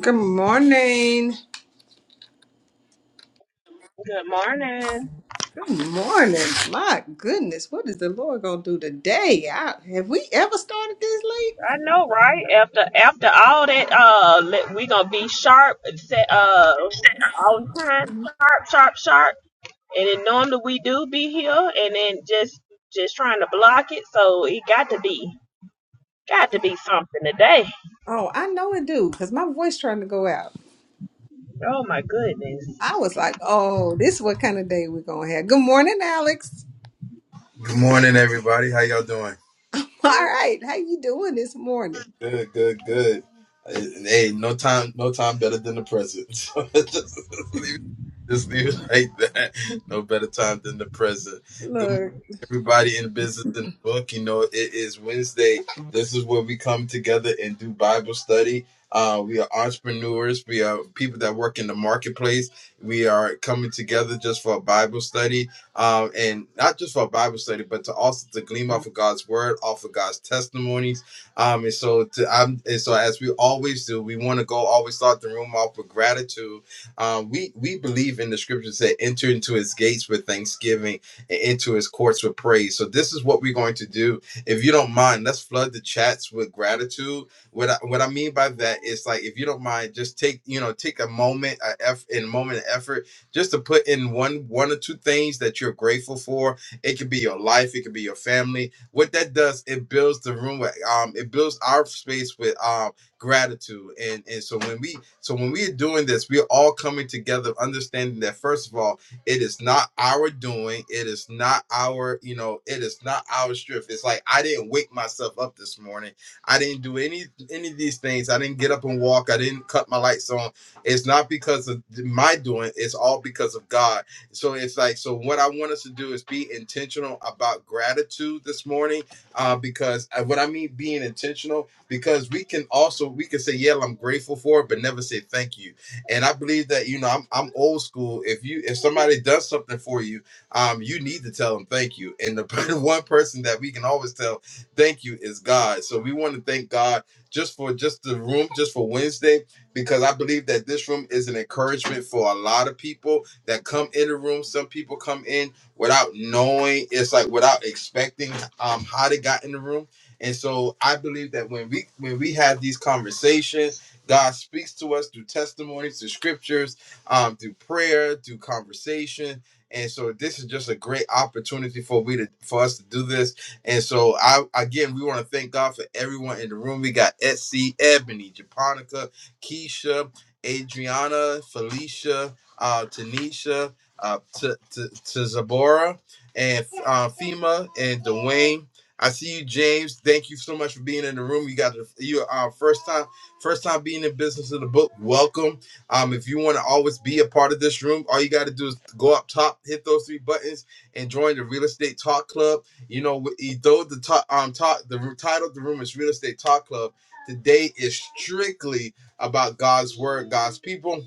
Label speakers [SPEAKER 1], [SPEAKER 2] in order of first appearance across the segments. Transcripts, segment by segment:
[SPEAKER 1] Good morning.
[SPEAKER 2] Good morning.
[SPEAKER 1] Good morning. My goodness, what is the Lord gonna do today? I, have we ever started this late?
[SPEAKER 2] I know, right? After after all that, uh, let- we gonna be sharp, set, uh, on time, sharp, sharp, sharp. And then normally we do be here, and then just just trying to block it. So it got to be got to be something today.
[SPEAKER 1] Oh, I know it do, cause my voice trying to go out.
[SPEAKER 2] Oh my goodness.
[SPEAKER 1] I was like, oh, this is what kind of day we're gonna have. Good morning, Alex.
[SPEAKER 3] Good morning, everybody. How y'all doing?
[SPEAKER 1] All right, how you doing this morning?
[SPEAKER 3] Good, good, good. Hey, no time, no time better than the present. So just, leave, just leave it like that. No better time than the present. Good morning,
[SPEAKER 1] Look,
[SPEAKER 3] everybody in business in the book. You know, it is Wednesday. This is where we come together and do Bible study. Uh, we are entrepreneurs. We are people that work in the marketplace. We are coming together just for a Bible study, um, and not just for a Bible study, but to also to glean off of God's word, off of God's testimonies um, and so to, I'm, and so as we always do, we want to go always start the room off with gratitude. Um, we we believe in the scriptures that enter into his gates with thanksgiving and into his courts with praise. So this is what we're going to do. If you don't mind, let's flood the chats with gratitude. What I, what I mean by that is like if you don't mind, just take you know take a moment, a eff, in a moment of effort, just to put in one one or two things that you're grateful for. It could be your life, it could be your family, what that does, it builds the room. with, Um, it builds our space with um gratitude, and and so when we so when we are doing this, we are all coming together, understanding that first of all, it is not our doing, it is not our you know, it is not our strength. It's like I didn't wake myself up this morning. I didn't do any any of these things. I didn't get up and walk. I didn't cut my lights on. It's not because of my doing. It's all because of God so it's like, so what I want us to do is be intentional about gratitude this morning, uh, because uh, what I mean being intentional, because we can also we can say, yeah, I'm grateful for it, but never say thank you. And I believe that you know I'm I'm old school. If you if somebody does something for you, um, you need to tell them thank you. And the one person that we can always tell thank you is God. So we want to thank God just for just the room, just for Wednesday, because I believe that this room is an encouragement for a lot of people that come in the room. Some people come in without knowing, it's like without expecting um how they got in the room. And so I believe that when we when we have these conversations, God speaks to us through testimonies, through scriptures, um, through prayer, through conversation. And so this is just a great opportunity for we to for us to do this. And so I again we want to thank God for everyone in the room. We got Etsy, Ebony, Japonica, Keisha, Adriana, Felicia, uh, Tanisha, uh, to, to, to Zabora, and uh, Fema, and Dwayne. I see you, James. Thank you so much for being in the room. You got the, you uh, first time first time being in business of the book. Welcome. Um, if you want to always be a part of this room, all you got to do is go up top, hit those three buttons, and join the Real Estate Talk Club. You know, we- e, though the top, um, top, the r- title of the room is Real Estate Talk Club. Today is strictly about God's word, God's people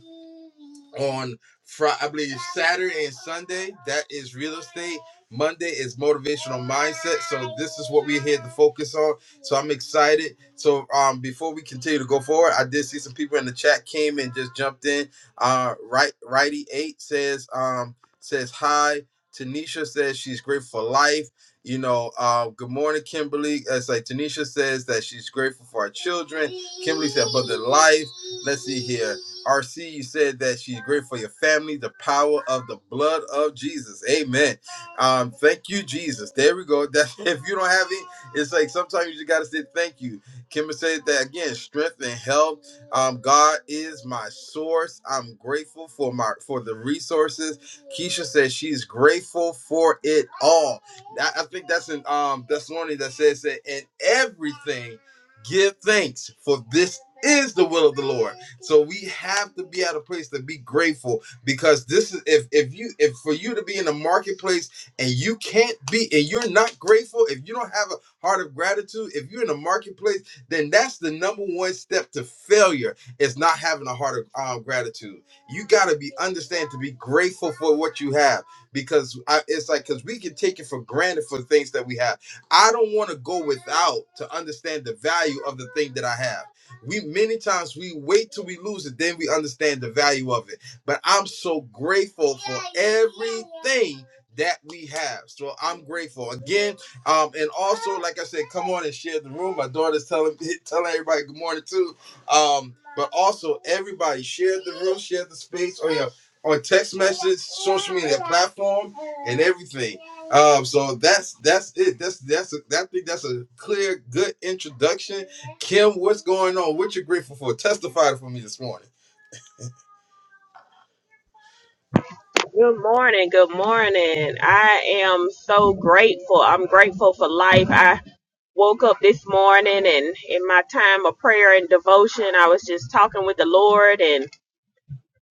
[SPEAKER 3] on Friday, I believe Saturday and Sunday. That is real estate. Monday is motivational mindset. So this is what we're here to focus on. So I'm excited. So um, before we continue to go forward, I did see some people in the chat came and just jumped in. Uh, right, righty eight says um says hi. Tanisha says she's grateful for life. You know, uh, good morning, Kimberly. It's like Tanisha says that she's grateful for our children. Kimberly said, but the life. Let's see here. RC said that she's grateful for your family, the power of the blood of Jesus. Amen. Um, thank you, Jesus. There we go. That if you don't have it, it's like sometimes you just gotta say thank you. Kimber said that again, strength and help. Um, God is my source. I'm grateful for my for the resources. Keisha says she's grateful for it all. I, I think that's in um Thessalonians that says that in everything give thanks, for this is the will of the Lord so we have to be at a place to be grateful because this is if if you if for you to be in the marketplace and you can't be and you're not grateful, if you don't have a heart of gratitude, if you're in the marketplace, then that's the number one step to failure is not having a heart of um, gratitude. You got to be understand to be grateful for what you have because I, it's like because we can take it for granted for things that we have. I don't want to go without to understand the value of the thing that I have. We many times we wait till we lose it, then we understand the value of it. But I'm so grateful for everything that we have. So I'm grateful again. Um, and also, like I said, come on and share the room. My daughter's telling telling everybody good morning too. Um, but also everybody share the room, share the space on your on text message, social media platform, and everything. Um, so that's that's it. That's that's a, that I think that's a clear, good introduction Kim, what's going on? What you grateful for? Testify for me this morning.
[SPEAKER 2] Good morning. Good morning. I am so grateful. I'm grateful for life. I woke up this morning and in my time of prayer and devotion, I was just talking with the Lord and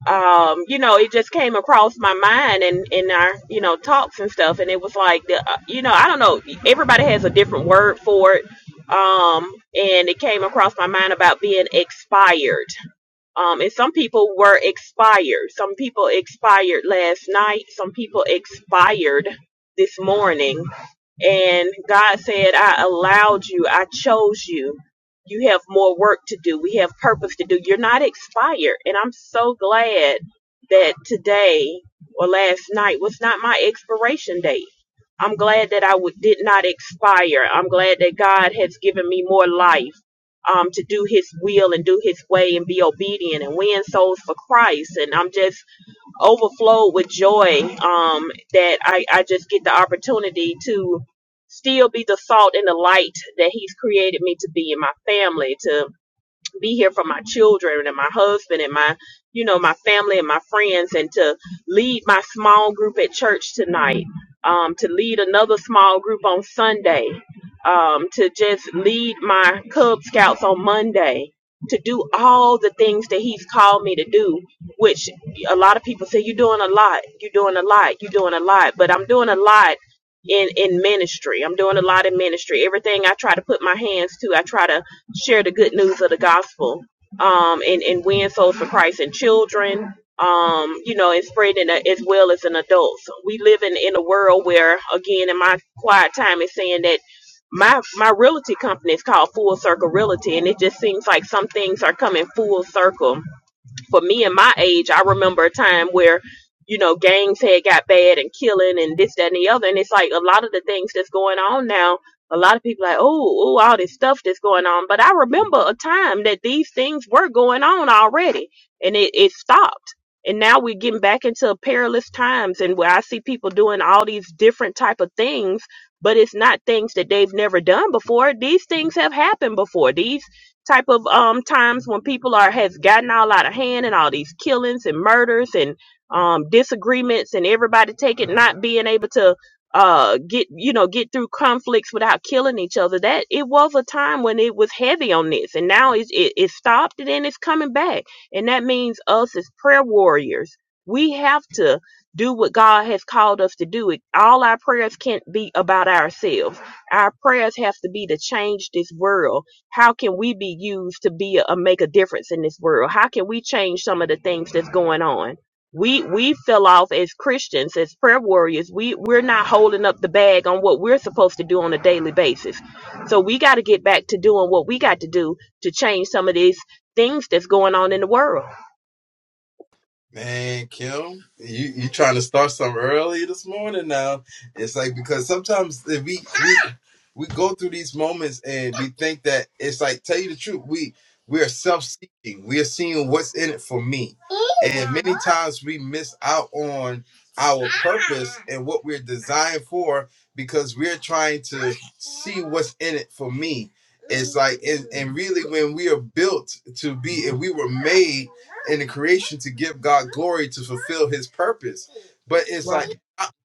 [SPEAKER 2] um, you know, it just came across my mind and in in our, you know, talks and stuff. And it was like, the, uh, you know, I don't know. Everybody has a different word for it. Um, and it came across my mind about being expired. Um, and some people were expired. Some people expired last night. Some people expired this morning and God said, I allowed you, I chose you. You have more work to do. We have purpose to do. You're not expired. And I'm so glad that today or last night was not my expiration date. I'm glad that I w- did not expire. I'm glad that God has given me more life um, to do His will and do His way and be obedient and win souls for Christ. And I'm just overflowed with joy um, that I, I just get the opportunity to still be the salt and the light that he's created me to be in my family, to be here for my children and my husband and my, you know, my family and my friends and to lead my small group at church tonight, um, to lead another small group on Sunday, um, to just lead my Cub Scouts on Monday, to do all the things that he's called me to do, which a lot of people say, you're doing a lot, you're doing a lot, you're doing a lot, but I'm doing a lot in in ministry. I'm doing a lot in ministry. Everything I try to put my hands to, I try to share the good news of the gospel um, and, and win souls for Christ and children, um, you know, and spreading it as well as in adults. We live in, in a world where, again, in my quiet time, is saying that my my realty company is called Full Circle Realty, and it just seems like some things are coming full circle for me and my age, I remember a time where, you know, gangs had got bad and killing and this, that, and the other. And it's like a lot of the things that's going on now, a lot of people like, oh, oh, all this stuff that's going on. But I remember a time that these things were going on already and it, it stopped. And now we're getting back into perilous times and where I see people doing all these different type of things, but it's not things that they've never done before. These things have happened before. These type of um times when people are has gotten all out of hand and all these killings and murders and um disagreements and everybody taking not being able to uh get you know get through conflicts without killing each other that it was a time when it was heavy on this and now it's it, it stopped and then it's coming back and that means us as prayer warriors we have to do what god has called us to do it all our prayers can't be about ourselves our prayers have to be to change this world how can we be used to be a, a make a difference in this world how can we change some of the things that's going on we we fell off as christians as prayer warriors we we're not holding up the bag on what we're supposed to do on a daily basis so we got to get back to doing what we got to do to change some of these things that's going on in the world
[SPEAKER 3] Man, Kim, you you trying to start some early this morning now. It's like because sometimes that we we we go through these moments and we think that it's like tell you the truth, we we are self-seeking. We are seeing what's in it for me. And many times we miss out on our purpose and what we're designed for because we're trying to see what's in it for me It's like and, and really when we are built to be and we were made in the creation to give God glory to fulfill his purpose. But it's
[SPEAKER 2] right
[SPEAKER 3] like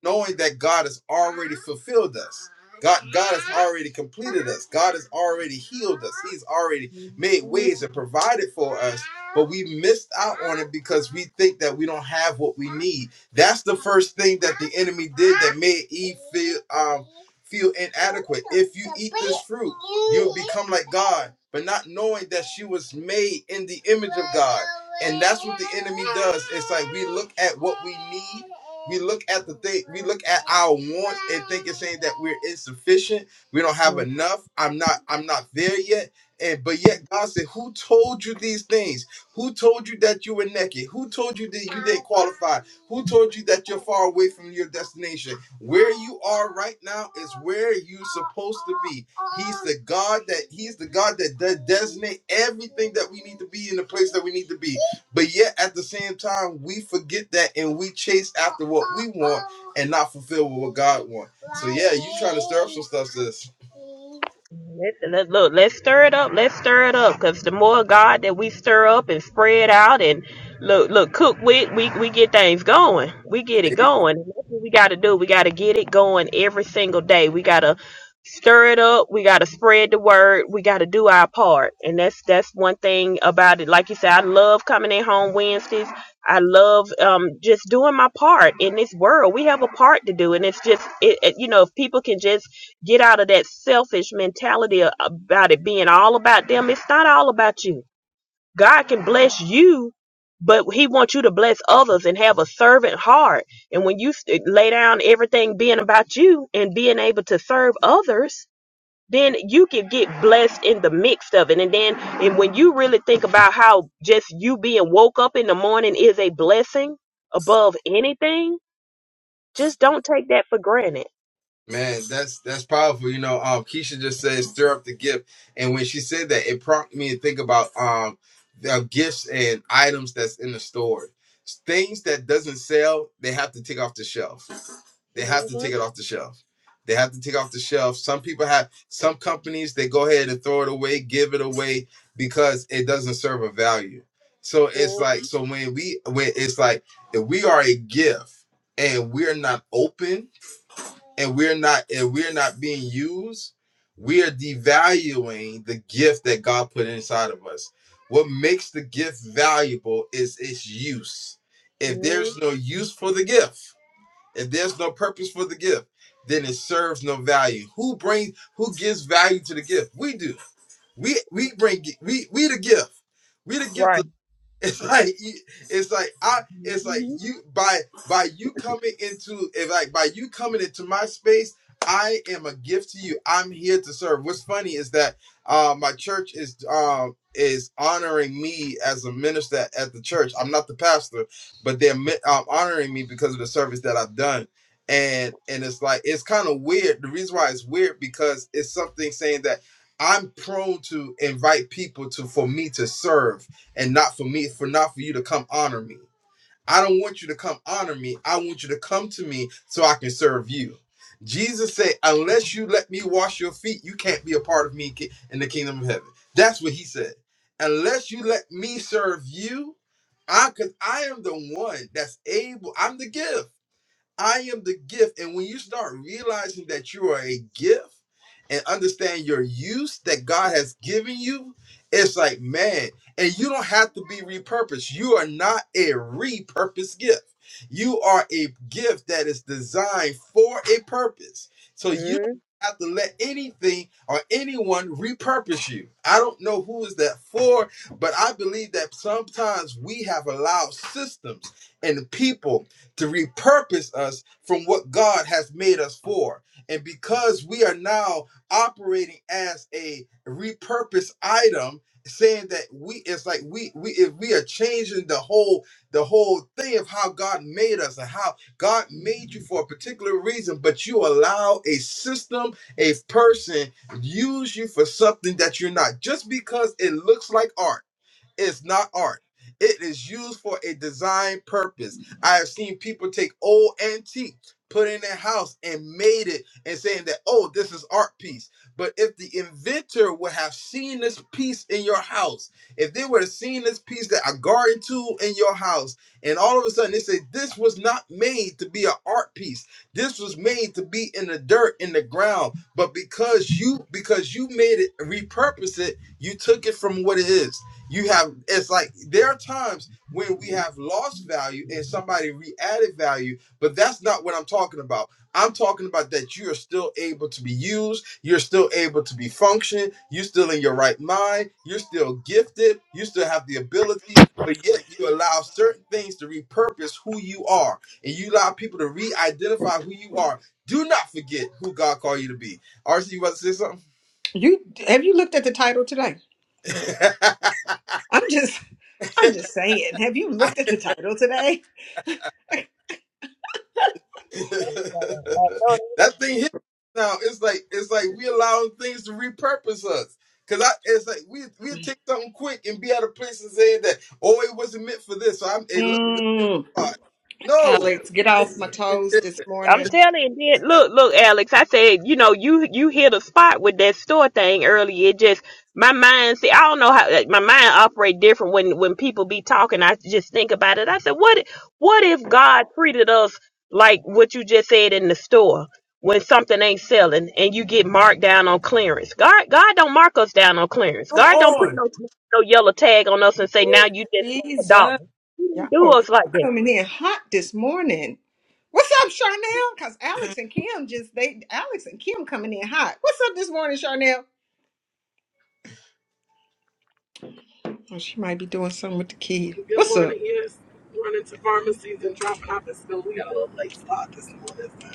[SPEAKER 3] knowing that God has already fulfilled us. God God has already completed us. God has already healed us. He's already made ways and provided for us. But we missed out on it because we think that we don't have what we need. That's the first thing that the enemy did that made Eve feel um feel inadequate. If you eat this fruit, you'll become like God, but not knowing that she was made in the image of God. And that's what the enemy does. It's like we look at what we need, we look at the thing, we look at our wants and think it's saying that we're insufficient, we don't have enough, I'm not, I'm not there yet. And but yet God said, Who told you these things? Who told you that you were naked? Who told you that you didn't qualify? Who told you that you're far away from your destination? Where you are right now is where you're supposed to be. He's the God that He's the God that does designate everything that we need to be in the place that we need to be. But yet at the same time, we forget that and we chase after what we want and not fulfill what God wants. So yeah, you trying to stir up some stuff, sis.
[SPEAKER 2] Let, let, look, let's stir it up. Let's stir it up, because the more God that we stir up and spread out and look, look, cook with, we we get things going. We get it going. And that's what we got to do. We got to get it going every single day. We got to stir it up. We got to spread the word. We got to do our part. And that's that's one thing about it. Like you said, I love coming in home Wednesdays. I love um, just doing my part in this world. We have a part to do, and it's just it, it, you know if people can just Get out of that selfish mentality about it being all about them. It's not all about you. God can bless you, but He wants you to bless others and have a servant heart. And when you st- lay down everything being about you and being able to serve others, then you can get blessed in the mix of it. And then, and when you really think about how just you being woke up in the morning is a blessing above anything, just don't take that for granted.
[SPEAKER 3] Man, that's that's powerful. You know, um, Keisha just said stir up the gift, and when she said that, it prompted me to think about um the gifts and items that's in the store. Things that doesn't sell, they have to take off the shelf. They have to
[SPEAKER 2] hmm
[SPEAKER 3] take it off the shelf. They have to take off the shelf. Some people have some companies they go ahead and throw it away, give it away because it doesn't serve a value. So it's
[SPEAKER 2] hmm
[SPEAKER 3] like so when we when it's like if we are a gift and we're not open and we're not and we're not being used we are devaluing the gift that god put inside of us what makes the gift valuable is its use if there's no use for the gift if there's no purpose for the gift then it serves no value who brings who gives value to the gift we do we we bring we we the gift we the gift
[SPEAKER 2] Right.
[SPEAKER 3] It's like you- it's like I it's like
[SPEAKER 2] hmm
[SPEAKER 3] you by by you coming into if like by you coming into my space, I am a gift to you. I'm here to serve. What's funny is that uh, my church is um is honoring me as a minister at the church. I'm not the pastor, but they're mi- um, honoring me because of the service that I've done. And and it's like it's kind of weird. The reason why it's weird because it's something saying that I'm prone to invite people to for me to serve and not for me for not for you to come honor me. I don't want you to come honor me. I want you to come to me so I can serve you. Jesus said, "Unless you let me wash your feet, you can't be a part of me in the kingdom of heaven." That's what he said. Unless you let me serve you, I cuz I am the one that's able. I'm the gift. I am the gift. And when you start realizing that you are a gift and understand your use that God has given you, it's like, man, and you don't have to be repurposed. You are not a repurposed gift. You are a gift that is designed for a purpose. So you don't
[SPEAKER 2] hmm
[SPEAKER 3] have to let anything or anyone repurpose you. I don't know who is that for, but I believe that sometimes we have allowed systems and people to repurpose us from what God has made us for. And because we are now operating as a repurposed item, saying that we it's like we we if we are changing the whole the whole thing of how God made us and how God made you for a particular reason, but you allow a system, a person use you for something that you're not just because it looks like art is not art. It is used for a design purpose. I have seen people take old antique, put it in their house, and made it and saying that, oh, this is art piece. But if the inventor would have seen this piece in your house, if they would have seen this piece that a garden tool in your house, and all of a sudden they say this was not made to be an art piece. This was made to be in the dirt, in the ground. But because you because you made it repurpose it, you took it from what it is. You have it's like there are times when we have lost value and somebody re-added value, but that's not what I'm talking about. I'm talking about that you are still able to be used, you're still able to be functioned, you're still in your right mind, you're still gifted, you still have the ability, but yet you allow certain things to repurpose who you are, and you allow people to re-identify who you are. Do not forget who God called you to be. RC, you about to say
[SPEAKER 1] you have you looked at the title today?
[SPEAKER 3] something?
[SPEAKER 1] I'm just, I'm just saying. Have you looked at the title today?
[SPEAKER 2] So,
[SPEAKER 3] that thing hit now. It's like it's like we allowing things to repurpose us. Cause I, it's like we we take something quick and be out of place and saying that oh it wasn't meant for this. So I'm it looks good. in
[SPEAKER 1] Mm,
[SPEAKER 3] the spot. No,
[SPEAKER 1] Alex, get off my toes this
[SPEAKER 2] I'm
[SPEAKER 1] morning.
[SPEAKER 2] telling you, then, look, look, Alex. I said, you know, you you hit a spot with that store thing earlier. It just my mind. See, I don't know how like, my mind operate different when when people be talking. I just think about it. I said, what if- what if God treated us like what you just said in the store when something ain't selling and you get marked down on clearance? God, God don't mark us down on clearance.
[SPEAKER 3] come
[SPEAKER 2] God don't
[SPEAKER 3] on.
[SPEAKER 2] put no no yellow tag on us and say now you just want a
[SPEAKER 1] Jesus.
[SPEAKER 2] dollar. He
[SPEAKER 1] Y'all,
[SPEAKER 2] didn't do
[SPEAKER 1] y'all
[SPEAKER 2] us like that.
[SPEAKER 1] coming in hot this morning. What's up, Charnel? Cause Alex and Kim just they Alex and Kim coming in hot. What's up this morning, Charnel? Oh, she might be doing something with the kid.
[SPEAKER 4] Good
[SPEAKER 1] What's up?
[SPEAKER 4] morning. Yes, running to pharmacies and dropping off at school. We got a little late start this morning, so-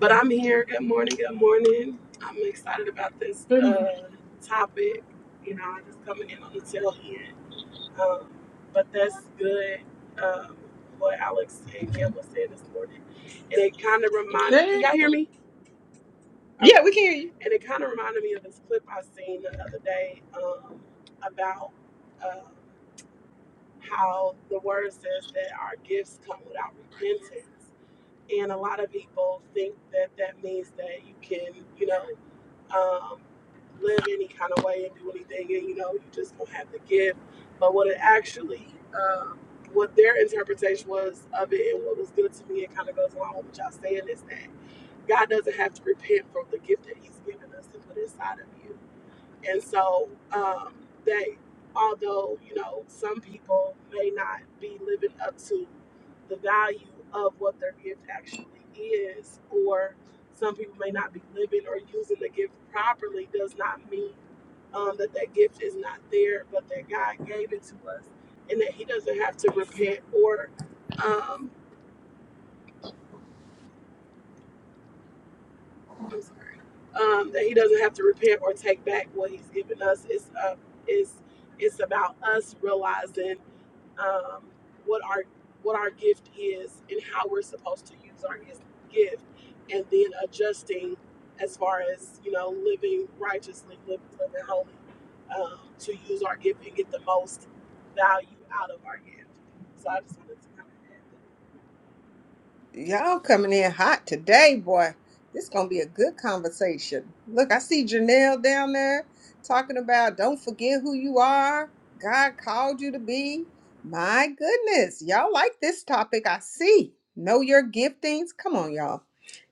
[SPEAKER 4] but I'm here. Good morning. Good morning. I'm excited about this
[SPEAKER 1] Good
[SPEAKER 4] uh, topic. You know, I'm just coming in on the tail end, um, but that's good. Um, what Alex and Kim was saying this morning, and it kind of remind. Can
[SPEAKER 1] morning.
[SPEAKER 4] y'all hear me?
[SPEAKER 1] Yeah,
[SPEAKER 4] Okay.
[SPEAKER 1] we can hear you.
[SPEAKER 4] And it kind of reminded me of this clip I seen the other day um, about. Uh, how the word says that our gifts come without repentance. And a lot of people think that that means that you can, you know, um, live any kind of way and do anything, and you know, you just don't have the gift. But what it actually, um, what their interpretation was of it, and what was good to me, it kind of goes along with what y'all saying is that God doesn't have to repent from the gift that He's given us and put inside of you. And so um, they, although, you know, some people may not be living up to the value of what their gift actually is, or some people may not be living or using the gift properly, does not mean um, that that gift is not there, but that God gave it to us and that He doesn't have to repent or, um, I'm sorry, um, that He doesn't have to repent or take back what He's given us. It's, uh, it's, it's about us realizing um, what our what our gift is and how we're supposed to use our gis- gift, and then adjusting as far as you know living righteously, living, living holy, um, to use our gift and get the most value out of our gift. So I just wanted to kind of add
[SPEAKER 1] Y'all coming in hot today, boy. This gonna be a good conversation. Look, I see Janelle down there talking about don't forget who you are. God called you to be. My goodness, y'all like this topic. I see. Know your giftings. Come on, y'all.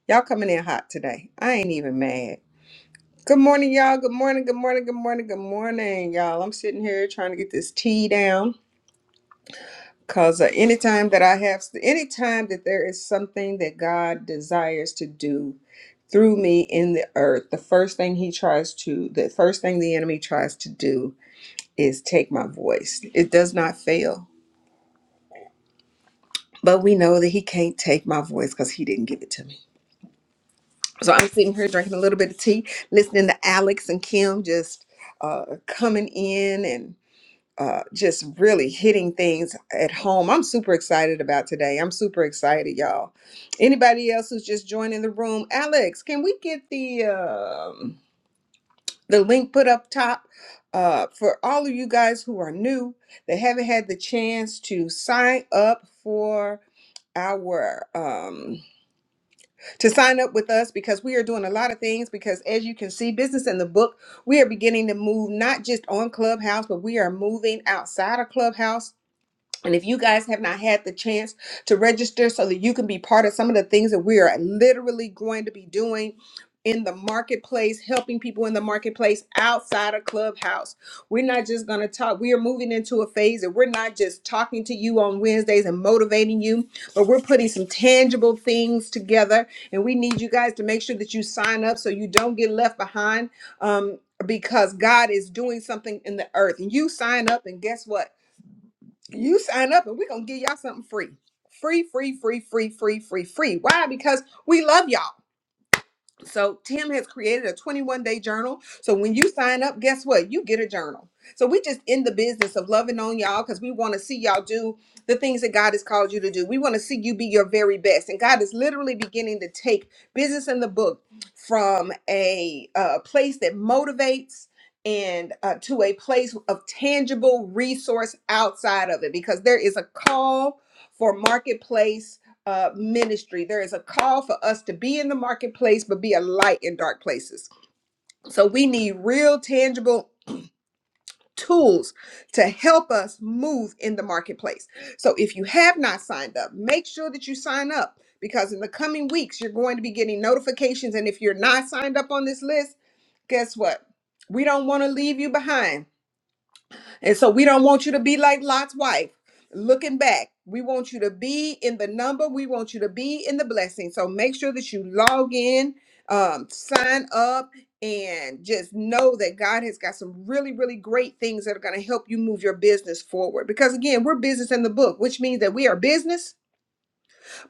[SPEAKER 1] Y'all coming in hot today. I ain't even mad. Good morning, y'all. Good morning. Good morning. Good morning. Good morning, y'all. I'm sitting here trying to get this tea down. Because uh, anytime that I have, anytime that there is something that God desires to do through me in the earth, the first thing he tries to, the first thing the enemy tries to do is take my voice. It does not fail. But we know that he can't take my voice because he didn't give it to me. So I'm sitting here drinking a little bit of tea, listening to Alex and Kim just uh, coming in uh, just really hitting things at home. I'm super excited about today. I'm super excited, y'all. Anybody else who's just joining the room, Alex, can we get the um, the link put up top uh, for all of you guys who are new that haven't had the chance to sign up for our um to sign up with us because we are doing a lot of things because as you can see business in the book we are beginning to move not just on clubhouse but we are moving outside of clubhouse and if you guys have not had the chance to register so that you can be part of some of the things that we are literally going to be doing in the marketplace, helping people in the marketplace outside of Clubhouse. We're not just going to talk. We are moving into a phase that we're not just talking to you on Wednesdays and motivating you, but we're putting some tangible things together. And we need you guys to make sure that you sign up so you don't get left behind um, because God is doing something in the earth. And you sign up, and guess what? you sign up and we're gonna give y'all something free. Free, free, free, free, free, free, free. Why? Because we love y'all. So Tim has created a 21 day journal. So when you sign up, guess what? You get a journal. So we just in the business of loving on y'all because we want to see y'all do the things that God has called you to do. We want to see you be your very best. And God is literally beginning to take business in the book from a uh, place that motivates and uh, to a place of tangible resource outside of it because there is a call for marketplace uh, ministry. There is a call for us to be in the marketplace, but be a light in dark places. So we need real, tangible tools to help us move in the marketplace. So if you have not signed up, make sure that you sign up because in the coming weeks, you're going to be getting notifications. And if you're not signed up on this list, guess what? We don't want to leave you behind and so we don't want you to be like Lot's wife. Looking back, we want you to be in the number. We want you to be in the blessing. So make sure that you log in, um, sign up, and just know that God has got some really, really great things that are going to help you move your business forward. Because again, we're business in the book, which means that we are business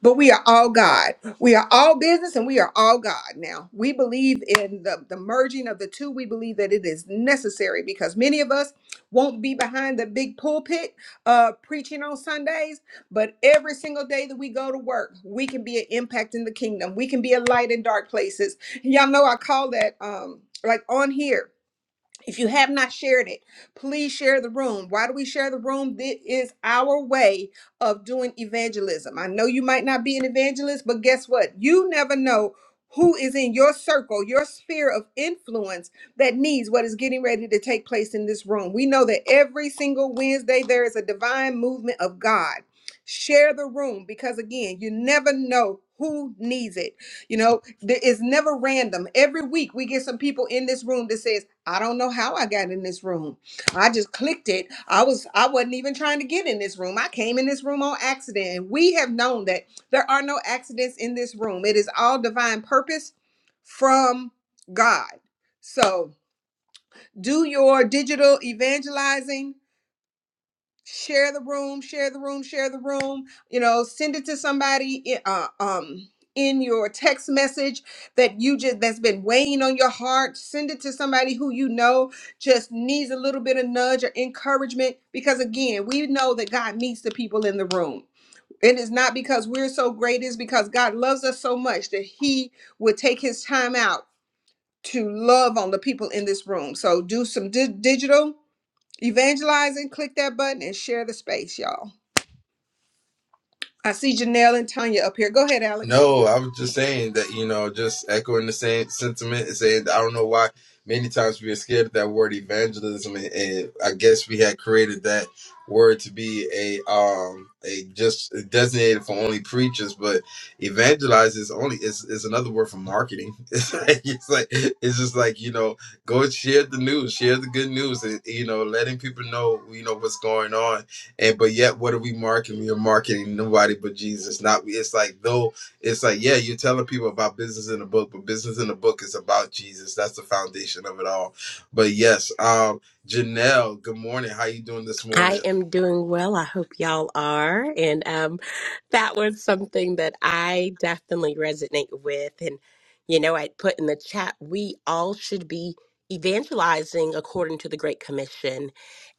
[SPEAKER 1] but we are all God. We are all business and we are all God now. We believe in the, the merging of the two. We believe that it is necessary because many of us won't be behind the big pulpit uh, preaching on Sundays, but every single day that we go to work, we can be an impact in the kingdom. We can be a light in dark places. Y'all know I call that um, like on here. If you have not shared it, please share the room. Why do we share the room? This is our way of doing evangelism. I know you might not be an evangelist, but guess what? You never know who is in your circle, your sphere of influence that needs what is getting ready to take place in this room. We know that every single Wednesday there is a divine movement of God. Share the room because, again, you never know who needs it. You know, there is never random. Every week we get some people in this room that says, I don't know how I got in this room. I just clicked it. I was I wasn't even trying to get in this room. I came in this room on accident. And we have known that there are no accidents in this room. It is all divine purpose from God. So, do your digital evangelizing share the room share the room share the room you know send it to somebody i- uh, um in your text message that you just that's been weighing on your heart send it to somebody who you know just needs a little bit of nudge or encouragement because again we know that god meets the people in the room it is not because we're so great it's because god loves us so much that he would take his time out to love on the people in this room so do some di- digital Evangelizing, click that button and share the space, y'all. I see Janelle and Tanya up here. Go ahead, Alex.
[SPEAKER 3] No, I was just saying that, you know, just echoing the same sentiment and saying, I don't know why many times we are scared of that word evangelism. And, and I guess we had created that word to be a, um, a just designated for only preachers, but evangelize is only, is, is another word for marketing. It's like, it's like, it's just like, you know, go share the news, share the good news, and, you know, letting people know, you know, what's going on. And, but yet, what are we marketing? We are marketing nobody but Jesus. Not, it's like, though, it's like yeah you're telling people about business in the book but business in the book is about jesus that's the foundation of it all but yes um janelle good morning how you doing this
[SPEAKER 5] I
[SPEAKER 3] morning
[SPEAKER 5] am doing well. I hope y'all are. And um, that was something that I definitely resonate with. And, you know, I put in the chat, we all should be evangelizing according to the Great Commission.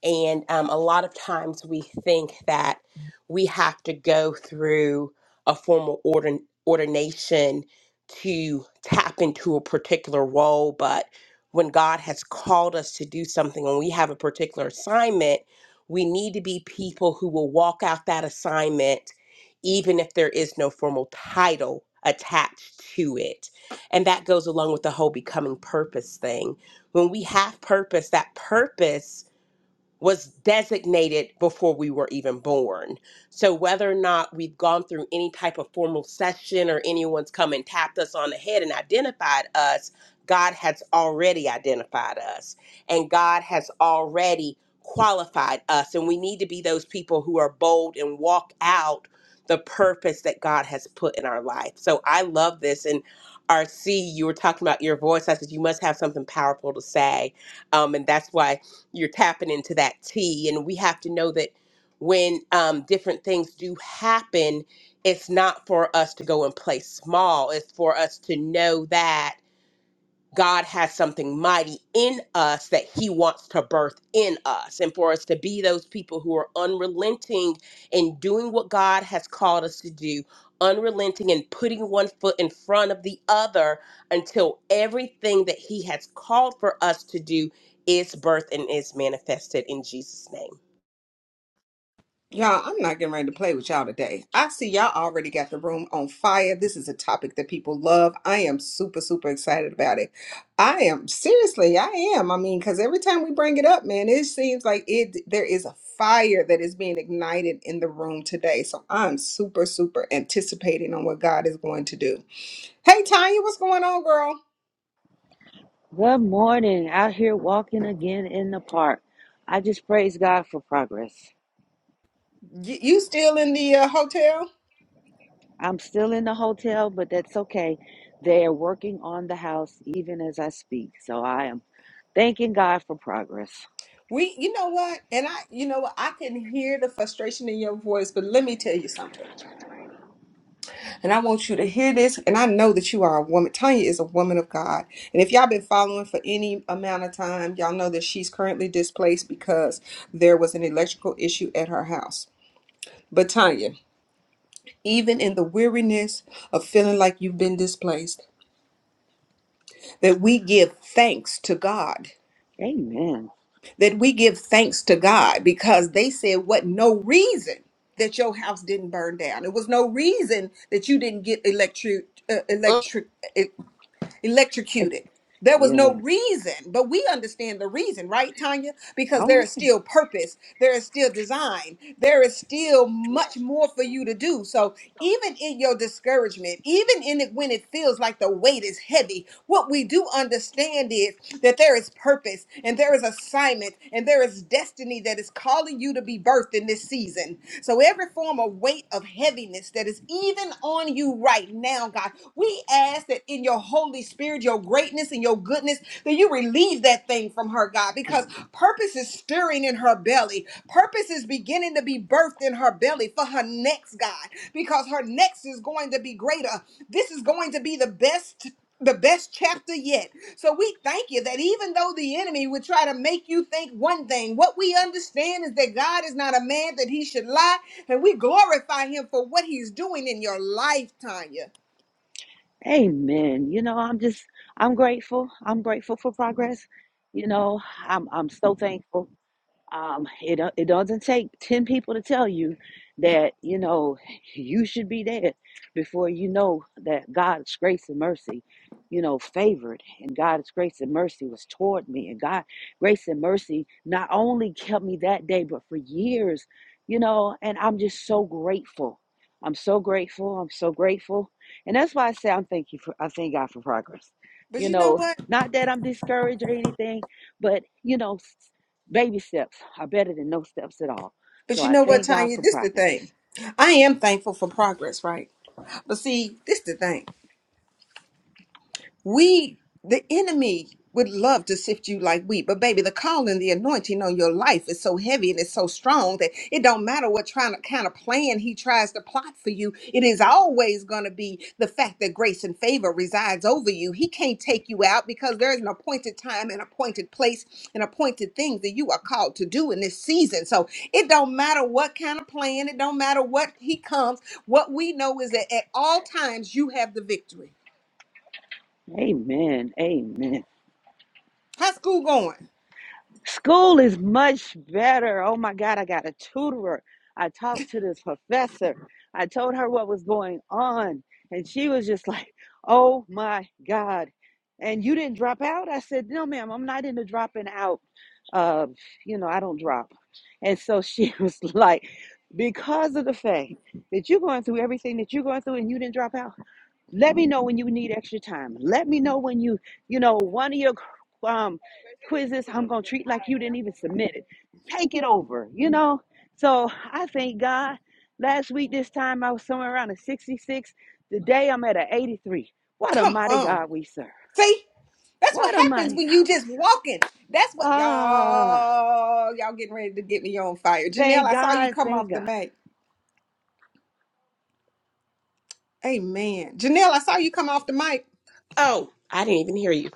[SPEAKER 5] And um, a lot of times we think that we have to go through a formal ordin- ordination to tap into a particular role. But when God has called us to do something, when we have a particular assignment, we need to be people who will walk out that assignment, even if there is no formal title attached to it. And that goes along with the whole becoming purpose thing. When we have purpose, that purpose was designated before we were even born. So whether or not we've gone through any type of formal session or anyone's come and tapped us on the head and identified us, God has already identified us and God has already qualified us and we need to be those people who are bold and walk out the purpose that God has put in our life. So I love this and RC, you were talking about your voice. I said you must have something powerful to say. Um, and that's why you're tapping into that T. And we have to know that when um, different things do happen, it's not for us to go and play small. It's for us to know that God has something mighty in us that He wants to birth in us, and for us to be those people who are unrelenting in doing what God has called us to do, unrelenting and putting one foot in front of the other until everything that He has called for us to do is birthed and is manifested in Jesus' name.
[SPEAKER 1] Y'all, I'm not getting ready to play with y'all today. I see y'all already got the room on fire. This is a topic that people love. I am super, super excited about it. I am seriously, I am. I mean, because every time we bring it up, man, it seems like it there is a fire that is being ignited in the room today. So I'm super, super anticipating on what God is going to do. Hey Tanya, what's going on, girl?
[SPEAKER 6] Good morning. Out here walking again in the park. I just praise God for progress.
[SPEAKER 1] You, you still in the uh, hotel?
[SPEAKER 6] I'm still in the hotel, but that's okay. They are working on the house even as I speak. So I am thanking God for progress.
[SPEAKER 1] We, you know what? And I, you know what? I can hear the frustration in your voice, but let me tell you something. And I want you to hear this. And I know that you are a woman. Tanya is a woman of God. And if y'all been following for any amount of time, y'all know that she's currently displaced because there was an electrical issue at her house. But Tanya, even in the weariness of feeling like you've been displaced, that we give thanks to God
[SPEAKER 6] Amen.
[SPEAKER 1] that we give thanks to God because they said, What no reason that your house didn't burn down. It was no reason that you didn't get electric, uh,
[SPEAKER 5] Mm.
[SPEAKER 1] electric. e-" electrocuted. There was no
[SPEAKER 6] Yes.
[SPEAKER 1] reason, but we understand the reason, right, Tanya? Because
[SPEAKER 6] All
[SPEAKER 1] there is
[SPEAKER 6] right.
[SPEAKER 1] still purpose, there is still design, there is still much more for you to do. So, even in your discouragement, even in it when it feels like the weight is heavy, what we do understand is that there is purpose and there is assignment and there is destiny that is calling you to you to be birthed in this season. So every form of weight of heaviness that is even on you right now, God, we ask that in your Holy Spirit, your greatness and your goodness, that you relieve that thing from her, God, because purpose is stirring in her belly. Purpose is beginning to be birthed in her belly for her next, God, because her next is going to be greater. This is going to be the best the best chapter yet. So we thank you that even though the enemy would try to make you think one thing, what we understand is that God is not a man that he should lie, and we glorify him for what he's doing in your life, Tanya.
[SPEAKER 6] Amen. You know, I'm just I'm grateful. I'm grateful for progress. You know, I'm I'm so thankful. Um, it uh, it doesn't take ten people to tell you that you know you should be there before you know that God's grace and mercy, you know, favored and God's grace and mercy was toward me and God grace and mercy not only kept me that day but for years, you know, and I'm just so grateful. I'm so grateful. I'm so grateful, and that's why I say I'm thank you for I thank God for progress.
[SPEAKER 1] But
[SPEAKER 6] You
[SPEAKER 1] you know
[SPEAKER 6] know,
[SPEAKER 1] what?
[SPEAKER 6] not that I'm discouraged or anything, but you know. Baby steps are better than no steps at all. So
[SPEAKER 1] But you
[SPEAKER 6] I
[SPEAKER 1] know what,
[SPEAKER 6] thank God
[SPEAKER 1] Tanya?
[SPEAKER 6] for
[SPEAKER 1] This the thing.
[SPEAKER 6] progress.
[SPEAKER 1] I am thankful for progress, right? But see, this the thing. We, the enemy, would love to sift you like wheat, but baby, the calling, the anointing on your life is so heavy and it's so strong that it don't matter what trying to kind of plan he tries to plot for you. It is always going to be the fact that grace and favor resides over you. He can't take you out because there is an appointed time, and appointed place, and appointed things that you are called to do in this season. So it don't matter what kind of plan, it don't matter what he comes. What we know is that at all times you have the victory.
[SPEAKER 6] Amen. Amen.
[SPEAKER 1] How's school going?
[SPEAKER 6] School is much better. Oh my God, I got a tutorer. I talked to this professor. I told her what was going on, and she was just like, oh my God. And you didn't drop out? I said, no, ma'am, I'm not into dropping out. Uh, you know, I don't drop. And so she was like, because of the fact that you're going through everything that you're going through and you didn't drop out. Let me know when you need extra time. Let me know when you, you know, one of your um, quizzes, I'm going to treat like you didn't even submit it. Take it over, you know? So I thank God. Last week, this time, I was somewhere around a 66. Today, I'm at an 83. What a
[SPEAKER 1] Come
[SPEAKER 6] mighty
[SPEAKER 1] on.
[SPEAKER 6] God we serve.
[SPEAKER 1] See? That's what
[SPEAKER 6] What a
[SPEAKER 1] happens
[SPEAKER 6] mighty
[SPEAKER 1] when
[SPEAKER 6] God
[SPEAKER 1] you
[SPEAKER 6] we
[SPEAKER 1] just
[SPEAKER 6] serve.
[SPEAKER 1] walking. That's what
[SPEAKER 6] Ah,
[SPEAKER 1] y'all y'all getting ready to get me on fire. Janelle,
[SPEAKER 6] thank
[SPEAKER 1] I saw you
[SPEAKER 6] God,
[SPEAKER 1] come
[SPEAKER 6] thank
[SPEAKER 1] off the
[SPEAKER 6] God.
[SPEAKER 1] mic. Amen. Janelle, I saw you come off the mic.
[SPEAKER 5] Oh, I didn't even hear you.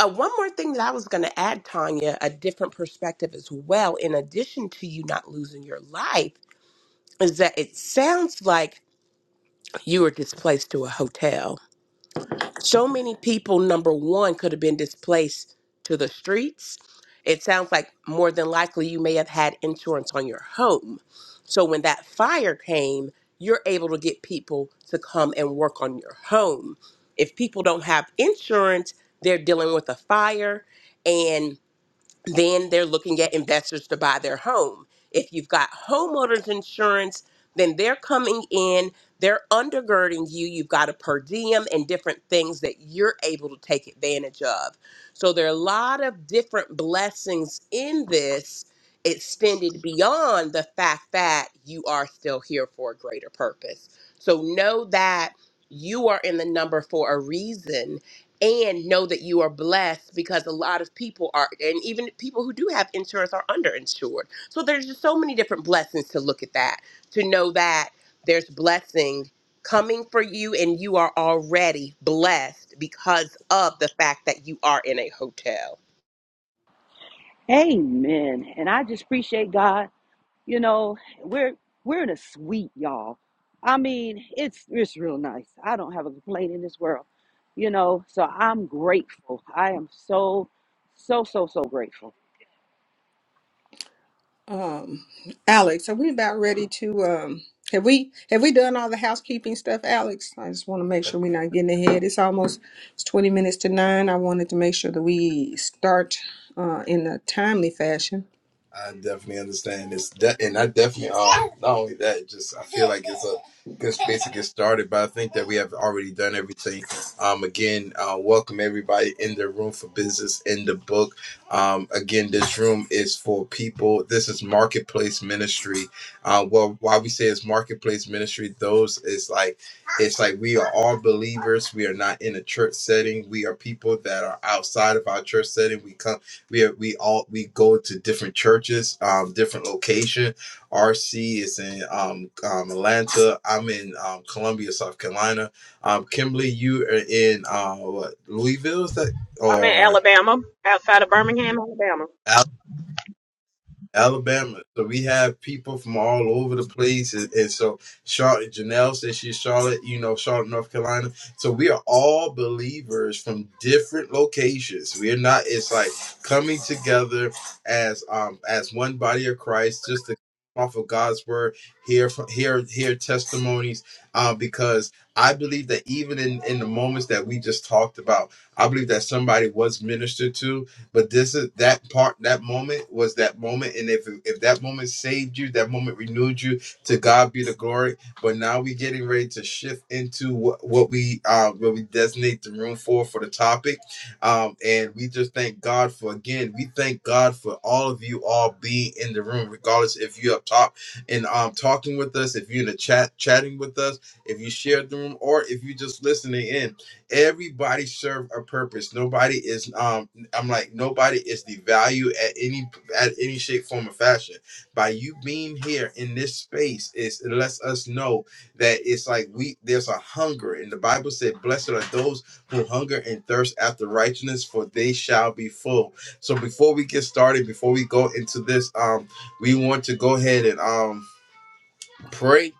[SPEAKER 5] Uh, one more thing that I was going to add, Tanya, a different perspective as well, in addition to you not losing your life is that it sounds like you were displaced to a hotel. So many people, number one, could have been displaced to the streets. It sounds like more than likely you may have had insurance on your home. So when that fire came, you're able to get people to come and work on your home. If people don't have insurance, they're dealing with a fire. And then they're looking at investors to buy their home. If you've got homeowners insurance, then they're coming in, they're undergirding you. You've got a per diem and different things that you're able to take advantage of. So there are a lot of different blessings in this extended beyond the fact that you are still here for a greater purpose. So know that you are in the number for a reason and know that you are blessed because a lot of people are and even people who do have insurance are underinsured so there's just so many different blessings to look at that to know that there's blessing coming for you and you are already blessed because of the fact that you are in a hotel
[SPEAKER 6] Amen. And I just appreciate God You know, we're we're in a suite, y'all. I mean, it's it's real nice. I don't have a complaint in this world. You know, so I'm grateful. I am so so so so grateful.
[SPEAKER 1] Um, Alex, are we about ready to um have we have we done all the housekeeping stuff, Alex? I just want to make sure we're not getting ahead. It's almost it's 20 minutes to nine. I wanted to make sure that we start uh in a timely fashion.
[SPEAKER 3] I definitely understand this, de- and I definitely um, not only that, just I feel like it's a good space to get started. But I think that we have already done everything. Um, again, uh, welcome everybody in the room for business in the book. Um, again, this room is for people. This is marketplace ministry. Uh, well, why we say it's marketplace ministry? Those is like it's like we are all believers. We are not in a church setting. We are people that are outside of our church setting. We come we are, we all we go to different churches, um, different location. RC is in um, um, Atlanta. I'm in um, Columbia, South Carolina. Um, Kimberly, you are in uh, what Louisville is that
[SPEAKER 2] I'm in
[SPEAKER 3] or?
[SPEAKER 2] Alabama, outside of Birmingham, Alabama.
[SPEAKER 3] Alabama. So we have people from all over the place. And, and so Charlotte, Janelle says she's Charlotte, you know, Charlotte, North Carolina. So we are all believers from different locations. We're not, it's like coming together as um as one body of Christ, just to come off of God's word, hear from hear hear testimonies. Uh, because I believe that even in, in the moments that we just talked about, I believe that somebody was ministered to but this is that part, that moment was that moment. And if if that moment saved you, that moment renewed you, to God be the glory. But now we're getting ready to shift into what, what we uh what we designate the room for for the topic. Um and we just thank God for again, we thank God for all of you all being in the room, regardless if you're up top and um talking with us, if you're in the chat chatting with us, if you shared the room, or if you just listening in. Everybody serve a purpose. Nobody is um I'm like nobody is devalued at any at any shape, form, or fashion. By you being here in this space, is it lets us know that it's like we there's a hunger, and the Bible said, "Blessed are those who hunger and thirst after righteousness, for they shall be full." So before we get started, before we go into this, um, we want to go ahead and um pray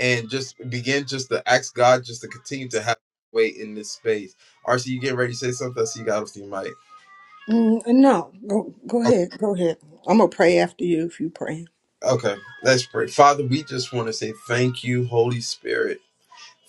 [SPEAKER 3] and just begin just to ask God just to continue to have way in this space. RC, you getting ready to say something? I see you got off the mic.
[SPEAKER 1] Mm, no, go go ahead, go ahead. I'm gonna pray after you if you pray.
[SPEAKER 3] Okay, let's pray. Father, we just want to say thank you, Holy Spirit.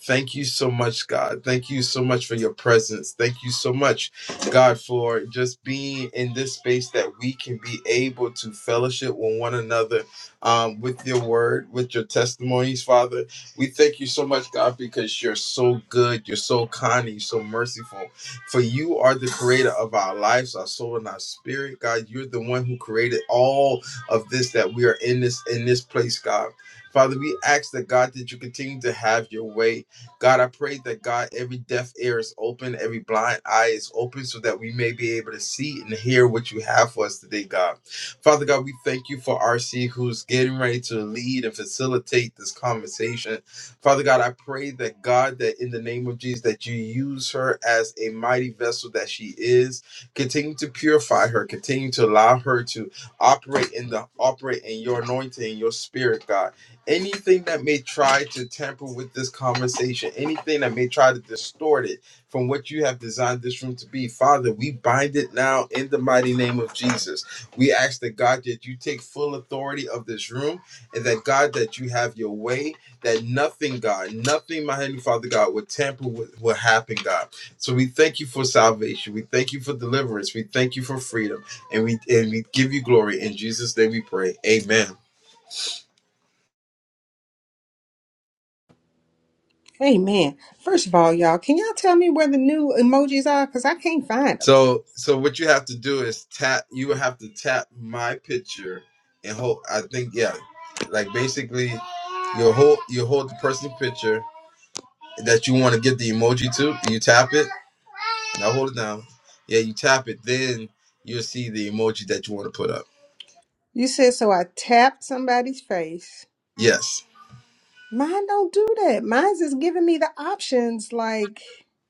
[SPEAKER 3] Thank you so much, God. Thank you so much for your presence. Thank you so much, God, for just being in this space that we can be able to fellowship with one another um, with your word, with your testimonies, Father. We thank you so much, God, because you're so good, you're so kind, and you're so merciful. For you are the creator of our lives, our soul, and our spirit, God. You're the one who created all of this that we are in this in this place, God. Father, we ask that God that you continue to have your way God, I pray that God, every deaf ear is open, every blind eye is open, so that we may be able to see and hear what you have for us today, God. Father God, we thank you for RC who's getting ready to lead and facilitate this conversation. Father God, I pray that God, that in the name of Jesus, that you use her as a mighty vessel that she is. Continue to purify her, continue to allow her to operate in the operate in your anointing, your spirit, God anything that may try to tamper with this conversation, anything that may try to distort it from what you have designed this room to be, Father, we bind it now in the mighty name of Jesus. We ask that God that you take full authority of this room and that God that you have your way, that nothing, God, nothing, my heavenly Father God, would tamper with what happened, God. So we thank you for salvation. We thank you for deliverance. We thank you for freedom. And we and we give you glory. In Jesus' name we pray. Amen.
[SPEAKER 1] Amen. First of all, y'all, can y'all tell me where the new emojis are? Because I can't find them.
[SPEAKER 3] So so what you have to do is tap you would have to tap my picture and hold I think yeah. Like basically you hold you hold the person's picture that you want to get the emoji to, you tap it, now hold it down. Yeah, you tap it, then you'll see the emoji that you want to put up.
[SPEAKER 1] You said, so I tap somebody's face.
[SPEAKER 3] Yes.
[SPEAKER 1] Mine don't do that. Mine's just giving me the options like,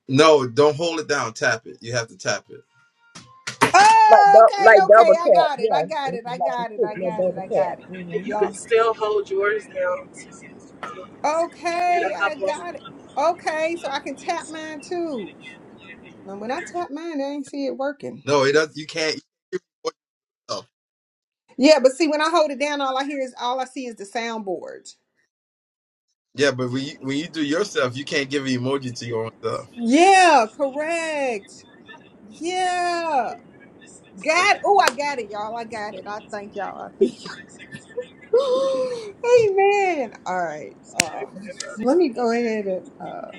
[SPEAKER 3] No, don't hold it down, tap it. You have to tap it.
[SPEAKER 2] Like
[SPEAKER 1] oh,
[SPEAKER 2] dou- like
[SPEAKER 1] okay, okay,
[SPEAKER 2] double
[SPEAKER 1] I got
[SPEAKER 2] tap,
[SPEAKER 1] it. I
[SPEAKER 2] yeah.
[SPEAKER 1] got
[SPEAKER 2] It's
[SPEAKER 1] it. I
[SPEAKER 2] like a
[SPEAKER 1] got it. I
[SPEAKER 2] stick, like
[SPEAKER 1] got it.
[SPEAKER 2] double
[SPEAKER 1] I got it.
[SPEAKER 2] tap.
[SPEAKER 4] that. And you
[SPEAKER 2] Mm-hmm.
[SPEAKER 4] can
[SPEAKER 1] Y'all,
[SPEAKER 4] still hold yours down in a
[SPEAKER 1] okay, I
[SPEAKER 4] couple of
[SPEAKER 1] got it. Okay, so I can tap mine too. Now, when I tap mine, I ain't see it working.
[SPEAKER 3] No, it does you can't yourself.
[SPEAKER 1] Yeah, but see, when I hold it down, all I hear is, all I see is the soundboard.
[SPEAKER 3] Yeah, but when you when you do yourself, you can't give an emoji to your own self.
[SPEAKER 1] Yeah, correct. Yeah. God. Oh, I got it, y'all. I got it. I thank y'all. I thank y'all. Amen. All right. Um, let me go ahead and uh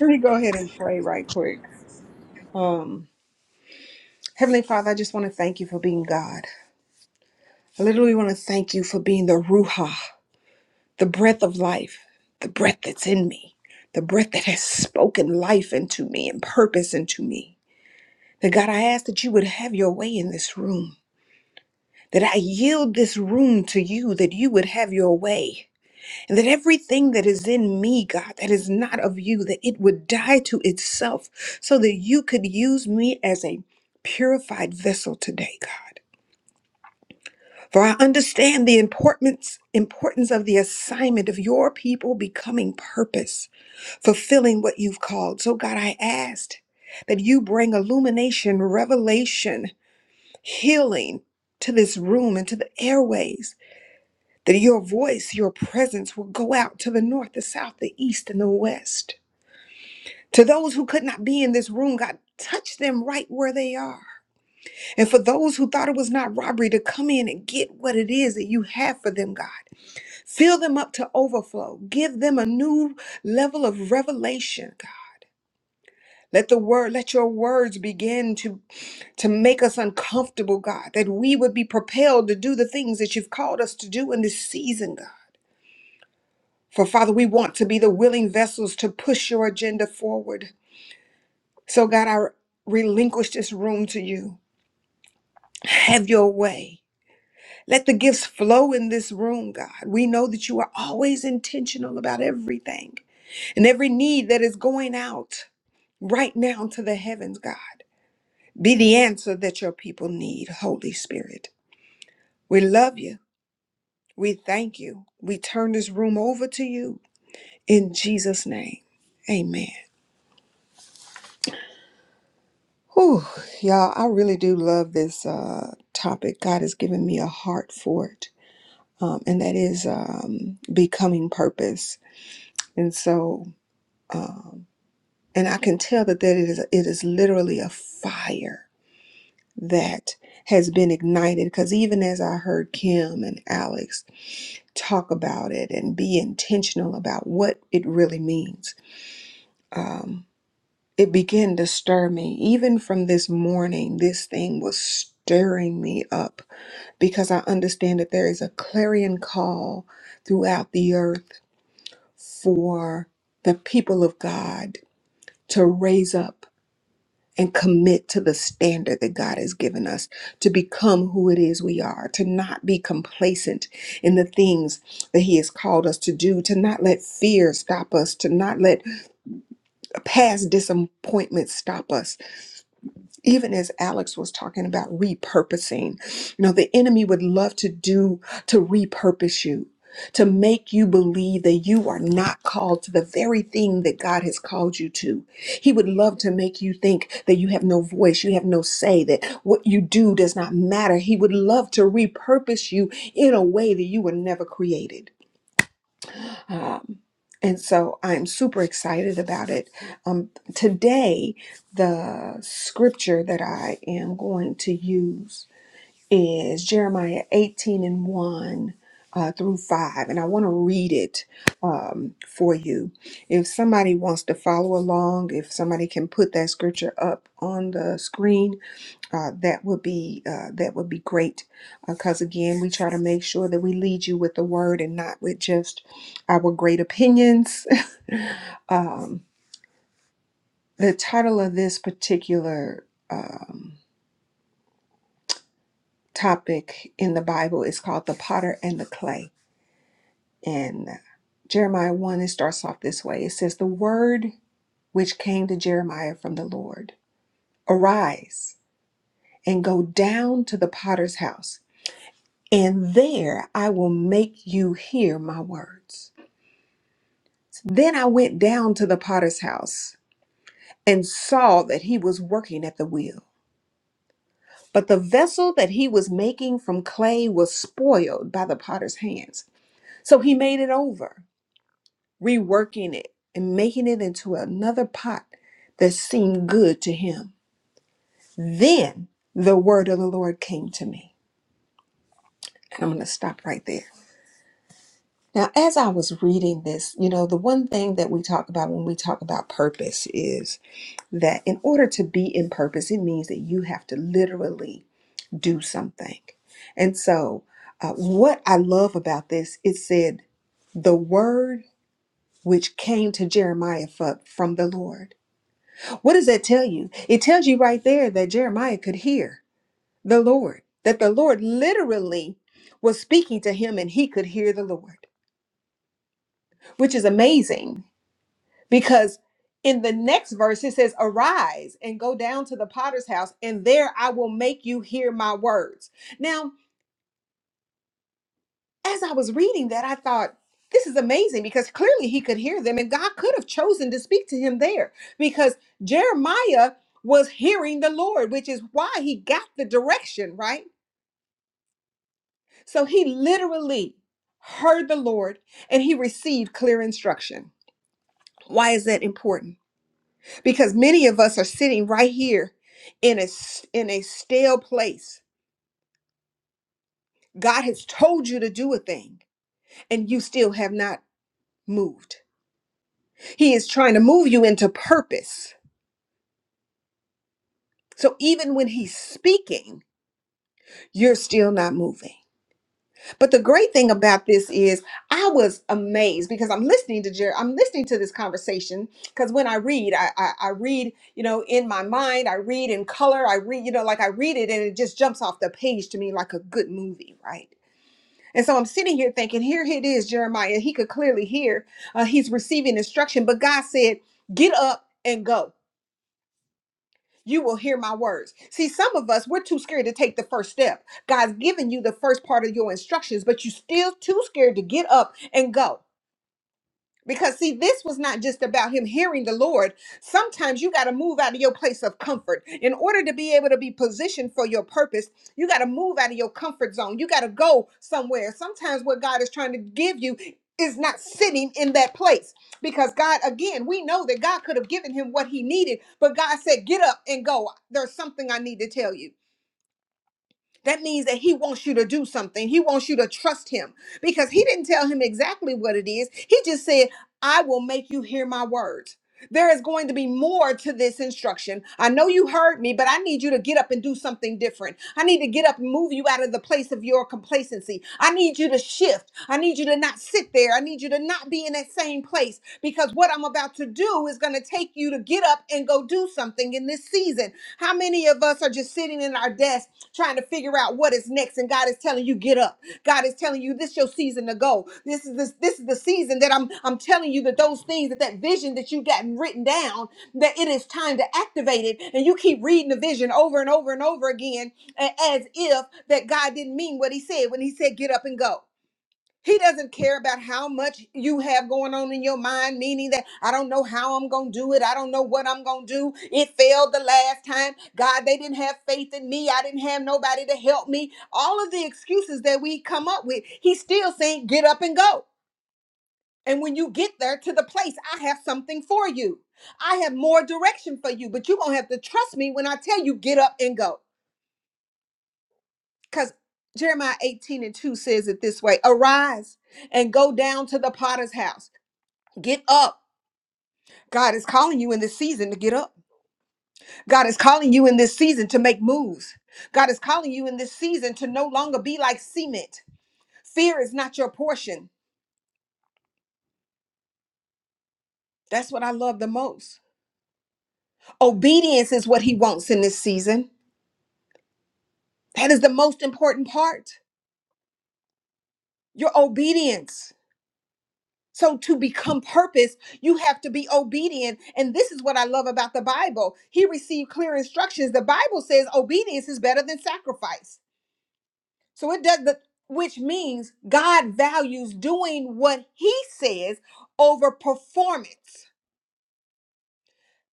[SPEAKER 1] let me go ahead and pray right quick. Um, Heavenly Father, I just want to thank you for being God. I literally want to thank you for being the Ruha, the breath of life, the breath that's in me, the breath that has spoken life into me and purpose into me. That God, I ask that you would have your way in this room. that I yield this room to you, that you would have your way, and that everything that is in me, God, that is not of you, that it would die to itself so that you could use me as a purified vessel today, God. For I understand the importance, importance of the assignment of your people becoming purpose, fulfilling what you've called. So, God, I asked that you bring illumination, revelation, healing to this room and to the airways that your voice, your presence will go out to the north, the south, the east, and the west. To those who could not be in this room, God, touch them right where they are. And for those who thought it was not robbery to come in and get what it is that you have for them, God, fill them up to overflow. Give them a new level of revelation, God. Let the word, let your words begin to, to make us uncomfortable, God, that we would be propelled to do the things that you've called us to do in this season, God. For Father, we want to be the willing vessels to push your agenda forward. So, God, I relinquish this room to you. Have your way. Let the gifts flow in this room, God. We know that you are always intentional about everything and every need that is going out right now to the heavens, God. Be the answer that your people need, Holy Spirit. We love you. We thank you. We turn this room over to you in Jesus' name. Amen. Whew, y'all, I really do love this uh, topic. God has given me a heart for it, um, and that is um, becoming purpose. And so, and I can tell that that it is it is literally a fire that has been ignited. Because even as I heard Kim and Alex talk about it and be intentional about what it really means, um, it began to stir me. Even from this morning, this thing was stirring me up because I understand that there is a clarion call throughout the earth for the people of God to raise up and commit to the standard that God has given us, to become who it is we are, to not be complacent in the things that He has called us to do, to not let fear stop us, to not let past disappointments stop us even as Alex was talking about repurposing, you know, the enemy would love to do to repurpose you, to make you believe that you are not called to the very thing that God has called you to. He would love to make you think that you have no voice, you have no say, that what you do does not matter. He would love to repurpose you in a way that you were never created. Um, and so I'm super excited about it. Um, today, the scripture that I am going to use is Jeremiah 18 and 1 uh, through 5. And I want to read it um, for you. If somebody wants to follow along, if somebody can put that scripture up on the screen, uh, that would be uh, that would be great because again we try to make sure that we lead you with the word and not with just our great opinions um, the title of this particular um, topic in the bible is called the potter and the clay and jeremiah 1 it starts off this way it says the word which came to jeremiah from the lord arise and go down to the potter's house and there I will make you hear my words. Then I went down to the potter's house and saw that he was working at the wheel. But the vessel that he was making from clay was spoiled by the potter's hands. So he made it over, reworking it and making it into another pot that seemed good to him. Then the word of the Lord came to me. And I'm going to stop right there. Now, as I was reading this, you know, the one thing that we talk about when we talk about purpose is that in order to be in purpose, it means that you have to literally do something. And so, uh, what I love about this, it said, the word which came to Jeremiah fro- from the Lord. What does that tell you? It tells you right there that Jeremiah could hear the Lord, that the Lord literally was speaking to him and he could hear the Lord, which is amazing Because in the next verse, it says, Arise and go down to the potter's house, and there I will make you hear my words. Now, as I was reading that, I thought, this is amazing because clearly he could hear them, and God could have chosen to speak to him there because Jeremiah was hearing the Lord, which is why he got the direction, right? So he literally heard the Lord and he received clear instruction. Why is that important? because many of us are sitting right here in a s- in a stale place. God has told you to do a thing and you still have not moved. He is trying to move you into purpose. So even when he's speaking, you're still not moving. But the great thing about this is I was amazed because I'm listening to Jerry, I'm listening to this conversation because when I read, I, I I read, you know, in my mind, I read in color, I read, you know, like I read it and it just jumps off the page to me like a good movie, right? And so I'm sitting here thinking, here it is, Jeremiah. He could clearly hear uh, he's receiving instruction, but God said, get up and go you will hear my words. See, some of us, we're too scared to take the first step. God's given you the first part of your instructions, but you're still too scared to get up and go. Because, see, this was not just about him hearing the Lord. Sometimes you got to move out of your place of comfort. In order to be able to be positioned for your purpose, you got to move out of your comfort zone. You got to go somewhere. Sometimes what God is trying to give you is not sitting in that place. Because God, again, we know that God could have given him what he needed, but God said, Get up and go. There's something I need to tell you. That means that he wants you to do something. He wants you to trust him because he didn't tell him exactly what it is. He just said, I will make you hear my words. There is going to be more to this instruction. I know you heard me, but I need you to get up and do something different. I need to get up and move you out of the place of your complacency. I need you to shift. I need you to not sit there. I need you to not be in that same place because what I'm about to do is going to take you to get up and go do something in this season. How many of us are just sitting? sitting in our desk trying to figure out what is next, and God is telling you, get up. God is telling you, this is your season to go. This is this this is the season that I'm I'm telling you that those things that that vision that you got written down that it is time to activate it, and you keep reading the vision over and over and over again a- as if that God didn't mean what He said when He said get up and go. He doesn't care about how much you have going on in your mind, meaning that I don't know how I'm going to do it. I don't know what I'm going to do. It failed the last time. God, they didn't have faith in me. I didn't have nobody to help me. All of the excuses that we come up with, he's still saying, get up and go. And when you get there to the place, I have something for you. I have more direction for you, but you're going to have to trust me when I tell you, get up and go. Because Jeremiah 18 and 2 says it this way Arise and go down to the potter's house Get up. God is calling you in this season to get up. God is calling you in this season to make moves. God is calling you in this season to no longer be like cement. Fear is not your portion. That's what I love the most. Obedience is what he wants in this season. That is the most important part. Your obedience. So, to become purpose, you have to be obedient. And this is what I love about the Bible. He received clear instructions. The Bible says obedience is better than sacrifice. So it does the which means God values doing what he says over performance.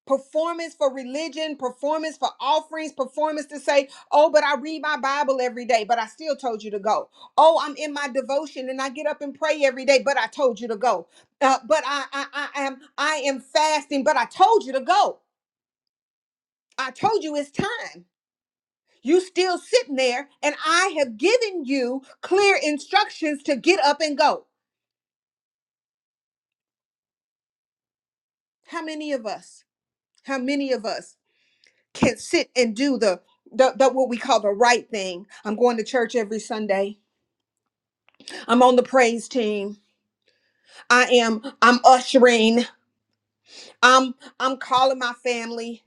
[SPEAKER 1] Performance for religion, performance for offerings, performance to say, oh, but I read my Bible every day, but I still told you to go. Oh, I'm in my devotion and I get up and pray every day, but I told you to go. Uh, but I, I, I am, I am fasting, but I told you to go. I told you it's time. You still sitting there, and I have given you clear instructions to get up and go. How many of us, how many of us can sit and do the, the, the what we call the right thing? I'm going to church every Sunday. I'm on the praise team. I am, I'm ushering. I'm, I'm calling my family.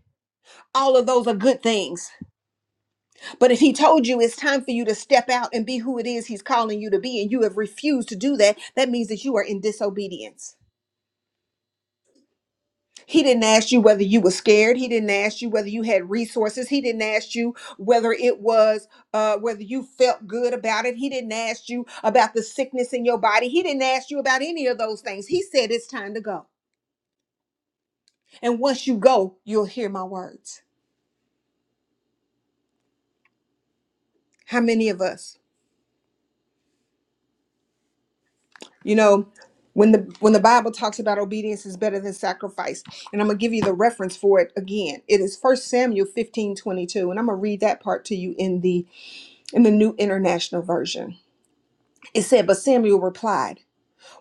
[SPEAKER 1] All of those are good things. But if he told you it's time for you to step out and be who it is he's calling you to be, and you have refused to do that, that means that you are in disobedience. He didn't ask you whether you were scared. He didn't ask you whether you had resources. He didn't ask you whether it was uh, whether you felt good about it. He didn't ask you about the sickness in your body. He didn't ask you about any of those things. He said it's time to go. And once you go, you'll hear my words. How many of us, you know, when the when the Bible talks about obedience is better than sacrifice, and I'm gonna give you the reference for it again. It is First Samuel 15 22, and I'm gonna read that part to you in the in the New International Version. It said, But Samuel replied,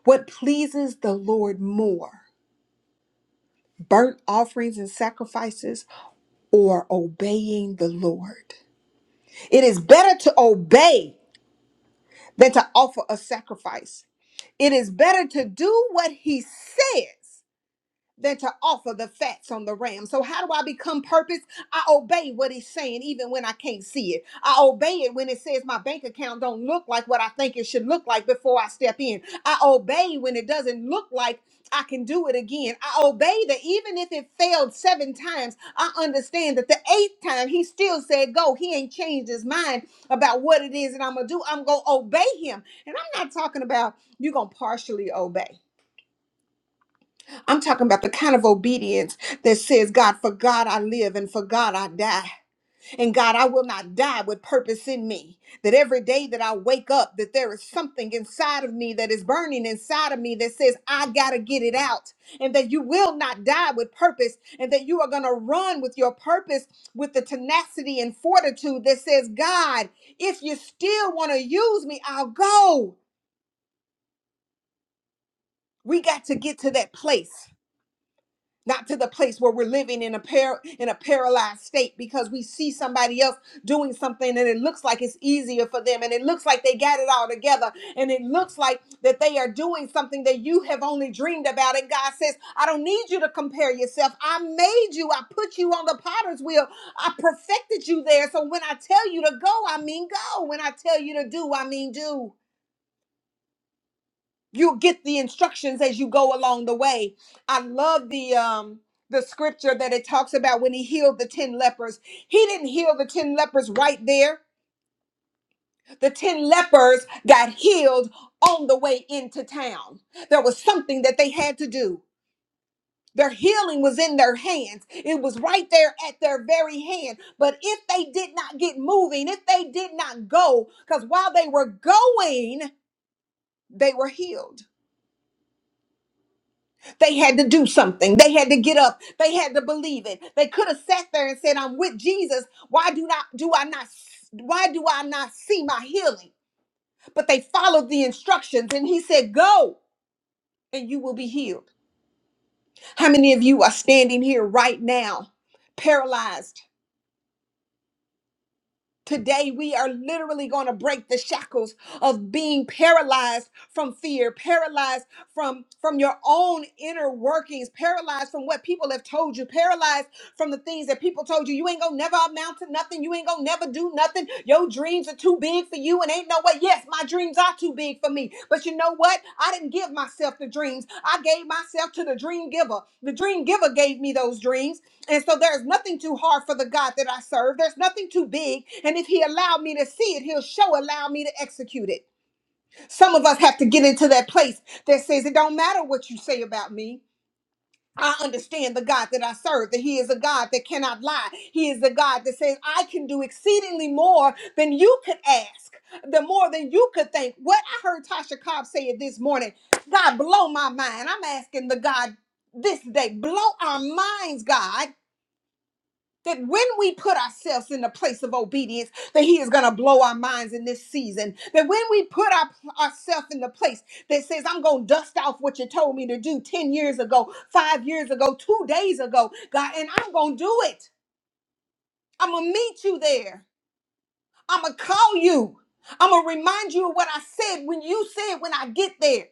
[SPEAKER 1] What pleases the Lord more, burnt offerings and sacrifices, or obeying the Lord? It is better to obey than to offer a sacrifice. It is better to do what he says than to offer the fats on the ram. So, how do I become purpose? I obey what he's saying, even when I can't see it. I obey it when it says my bank account don't look like what I think it should look like before I step in. I obey when it doesn't look like I can do it again. I obey that even if it failed seven times, I understand that the eighth time he still said go. He ain't changed his mind about what it is that I'm gonna do. I'm gonna obey him. And I'm not talking about you gonna partially obey. I'm talking about the kind of obedience that says, God, for God I live and for God I die. And God, I will not die with purpose in me. That every day that I wake up, that there is something inside of me that is burning inside of me that says, I got to get it out. And that you will not die with purpose. And that you are going to run with your purpose with the tenacity and fortitude that says, God, if you still want to use me, I'll go. We got to get to that place not to the place where we're living in a par- in a paralyzed state because we see somebody else doing something and it looks like it's easier for them and it looks like they got it all together and it looks like that they are doing something that you have only dreamed about and God says I don't need you to compare yourself I made you I put you on the potter's wheel I perfected you there so when I tell you to go I mean go when I tell you to do I mean do you get the instructions as you go along the way i love the um the scripture that it talks about when he healed the 10 lepers he didn't heal the 10 lepers right there the 10 lepers got healed on the way into town there was something that they had to do their healing was in their hands. It was right there at their very hand. But if they did not get moving, if they did not go, because while they were going, they were healed. They had to do something. They had to get up. They had to believe it. They could have sat there and said, "I'm with Jesus. Why do not do I not why do I not see my healing?" But they followed the instructions and he said, "Go and you will be healed." How many of you are standing here right now paralyzed? Today, we are literally going to break the shackles of being paralyzed from fear, paralyzed from, from your own inner workings, paralyzed from what people have told you, paralyzed from the things that people told you. You ain't gonna never amount to nothing. You ain't gonna never do nothing. Your dreams are too big for you, and ain't no way. Yes, my dreams are too big for me. But you know what? I didn't give myself the dreams. I gave myself to the dream giver. The dream giver gave me those dreams. And so there's nothing too hard for the God that I serve. There's nothing too big. And if He allowed me to see it, He'll show allow me to execute it. Some of us have to get into that place that says it don't matter what you say about me. I understand the God that I serve, that He is a God that cannot lie. He is a God that says, I can do exceedingly more than you could ask, the more than you could think. What I heard Tasha Cobb say it this morning, God, blow my mind. I'm asking the God this day, blow our minds, God that when we put ourselves in the place of obedience that he is going to blow our minds in this season that when we put our, ourselves in the place that says i'm going to dust off what you told me to do 10 years ago 5 years ago 2 days ago god and i'm going to do it i'm going to meet you there i'm going to call you i'm going to remind you of what i said when you said when i get there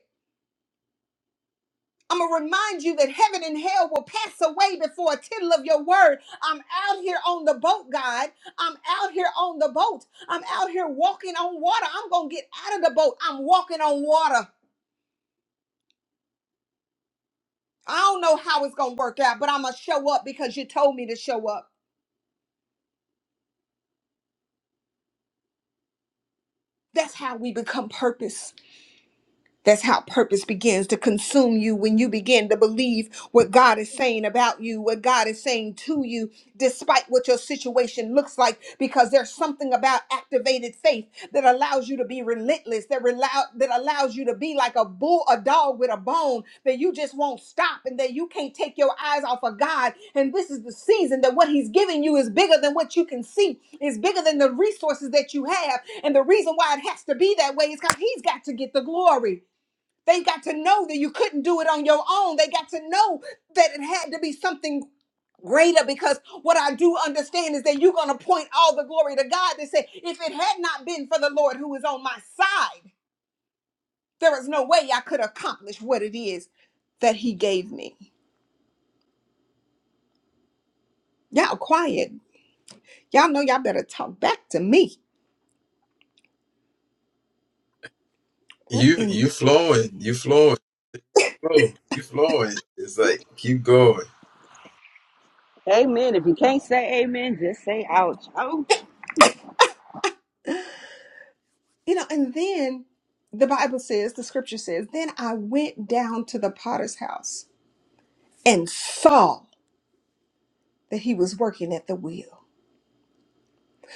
[SPEAKER 1] I'm going to remind you that heaven and hell will pass away before a tittle of your word. I'm out here on the boat, God. I'm out here on the boat. I'm out here walking on water. I'm going to get out of the boat. I'm walking on water. I don't know how it's going to work out, but I'm going to show up because you told me to show up. That's how we become purpose. That's how purpose begins to consume you when you begin to believe what God is saying about you, what God is saying to you, despite what your situation looks like, because there's something about activated faith that allows you to be relentless, that, allow, that allows you to be like a bull, a dog with a bone, that you just won't stop and that you can't take your eyes off of God. And this is the season that what He's giving you is bigger than what you can see, is bigger than the resources that you have. And the reason why it has to be that way is because He's got to get the glory. They got to know that you couldn't do it on your own. They got to know that it had to be something greater because what I do understand is that you're going to point all the glory to God. They say, if it had not been for the Lord who is on my side, there is no way I could accomplish what it is that He gave me. Y'all quiet. Y'all know y'all better talk back to me. What
[SPEAKER 3] You
[SPEAKER 1] in
[SPEAKER 3] you
[SPEAKER 1] the,
[SPEAKER 3] flowing. You flowing. flow. You flowing. It's like keep going.
[SPEAKER 6] Amen. If you can't say amen, just say ouch. Ouch.
[SPEAKER 1] you know, and then the Bible says, the scripture says, then I went down to the potter's house and saw. that he was working at the wheel.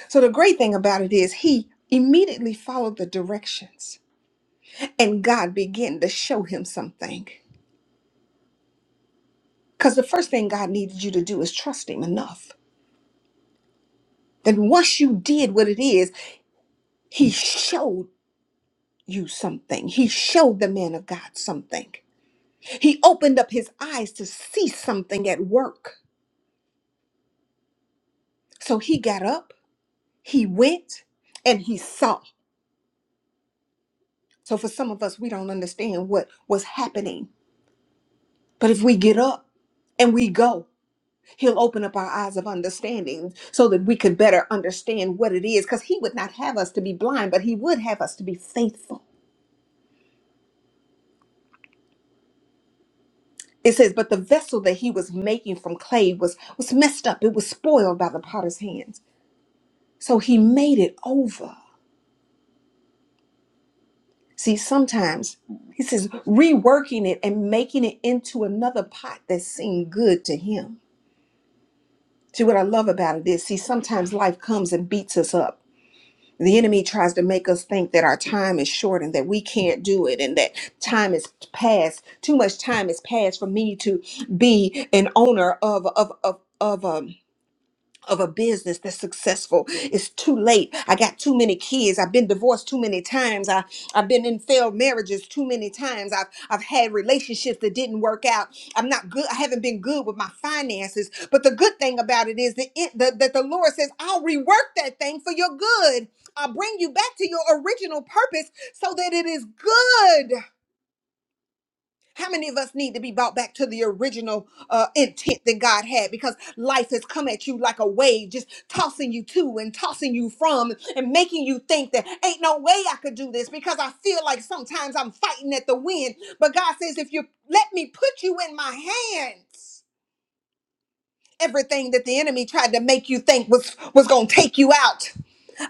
[SPEAKER 1] So the great thing about it is he immediately followed the directions and God began to show him something. Because the first thing God needed you to do is trust him enough. Then once you did what it is, he showed you something. He showed the man of God something. He opened up his eyes to see something at work. So he got up, he went, and he saw. So for some of us, we don't understand what was happening But if we get up and we go, He'll open up our eyes of understanding so that we could better understand what it is. Because He would not have us to be blind, but He would have us to be faithful. It says, But the vessel that He was making from clay was, was messed up, it was spoiled by the potter's hands. So He made it over. See, sometimes He says, reworking it and making it into another pot that seemed good to Him. See, what I love about it is, see, sometimes life comes and beats us up the enemy tries to make us think that our time is short and that we can't do it and that time is past too much time is past for me to be an owner of of of of um of a business that's successful. It's too late. I got too many kids. I've been divorced too many times. I, I've been in failed marriages too many times. I've I've had relationships that didn't work out. I'm not good. I haven't been good with my finances. But the good thing about it is that it that that the Lord says, I'll rework that thing for your good. I'll bring you back to your original purpose so that it is good. How many of us need to be brought back to the original uh, intent that God had? Because life has come at you like a wave, just tossing you to and tossing you from and making you think that ain't no way I could do this because I feel like sometimes I'm fighting at the wind. But God says, if you let me put you in my hands, everything that the enemy tried to make you think was, was going to take you out.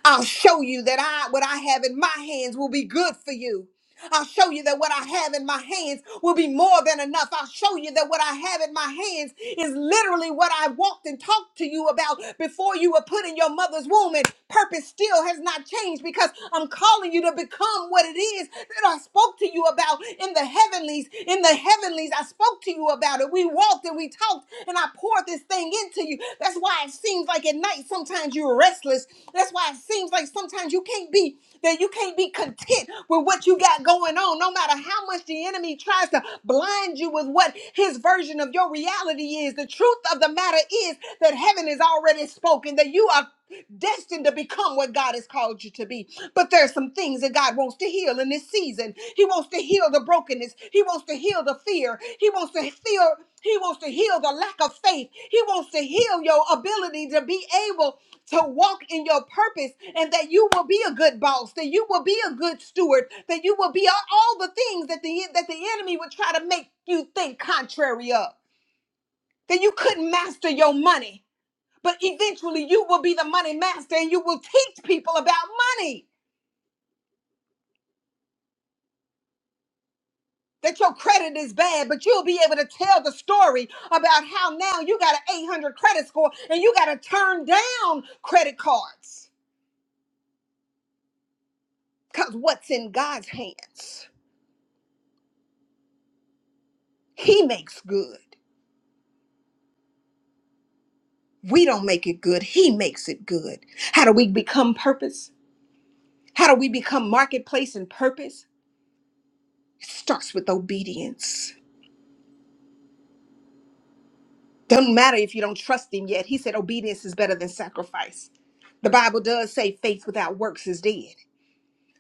[SPEAKER 1] I'll show you that I what I have in my hands will be good for you. I'll show you that what I have in my hands will be more than enough. I'll show you that what I have in my hands is literally what I walked and talked to you about before you were put in your mother's womb, and purpose still has not changed because I'm calling you to become what it is that I spoke to you about in the heavenlies. In the heavenlies, I spoke to you about it. We walked and we talked, and I poured this thing into you. That's why it seems like at night sometimes you're restless. That's why it seems like sometimes you can't be that you can't be content with what you got going on, no matter how much the enemy tries to blind you with what his version of your reality is. The truth of the matter is that heaven is already spoken, that you are destined to become what God has called you to be. But there are some things that God wants to heal in this season. He wants to heal the brokenness. He wants to heal the fear. He wants to feel he wants to heal the lack of faith. He wants to heal your ability to be able to walk in your purpose and that you will be a good boss, that you will be a good steward, that you will be all the things that the that the enemy would try to make you think contrary of. That you couldn't master your money but eventually you will be the money master and you will teach people about money. That your credit is bad, but you'll be able to tell the story about how now you got an 800 credit score and you got to turn down credit cards. Because what's in God's hands? He makes good. We don't make it good, He makes it good. How do we become purpose? How do we become marketplace and purpose? It starts with obedience Doesn't matter if you don't trust him yet. He said obedience is better than sacrifice. The Bible does say faith without works is dead.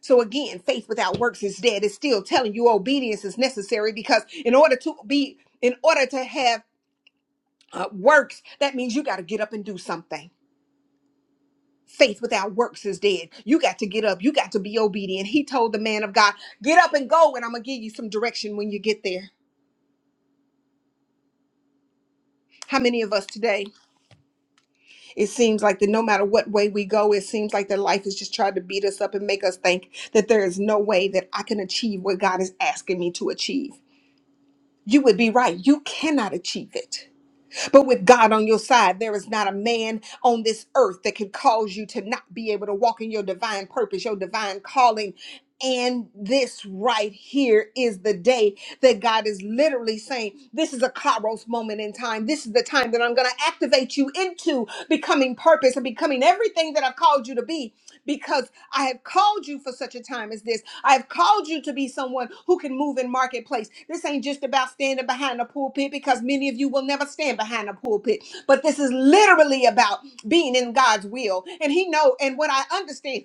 [SPEAKER 1] So again, faith without works is dead. It's still telling you obedience is necessary because in order to be, in order to have uh, works, that means you got to get up and do something. Faith without works is dead. You got to get up. You got to be obedient. He told the man of God, get up and go, and I'm going to give you some direction when you get there. How many of us today? It seems like that no matter what way we go, it seems like that life is just trying to beat us up and make us think that there is no way that I can achieve what God is asking me to achieve. You would be right. You cannot achieve it. But with God on your side, there is not a man on this earth that can cause you to not be able to walk in your divine purpose, your divine calling, and this right here is the day that God is literally saying, This is a Kairos moment in time. This is the time that I'm going to activate you into becoming purpose and becoming everything that I've called you to be because I have called you for such a time as this. I have called you to be someone who can move in marketplace. This ain't just about standing behind a pulpit because many of you will never stand behind a pulpit, but this is literally about being in God's will. And He know, and what I understand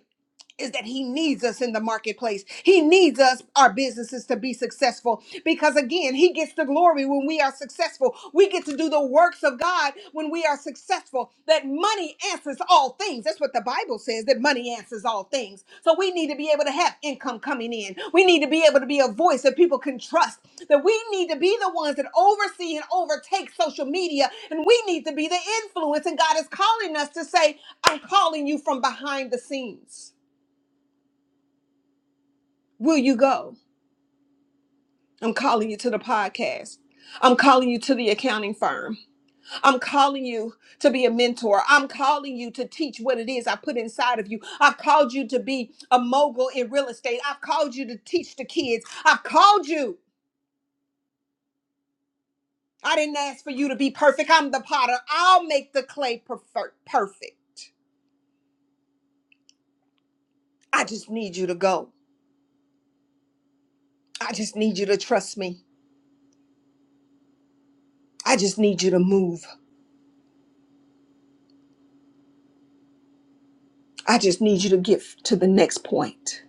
[SPEAKER 1] is that he needs us in the marketplace. He needs us, our businesses, to be successful because, again, he gets the glory when we are successful. We get to do the works of God when we are successful. That money answers all things. That's what the Bible says that money answers all things. So we need to be able to have income coming in. We need to be able to be a voice that people can trust. That we need to be the ones that oversee and overtake social media. And we need to be the influence. And God is calling us to say, I'm calling you from behind the scenes. Will you go? I'm calling you to the podcast. I'm calling you to the accounting firm. I'm calling you to be a mentor. I'm calling you to teach what it is I put inside of you. I've called you to be a mogul in real estate. I've called you to teach the kids. I've called you. I didn't ask for you to be perfect. I'm the potter. I'll make the clay perfect. perfect. I just need you to go. I just need you to trust me. I just need you to move. I just need you to get to the next point.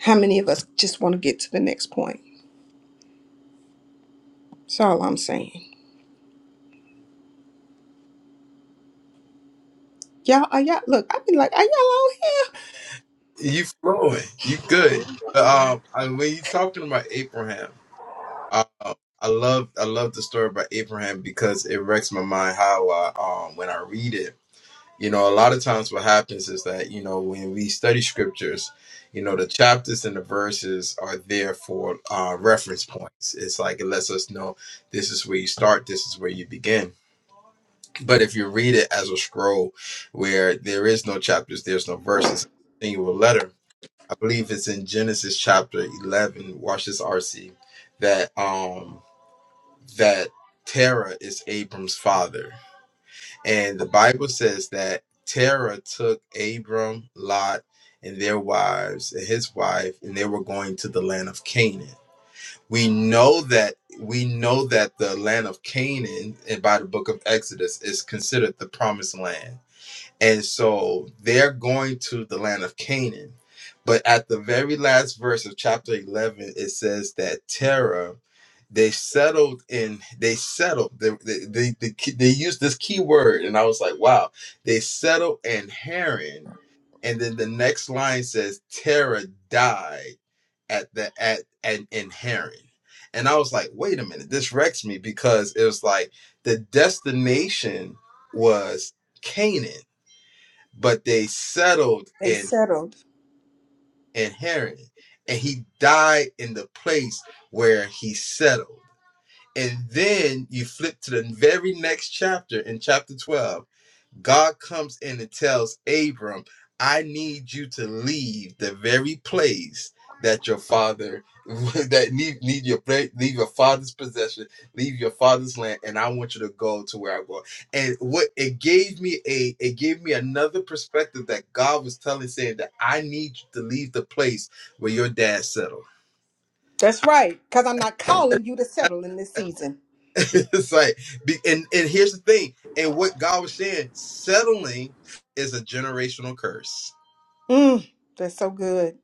[SPEAKER 1] How many of us just want to get to the next point? That's all I'm saying. Y'all, are y'all, look, I've been like, are y'all on here?
[SPEAKER 3] You flowing. You good. But, um, I, when you talking about Abraham, uh, I love I love the story about Abraham because it wrecks my mind how I um when I read it. You know, a lot of times what happens is that you know when we study scriptures, you know the chapters and the verses are there for uh, reference points. It's like it lets us know this is where you start, this is where you begin But if you read it as a scroll where there is no chapters, there's no verses, single letter. I believe it's in Genesis chapter 11, watch this RC, that um that Terah is Abram's father. And the Bible says that Terah took Abram, Lot, and their wives and his wife, and they were going to the land of Canaan. We know that we know that the land of Canaan, and by the book of Exodus, is considered the promised land and so they're going to the land of Canaan. But at the very last verse of chapter 11, it says that Terah, they settled in, they settled, they, they, they, they, key- they used this key word. And I was like, wow, they settled in Haran. And then the next line says, Terah died at the, at, at in Haran. And I was like, wait a minute, this wrecks me because it was like the destination was Canaan but they settled
[SPEAKER 1] They
[SPEAKER 3] in
[SPEAKER 1] settled.
[SPEAKER 3] in Haran, and he died in the place where he settled. And then you flip to the very next chapter in chapter 12 God comes in and tells Abram, I need you to leave the very place that your father that need need your pla- leave your father's possession, leave your father's land, and I want you to go to where I go. And what it gave me a it gave me another perspective that God was telling saying that I need you to leave the place where your dad settled.
[SPEAKER 1] That's right, because I'm not calling you to settle in this season.
[SPEAKER 3] it's like be- and and here's the thing, and what God was saying, settling is a generational curse
[SPEAKER 1] Mm, that's so good.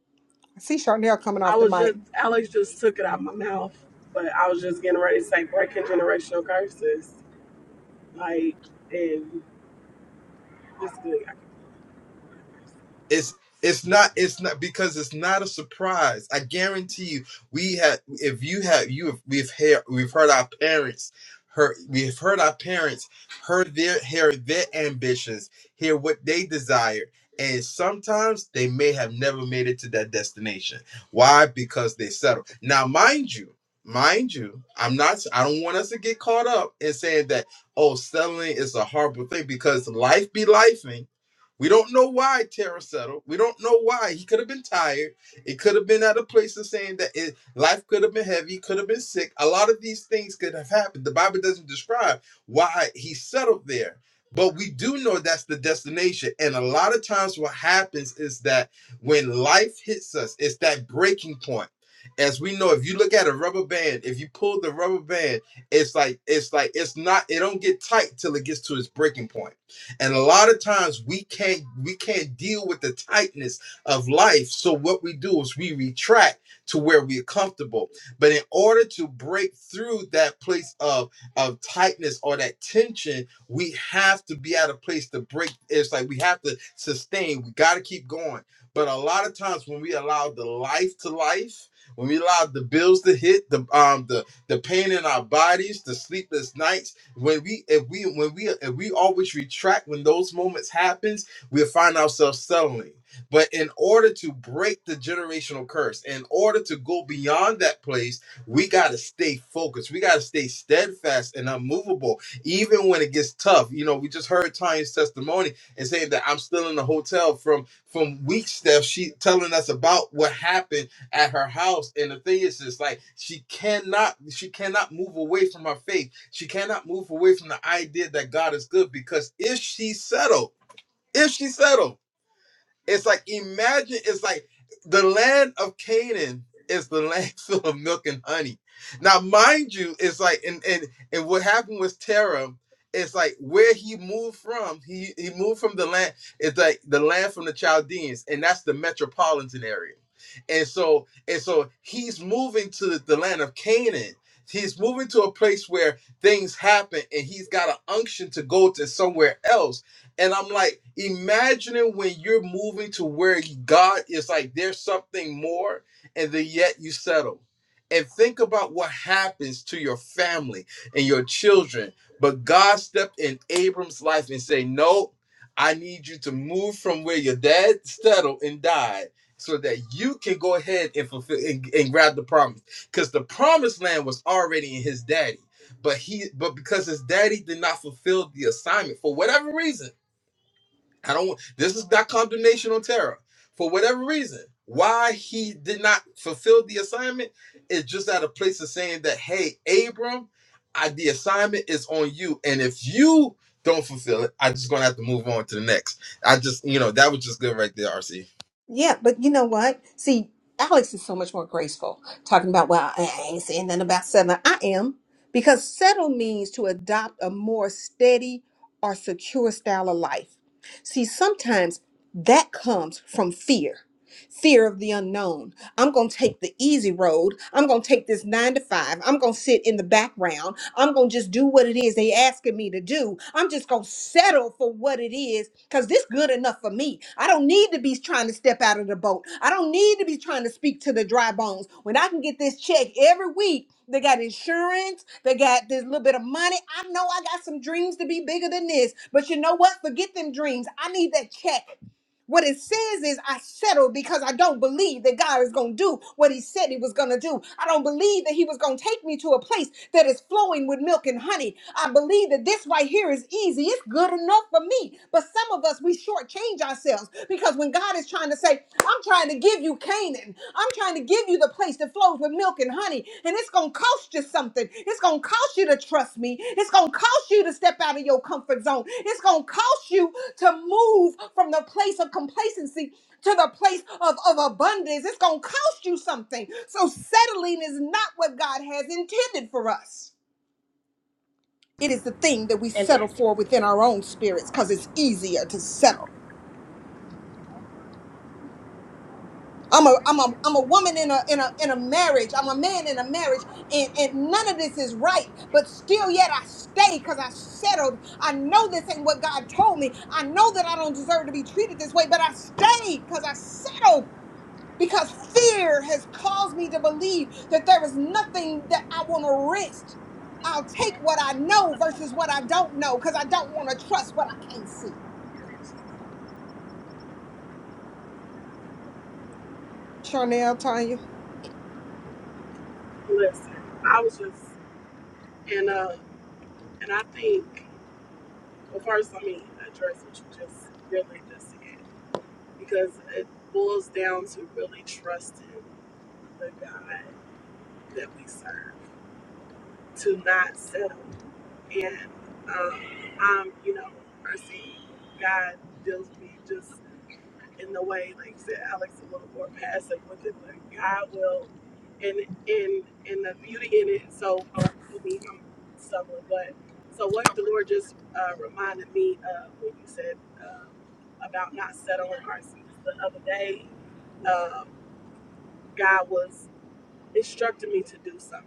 [SPEAKER 1] I see Charnel coming
[SPEAKER 4] I
[SPEAKER 1] off the
[SPEAKER 4] was
[SPEAKER 1] mic.
[SPEAKER 4] just Alex just took it out of my mouth, but I was just getting ready to say breaking generational curses, like and this good.
[SPEAKER 3] It's it's not it's not because it's not a surprise. I guarantee you, we have if you have you have, we've heard we've heard our parents heard we've heard our parents heard their hear their ambitions, hear what they desire. And sometimes they may have never made it to that destination. Why? Because they settle. Now, mind you, mind you, I'm not I don't want us to get caught up in saying that, oh, settling is a horrible thing because life be lifing we don't know why Terra settled. We don't know why. He could have been tired. It could have been at a place of saying that it, life could have been heavy, could have been sick. A lot of these things could have happened. The Bible doesn't describe why he settled there. But we do know that's the destination. And a lot of times what happens is that when life hits us, it's that breaking point. As we know, if you look at a rubber band, if you pull the rubber band, it's like it's like it's not it don't get tight till it gets to its breaking point and a lot of times we can't we can't deal with the tightness of life so what we do is we retract to where we're comfortable but in order to break through that place of of tightness or that tension we have to be at a place to break it's like we have to sustain we got to keep going but a lot of times when we allow the life to life when we allow the bills to hit the um the the pain in our bodies the sleepless nights when we if we when we if we always retract when those moments happens, we will find ourselves settling. But in order to break the generational curse, in order to go beyond that place, we got to stay focused. We got to stay steadfast and unmovable, even when it gets tough. You know, we just heard Tanya's testimony and saying that I'm still in the hotel from from weeks that she telling us about what happened at her house. And the thing is, it's like she cannot she cannot move away from her faith she cannot move away from the idea that God is good because if she settled, if she settled. It's like imagine it's like the land of Canaan is the land full of milk and honey. Now, mind you, it's like and and and what happened with Terah. It's like where he moved from. He he moved from the land. It's like the land from the Chaldeans, and that's the metropolitan area. And so and so he's moving to the land of Canaan. He's moving to a place where things happen, and he's got an unction to go to somewhere else and I'm like, imagining when you're moving to where God is like, there's something more, and then yet you settle. And think about what happens to your family and your children. But God stepped in Abram's life and said, No, I need you to move from where your dad settled and died so that you can go ahead and fulfill and, and grab the promise. Because the promised land was already in his daddy. But he but because his daddy did not fulfill the assignment for whatever reason I don't. This is not condemnation on Terra. For whatever reason, why he did not fulfill the assignment is just out of place of saying that, hey, Abram, I, the assignment is on you, and if you don't fulfill it, I'm just gonna have to move on to the next. I just, you know, that was just good right there, RC.
[SPEAKER 1] Yeah, but you know what? See, Alex is so much more graceful talking about, well, I ain't saying nothing about settling. I am, because settle means to adopt a more steady or secure style of life. See, sometimes that comes from fear. fear of the unknown. I'm going to take the easy road. I'm going to take this nine to five. I'm going to sit in the background. I'm going to just do what it is they asking me to do. I'm just going to settle for what it is because this good enough for me. I don't need to be trying to step out of the boat. I don't need to be trying to speak to the dry bones. When I can get this check every week, they got insurance. They got this little bit of money. I know I got some dreams to be bigger than this, but you know what? Forget them dreams. I need that check. What it says is, I settled because I don't believe that God is going to do what He said He was going to do. I don't believe that He was going to take me to a place that is flowing with milk and honey. I believe that this right here is easy. It's good enough for me. But some of us, we shortchange ourselves because when God is trying to say, I'm trying to give you Canaan, I'm trying to give you the place that flows with milk and honey. And it's going to cost you something. It's going to cost you to trust me. It's going to cost you to step out of your comfort zone. It's going to cost you to move from the place of complacency to the place of, of abundance. It's going to cost you something. So settling is not what God has intended for us. It is the thing that we settle for within our own spirits because it's easier to settle I'm a I'm a I'm a woman in a in a in a marriage. I'm a man in a marriage, and and none of this is right. But still, yet I stay because I settled. I know this ain't what God told me. I know that I don't deserve to be treated this way, but I stayed because I settled. Because fear has caused me to believe that there is nothing that I want to risk. I'll take what I know versus what I don't know because I don't want to trust what I can't see. Chanel, Tanya,
[SPEAKER 4] Listen, I was just and uh and I think. Well, first, let me address what you just really just said because it boils down to really trusting the God that we serve, to not settle. And um, I'm, you know, I see God deals with me just in the way, like said, Alex, a little more passive with it, but God will, and and and the beauty in it. So, I mean, I'm stumbling, but so what the Lord just uh, reminded me of when you said uh, about not settling our seats the other day, um, God was instructing me to do something,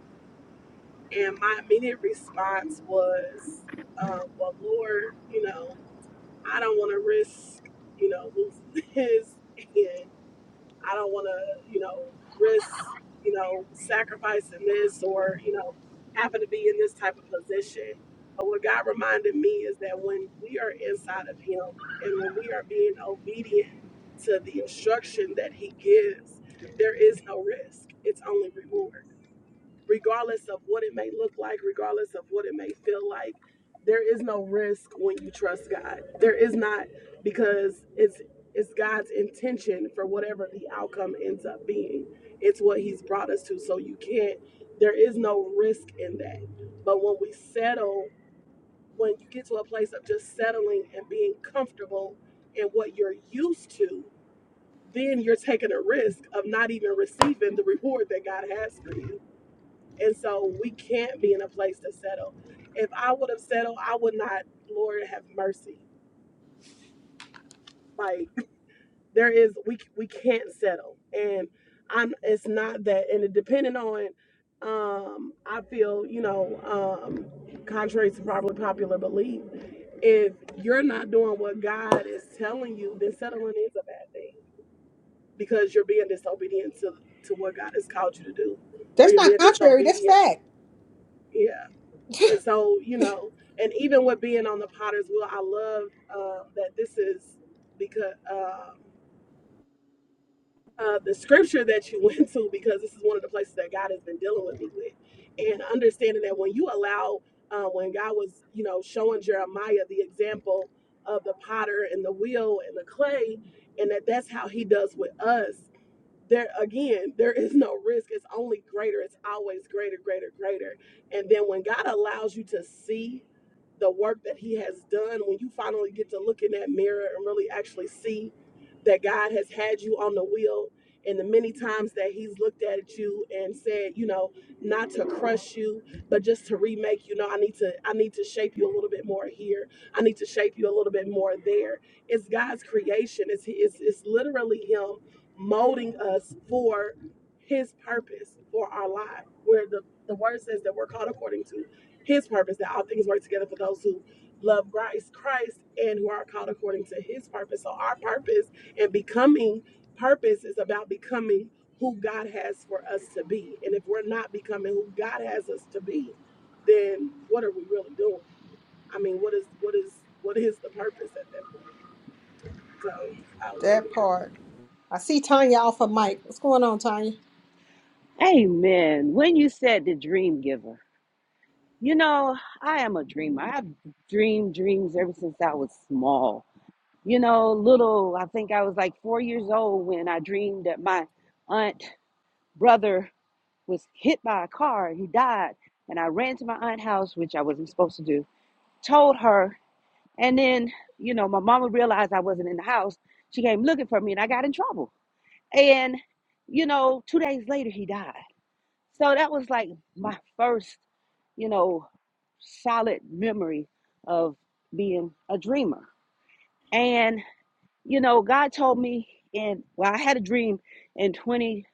[SPEAKER 4] and my immediate response was, uh, "Well, Lord, you know, I don't want to risk, you know, losing this." and I don't want to, you know, risk, you know, sacrificing this or, you know, having to be in this type of position. But what God reminded me is that when we are inside of Him and when we are being obedient to the instruction that He gives, there is no risk. It's only reward regardless of what it may look like, regardless of what it may feel like, there is no risk when you trust God. There is not because it's it's God's intention for whatever the outcome ends up being. It's what he's brought us to. So you can't there is no risk in that. But when we settle, when you get to a place of just settling and being comfortable in what you're used to, then you're taking a risk of not even receiving the reward that God has for you. And so we can't be in a place to settle. If I would have settled, I would not, Lord have mercy. Like there is we we can't settle. And I'm it's not that and it depending on um I feel, you know, um contrary to probably popular belief, if you're not doing what God is telling you, then settling is a bad thing because you're being disobedient to to what God has called you to do. Or
[SPEAKER 1] that's
[SPEAKER 4] you're
[SPEAKER 1] not
[SPEAKER 4] being
[SPEAKER 1] contrary. That's
[SPEAKER 4] disobedient.
[SPEAKER 1] fact.
[SPEAKER 4] Yeah. And so, you know, and even with being on the potter's wheel, I love uh, that this is because uh, uh, the scripture that you went to, because this is one of the places that God has been dealing with me with. And understanding that when you allow, uh, when God was, you know, showing Jeremiah the example of the potter and the wheel and the clay, and that that's how he does with us there again, there is no risk. It's only greater. It's always greater, greater, greater. And then when God allows you to see the work that He has done, when you finally get to look in that mirror and really actually see that God has had you on the wheel, and the many times that He's looked at you and said, you know, not to crush you, but just to remake you. No, I need to, I need to shape you a little bit more here. I need to shape you a little bit more there. It's God's creation. It's it's, it's literally Him molding us for his purpose for our life where the, the word says that we're called according to his purpose that all things work together for those who love christ christ and who are called according to his purpose so our purpose and becoming purpose is about becoming who god has for us to be and if we're not becoming who god has us to be then what are we really doing i mean what is what is what is the purpose at that point so i'll end
[SPEAKER 1] That
[SPEAKER 4] here
[SPEAKER 1] part. I see Tanya off of mic. What's going on, Tanya?
[SPEAKER 6] Amen. When you said the dream giver, you know, I am a dreamer. I've dreamed dreams ever since I was small. You know, little, I think I was like four years old when I dreamed that my aunt, brother, was hit by a car. He died. And I ran to my aunt's house, which I wasn't supposed to do, told her. And then, you know, my mama realized I wasn't in the house. She came looking for me and I got in trouble. And, you know, two days later, he died. So that was like my first, you know, solid memory of being a dreamer. And, you know, God told me, in well, I had a dream in 20,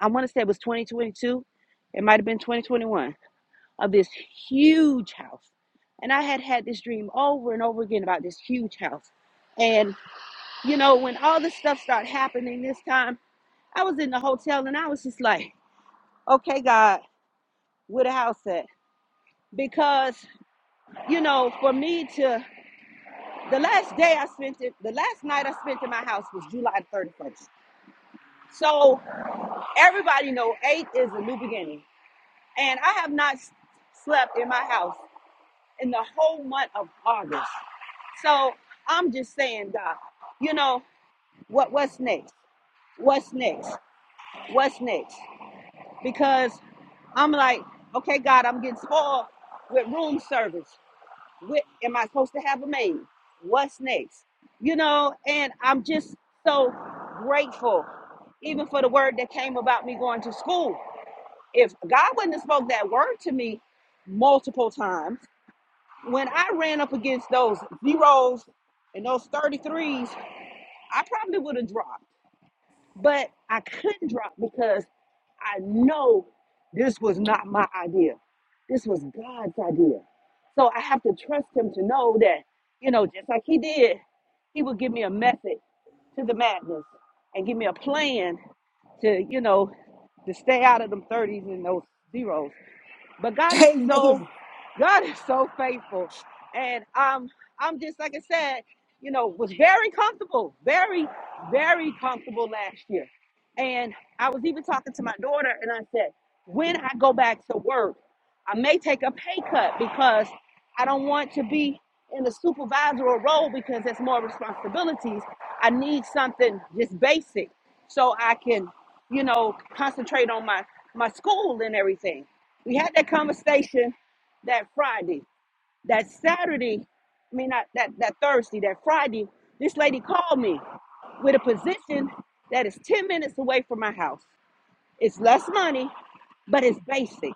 [SPEAKER 6] I want to say it was 2022. It might have been 2021 of this huge house. And I had had this dream over and over again about this huge house. And, you know, when all this stuff started happening this time, I was in the hotel and I was just like, okay, God, where the house at? Because, you know, for me to, the last day I spent it, the last night I spent in my house was July 31st. So everybody know 8 is a new beginning. And I have not s- slept in my house in the whole month of August. So I'm just saying, God, you know, what what's next? What's next? What's next? Because I'm like, okay, God, I'm getting spoiled with room service. With am I supposed to have a maid? What's next? You know, and I'm just so grateful, even for the word that came about me going to school. If God wouldn't have spoke that word to me multiple times, when I ran up against those zeros and those 33s I probably would have dropped, but I couldn't drop because I know this was not my idea. This was God's idea. So I have to trust Him to know that, you know, just like He did, He would give me a method to the madness and give me a plan to, you know, to stay out of them 30s and those zeros. But God is so
[SPEAKER 1] Amen.
[SPEAKER 6] God is so faithful. And um, I'm just, like I said, you know, was very comfortable, very, very comfortable last year. And I was even talking to my daughter and I said, when I go back to work, I may take a pay cut because I don't want to be in a supervisory role because there's more responsibilities. I need something just basic so I can, you know, concentrate on my, my school and everything. We had that conversation that Friday, that Saturday, I mean, not that, that Thursday, that Friday, this lady called me with a position that is 10 minutes away from my house. It's less money, but it's basic.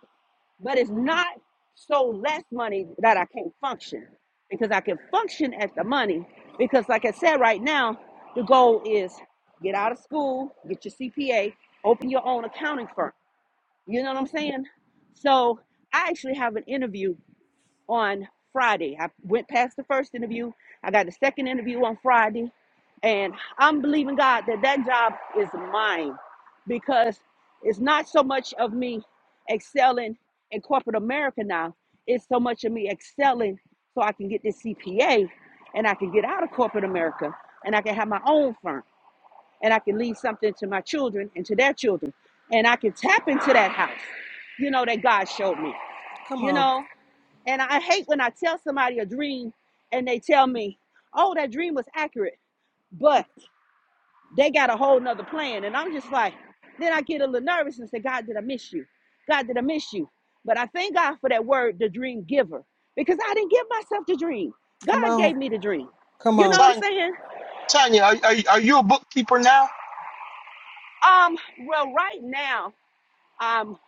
[SPEAKER 6] But it's not so less money that I can't function because I can function at the money. Because, like I said, right now, the goal is get out of school, get your CPA, open your own accounting firm. You know what I'm saying? So, I actually have an interview on Friday. I went past the first interview. I got the second interview on Friday. And I'm believing God that that job is mine because it's not so much of me excelling in corporate America now, it's so much of me excelling so I can get this CPA and I can get out of corporate America and I can have my own firm and I can leave something to my children and to their children and I can tap into that house, you know, that God showed me,
[SPEAKER 1] Come
[SPEAKER 6] you
[SPEAKER 1] on.
[SPEAKER 6] know. And I hate when I tell somebody a dream and they tell me, oh, that dream was accurate, but they got a whole nother plan. And I'm just like, then I get a little nervous and say, God, did I miss you? God, did I miss you? But I thank God for that word, the dream giver, because I didn't give myself the dream.
[SPEAKER 1] Come
[SPEAKER 6] God gave
[SPEAKER 1] on.
[SPEAKER 6] me the dream.
[SPEAKER 1] Come
[SPEAKER 6] You know
[SPEAKER 1] on.
[SPEAKER 6] what I'm
[SPEAKER 7] Tanya,
[SPEAKER 6] saying?
[SPEAKER 7] Tanya are, are, are you a bookkeeper now?
[SPEAKER 6] Um, well, right now, um,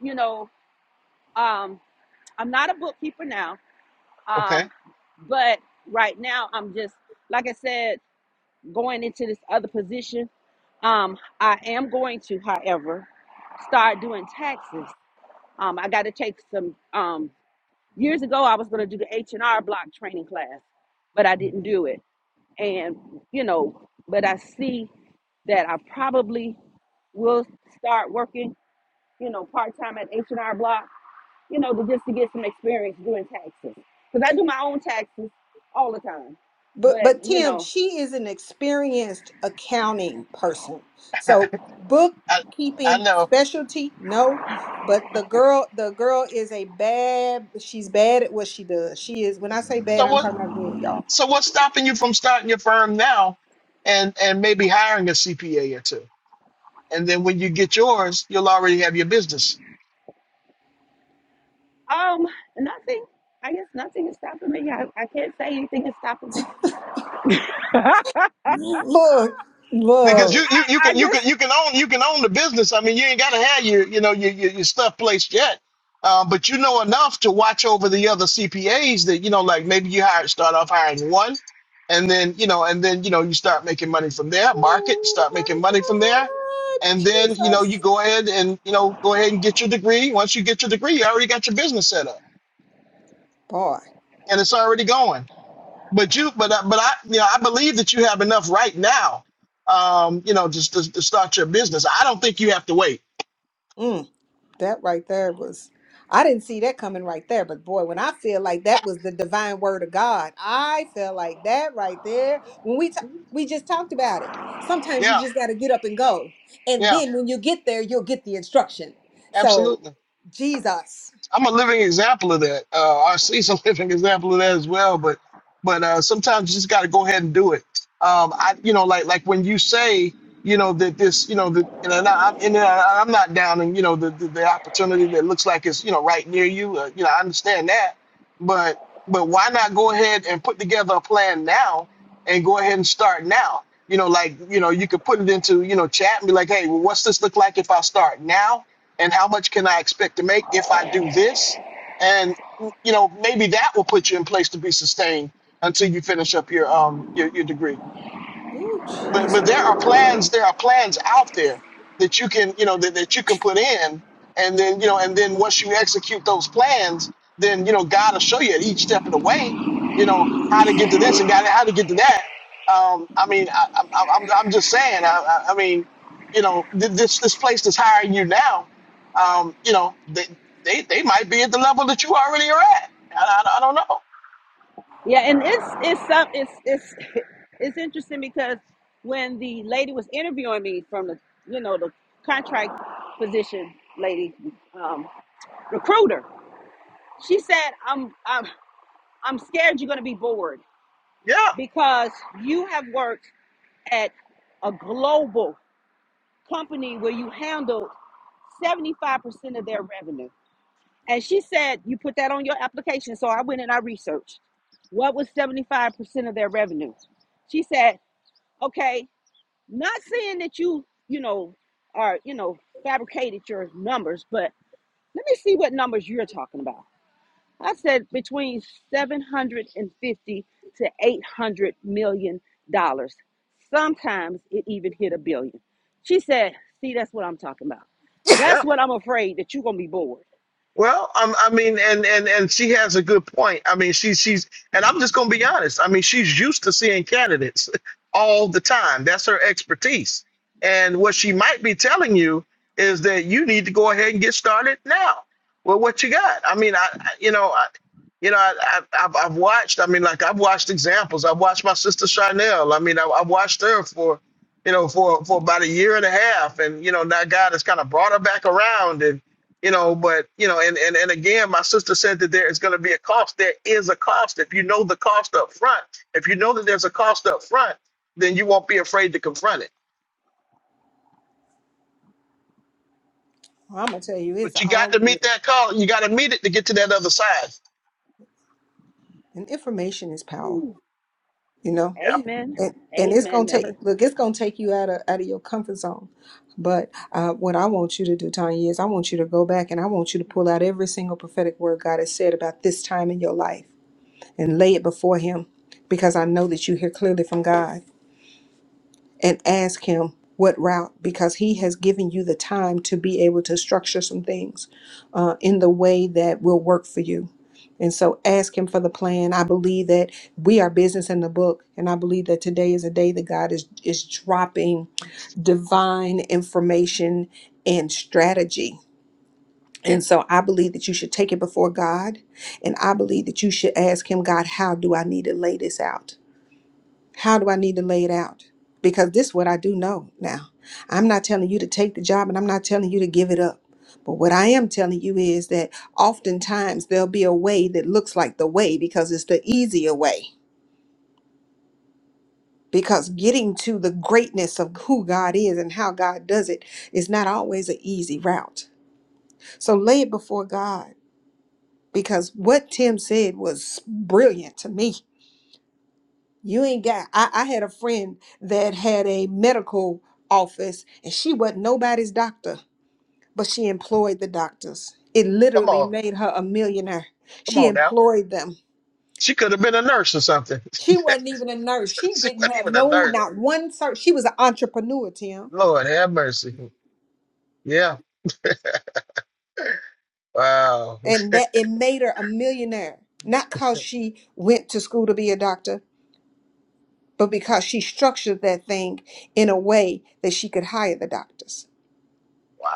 [SPEAKER 6] you know, um, I'm not a bookkeeper now.
[SPEAKER 7] Okay.
[SPEAKER 6] Um, but right now I'm just like I said. going into this other position. Um, I am going to, however, start doing taxes. Um, I got to take some. Um, years ago, I was going to do the H and R Block training class, but I didn't
[SPEAKER 7] Mhm.
[SPEAKER 6] do it. And you know, but I see that I probably will start working, you know, part time at H and R Block, you know, to, just to get some experience doing taxes, because I do my own taxes all the time.
[SPEAKER 1] But
[SPEAKER 6] But
[SPEAKER 1] but
[SPEAKER 6] you
[SPEAKER 1] Tim,
[SPEAKER 6] know.
[SPEAKER 1] she is an experienced accounting person. So
[SPEAKER 7] I, I
[SPEAKER 1] bookkeeping
[SPEAKER 7] know.
[SPEAKER 1] specialty, no. But the girl, the girl is a bad, she's bad at what she does. She is, when I say bad,
[SPEAKER 7] So
[SPEAKER 1] I'm
[SPEAKER 7] what?
[SPEAKER 1] talking about good, y'all.
[SPEAKER 7] So what's stopping you from starting your firm now, and and maybe hiring a CPA or two, and then when you get yours, you'll already have your business.
[SPEAKER 6] Um, nothing. I guess nothing is stopping me. I, I can't say anything is stopping me. I,
[SPEAKER 1] Look,
[SPEAKER 6] I,
[SPEAKER 7] because you
[SPEAKER 1] look.
[SPEAKER 7] you you can you can
[SPEAKER 6] just
[SPEAKER 7] you can own you can own the business. I mean, you ain't got to have your you know your your, your stuff placed yet, uh, but you know enough to watch over the other CPAs that you know like maybe you hire start off hiring one, and then you know and then you know you start making money from there. Market
[SPEAKER 1] Oh
[SPEAKER 7] start
[SPEAKER 1] my
[SPEAKER 7] making money from there,
[SPEAKER 1] God,
[SPEAKER 7] and then you know you
[SPEAKER 1] Jesus.
[SPEAKER 7] go ahead and you know go ahead and get your degree. Once you get your degree, you already got your business set up
[SPEAKER 1] Boy,
[SPEAKER 7] and it's already going but you but I- but I you know I believe that you have enough right now um you know just to, to start your business I don't think you have to wait
[SPEAKER 1] mm, that right there was, I didn't see that coming right there, but boy, when I feel like that was the divine word of God, I feel like that right there. When we, ta- we just talked about it. Sometimes you
[SPEAKER 7] yeah
[SPEAKER 1] just got to get up and go. And
[SPEAKER 7] yeah
[SPEAKER 1] then when you get there, you'll get the instruction. So,
[SPEAKER 7] absolutely
[SPEAKER 1] Jesus.
[SPEAKER 7] I'm a living example of that. Uh, I see some living example of that as well. But but uh, sometimes you just got to go ahead and do it. Um, I you know like like when you say you know that this you know that and I, I- and I, I'm not downing you know the, the the opportunity that looks like it's you know right near you. Uh, you know I understand that, but but why not go ahead and put together a plan now and go ahead and start now. You know, like you know, you could put it into you know chat and be like, hey, well, what's this look like if I start now? and how much can I expect to make if I do this? And you know, maybe that will put you in place to be sustained until you finish up your um your, your degree
[SPEAKER 1] Ooh,
[SPEAKER 7] but but there are plans there are plans out there that you can you know that, that you can put in and then you know and then once you execute those plans then you know god will show you at each step of the way you know how to get to this and god how to get to that um i mean i, I i'm i'm I'm just saying i i, I mean you know th- this this place that's hiring you now um you know they they, they might be at the level that you already are at i, I, I don't know
[SPEAKER 6] yeah, and it's it's some it's it's it's interesting because when the lady was interviewing me from the you know the contract position lady um, recruiter, she said I'm I'm I'm scared you're going to be bored
[SPEAKER 7] yeah
[SPEAKER 6] because you have worked at a global company where you handled 75% of their revenue And she said, You put that on your application. So I went and I researched what was 75% of their revenue. She said, Okay, not saying that you, you know, are, you know, fabricated your numbers, but let me see what numbers you're talking about. I said between 750 to 800 million dollars. Sometimes it even hit a billion. She said, See, that's what I'm talking about. That's
[SPEAKER 7] yeah
[SPEAKER 6] what I'm afraid that you're going to be bored.
[SPEAKER 7] Well, um, I mean, and and and she has a good point. I mean, she she's, and I'm just gonna be honest. I mean, she's used to seeing candidates all the time. That's her expertise. And what she might be telling you is that you need to go ahead and get started now. Well, what you got? I mean, I, I you know, I, you know, I, I I've, I've watched. I mean, like I've watched examples. I've watched my sister Chanel. I mean, I, I watched her for, you know, for for about a year and a half, and you know, now God has kind of brought her back around and you know but you know and and, and again my sister said that there is going to be a cost there is a cost if you know the cost up front if you know that there's a cost up front then you won't be afraid to confront it
[SPEAKER 1] Well, I'm gonna tell you, it's
[SPEAKER 7] but you got
[SPEAKER 1] all
[SPEAKER 7] to meet
[SPEAKER 1] good,
[SPEAKER 7] that call you got to meet it to get to that other side
[SPEAKER 1] and information is power. You know,
[SPEAKER 7] yeah
[SPEAKER 6] Amen.
[SPEAKER 1] and and it's gonna
[SPEAKER 6] Amen.
[SPEAKER 1] take
[SPEAKER 6] Never.
[SPEAKER 1] look, it's gonna take you out of out of your comfort zone. But uh, what I want you to do, Tanya, is I want you to go back and I want you to pull out every single prophetic word God has said about this time in your life and lay it before Him, because I know that you hear clearly from God. and ask him what route because he has given you the time to be able to structure some things uh, in the way that will work for you and so ask him for the plan i believe that we are business in the book and i believe that today is a day that god is is dropping divine information and strategy and so i believe that you should take it before god and i believe that you should ask him god how do i need to lay this out how do I need to lay it out? Because this is what I do know now. I'm not telling you to take the job and I'm not telling you to give it up. But what I am telling you is that oftentimes there'll be a way that looks like the way because it's the easier way. Because getting to the greatness of who God is and how God does it is not always an easy route. So lay it before God because what Tim said was brilliant to me You ain't got. I, I had a friend that had a medical office and she wasn't nobody's doctor, but she employed the doctors. It
[SPEAKER 7] come
[SPEAKER 1] literally
[SPEAKER 7] on
[SPEAKER 1] made her a millionaire.
[SPEAKER 7] come
[SPEAKER 1] She
[SPEAKER 7] on now
[SPEAKER 1] employed them.
[SPEAKER 7] she could have been a nurse or something
[SPEAKER 1] She wasn't even a nurse. She
[SPEAKER 7] she
[SPEAKER 1] didn't
[SPEAKER 7] wasn't
[SPEAKER 1] have
[SPEAKER 7] even a
[SPEAKER 1] no,
[SPEAKER 7] nurse
[SPEAKER 1] not one cert. She was an entrepreneur, Tim.
[SPEAKER 7] lord have mercy yeah wow
[SPEAKER 1] And that it made her a millionaire. Not because she went to school to be a doctor, but because she structured that thing in a way that she could hire the doctors.
[SPEAKER 7] wow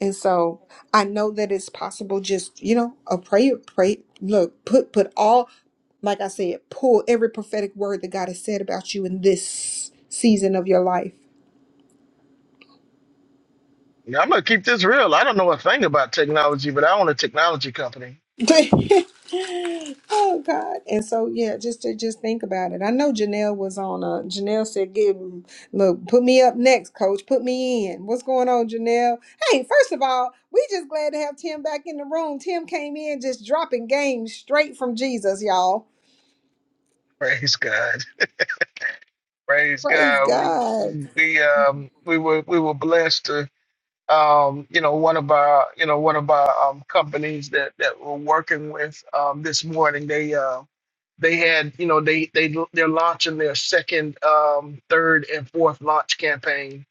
[SPEAKER 1] And so I know that it's possible just, you know, a prayer, pray, look, put, put all, like I said, pull every prophetic word that God has said about you in this season of your life.
[SPEAKER 7] yeah, i'm gonna keep this real i don't know a thing about technology but i own a technology company Oh,
[SPEAKER 1] oh God. And so, yeah, just to just think about it. I know Janelle was on, uh, Janelle said, give, look, put me up next, coach, put me in. What's going on, Janelle? Hey, first of all, we just glad to have Tim back in the room. Tim came in just dropping games straight from Jesus, y'all.
[SPEAKER 7] praise god Praise
[SPEAKER 1] Praise
[SPEAKER 7] God. We
[SPEAKER 1] God.
[SPEAKER 7] we um we were we were blessed to um you know one of our you know one of our um companies that that we're working with um this morning they uh they had you know they they they're launching their second um third and fourth launch campaign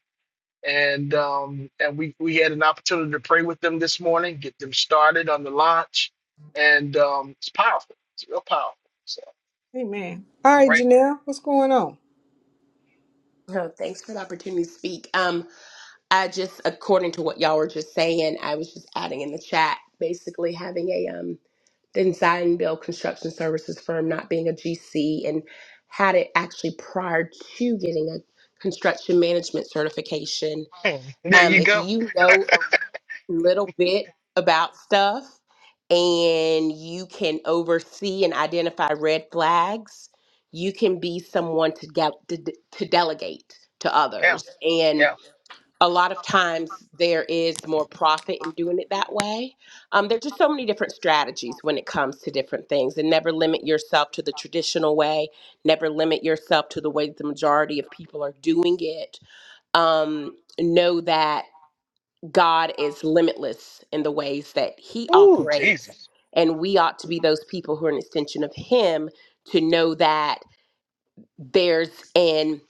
[SPEAKER 7] and um and we we had an opportunity to pray with them this morning get them started on the launch and um it's powerful it's real powerful so
[SPEAKER 1] Amen. All
[SPEAKER 7] I'm
[SPEAKER 1] right,
[SPEAKER 7] grateful
[SPEAKER 1] Janelle, what's going on?
[SPEAKER 5] so thanks for the opportunity to speak um I just, according to what y'all were just saying, I was just adding in the chat, basically having a um, design and build construction services firm, not being a GC, and had it actually prior to getting a construction management certification.
[SPEAKER 7] there
[SPEAKER 5] Um,
[SPEAKER 7] you
[SPEAKER 5] if
[SPEAKER 7] go
[SPEAKER 5] you know a little bit about stuff and you can oversee and identify red flags, you can be someone to, de- to, to delegate to
[SPEAKER 7] yeah
[SPEAKER 5] others
[SPEAKER 7] yeah
[SPEAKER 5] a lot of times there is more profit in doing it that way. Um, there's just so many different strategies when it comes to different things, and never limit yourself to the traditional way. Never limit yourself to the way that the majority of people are doing it. Um, know that God is limitless in the ways that He
[SPEAKER 7] Oh
[SPEAKER 5] operates,
[SPEAKER 7] Jesus.
[SPEAKER 5] and we ought to be those people who are an extension of Him to know that there's an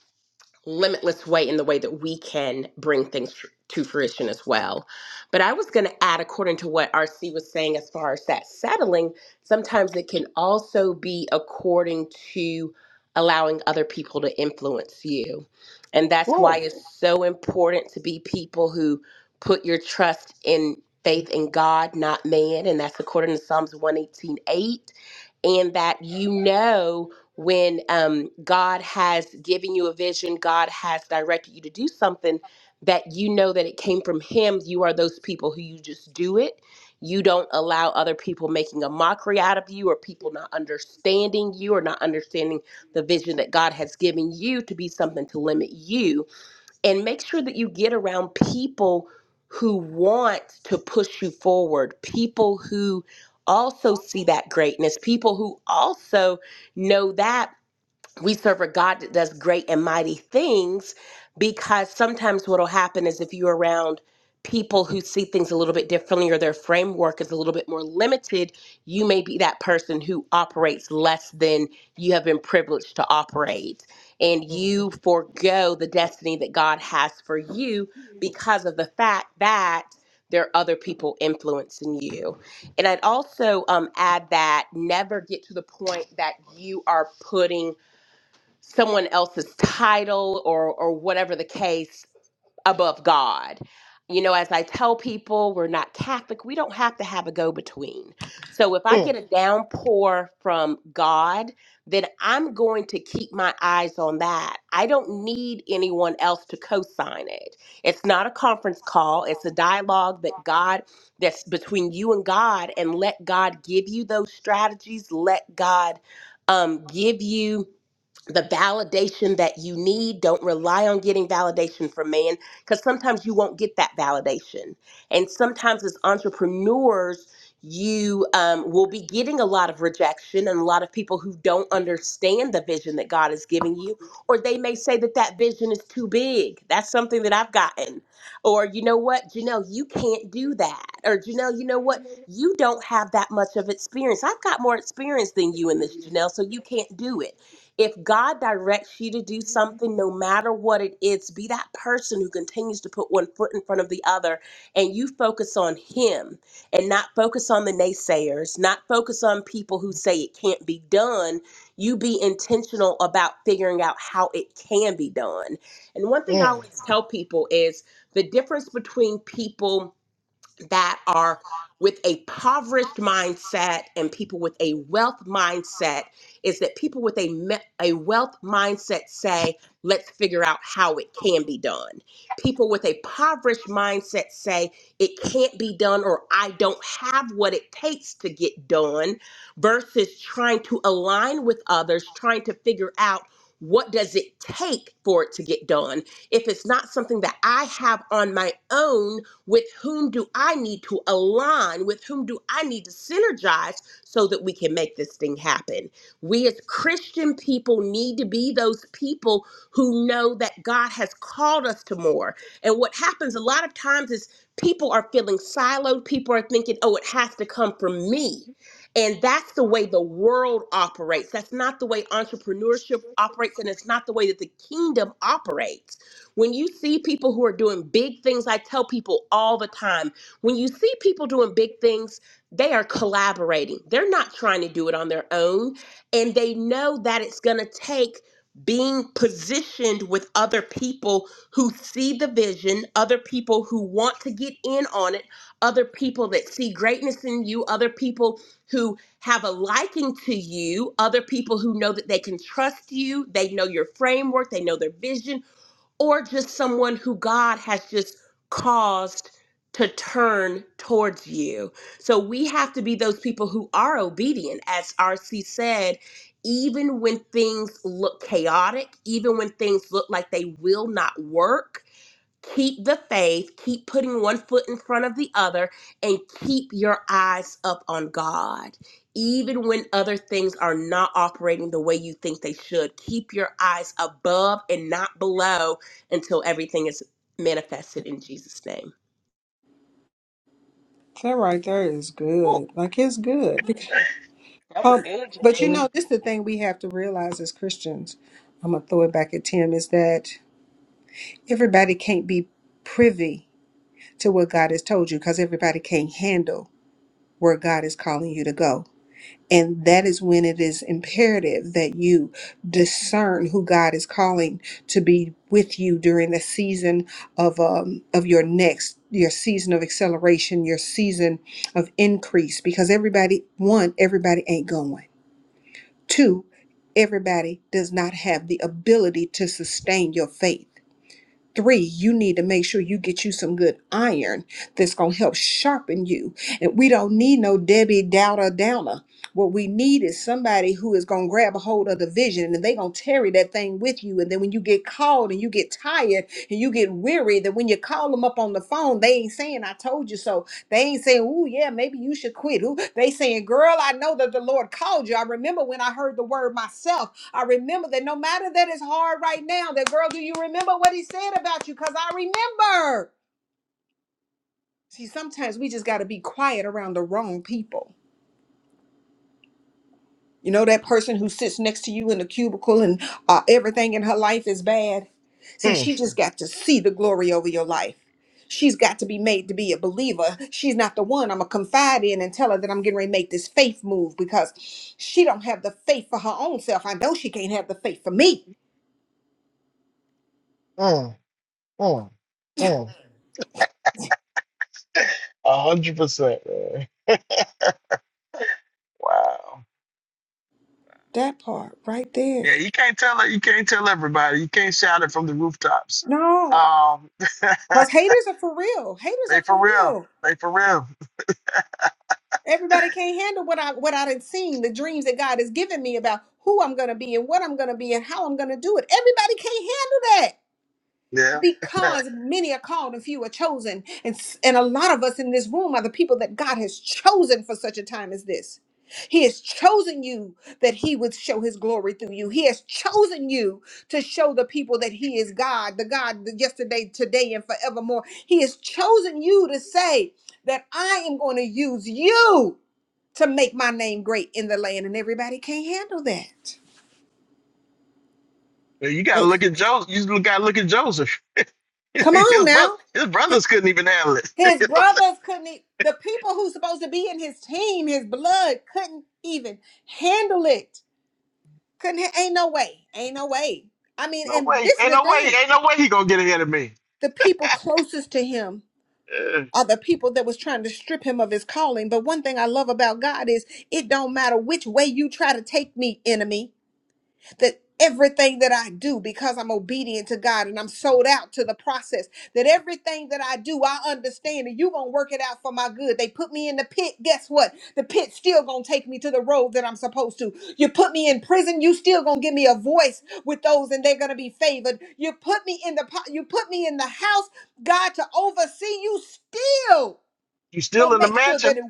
[SPEAKER 5] limitless way in the way that we can bring things tr- to fruition as well. But I was going to add, according to what RC was saying, as far as that settling, sometimes it can also be according to allowing other people to influence you. And that's why
[SPEAKER 7] Oh,
[SPEAKER 5] it's so important to be people who put your trust in faith in God, not man. And that's according to Psalms one eighteen eight, And that you know when um, God has given you a vision, God has directed you to do something that you know that it came from Him, you are those people who you just do it. You don't allow other people making a mockery out of you or people not understanding you or not understanding the vision that God has given you to be something to limit you. And make sure that you get around people who want to push you forward, people who also see that greatness, people who also know that we serve a God that does great and mighty things because sometimes what'll happen is if you're around people who see things a little bit differently or their framework is a little bit more limited, you may be that person who operates less than you have been privileged to operate. And
[SPEAKER 7] Mm,
[SPEAKER 5] you forego the destiny that God has for you because of the fact that there are other people influencing you. And I'd also um, add that never get to the point that you are putting someone else's title or or whatever the case above God. You know, as I tell people, we're not Catholic. We don't have to have a go between. So if I
[SPEAKER 7] mm,
[SPEAKER 5] get a downpour from God, then I'm going to keep my eyes on that. I don't need anyone else to co sign it. It's not a conference call, it's a dialogue that God, that's between you and God, and let God give you those strategies. Let God um, give you the validation that you need. Don't rely on getting validation from man because sometimes you won't get that validation. And sometimes, as entrepreneurs, you um, will be getting a lot of rejection and a lot of people who don't understand the vision that God is giving you, or they may say that that vision is too big. That's something that I've gotten. Or, you know what, Janelle, you can't do that. Or, Janelle, you know what, you don't have that much of experience. I've got more experience than you in this, Janelle, so you can't do it if God directs you to do something, no matter what it is, be that person who continues to put one foot in front of the other and you focus on Him and not focus on the naysayers, not focus on people who say it can't be done. You be intentional about figuring out how it can be done. And one thing I
[SPEAKER 7] mm,
[SPEAKER 5] always tell people is the difference between people that are with a impoverished mindset and people with a wealth mindset is that people with a me- a wealth mindset say let's figure out how it can be done. People with a impoverished mindset say it can't be done or I don't have what it takes to get done versus trying to align with others, trying to figure out what does it take for it to get done? If it's not something that I have on my own, with whom do I need to align? With whom do I need to synergize so that we can make this thing happen? We as Christian people need to be those people who know that God has called us to more. And what happens a lot of times is people are feeling siloed, people are thinking, oh, it has to come from me. And that's the way the world operates. That's not the way entrepreneurship operates, and it's not the way that the kingdom operates. When you see people who are doing big things, I tell people all the time when you see people doing big things, they are collaborating. They're not trying to do it on their own. And they know that it's going to take being positioned with other people who see the vision, other people who want to get in on it, other people that see greatness in you, other people who have a liking to you, other people who know that they can trust you, they know your framework, they know their vision or just someone who God has just caused to turn towards you. So we have to be those people who are obedient, as RC said, even when things look chaotic, even when things look like they will not work keep the faith, keep putting one foot in front of the other, and keep your eyes up on God. Even when other things are not operating the way you think they should, keep your eyes above and not below until everything is manifested in Jesus' name.
[SPEAKER 1] That right there is
[SPEAKER 7] ooh,
[SPEAKER 1] good. Like it's good. Bec-
[SPEAKER 2] That was
[SPEAKER 1] Um,
[SPEAKER 2] good,
[SPEAKER 1] but you
[SPEAKER 2] Janelle.
[SPEAKER 1] know, this is the thing we have to realize as Christians. I'm gonna throw it back at Tim. Is that everybody can't be privy to what God has told you because everybody can't handle where God is calling you to go. And that is when it is imperative that you discern who God is calling to be with you during the season of um, of your next your season of acceleration, your season of increase. Because everybody, one, everybody ain't going. Two, everybody does not have the ability to sustain your faith. Three, you need to make sure you get you some good iron that's going to help sharpen you. And we don't need no Debbie Dowder Downer. What we need is somebody who is going to grab a hold of the vision and they going to carry that thing with you. And then when you get called and you get tired and you get weary, that when you call them up on the phone, they ain't saying, I told you so. They ain't saying, "Ooh, yeah, maybe you should quit." Ooh, they saying, "Girl, I know that the Lord called you. I remember when I heard the word myself. I remember that no matter that it's hard right now, that girl, do you remember what he said about you? Because I remember. See, sometimes we just got to be quiet around the wrong people. You know, that person who sits next to you in the cubicle and uh, everything in her life is bad. See,
[SPEAKER 7] mm,
[SPEAKER 1] she just got to see the glory over your life. She's got to be made to be a believer. She's not the one I'm gonna confide in and tell her that I'm getting ready to make this faith move because she don't have the faith for her own self. I know she can't have the faith for me.
[SPEAKER 7] mm, mm, mm. A hundred percent, man. Wow.
[SPEAKER 1] That part right there
[SPEAKER 7] Yeah, you can't tell it. You can't tell everybody. You can't shout it from the rooftops.
[SPEAKER 1] No,
[SPEAKER 7] Um,
[SPEAKER 1] because haters are for real. Haters
[SPEAKER 7] they
[SPEAKER 1] are for
[SPEAKER 7] for real.
[SPEAKER 1] real.
[SPEAKER 7] They for real.
[SPEAKER 1] Everybody can't handle what I what I done seen, the dreams that God has given me about who I'm gonna be and what I'm gonna be and how I'm gonna do it. Everybody can't handle
[SPEAKER 7] Yeah.
[SPEAKER 1] because many are called and few are chosen. And, s- and a lot of us in this room are the people that God has chosen for such a time as this. He has chosen you that He would show His glory through you. He has chosen you to show the people that He is God, the God that yesterday, today, and forevermore. He has chosen you to say that I am going to use you to make my name great in the land. And everybody can't handle that.
[SPEAKER 7] Yeah, You gotta look at Joseph. You gotta look at Joseph.
[SPEAKER 1] Come
[SPEAKER 7] his
[SPEAKER 1] on now.
[SPEAKER 7] brother, his brothers couldn't even handle it.
[SPEAKER 1] His brothers couldn't, e- the people who's supposed to be in his team, his blood, couldn't even handle it. Couldn't, ha- ain't no way. Ain't no way. I mean,
[SPEAKER 7] no
[SPEAKER 1] and
[SPEAKER 7] way.
[SPEAKER 1] this is
[SPEAKER 7] Ain't
[SPEAKER 1] the
[SPEAKER 7] no way.
[SPEAKER 1] thing
[SPEAKER 7] Ain't no way he gonna get ahead of me.
[SPEAKER 1] the people closest to him
[SPEAKER 7] Yeah.
[SPEAKER 1] are the people that was trying to strip him of his calling. But one thing I love about God is it don't matter which way you try to take me, enemy. that everything that I do because I'm obedient to God and I'm sold out to the process that everything that I do I understand and you going to work it out for my good. They put me in the pit, guess what? The pit still going to take me to the road that I'm supposed to. You put me in prison, you still going to give me a voice with those and they're going to be favored. You put me in the po- you put me in the house God to oversee you still
[SPEAKER 7] You still
[SPEAKER 1] going to
[SPEAKER 7] in the
[SPEAKER 1] make sure
[SPEAKER 7] mansion?
[SPEAKER 1] that it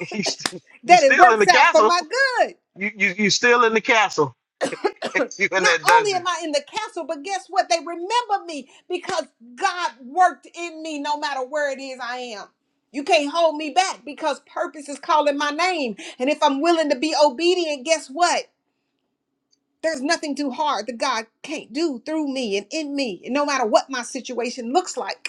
[SPEAKER 7] You st- you
[SPEAKER 1] that it
[SPEAKER 7] still in
[SPEAKER 1] works
[SPEAKER 7] the
[SPEAKER 1] out for
[SPEAKER 7] castle?
[SPEAKER 1] my good.
[SPEAKER 7] You you you still in the castle. you in
[SPEAKER 1] Not
[SPEAKER 7] that
[SPEAKER 1] only am
[SPEAKER 7] dungeon.
[SPEAKER 1] I in the castle, but guess what? They remember me because God worked in me no matter where it is I am. You can't hold me back because purpose is calling my name. And if I'm willing to be obedient, guess what? There's nothing too hard that God can't do through me and in me, no matter what my situation looks like.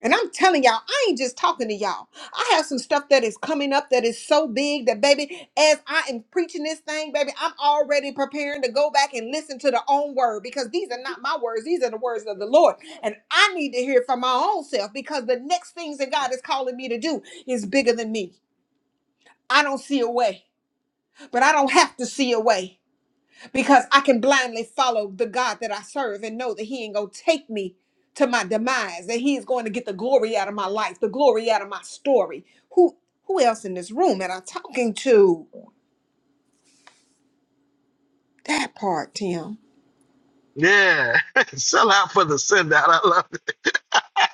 [SPEAKER 1] And I'm telling y'all, I ain't just talking to y'all. I have some stuff that is coming up that is so big that, baby, as I am preaching this thing, baby, I'm already preparing to go back and listen to the own word because these are not my words. These are the words of the Lord. And I need to hear from my own self because the next things that God is calling me to do is bigger than me. I don't see a way, but I don't have to see a way because I can blindly follow the God that I serve and know that He ain't gonna take me to my demise, that He is going to get the glory out of my life, the glory out of my story. Who who else in this room am I talking to? That part, Tim.
[SPEAKER 7] Yeah. Sell out for the send out. I love it.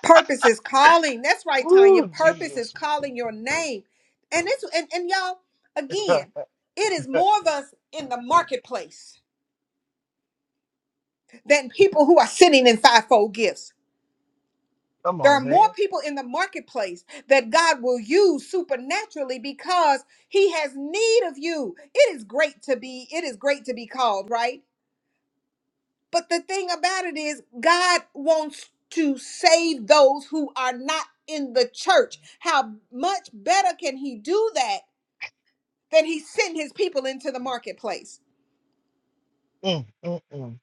[SPEAKER 1] Purpose is calling. That's right, Tanya.
[SPEAKER 7] Ooh,
[SPEAKER 1] Purpose is
[SPEAKER 7] Jesus.
[SPEAKER 1] calling your name. And it's and, and y'all, again, it is more of us in the marketplace than people who are sitting in fivefold gifts.
[SPEAKER 7] Come
[SPEAKER 1] There are
[SPEAKER 7] on,
[SPEAKER 1] more
[SPEAKER 7] man.
[SPEAKER 1] people in the marketplace that God will use supernaturally because he has need of you. It is great to be it is great to be called, right? But the thing about it is God wants to save those who are not in the church. How much better can he do that than he sent his people into the marketplace?
[SPEAKER 7] Mm, mm, mm.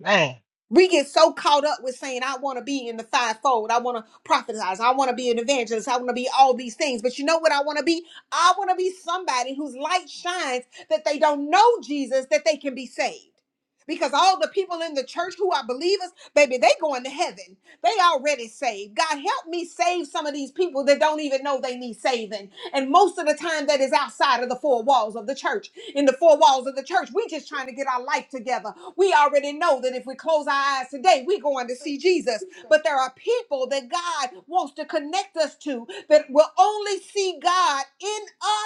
[SPEAKER 7] Man.
[SPEAKER 1] We get so caught up with saying, I want to be in the fivefold. I want to prophesize. I want to be an evangelist. I want to be all these things. But you know what I want to be? I want to be somebody whose light shines that they don't know Jesus, that they can be saved. Because all the people in the church who are believers, baby, they going to heaven. They already saved. God help me save some of these people that don't even know they need saving. And most of the time that is outside of the four walls of the church in the four walls of the church. We just trying to get our life together. We already know that if we close our eyes today, we going to see Jesus. But there are people that God wants to connect us to that will only see God in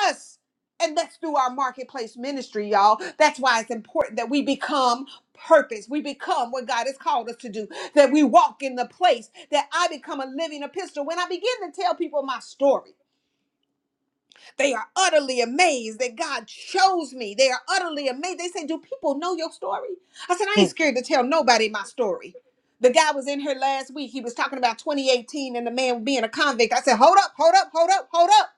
[SPEAKER 1] us. And that's through our marketplace ministry, y'all. That's why it's important that we become purpose. We become what God has called us to do, that we walk in the place, that I become a living epistle. When I begin to tell people my story, they are utterly amazed that God chose me. They are utterly amazed. They say, Do people know your story? I said, I ain't
[SPEAKER 7] Mm,
[SPEAKER 1] scared to tell nobody my story. The guy was in here last week. He was talking about 2018 and the man being a convict. I said, Hold up, hold up, hold up, hold up.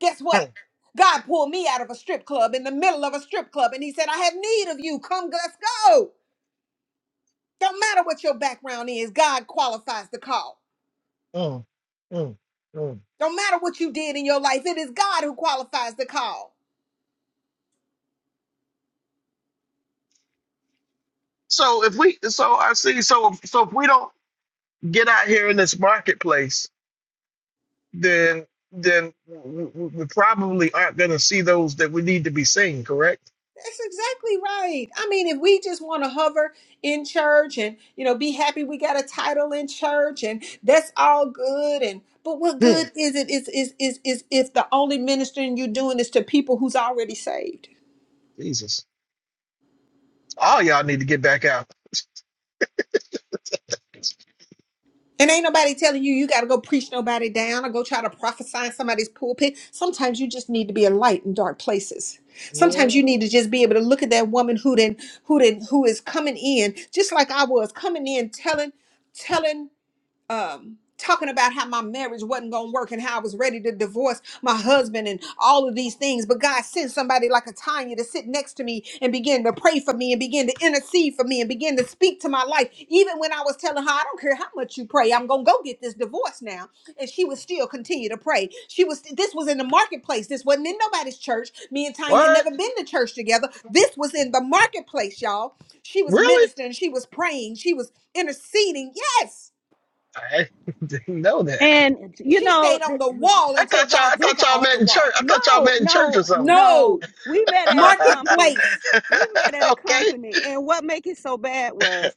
[SPEAKER 1] Guess what?
[SPEAKER 7] mm,
[SPEAKER 1] God pulled me out of a strip club in the middle of a strip club and he said, I have need of you. Come, let's go. Don't matter what your background is, God qualifies the call.
[SPEAKER 7] mm, mm, mm.
[SPEAKER 1] Don't matter what you did in your life, it is God who qualifies the call.
[SPEAKER 7] So if we so I see so so if we don't get out here in this marketplace, then then we, we we probably aren't gonna see those that we need to be seeing, correct?
[SPEAKER 1] That's exactly right. I mean, if we just want to hover in church and, you know, be happy we got a title in church and that's all good and but what
[SPEAKER 7] Hmm.
[SPEAKER 1] good is it is is is is if the only ministering you're doing is to people who's already saved.
[SPEAKER 7] Jesus. All y'all need to get back out.
[SPEAKER 1] And ain't nobody telling you you got to go preach nobody down or go try to prophesy in somebody's pulpit. Sometimes you just need to be a light in dark places. Sometimes you need
[SPEAKER 7] Mhm.
[SPEAKER 1] to just be able to look at that woman who then who then who is coming in just like I was coming in telling telling um talking about how my marriage wasn't going to work and how I was ready to divorce my husband and all of these things but God sent somebody like a Tanya to sit next to me and begin to pray for me and begin to intercede for me and begin to speak to my life even when I was telling her I don't care how much you pray I'm going to go get this divorce now and she would still continue to pray she was this was in the marketplace this wasn't in nobody's church me and Tanya had
[SPEAKER 7] What?
[SPEAKER 1] never been to church together this was in the marketplace y'all she was
[SPEAKER 7] Really?
[SPEAKER 1] ministering she was praying she was interceding yes
[SPEAKER 7] I didn't know that.
[SPEAKER 6] And you
[SPEAKER 1] she
[SPEAKER 6] know,
[SPEAKER 1] stayed on the
[SPEAKER 6] th-
[SPEAKER 1] wall
[SPEAKER 7] I
[SPEAKER 1] until
[SPEAKER 7] thought y'all.
[SPEAKER 1] God
[SPEAKER 7] I
[SPEAKER 6] this.
[SPEAKER 1] took
[SPEAKER 7] thought
[SPEAKER 1] her
[SPEAKER 7] y'all
[SPEAKER 1] off the
[SPEAKER 7] met in church.
[SPEAKER 1] wall.
[SPEAKER 7] I thought y'all
[SPEAKER 6] No,
[SPEAKER 7] met in church
[SPEAKER 6] no,
[SPEAKER 7] or something.
[SPEAKER 6] no.
[SPEAKER 1] No,
[SPEAKER 6] We met at a company.
[SPEAKER 1] marketplace.
[SPEAKER 6] We met at a
[SPEAKER 7] okay.
[SPEAKER 6] company, and what make it so bad was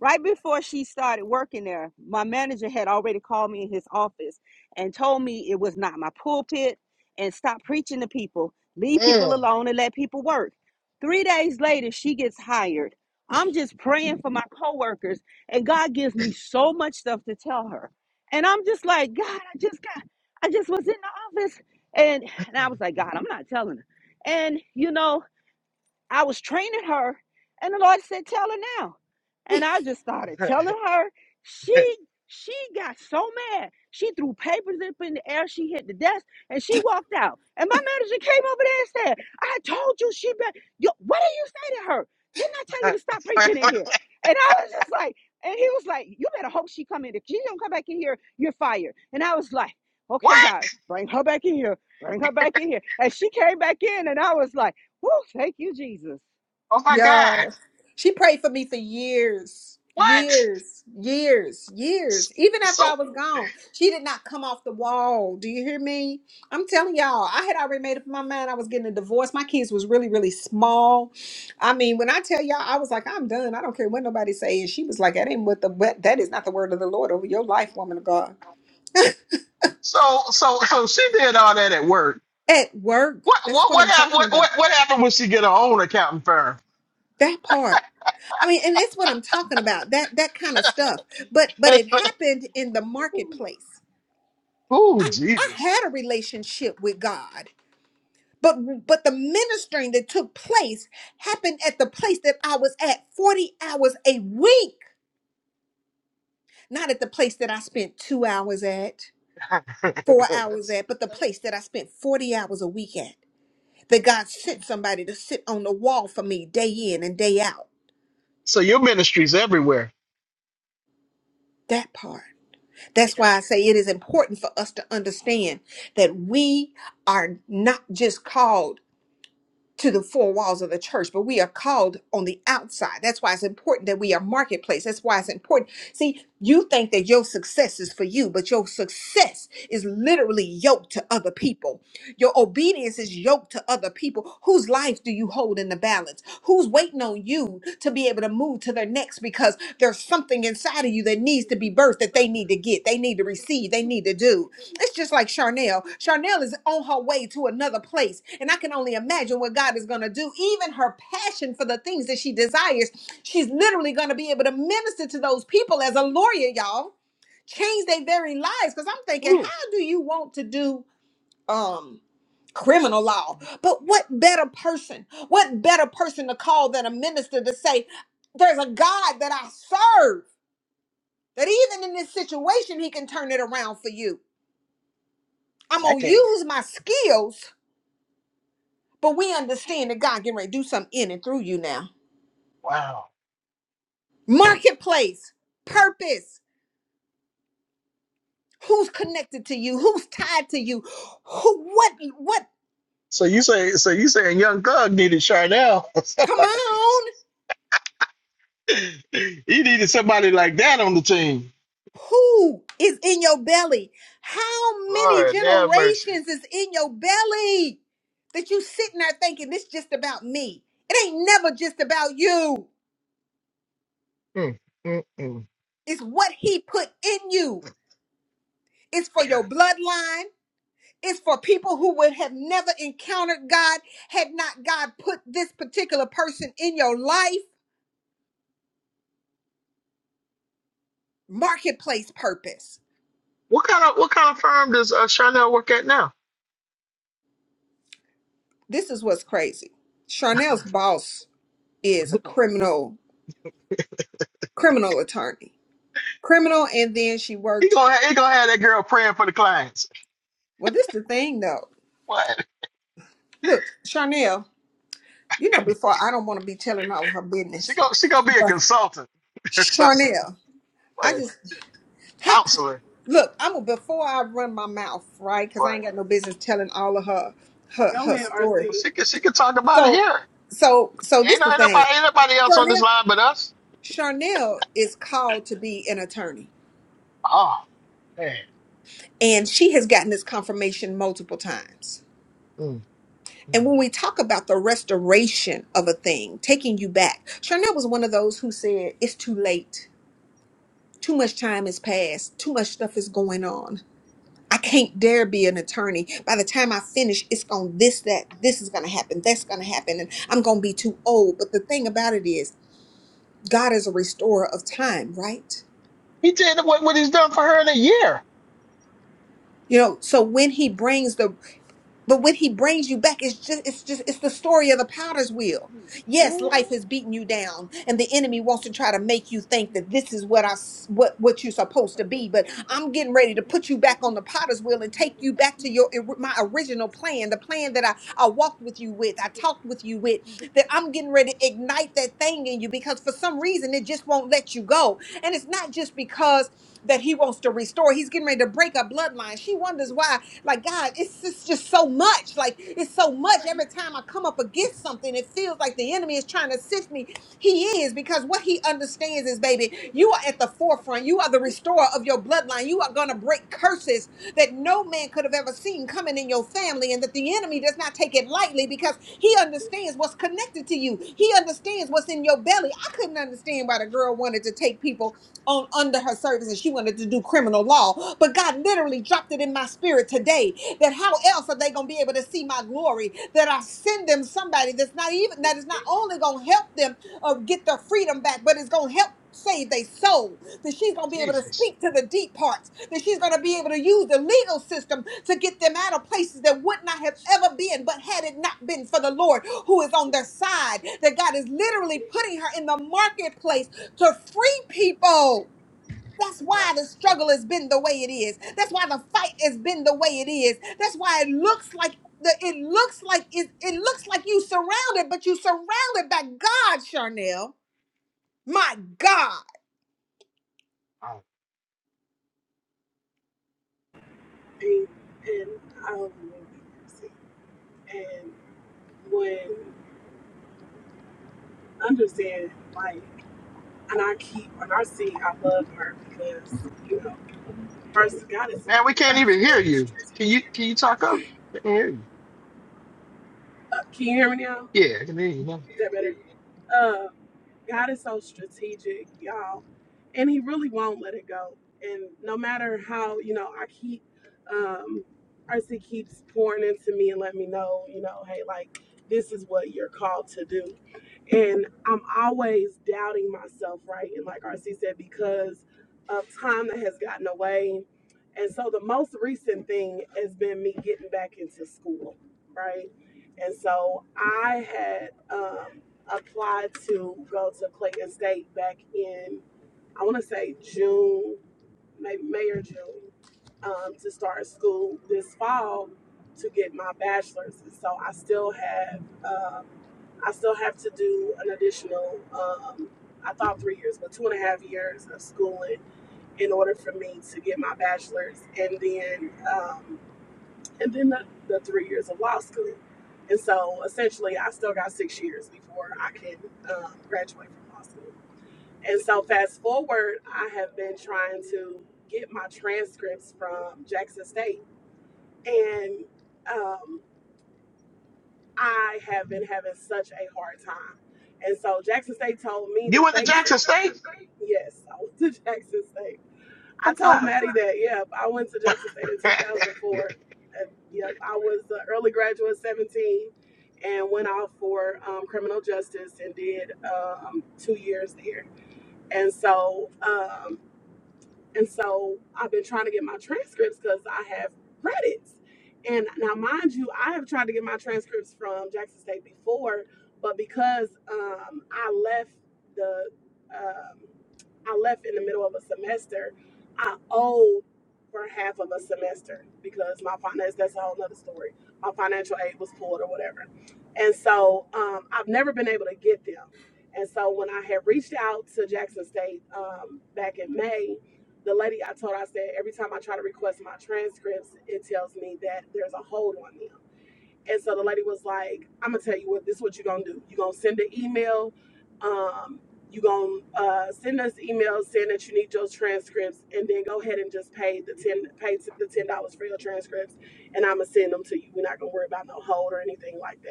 [SPEAKER 6] right before she started working there, my manager had already called me in his office and told me it was not my pulpit and stop preaching to people, leave people
[SPEAKER 7] Mm.
[SPEAKER 6] alone and let people work. Three days later, she gets hired. I'm just praying for my coworkers, and God gives me so much stuff to tell her. And I'm just like, God, I just got, I just was in the office and I was like, God, I'm not telling her. And you know, I was training her, and the Lord said, "Tell her now." And I just started telling her. She she got so mad. She threw papers up in the air. She hit the desk, and she walked out. And my manager came over there and said, "I told you she be- Yo, what did you say to her? Didn't I tell you to stop preaching in here?" And I was just like, and he was like, "You better hope she come in. If she don't come back in here, you're fired." And I was like, "Okay,
[SPEAKER 7] what?
[SPEAKER 6] God, bring her back in here." Bring her back in here. And she came back in, and I was like. Woo, thank you, Jesus.
[SPEAKER 7] Oh my God.
[SPEAKER 1] yeah. she prayed for me for years,
[SPEAKER 7] What?
[SPEAKER 1] years, years, years.
[SPEAKER 7] S-
[SPEAKER 1] Even after I
[SPEAKER 7] So
[SPEAKER 1] was gone, she did not come off the wall. Do you hear me? I'm telling y'all, I had already made up my mind I was getting a divorce. My kids was really, really small. I mean, when I tell y'all, I was like, I'm done. I don't care what nobody says. she was like, that ain't what the but that is not the word of the Lord over your life, woman of God.
[SPEAKER 7] so so so she did all that at work.
[SPEAKER 1] At work,
[SPEAKER 7] What
[SPEAKER 1] that's
[SPEAKER 7] what
[SPEAKER 1] what
[SPEAKER 7] what
[SPEAKER 1] I'm
[SPEAKER 7] happened?
[SPEAKER 1] talking
[SPEAKER 7] What
[SPEAKER 1] about.
[SPEAKER 7] what, what happened when she get her own accounting firm?
[SPEAKER 1] That part. I mean, and that's what I'm talking about. That that kind of stuff. But but it happened in the marketplace.
[SPEAKER 7] Ooh,
[SPEAKER 1] I, I
[SPEAKER 7] Jesus.
[SPEAKER 1] had a relationship with God. But but the ministering that took place happened at the place that I was at 40 hours a week, not at the place that I spent 2 hours at, 4 hours
[SPEAKER 7] That's
[SPEAKER 1] at, but the place that I spent 40 hours a week at. That God sent somebody to sit on the wall for me day in and day out.
[SPEAKER 7] so your ministry's everywhere.
[SPEAKER 1] That part. That's
[SPEAKER 7] Yeah.
[SPEAKER 1] why I say it is important for us to understand that we are not just called to the four walls of the church, but we are called on the outside. That's why it's important that we are marketplace. That's why it's important. See, you think that your success is for you, but your success is literally yoked to other people. Your obedience is yoked to other people. Whose life do you hold in the balance? Who's waiting on you to be able to move to their next because there's something inside of you that needs to be birthed that they need to get, they need to receive, they need to do. It's just like Charnel. Charnel is on her way to another place, and I can only imagine what God is going to do. Even her passion for the things that she desires, she's literally going to be able to minister to those people as a lawyer, y'all. Change their very lives. Because I'm thinking,
[SPEAKER 7] Ooh.
[SPEAKER 1] how do you want to do um criminal law? But what better person? What better person to call than a minister to say, "There's a God that I serve." That even in this situation, He can turn it around for you. I'm
[SPEAKER 7] That
[SPEAKER 1] gonna
[SPEAKER 7] came.
[SPEAKER 1] use my skills, but we understand that God getting ready to do something in and through you now.
[SPEAKER 7] Wow.
[SPEAKER 1] Marketplace, purpose, who's connected to you, who's tied to you, who what what
[SPEAKER 7] So you say, so you saying Young Thug needed Charnel or
[SPEAKER 1] come
[SPEAKER 7] somebody?
[SPEAKER 1] on,
[SPEAKER 7] he needed somebody like that on the team.
[SPEAKER 1] who is in your belly? How many
[SPEAKER 7] Lord have mercy.
[SPEAKER 1] generations is in your belly that you sitting there thinking this just about me? It ain't never just about you.
[SPEAKER 7] Hmm. mm, mm.
[SPEAKER 1] It's what he put in you. It's for
[SPEAKER 7] Yeah.
[SPEAKER 1] your bloodline. It's for people who would have never encountered God had not God put this particular person in your life. Marketplace purpose.
[SPEAKER 7] What kind of what kind of firm does uh, Charnel work at now?
[SPEAKER 1] This is what's crazy. Charnel's boss is a criminal criminal attorney. Criminal and then she
[SPEAKER 7] he
[SPEAKER 1] worked
[SPEAKER 7] gonna ha- he gonna have that girl praying for the clients.
[SPEAKER 1] well this the thing though.
[SPEAKER 7] What?
[SPEAKER 1] Look, Charnel, you know before I don't want to be telling all her
[SPEAKER 7] She
[SPEAKER 1] business.
[SPEAKER 7] gonna she gonna be a
[SPEAKER 1] But
[SPEAKER 7] consultant or something.
[SPEAKER 1] Charnel, I
[SPEAKER 7] What?
[SPEAKER 1] just How,
[SPEAKER 7] Counselor.
[SPEAKER 1] look, I'm a- before I run my mouth, right? Because I
[SPEAKER 7] What?
[SPEAKER 1] ain't got no business telling all of her her
[SPEAKER 4] go
[SPEAKER 1] her
[SPEAKER 4] ahead
[SPEAKER 1] story.
[SPEAKER 7] Well,
[SPEAKER 4] rc
[SPEAKER 7] she can she can talk about it
[SPEAKER 1] So,
[SPEAKER 7] here.
[SPEAKER 1] so, so
[SPEAKER 7] Ain't,
[SPEAKER 1] this
[SPEAKER 7] no,
[SPEAKER 1] the
[SPEAKER 7] ain't
[SPEAKER 1] thing.
[SPEAKER 7] nobody ain't nobody else on this
[SPEAKER 1] Charnel,
[SPEAKER 7] line but us.
[SPEAKER 1] Charnel is called to be an attorney,
[SPEAKER 7] Oh man.
[SPEAKER 1] and she has gotten this confirmation multiple times.
[SPEAKER 7] Mm, mm.
[SPEAKER 1] And when we talk about the restoration of a thing, taking you back, Charnel was one of those who said, "It's too late. Too much time has passed. Too much stuff is going on." I can't dare be an attorney. By the time I finish, it's going this, that, this is going to happen, that's going to happen, and I'm going to be too old. But the thing about it is, God is a restorer of time, right?
[SPEAKER 7] He did what, what he's done for her in a year.
[SPEAKER 1] You know, so when He brings the But when he brings you back, it's just it's just it's the story of the potter's wheel. Yes,
[SPEAKER 7] Ooh,
[SPEAKER 1] life has beaten you down, and the enemy wants to try to make you think that this is what I s- what what you're supposed to be. But I'm getting ready to put you back on the potter's wheel and take you back to your or- my original plan, the plan that I I walked with you with, I talked with you with. That I'm getting ready to ignite that thing in you because for some reason and it just won't let you go. And it's not just because that he wants to restore. He's getting ready to break a bloodline. She wonders why. Like, God, it's just, just so much. Like, it's so much. Every time I come up against something, it feels like the enemy is trying to sift me. He is, because what he understands is, baby, you are at the forefront. You are the restorer of your bloodline. You are going to break curses that no man could have have ever seen coming in your family, and that the enemy does not take it lightly because he understands what's connected to you. He understands what's in your belly. I couldn't understand why the girl wanted to take people on under her service and she wanted to do criminal law. But God literally dropped it in my spirit today that how else are they going to be able to see my glory? That I send them somebody that's not even, that is not only going to help them uh, get their freedom back, but it's going to help save their soul. That she's going to be able to
[SPEAKER 7] Jesus.
[SPEAKER 1] speak to the deep parts that she's going to be able to use the legal system to get them out of places that would not have ever been, but had it not been for the Lord who is on their side, that God is literally putting her in the marketplace to free people. That's
[SPEAKER 7] Yeah.
[SPEAKER 1] why the struggle has been the way it is. That's why the fight has been the way it is. That's why it looks like the it looks like it, it looks like you surrounded, but you surrounded by God, Charnel. My God.
[SPEAKER 7] Wow.
[SPEAKER 4] and and I only want to be mercy. And when understand like, and I keep and I see I love her because you know first God is
[SPEAKER 7] Man, we can't
[SPEAKER 4] God is
[SPEAKER 7] even hear
[SPEAKER 4] very
[SPEAKER 7] you. Can you
[SPEAKER 4] strategic.
[SPEAKER 7] can you talk up? I can hear you.
[SPEAKER 4] Uh, can you hear me now?
[SPEAKER 7] Yeah, I can hear you now.
[SPEAKER 4] Is that better? Uh, God is so strategic, y'all, and He really won't let it go. And no matter how you know I keep. Um, Arcee keeps pouring into me and let me know, you know, hey, like this is what you're called to do and I'm always doubting myself, right? And like RC said, because of time that has gotten away. And so the most recent thing has been me getting back into school, right? And so I had um, applied to go to Clayton State back in, I want to say June, maybe May or June um, to start school this fall to get my bachelor's. And so I still have um, I still have to do an additional, um, I thought three years, but two and a half years of schooling in order for me to get my bachelor's, and then um, and then the, the three years of law school. And so essentially, I still got six years before I can um, graduate from law school. And so fast forward, I have been trying to get my transcripts from Jackson State, and um, I have been having such a hard time. And so Jackson State told me
[SPEAKER 7] You
[SPEAKER 4] that
[SPEAKER 7] went to
[SPEAKER 4] they. You went
[SPEAKER 7] Jackson
[SPEAKER 4] to Jackson
[SPEAKER 7] State?
[SPEAKER 4] State? Yes, I went to Jackson State. I
[SPEAKER 7] Oh God.
[SPEAKER 4] told Maddie that, yep, I went to Jackson State in
[SPEAKER 7] now
[SPEAKER 4] 2004. And, yep, I was an early graduate, 17, and went out for um, criminal justice and did um, two years there. And so um, and so I've been trying to get my transcripts because I have credits. And now, mind you, I have tried to get my transcripts from Jackson State before, but because um, I left the um, I left in the middle of a semester, I owed for half of a semester because my finance that's a whole nother story. My financial aid was pulled or whatever. And so um, I've never been able to get them. And so when I had reached out to Jackson State um, back in May, the lady I told, her, I said, every time I try to request my transcripts, it tells me that there's a hold on them. And so the lady was like, I'm gonna tell you what, this is what you're gonna do. You're gonna send an email. Um, you're gonna uh, send us emails saying that you need your transcripts, and then go ahead and just pay the ten, pay t- the ten dollars for your transcripts, and I'm gonna send them to you. We're not gonna worry about no hold or anything like that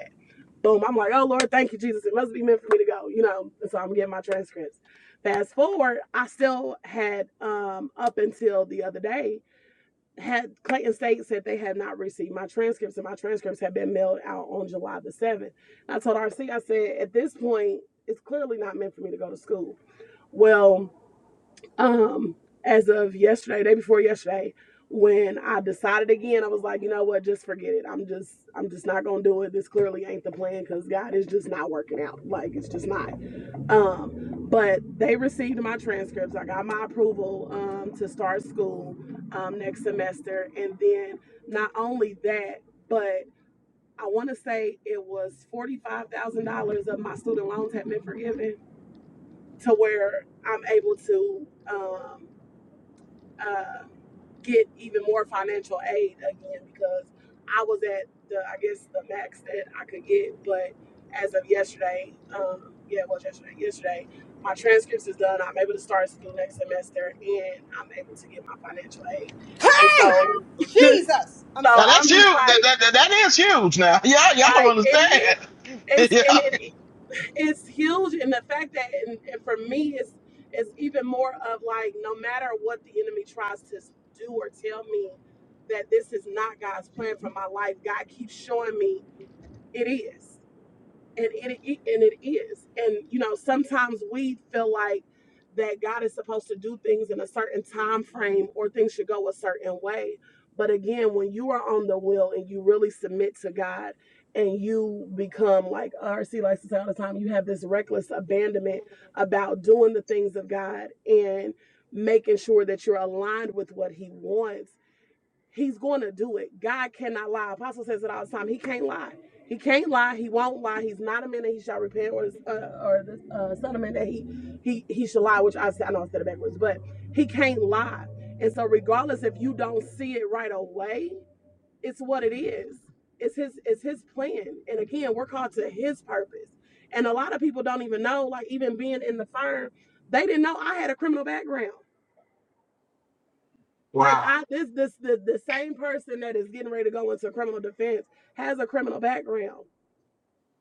[SPEAKER 4] boom, I'm like, oh Lord, thank you, Jesus. It must be meant for me to go, you know. And so I'm getting my transcripts. Fast forward, I still had um up until the other day had Clayton State said they had not received my transcripts, and my transcripts had been mailed out on July the seventh. And I told RC, I said, at this point, it's clearly not meant for me to go to school. Well, um as of yesterday day before yesterday when i decided again i was like you know what just forget it i'm just i'm just not gonna do it this clearly ain't the plan because god is just not working out like it's just not um but they received my transcripts i got my approval um to start school um next semester and then not only that but i want to say it was $45000 of my student loans had been forgiven to where i'm able to um uh, get even more financial aid again because I was at the I guess the max that I could get, but as of yesterday, um, yeah, it was yesterday. Yesterday, my transcripts is done. I'm able to start school next semester, and I'm able to get my financial aid. And so,
[SPEAKER 1] Hey, Jesus. I'm
[SPEAKER 4] so
[SPEAKER 1] sorry.
[SPEAKER 7] that's
[SPEAKER 4] I'm
[SPEAKER 7] huge.
[SPEAKER 4] just
[SPEAKER 7] That,
[SPEAKER 4] like,
[SPEAKER 7] that, that, that is huge now. Y'all, y'all don't
[SPEAKER 4] like it is.
[SPEAKER 7] understand.
[SPEAKER 4] It's
[SPEAKER 7] yeah.
[SPEAKER 4] and it is it's huge and the fact that and, and for me it's it's even more of like no matter what the enemy tries to do or tell me that this is not god's plan for my life god keeps showing me it is and it it- and it is and you know sometimes we feel like that god is supposed to do things in a certain time frame or things should go a certain way but again when you are on the will and you really submit to god and you become like rc likes to say all the time you have this reckless abandonment about doing the things of god and making sure that you're aligned with what he wants He's going to do it. God cannot lie. Apostle says it all the time. He can't lie. He can't lie. He won't lie. He's not a man that he shall repent, or uh, or the uh, son of man that he he he shall lie. Which I said, I know I said it backwards, but he can't lie. And so, regardless if you don't see it right away, it's what it is. It's his it's his plan. And again, we're called to his purpose. And a lot of people don't even know. Like even being in the firm, they didn't know I had a criminal background. Like
[SPEAKER 7] Wow.
[SPEAKER 4] I this this the the same person that is getting ready to go into criminal defense has a criminal background.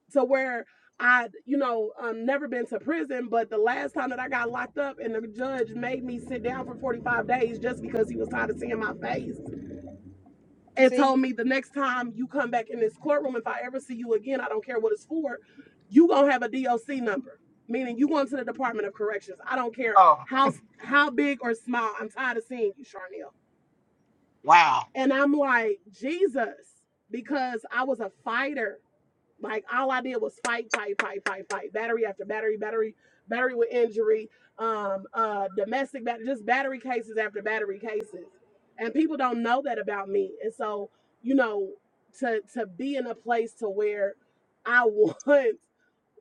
[SPEAKER 4] So where I you know um never been to prison, but the last time that I got locked up and the judge made me sit down for 45 days just because he was tired of seeing my face and
[SPEAKER 1] See?
[SPEAKER 4] told me the next time you come back in this courtroom, if I ever see you again, I don't care what it's for, you gonna have a DOC number. Meaning you going to the Department of Corrections. I don't care
[SPEAKER 7] Oh,
[SPEAKER 4] how how big or small. I'm tired of seeing you, Charnel.
[SPEAKER 7] wow.
[SPEAKER 4] And I'm like, Jesus, because I was a fighter. Like all I did was fight, fight, fight, fight, fight. Battery after battery, battery, battery with injury, um, uh, domestic battery, just battery cases after battery cases. And people don't know that about me. And so, you know, to to be in a place to where I once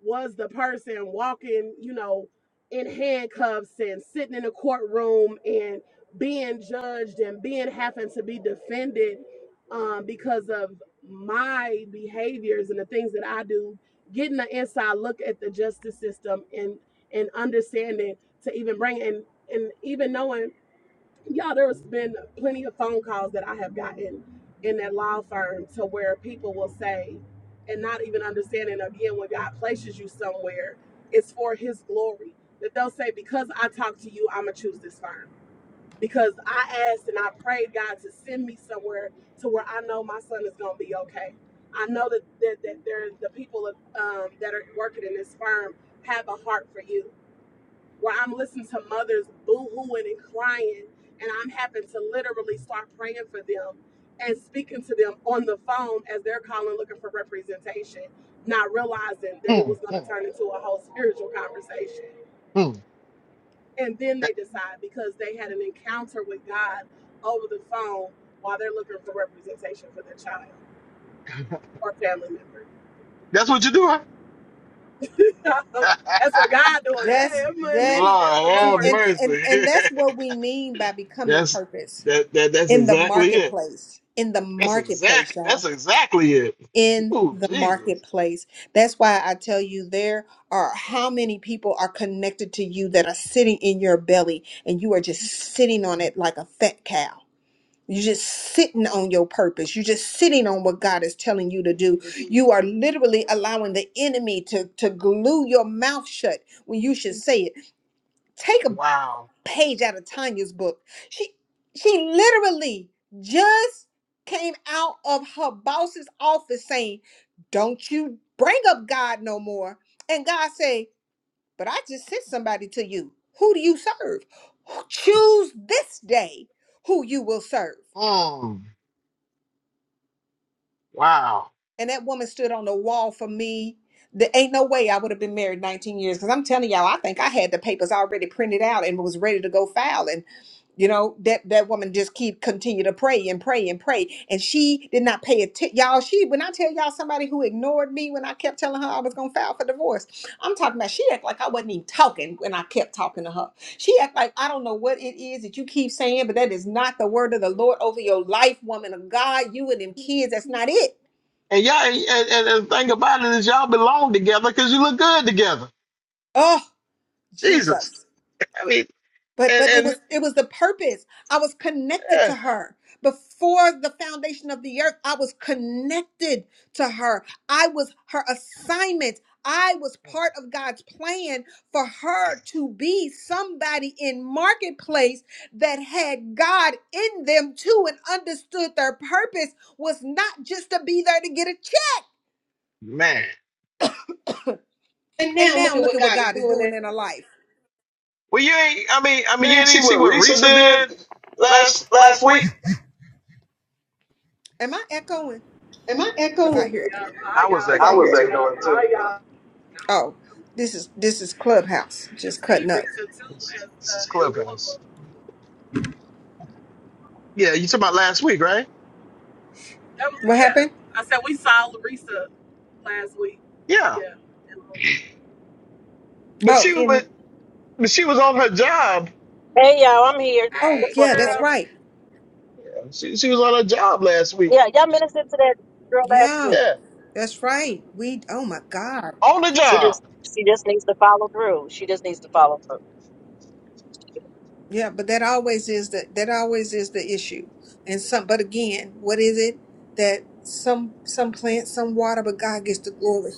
[SPEAKER 4] was the person walking, you know, in handcuffs and sitting in a courtroom and being judged and being having to be defended um, because of my behaviors and the things that I do, getting the inside look at the justice system and and understanding to even bring and and even knowing, y'all, there's been plenty of phone calls that I have gotten in that law firm to where people will say, and not even understanding again when God places you somewhere, it's for His glory. That they'll say, because I talked to you, I'm gonna choose this firm because I asked and I prayed God to send me somewhere to where I know my son is going to be okay. I know that that, that there the people of, um, that are working in this firm have a heart for you. Where I'm listening to mothers boo-hooing and crying, and I'm having to literally start praying for them and speaking to them on the phone as they're calling looking for representation, not realizing that it
[SPEAKER 7] Hmm,
[SPEAKER 4] was going
[SPEAKER 7] hmm,
[SPEAKER 4] to turn into a whole spiritual conversation
[SPEAKER 7] hmm.
[SPEAKER 4] and then
[SPEAKER 7] That-
[SPEAKER 4] they decide because they had an encounter with God over the phone while they're looking for representation for their child or family member.
[SPEAKER 7] that's what you're doing?
[SPEAKER 4] That's what God doing. That
[SPEAKER 1] That's
[SPEAKER 4] ain't
[SPEAKER 1] that
[SPEAKER 4] me. That's the
[SPEAKER 7] Lord
[SPEAKER 1] see,
[SPEAKER 7] have
[SPEAKER 1] and,
[SPEAKER 4] Lord's.
[SPEAKER 1] and and
[SPEAKER 7] mercy.
[SPEAKER 1] that's what we mean by becoming
[SPEAKER 7] that's
[SPEAKER 1] purpose
[SPEAKER 7] that, that that's
[SPEAKER 1] in the
[SPEAKER 7] exactly it.
[SPEAKER 1] marketplace. In the
[SPEAKER 7] That's
[SPEAKER 1] marketplace,
[SPEAKER 7] exact.
[SPEAKER 1] y'all.
[SPEAKER 7] That's exactly it.
[SPEAKER 1] In
[SPEAKER 7] Oh
[SPEAKER 1] the
[SPEAKER 7] Jesus!
[SPEAKER 1] marketplace. That's why I tell you there are how many people are connected to you that are sitting in your belly and you are just sitting on it like a fat cow. You're just sitting on your purpose. You're just sitting on what God is telling you to do. You are literally allowing the enemy to, to glue your mouth shut when you should say it Take a
[SPEAKER 7] Wow.
[SPEAKER 1] page out of Tanya's book. She she literally just came out of her boss's office saying, "Don't you bring up God no more." And God say, "But I just sent somebody to you. Who do you serve? Choose this day who you will serve."
[SPEAKER 7] Mm, wow.
[SPEAKER 1] And that woman stood on the wall for me. There ain't no way I would have been married 19 years because I'm telling y'all, I think I had the papers already printed out and was ready to go file. You know, that that woman just keep continue to pray and pray and pray. And she did not pay attention. Y'all, she when I tell y'all somebody who ignored me when I kept telling her I was gonna file for divorce, I'm talking about she act like I wasn't even talking when I kept talking to her. She act like I don't know what it is that you keep saying, but that is not the word of the Lord over your life, woman of God, you and them kids. That's not it.
[SPEAKER 7] And y'all, and, and and the thing about it is, y'all belong together because you look good together.
[SPEAKER 1] Oh,
[SPEAKER 7] Jesus.
[SPEAKER 1] Jesus.
[SPEAKER 7] I mean,
[SPEAKER 1] but
[SPEAKER 7] and
[SPEAKER 1] but it
[SPEAKER 7] and
[SPEAKER 1] was it was the purpose i was connected
[SPEAKER 7] eh,
[SPEAKER 1] to her before the foundation of the earth i was connected to her i was her assignment i was part of god's plan for her to be somebody in marketplace that had god in them too and understood their purpose was not just to be there to get a check
[SPEAKER 7] man.
[SPEAKER 2] And
[SPEAKER 1] and
[SPEAKER 2] now look
[SPEAKER 1] now
[SPEAKER 2] at
[SPEAKER 1] look
[SPEAKER 2] what
[SPEAKER 1] at what
[SPEAKER 2] God is
[SPEAKER 1] god is
[SPEAKER 2] doing.
[SPEAKER 1] doing
[SPEAKER 2] there.
[SPEAKER 1] in her life
[SPEAKER 7] Well, you ain't. I mean, I mean, you
[SPEAKER 2] Didn't you
[SPEAKER 7] didn't even
[SPEAKER 2] see
[SPEAKER 7] see
[SPEAKER 2] what
[SPEAKER 7] what
[SPEAKER 2] Risa
[SPEAKER 7] Risa did
[SPEAKER 2] did last
[SPEAKER 7] last
[SPEAKER 2] last
[SPEAKER 7] last
[SPEAKER 2] week?
[SPEAKER 7] week.
[SPEAKER 1] am i echoing
[SPEAKER 2] Am I
[SPEAKER 1] because i
[SPEAKER 2] echoing?
[SPEAKER 1] hear
[SPEAKER 4] Yeah, I
[SPEAKER 7] I was
[SPEAKER 2] Because I I
[SPEAKER 4] y'all.
[SPEAKER 2] was
[SPEAKER 7] echoing
[SPEAKER 2] hear
[SPEAKER 7] too.
[SPEAKER 2] echoing too.
[SPEAKER 4] um,
[SPEAKER 1] Oh, this is this is Clubhouse
[SPEAKER 4] We
[SPEAKER 1] just
[SPEAKER 4] just seen
[SPEAKER 1] cutting up.
[SPEAKER 4] Risa too
[SPEAKER 7] This,
[SPEAKER 4] as
[SPEAKER 7] this is
[SPEAKER 4] uh, in
[SPEAKER 7] Clubhouse.
[SPEAKER 4] Louisville.
[SPEAKER 7] Yeah, you talking about last week, right?
[SPEAKER 4] That was
[SPEAKER 1] What
[SPEAKER 4] yeah.
[SPEAKER 1] happened?
[SPEAKER 4] I said we saw Risa last week.
[SPEAKER 7] Yeah.
[SPEAKER 4] Yeah. in Louisville.
[SPEAKER 7] But
[SPEAKER 1] Oh,
[SPEAKER 7] she was, but,
[SPEAKER 1] in
[SPEAKER 7] but she was on her job.
[SPEAKER 8] Hey y'all, I'm here
[SPEAKER 1] oh
[SPEAKER 4] Hey
[SPEAKER 8] just for a
[SPEAKER 1] yeah,
[SPEAKER 8] few
[SPEAKER 1] that's
[SPEAKER 4] girl.
[SPEAKER 8] minutes.
[SPEAKER 1] right.
[SPEAKER 7] Yeah, she she was on her job last week.
[SPEAKER 8] Yeah, y'all ministered to that girl last
[SPEAKER 1] Yeah,
[SPEAKER 8] week.
[SPEAKER 7] Yeah.
[SPEAKER 1] that's right. We oh my God.
[SPEAKER 7] on the
[SPEAKER 8] She
[SPEAKER 7] job.
[SPEAKER 8] just she just needs to follow through. She just needs to follow through.
[SPEAKER 1] Yeah, but that always is the that always is the issue. And some but again, what is it that some some plant, some water, but God gets the glory.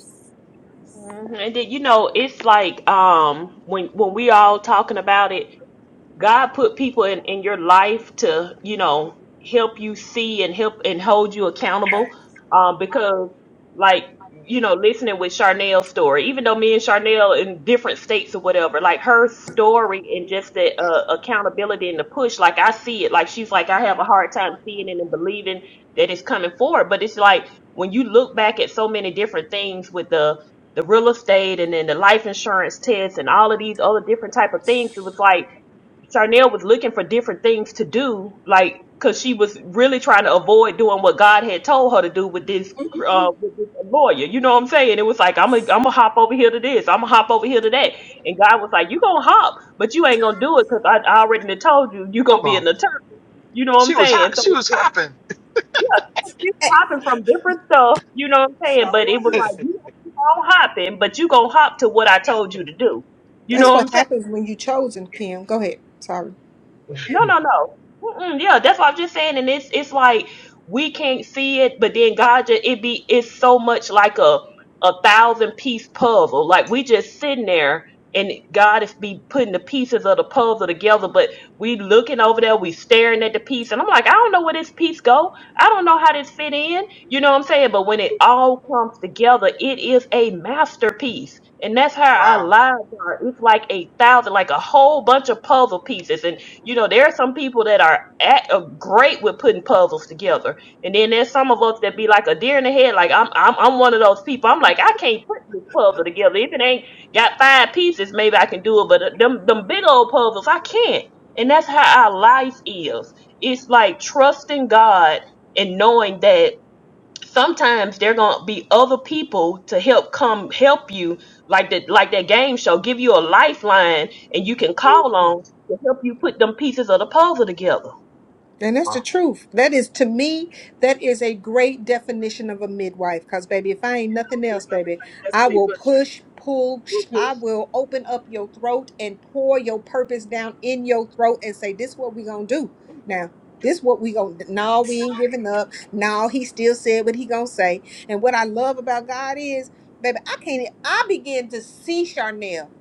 [SPEAKER 2] hmm And then you know, it's like um when when we all talking about it. God put people in, in your life to, you know, help you see and help and hold you
[SPEAKER 4] Hey.
[SPEAKER 2] accountable. Um, because like, you know, listening with Charnel's story, even though me and Charnel in different states or whatever, like her story and just the uh, accountability and the push, like I see it, like she's like, I have a hard time seeing it and believing that it's coming forward. But it's like when you look back at so many different things with the, the real estate and then the life insurance test and all of these other different type of things, it was like, Charnel was looking for different things to do, like because she was really trying to avoid doing what God had told her to do with this uh, with this lawyer. You know what I'm saying? It was like I'm gonna I'm gonna hop over here to this, I'm gonna hop over here to that, and God was like, "You gonna hop, but you ain't gonna do it because I, I already done told you you gonna
[SPEAKER 7] Come
[SPEAKER 2] be
[SPEAKER 7] on,
[SPEAKER 2] an attorney." You know what I'm
[SPEAKER 7] she was
[SPEAKER 2] saying?
[SPEAKER 7] hot.
[SPEAKER 2] So
[SPEAKER 7] She was
[SPEAKER 2] yeah,
[SPEAKER 7] hopping.
[SPEAKER 2] yeah, so she was hopping from different stuff. You know what I'm
[SPEAKER 4] so
[SPEAKER 2] saying? But it
[SPEAKER 4] uh,
[SPEAKER 2] was like you gonna keep on hopping, but you gonna hop to what I told you to do. You know
[SPEAKER 1] That's
[SPEAKER 2] what I'm
[SPEAKER 1] what
[SPEAKER 2] saying?
[SPEAKER 1] happens when you chosen,
[SPEAKER 4] and,
[SPEAKER 1] Kim. Go ahead. Sorry.
[SPEAKER 2] No,
[SPEAKER 4] and
[SPEAKER 2] no, no. Mm-mm, yeah, that's what I'm just saying. And it's it's like we can't see it, but then God, ju- it be it's so much like a a thousand piece puzzle. Like we just sitting there, and God is be putting the pieces of the puzzle together. But we looking over there, we staring at the piece, and I'm like, I don't know where this piece go. I don't know how this fit in. You know what I'm saying? But when it all comes together, it is a masterpiece. And that's how our
[SPEAKER 7] wow.
[SPEAKER 2] lives are. It's like a thousand, like a whole bunch of puzzle pieces. And you know, there are some people that are at, uh, great with putting puzzles together, and then there's some of us that be like a deer in the head. Like I'm, I'm, I'm one of those people. I'm like, I can't put this puzzle together. If it ain't got five pieces, maybe I can do it. But uh, them, them big old puzzles, I can't. And that's how our life is. It's like trusting God and knowing that sometimes there gonna be other people to help come help you like that like that game show give you a lifeline and you can call
[SPEAKER 7] Hmm.
[SPEAKER 2] on to help you put them pieces of the puzzle together
[SPEAKER 1] And that's
[SPEAKER 7] Wow.
[SPEAKER 1] the truth. That is to me, that is a great definition of a midwife. Cause baby, if I ain't
[SPEAKER 4] I'm
[SPEAKER 1] nothing else,
[SPEAKER 4] just about to
[SPEAKER 1] baby,
[SPEAKER 4] say
[SPEAKER 1] I
[SPEAKER 4] Destiny
[SPEAKER 1] will
[SPEAKER 4] Pusher.
[SPEAKER 1] push, pull, sh- I will open up your throat and pour your purpose down in your throat and say, This what we gonna do now. This what we gonna no, we ain't giving up. No, he still said what he gonna say. And what I love about God is, baby, I can't e, I begin to see Charnel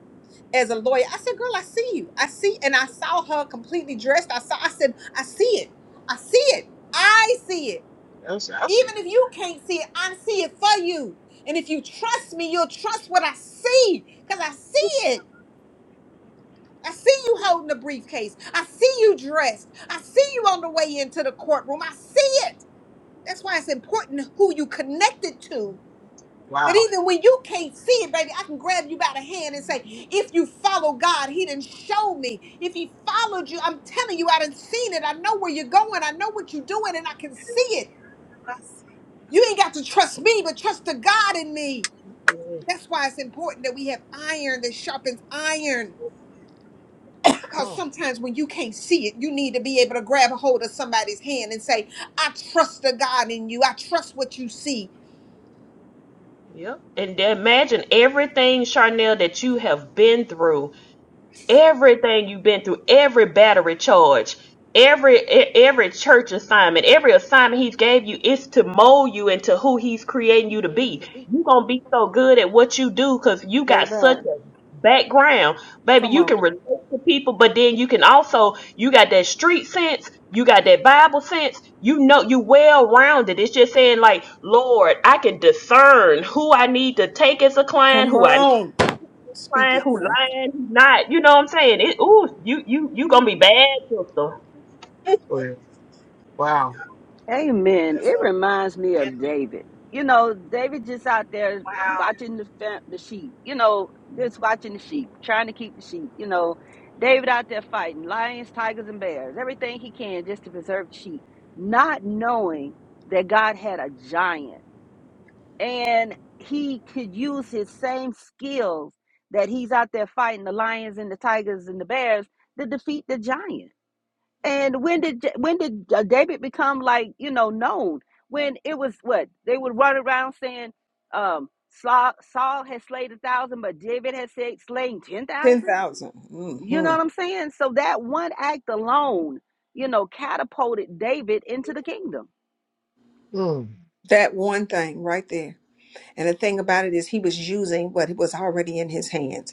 [SPEAKER 1] as a lawyer. I said, girl, I see you. I see, and I saw her completely dressed. I saw, I said, I see it. I see it. I see it.
[SPEAKER 7] That's I see it.
[SPEAKER 1] Even if you can't see it, I see it for you. And if you trust me, you'll trust what I see. Because I see it. I see you holding the briefcase. I see you dressed. I see you on the way into the courtroom. I see it. That's why it's important who you connected to that
[SPEAKER 7] Wow.
[SPEAKER 1] even when you can't see it, baby, I can grab you by the hand and say, if you follow God, He didn't show me. If He followed you, I'm telling you, I done seen it. I know where you're going. I know what you're doing, and I can see it.
[SPEAKER 4] That's
[SPEAKER 1] You ain't got to trust me, but trust the God in me.
[SPEAKER 2] Yeah.
[SPEAKER 1] That's why it's important that we have iron that sharpens iron. Because
[SPEAKER 7] Hmm.
[SPEAKER 1] sometimes when you can't see it, you need to be able to grab a hold of somebody's hand and say, I trust the God in you. I trust what you see.
[SPEAKER 2] yep and then imagine everything charnel that you have been through everything you've been through, every battery charge, every e- every church assignment, every assignment he's gave you is to mold you into who he's creating you to be. You're gonna be so good at what you do because you got
[SPEAKER 1] Baby,
[SPEAKER 2] such a background. Baby,
[SPEAKER 1] come
[SPEAKER 2] you
[SPEAKER 1] on.
[SPEAKER 2] can relate to people, but then you can also you got that street sense, you got that Bible sense, you know you well rounded. It's just saying like, Lord, I can discern who I need to take as a client,
[SPEAKER 1] Come
[SPEAKER 2] who I
[SPEAKER 1] on. Speak
[SPEAKER 2] lying,
[SPEAKER 1] it
[SPEAKER 2] who
[SPEAKER 1] now.
[SPEAKER 2] lying, who not. You know what I'm saying? It, ooh, you you you gonna be bad, sister.
[SPEAKER 7] Well, wow.
[SPEAKER 6] Amen. It
[SPEAKER 4] so,
[SPEAKER 6] reminds me
[SPEAKER 4] and
[SPEAKER 6] of David. You know, David just out there
[SPEAKER 4] wow,
[SPEAKER 6] watching the fam- the sheep. You know, just watching the sheep, trying to keep the sheep. You know, David out there fighting lions, tigers, and bears, everything he can just to preserve the sheep, not knowing that God had a giant and he could use his same skills that he's out there fighting the lions and the tigers and the bears to defeat the giant. And when did Ja, when did uh, David become like you know known? When it was what they would run around saying, um, Saul, Saul has slain a thousand, but David has said slain ten thousand.
[SPEAKER 1] 10,000.
[SPEAKER 6] You know
[SPEAKER 1] hmm
[SPEAKER 6] what I'm saying? So that one act alone, you know, catapulted David into the kingdom.
[SPEAKER 7] Hmm.
[SPEAKER 1] That one thing right there. And the thing about it is, he was using what was already in his hands.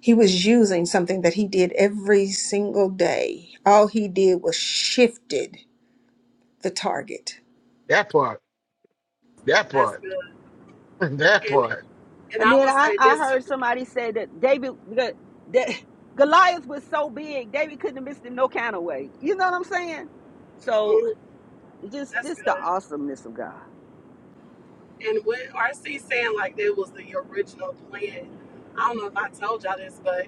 [SPEAKER 1] He was using something that he did every single day. All he did was shifted the target
[SPEAKER 7] That part. That
[SPEAKER 4] that's
[SPEAKER 7] part.
[SPEAKER 4] good.
[SPEAKER 7] that
[SPEAKER 4] And
[SPEAKER 7] part.
[SPEAKER 4] and
[SPEAKER 6] And
[SPEAKER 4] I
[SPEAKER 6] then
[SPEAKER 4] will
[SPEAKER 6] I,
[SPEAKER 4] say
[SPEAKER 6] I
[SPEAKER 4] this too.
[SPEAKER 6] heard somebody say that David that, that Goliath was so big, David couldn't have missed him no kind of way. You know what I'm saying? So
[SPEAKER 4] Mm,
[SPEAKER 6] just
[SPEAKER 4] that's
[SPEAKER 6] just the
[SPEAKER 4] good.
[SPEAKER 6] awesomeness of God.
[SPEAKER 4] And with RC saying like that was the original plan. I don't know if I told y'all this, but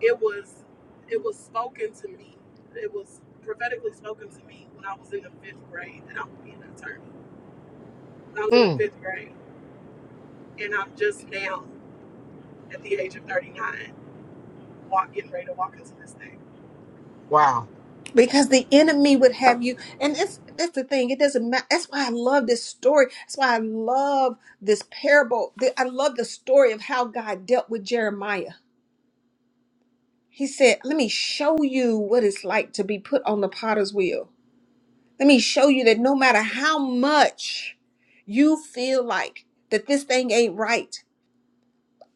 [SPEAKER 4] it was it was spoken to me. It was prophetically spoken to me when I was in the fifth grade that I'm gonna be an attorney. When I was in the
[SPEAKER 7] Hmm.
[SPEAKER 4] fifth grade, and I'm just now at the age of 39, walk, getting ready to walk into this thing.
[SPEAKER 7] Wow.
[SPEAKER 1] because the enemy would have you. And that's that's the thing. It doesn't matter. That's why I love this story. That's why I love this parable. The- I love the story of how God dealt with Jeremiah. He said, "Let me show you what it's like to be put on the potter's wheel. Let me show you that no matter how much you feel like that this thing ain't right."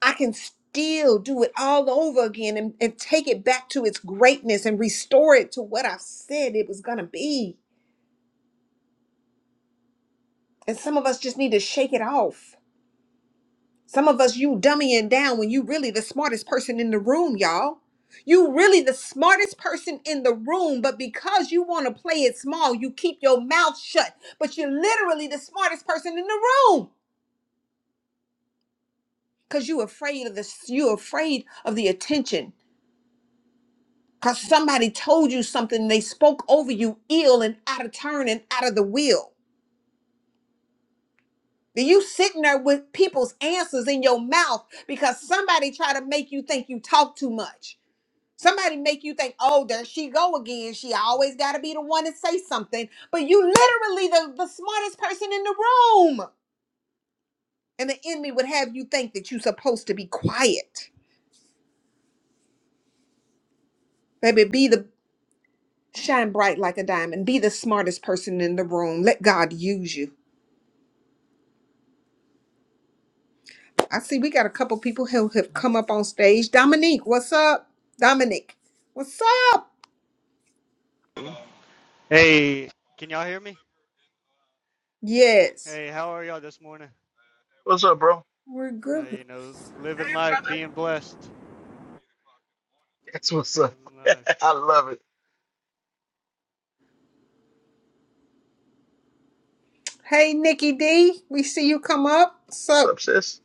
[SPEAKER 1] I can still do it all over again and, and take it back to its greatness and restore it to what I said it was going to be. And some of us just need to shake it off. Some of us, you dummying down when you really the smartest person in the room, y'all. You really the smartest person in the room, but because you want to play it small, you keep your mouth shut. But you're literally the smartest person in the room because you afraid of this. You afraid of the attention. because somebody told you something they spoke over you ill and out of turn and out of the will Then you sitting there with people's answers in your mouth because somebody try to make you think you talk too much somebody make you think oh there she go again she always got to be the one to say something but you literally the, the smartest person in the room and the enemy would have you think that you're supposed to be quiet baby be the shine bright like a diamond be the smartest person in the room let god use you I see we got a couple people who have come up on stage. Dominique, what's up? Dominic, what's up?
[SPEAKER 9] Hey, can y'all hear me?
[SPEAKER 1] Yes,
[SPEAKER 9] Hey, how are y'all this morning?
[SPEAKER 7] What's up, bro?
[SPEAKER 1] we're
[SPEAKER 9] Uh,
[SPEAKER 1] good.
[SPEAKER 9] you know, living
[SPEAKER 4] Hey,
[SPEAKER 9] life,
[SPEAKER 4] brother,
[SPEAKER 9] being blessed,
[SPEAKER 7] That's what's up.
[SPEAKER 9] living life.
[SPEAKER 7] I love it.
[SPEAKER 1] Hey, Nikki D, we see you come up.
[SPEAKER 7] What's
[SPEAKER 1] So,
[SPEAKER 7] up, sis?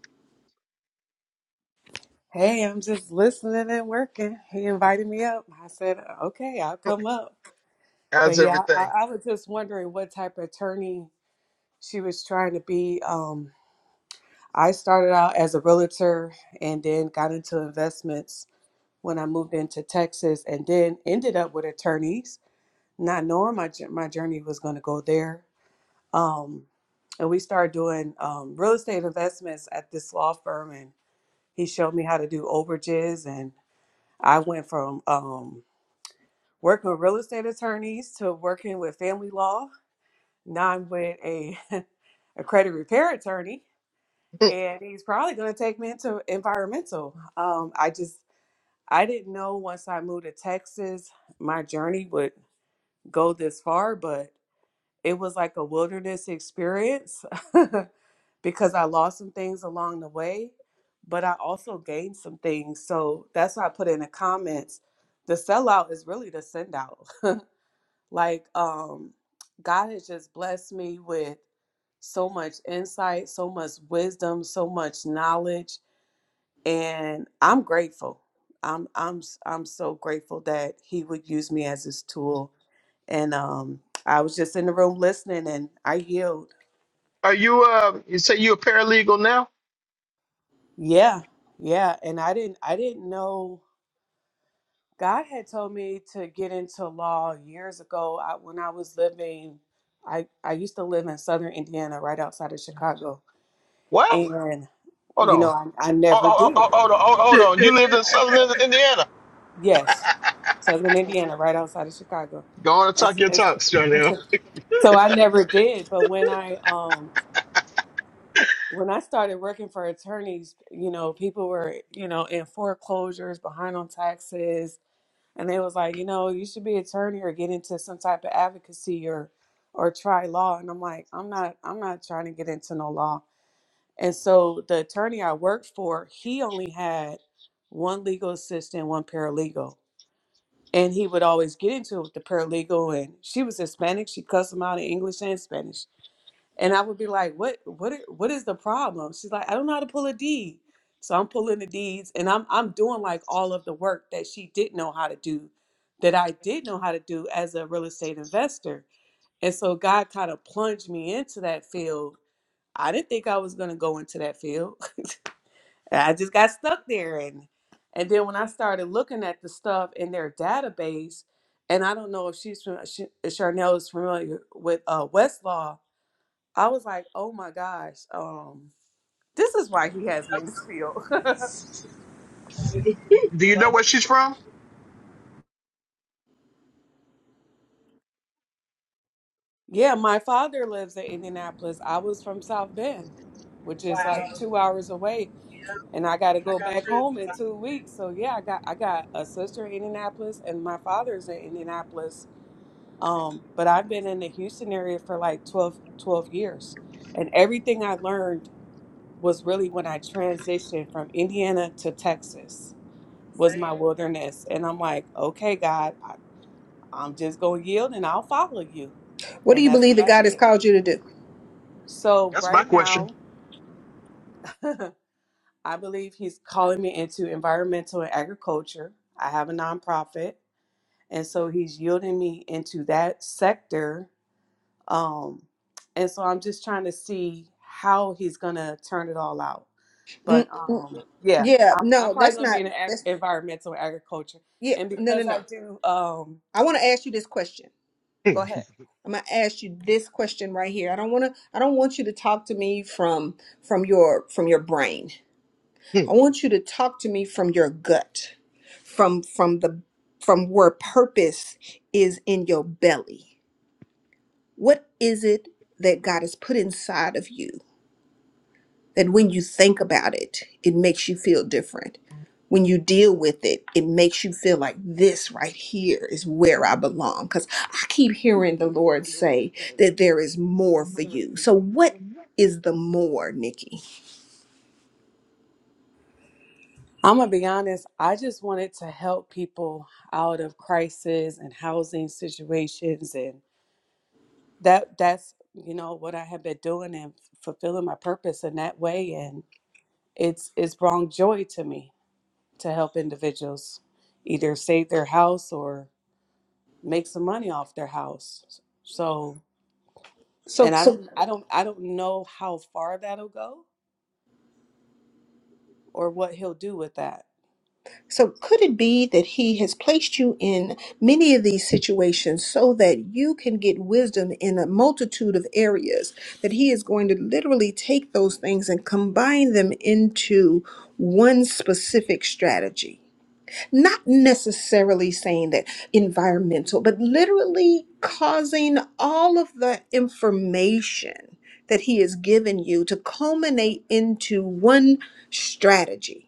[SPEAKER 10] Hey, I'm just listening and working. He invited me up. I said, okay, I'll come up. But
[SPEAKER 7] How's
[SPEAKER 10] yeah, I,
[SPEAKER 7] everything?
[SPEAKER 10] I was just wondering what type of attorney she was trying to be. Um, I started out as a realtor and then got into investments when I moved into Texas and then ended up with attorneys, not knowing my, jour- my journey was going to go there. Um, and we started doing um, real estate investments at this law firm and he showed me how to do overages and. I went from um, working with real estate attorneys to working with family law. Now I'm with a, a credit repair attorney,
[SPEAKER 7] Hmm.
[SPEAKER 10] and he's probably going to take me into environmental. Um, I just, I didn't know once I moved to Texas, my journey would go this far, but it was like a wilderness experience because I lost some things along the way, but I also gained some things. So that's why I put in the comments the sellout is really the sendout. Like, um, God has just blessed me with so much insight, so much wisdom, so much knowledge, and I'm grateful. I'm I'm am i I'm so grateful that He would use me as His tool. And um, I was just in the room listening, and I yield.
[SPEAKER 7] Are you uh? You say you a paralegal now?
[SPEAKER 10] Yeah, yeah. And I didn't I didn't know God had told me to get into law years ago. I, when I was living, I I used to live in Southern Indiana, right outside of Chicago
[SPEAKER 7] What?
[SPEAKER 10] and
[SPEAKER 7] Hold
[SPEAKER 10] you know
[SPEAKER 7] on.
[SPEAKER 10] I, I
[SPEAKER 7] Oh,
[SPEAKER 10] never
[SPEAKER 7] oh, oh,
[SPEAKER 10] did.
[SPEAKER 7] oh, hold on, oh, hold on. You lived in Southern Indiana.
[SPEAKER 10] Yes, Southern Indiana, right outside of Chicago.
[SPEAKER 7] Go on and talk
[SPEAKER 10] It's,
[SPEAKER 7] your
[SPEAKER 10] it's,
[SPEAKER 7] talks, John.
[SPEAKER 10] so I never did. But when I um when I started working for attorneys, you know, people were you know in foreclosures, behind on taxes, and they was like, you know, you should be attorney or get into some type of advocacy or or try law. And I'm like, I'm not, I'm not trying to get into no law. And so the attorney I worked for, he only had one legal assistant, one paralegal. And he would always get into it with the paralegal and she was Hispanic, she cussed him out in English and Spanish. And I would be like, What what i- what is the problem? She's like, I don't know how to pull a deed. So I'm pulling the deeds and I'm I'm doing like all of the work that she didn't know how to do, that I did know how to do as a real estate investor. And so God kind of plunged me into that field. I didn't think I was gonna go into that field I just got stuck there and and then when I started looking at the stuff in their database, and I don't know if she's fam- she, if Charnel is familiar with uh, Westlaw, I was like, oh my gosh, um, this is why he has me
[SPEAKER 4] love
[SPEAKER 10] in this field.
[SPEAKER 4] him
[SPEAKER 7] Do you know where she's
[SPEAKER 4] so
[SPEAKER 7] from?
[SPEAKER 4] much.
[SPEAKER 10] yeah, my father lives in Indianapolis. I was from South Bend, which is like
[SPEAKER 4] Wow.
[SPEAKER 10] two hours away,
[SPEAKER 4] Yeah.
[SPEAKER 10] and I got to
[SPEAKER 4] I
[SPEAKER 10] go
[SPEAKER 4] got
[SPEAKER 10] back
[SPEAKER 4] friends
[SPEAKER 10] home in
[SPEAKER 4] that's
[SPEAKER 10] two weeks. So yeah, I got I got a sister in Indianapolis, and my father's in Indianapolis Um, but
[SPEAKER 4] like
[SPEAKER 10] I've been in the Houston area for like 12, 12 years. And everything I learned was really when I transitioned from Indiana to Texas
[SPEAKER 4] the
[SPEAKER 10] was my
[SPEAKER 4] same.
[SPEAKER 10] wilderness. And I'm like, okay, God, I, I'm just going to yield and I'll follow you.
[SPEAKER 1] what do
[SPEAKER 10] And
[SPEAKER 1] you
[SPEAKER 10] that's
[SPEAKER 1] believe
[SPEAKER 10] what
[SPEAKER 1] that
[SPEAKER 10] I
[SPEAKER 1] God has
[SPEAKER 10] did.
[SPEAKER 1] called you to do?
[SPEAKER 10] So
[SPEAKER 7] That's my
[SPEAKER 10] right now,
[SPEAKER 7] question.
[SPEAKER 10] I believe he's calling me into environmental and agriculture. I have a nonprofit. And so he's yielding me into that sector Um, and so I'm just trying to see how he's gonna turn it all out. But
[SPEAKER 1] mm mm.
[SPEAKER 10] um, yeah,
[SPEAKER 1] Yeah,
[SPEAKER 10] I'm, I'm
[SPEAKER 1] no,
[SPEAKER 10] probably
[SPEAKER 1] that's
[SPEAKER 10] gonna be in
[SPEAKER 1] not.
[SPEAKER 10] the ag-
[SPEAKER 1] That's
[SPEAKER 10] environmental agriculture,
[SPEAKER 1] yeah,
[SPEAKER 10] and
[SPEAKER 1] no, no,
[SPEAKER 10] because
[SPEAKER 1] no.
[SPEAKER 10] I do, um,
[SPEAKER 1] I want to ask you this question.
[SPEAKER 7] Hmm,
[SPEAKER 10] go ahead.
[SPEAKER 1] I'm gonna ask you this question right here. I don't want to. I don't want you to talk to me from from your from your brain.
[SPEAKER 7] hmm.
[SPEAKER 1] I want you to talk to me from your gut, from from the from where purpose is in your belly. What is it that God has put inside of you that when you think about it, it makes you feel different? When you deal with it, it makes you feel like this right here is where I belong. Because I keep hearing the Lord say that there is more for you. So, what is the more, Nikki?
[SPEAKER 10] I'm gonna be honest. I just wanted to help people out of crisis and housing situations, and that that's you know what I have been doing and fulfilling my purpose in that way. And it's it's brought joy to me to help individuals either save their house or make some money off their house. So,
[SPEAKER 1] So,
[SPEAKER 10] and I
[SPEAKER 1] so.
[SPEAKER 10] don't, I don't, I don't know how far that'll go or what he'll do with that.
[SPEAKER 1] So, could it be that He has placed you in many of these situations so that you can get wisdom in a multitude of areas? That He is going to literally take those things and combine them into one specific strategy. Not necessarily saying that environmental, but literally causing all of the information that He has given you to culminate into one strategy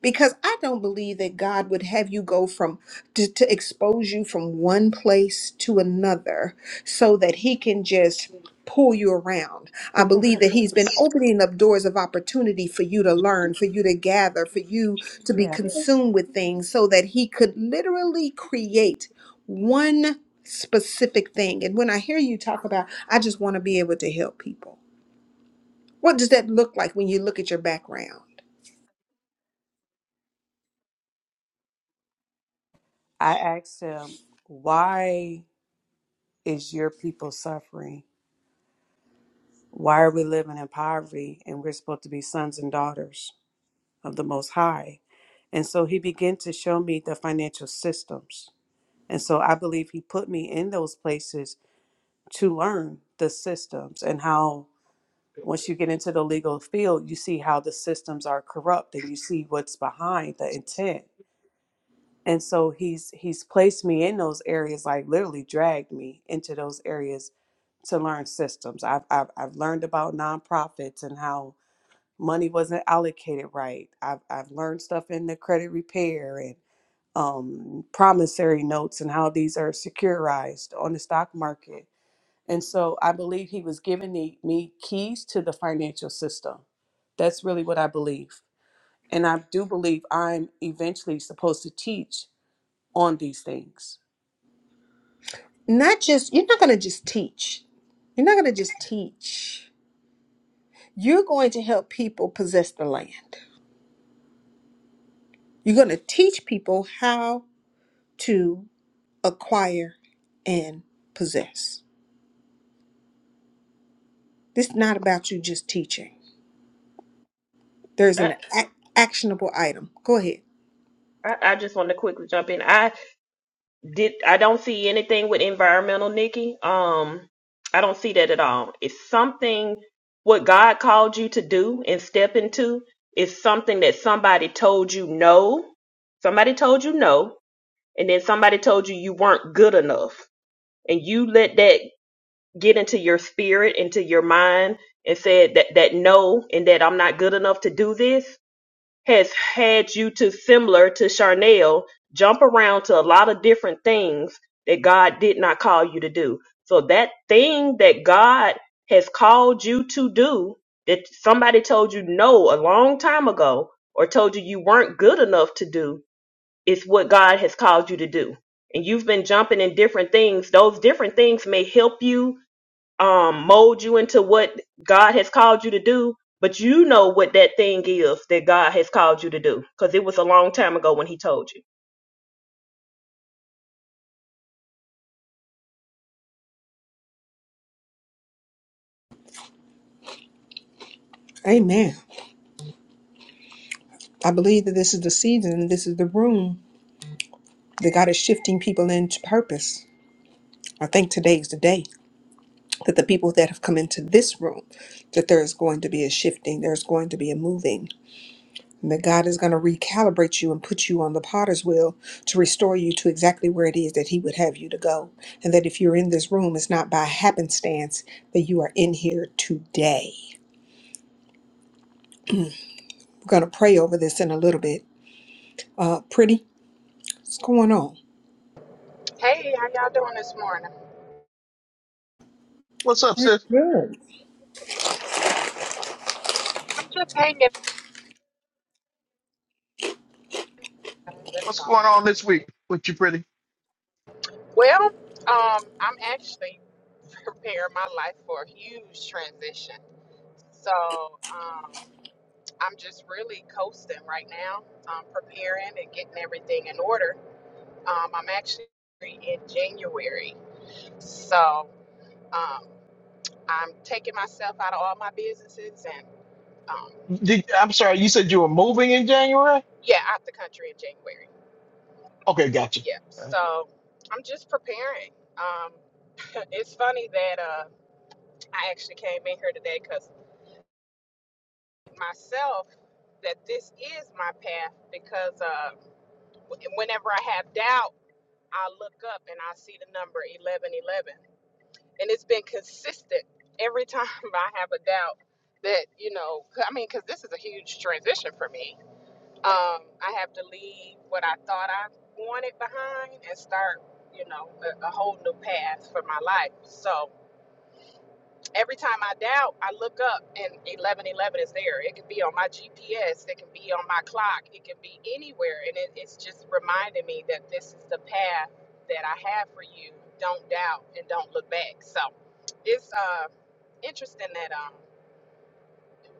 [SPEAKER 1] because I don't believe that God would have you go from to, to expose you from one place to another so that he can just pull you around. I believe that he's been opening up doors of opportunity for you to learn, for you to gather, for you to be
[SPEAKER 10] Yeah.
[SPEAKER 1] consumed with things so that he could literally create one specific thing. And when I hear you talk about I just want to be able to help people. What does that look like when you look at your background?
[SPEAKER 10] I asked him, why is your people suffering? Why are we living in poverty and we're supposed to be sons and daughters of the Most High? And so he began to show me the financial systems. And so I believe he put me in those places to learn the systems and how Once you get into the legal field, you see how the systems are corrupt and you see what's behind the intent. And so he's he's placed me in those areas, like literally dragged me into those areas to learn systems. I've I've, I've learned about nonprofits and how money wasn't allocated right. I've I've learned stuff in the credit repair and um, promissory notes and how these are securitized on the stock market. And so I believe he was giving the, me keys to the financial system. That's really what I believe. And I do believe I'm eventually supposed to teach on these things.
[SPEAKER 1] not just you're not going to just teach you're not going to just teach you're going to help people possess the land you're going to teach people how to acquire and possess this is not about you just teaching there's
[SPEAKER 2] I,
[SPEAKER 1] an ac actionable item go ahead
[SPEAKER 2] I I just wanted to quickly jump in. I did. I don't see anything with environmental, Nikki. Um, I don't see that at all. It's something what God called you to do and step into. Is something that somebody told you no. Somebody told you no, and then somebody told you you weren't good enough, and you let that get into your spirit, into your mind, and said that that no and that I'm not good enough to do this has had you to similar to Charnel jump around to a lot of different things that God did not call you to do. So that thing that God has called you to do that somebody told you no a long time ago or told you you weren't good enough to do is what God has called you to do. And you've been jumping in different things. Those different things may help you um mold you into what God has called you to do, but you know what that thing is that God has called you to do because it was a long time ago when he told you.
[SPEAKER 1] Amen. I believe that this is the season, this is the room that God is shifting people into purpose. I think today is the day that the people that have come into this room, that there is going to be a shifting, there's going to be a moving. And that God is going to recalibrate you and put you on the potter's wheel to restore you to exactly where it is that He would have you to go. And that if you're in this room, it's not by happenstance that you are in here today. We're going to pray over this in a little bit. Uh, pretty, what's going on?
[SPEAKER 11] Hey, how y'all doing this morning?
[SPEAKER 7] What's up,
[SPEAKER 1] We're
[SPEAKER 7] sis?
[SPEAKER 1] Good.
[SPEAKER 11] I'm just hanging. That's
[SPEAKER 7] What's
[SPEAKER 11] all.
[SPEAKER 7] going on this week with you, pretty?
[SPEAKER 11] Well, um, I'm actually preparing my life for a huge transition. So, um, I'm just really coasting right now. I'm preparing and getting everything in order. Um, I'm actually in January, so um, I'm taking myself out of all my businesses and um,
[SPEAKER 7] Did, I'm sorry, you said you were moving in January?
[SPEAKER 11] yeah, out the country in January.
[SPEAKER 7] Okay, gotcha.
[SPEAKER 11] Yeah.
[SPEAKER 7] All right.
[SPEAKER 11] So I'm just preparing. Um, it's funny that uh, I actually came in here today because myself that this is my path because uh, wh- whenever I have doubt, I look up and I see the number eleven eleven, and it's been consistent every time I have a doubt that you know. 'cause- I mean, because this is a huge transition for me. Um, I have to leave what I thought I wanted behind and start, you know, a, a whole new path for my life. So every time I doubt, I look up and 1111 is there. It could be on my GPS, it can be on my clock, it can be anywhere. And it, it's just reminding me that this is the path that I have for you. Don't doubt and don't look back. So it's uh, interesting that. um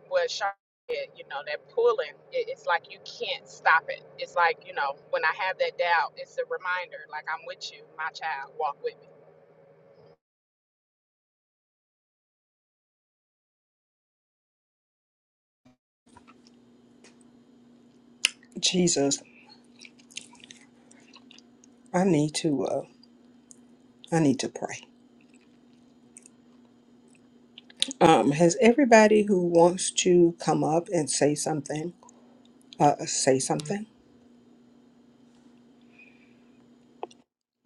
[SPEAKER 11] what Sean said, you know, that pulling, it, it's like you can't stop it. It's like, you know, when I have that doubt, it's a reminder, like, I'm with you, my child, walk with me.
[SPEAKER 1] Jesus, I need to uh I need to pray. Um has everybody who wants to come up and say something uh say something?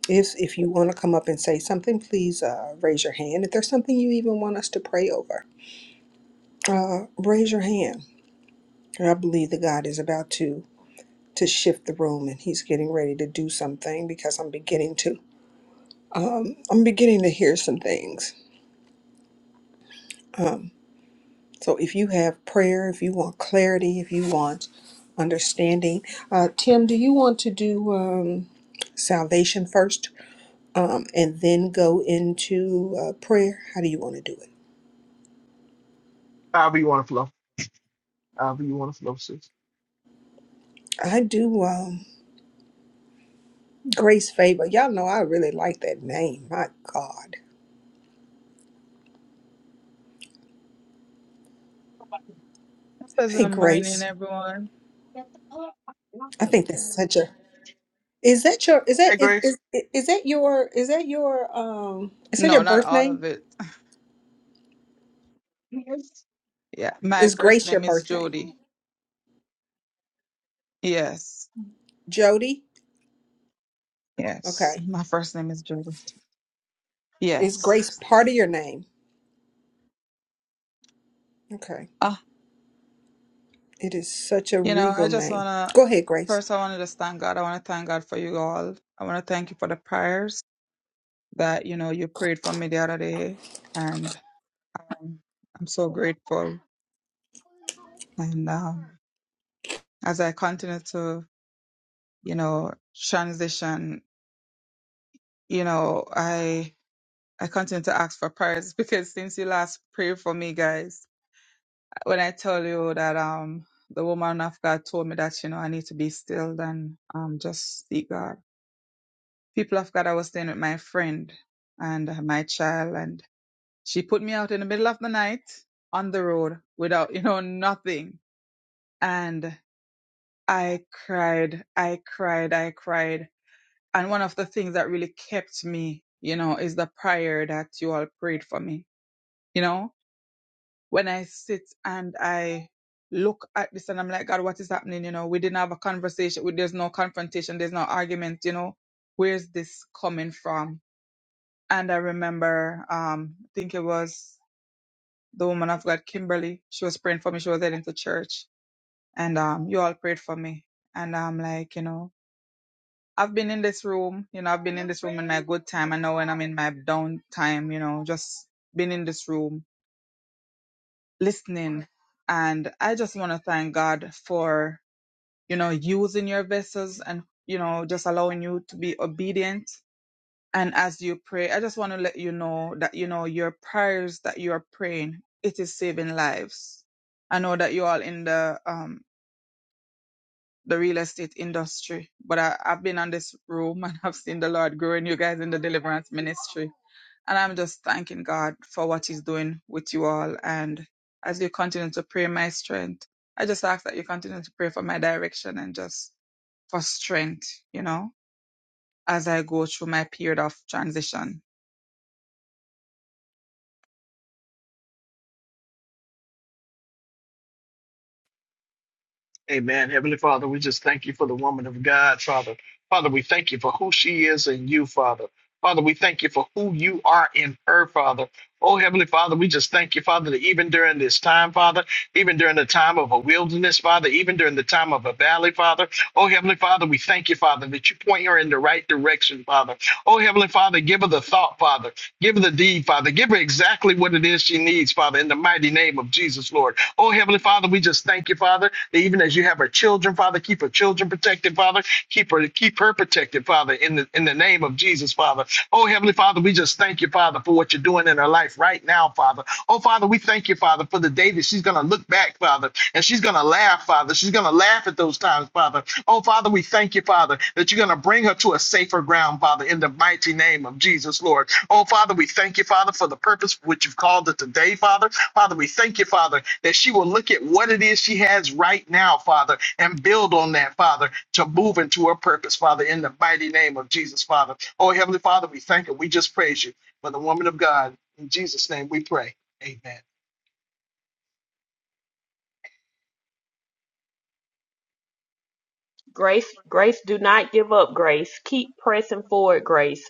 [SPEAKER 1] If if you want to come up and say something, please uh, raise your hand. If there's something you even want us to pray over, uh, raise your hand. And I believe that God is about to to shift the room, and He's getting ready to do something because I'm beginning to I'm beginning to hear some things. Um, so if you have prayer, if you want clarity, if you want understanding, uh, Tim, do you want to do um, salvation first, um, and then go into uh, prayer? How do you want to do it?
[SPEAKER 7] However you want to flow. However you want to flow, sis.
[SPEAKER 1] I do. Um, Grace Favor. Y'all know I really like that name. My God.
[SPEAKER 12] Because
[SPEAKER 1] Hey
[SPEAKER 12] I'm mining
[SPEAKER 1] Grace.
[SPEAKER 12] everyone.
[SPEAKER 1] I think that's such a is that your is that
[SPEAKER 7] Hey,
[SPEAKER 1] is
[SPEAKER 7] Grace.
[SPEAKER 1] is, is that your is that your um is that your
[SPEAKER 12] No, not
[SPEAKER 1] birth
[SPEAKER 12] all
[SPEAKER 1] name?
[SPEAKER 12] of it. Yeah. My
[SPEAKER 1] Is
[SPEAKER 12] first
[SPEAKER 1] Grace your
[SPEAKER 12] name is
[SPEAKER 1] birth name?
[SPEAKER 12] Jody. Yes.
[SPEAKER 1] Jody?
[SPEAKER 12] Yes.
[SPEAKER 1] Okay.
[SPEAKER 12] My first name is Jody.
[SPEAKER 1] Is
[SPEAKER 12] Yes.
[SPEAKER 1] Grace part of your name? Okay.
[SPEAKER 12] Ah,
[SPEAKER 1] It is such a
[SPEAKER 12] you know,
[SPEAKER 1] regal
[SPEAKER 12] I just
[SPEAKER 1] name.
[SPEAKER 12] wanna
[SPEAKER 1] Go ahead, Grace.
[SPEAKER 12] first I wanna just thank God. I wanna thank God for you all. I wanna thank you for the prayers that, you know, you prayed for me the other day. And um, I'm so grateful. And um as I continue to, you know, transition, you know, I. I continue to ask for prayers because since you last prayed for me, guys, when I tell you that um the woman of God told me that you know I need to be still and um just seek God. People of God, I was staying with my friend and uh, my child, and she put me out in the middle of the night on the road without you know nothing, and I cried, I cried, I cried, and one of the things that really kept me, you know, is the prayer that you all prayed for me, you know when I sit and I look at this and I'm like, God, what is happening? You know, we didn't have a conversation. We, there's no confrontation. There's no argument. You know, where's this coming from? And I remember, um, I think it was the woman of God, Kimberly. She was praying for me. She was heading to church and, um, you all prayed for me. And I'm like, you know, I've been in this room, you know, I've been in this room in my good time. I know when I'm in my down time, you know, just been in this room listening. And I just want to thank God for, you know, using your vessels and, you know, just allowing you to be obedient. And as you pray, I just want to let you know that, you know, your prayers that you are praying, it is saving lives. I know that you're all in the, um, the real estate industry, but I, I've been on this room and I've seen the Lord growing you guys in the deliverance ministry and I'm just thanking God for what He's doing with you all. And as you continue to pray my strength, I just ask that you continue to pray for my direction and just for strength, you know, as I go through my period of transition.
[SPEAKER 7] Amen. Heavenly Father, we just thank you for the woman of God, Father. Father, we thank you for who she is in you, Father. Father, we thank you for who you are in her, Father. Oh, Heavenly Father, we just thank you, Father, that even during this time, Father, even during the time of a wilderness, Father, even during the time of a valley, Father. Oh, Heavenly Father, we thank you, Father, that you point her in the right direction, Father. Oh, Heavenly Father, give her the thought, Father. Give her the deed, Father. Give her exactly what it is she needs, Father, in the mighty name of Jesus, Lord. Oh, Heavenly Father, we just thank you, Father, that even as you have her children, Father, keep her children protected, Father. Keep her, keep her protected, Father, in the in the name of Jesus, Father. Oh, Heavenly Father, we just thank you, Father, for what you're doing in her life right now, Father. Oh, Father, we thank you, Father, for the day that she's going to look back, Father, and she's going to laugh, Father. She's going to laugh at those times, Father. Oh, Father, we thank you, Father, that you're going to bring her to a safer ground, Father, in the mighty name of Jesus, Lord. Oh, Father, we thank you, Father, for the purpose for which you've called her today, Father. Father, we thank you, Father, that she will look at what it is she has right now, Father, and build on that, Father, to move into her purpose, Father, in the mighty name of Jesus, Father. Oh, Heavenly Father, we thank you. We just praise you for the woman of God. In Jesus' name we pray. Amen.
[SPEAKER 2] Grace, Grace, do not give up, Grace. Keep pressing forward, Grace.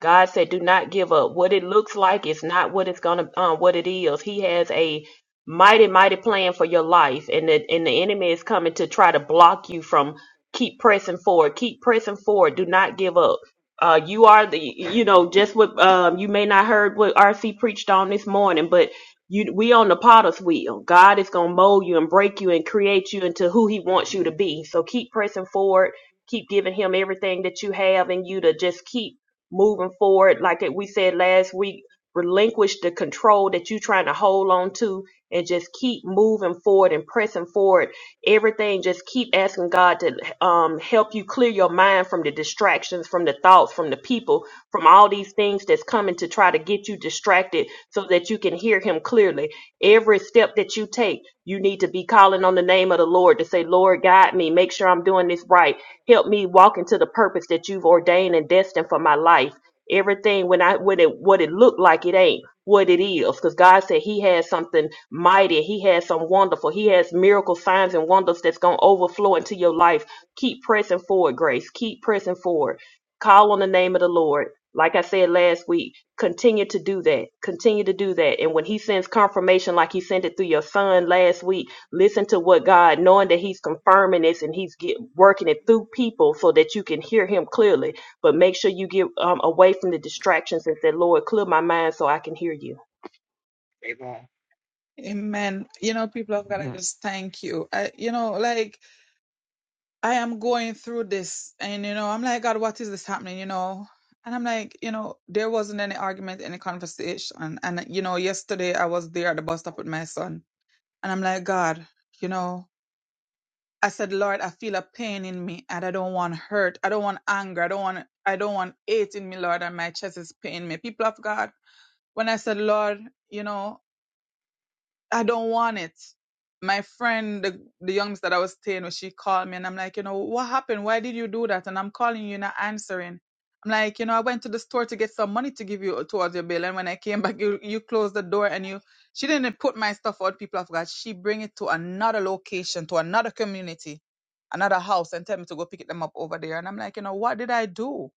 [SPEAKER 2] God said, "Do not give up. What it looks like is not what it's gonna, um, what it is. He has a mighty, mighty plan for your life, and the and the enemy is coming to try to block you from keep pressing forward. Keep pressing forward. Do not give up. Uh, you are the, you know, just what um, you may not heard what RC preached on this morning, but you, we on the potter's wheel. God is gonna mold you and break you and create you into who He wants you to be. So keep pressing forward. Keep giving Him everything that you have in you to just keep." moving forward, like we said last week, relinquish the control that you're trying to hold on to and just keep moving forward and pressing forward. Everything, just keep asking God to um, help you clear your mind from the distractions, from the thoughts, from the people, from all these things that's coming to try to get you distracted so that you can hear Him clearly. Every step that you take, you need to be calling on the name of the Lord to say, Lord, guide me, make sure I'm doing this right Help me walk into the purpose that you've ordained and destined for my life. Everything when I when it what it looked like it ain't what it is. Because God said He has something mighty, He has some wonderful, He has miracle signs and wonders that's gonna overflow into your life. Keep pressing forward, Grace. Keep pressing forward. Call on the name of the Lord. Like I said last week, continue to do that. Continue to do that. And when he sends confirmation, like he sent it through your son last week, listen to what God, knowing that He's confirming this and He's get, working it through people so that you can hear Him clearly. But make sure you get um, away from the distractions and say, Lord, clear my mind so I can hear you.
[SPEAKER 7] Amen.
[SPEAKER 12] Amen. You know, people of God, I just thank you. I, you know, like I am going through this and, you know, I'm like, God, what is this happening? You know, and I'm like, you know, there wasn't any argument, any conversation. And, you know, yesterday I was there at the bus stop with my son And I'm like, God, you know, I said, Lord, I feel a pain in me and I don't want hurt. I don't want anger. I don't want, I don't want hate in me, Lord, and my chest is paining me. People of God, when I said, Lord, you know, I don't want it. My friend, the, the youngster that I was staying with, she called me and I'm like, you know, what happened? Why did you do that? And I'm calling you, you're not answering. I'm like, you know, I went to the store to get some money to give you towards your bill. And when I came back, you, you closed the door and you, she didn't put my stuff out. People, I forgot. She bring it to another location, to another community, another house and tell me to go pick them up over there. And I'm like, you know, what did I do?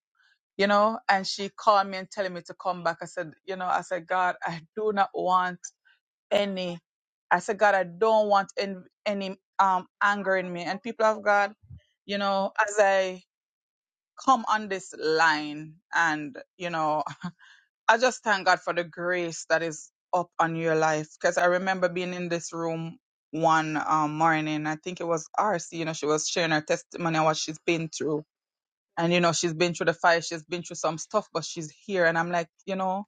[SPEAKER 12] You know, and she called me and telling me to come back. I said, you know, I said, God, I do not want any. I said, God, I don't want any, any um anger in me. And people of God, you know, as I come on this line and, you know, I just thank God for the grace that is up on your life. Cause I remember being in this room one um, morning. I think it was RC, you know, she was sharing her testimony on what she's been through. And, you know, she's been through the fire, she's been through some stuff, but she's here. And I'm like, you know,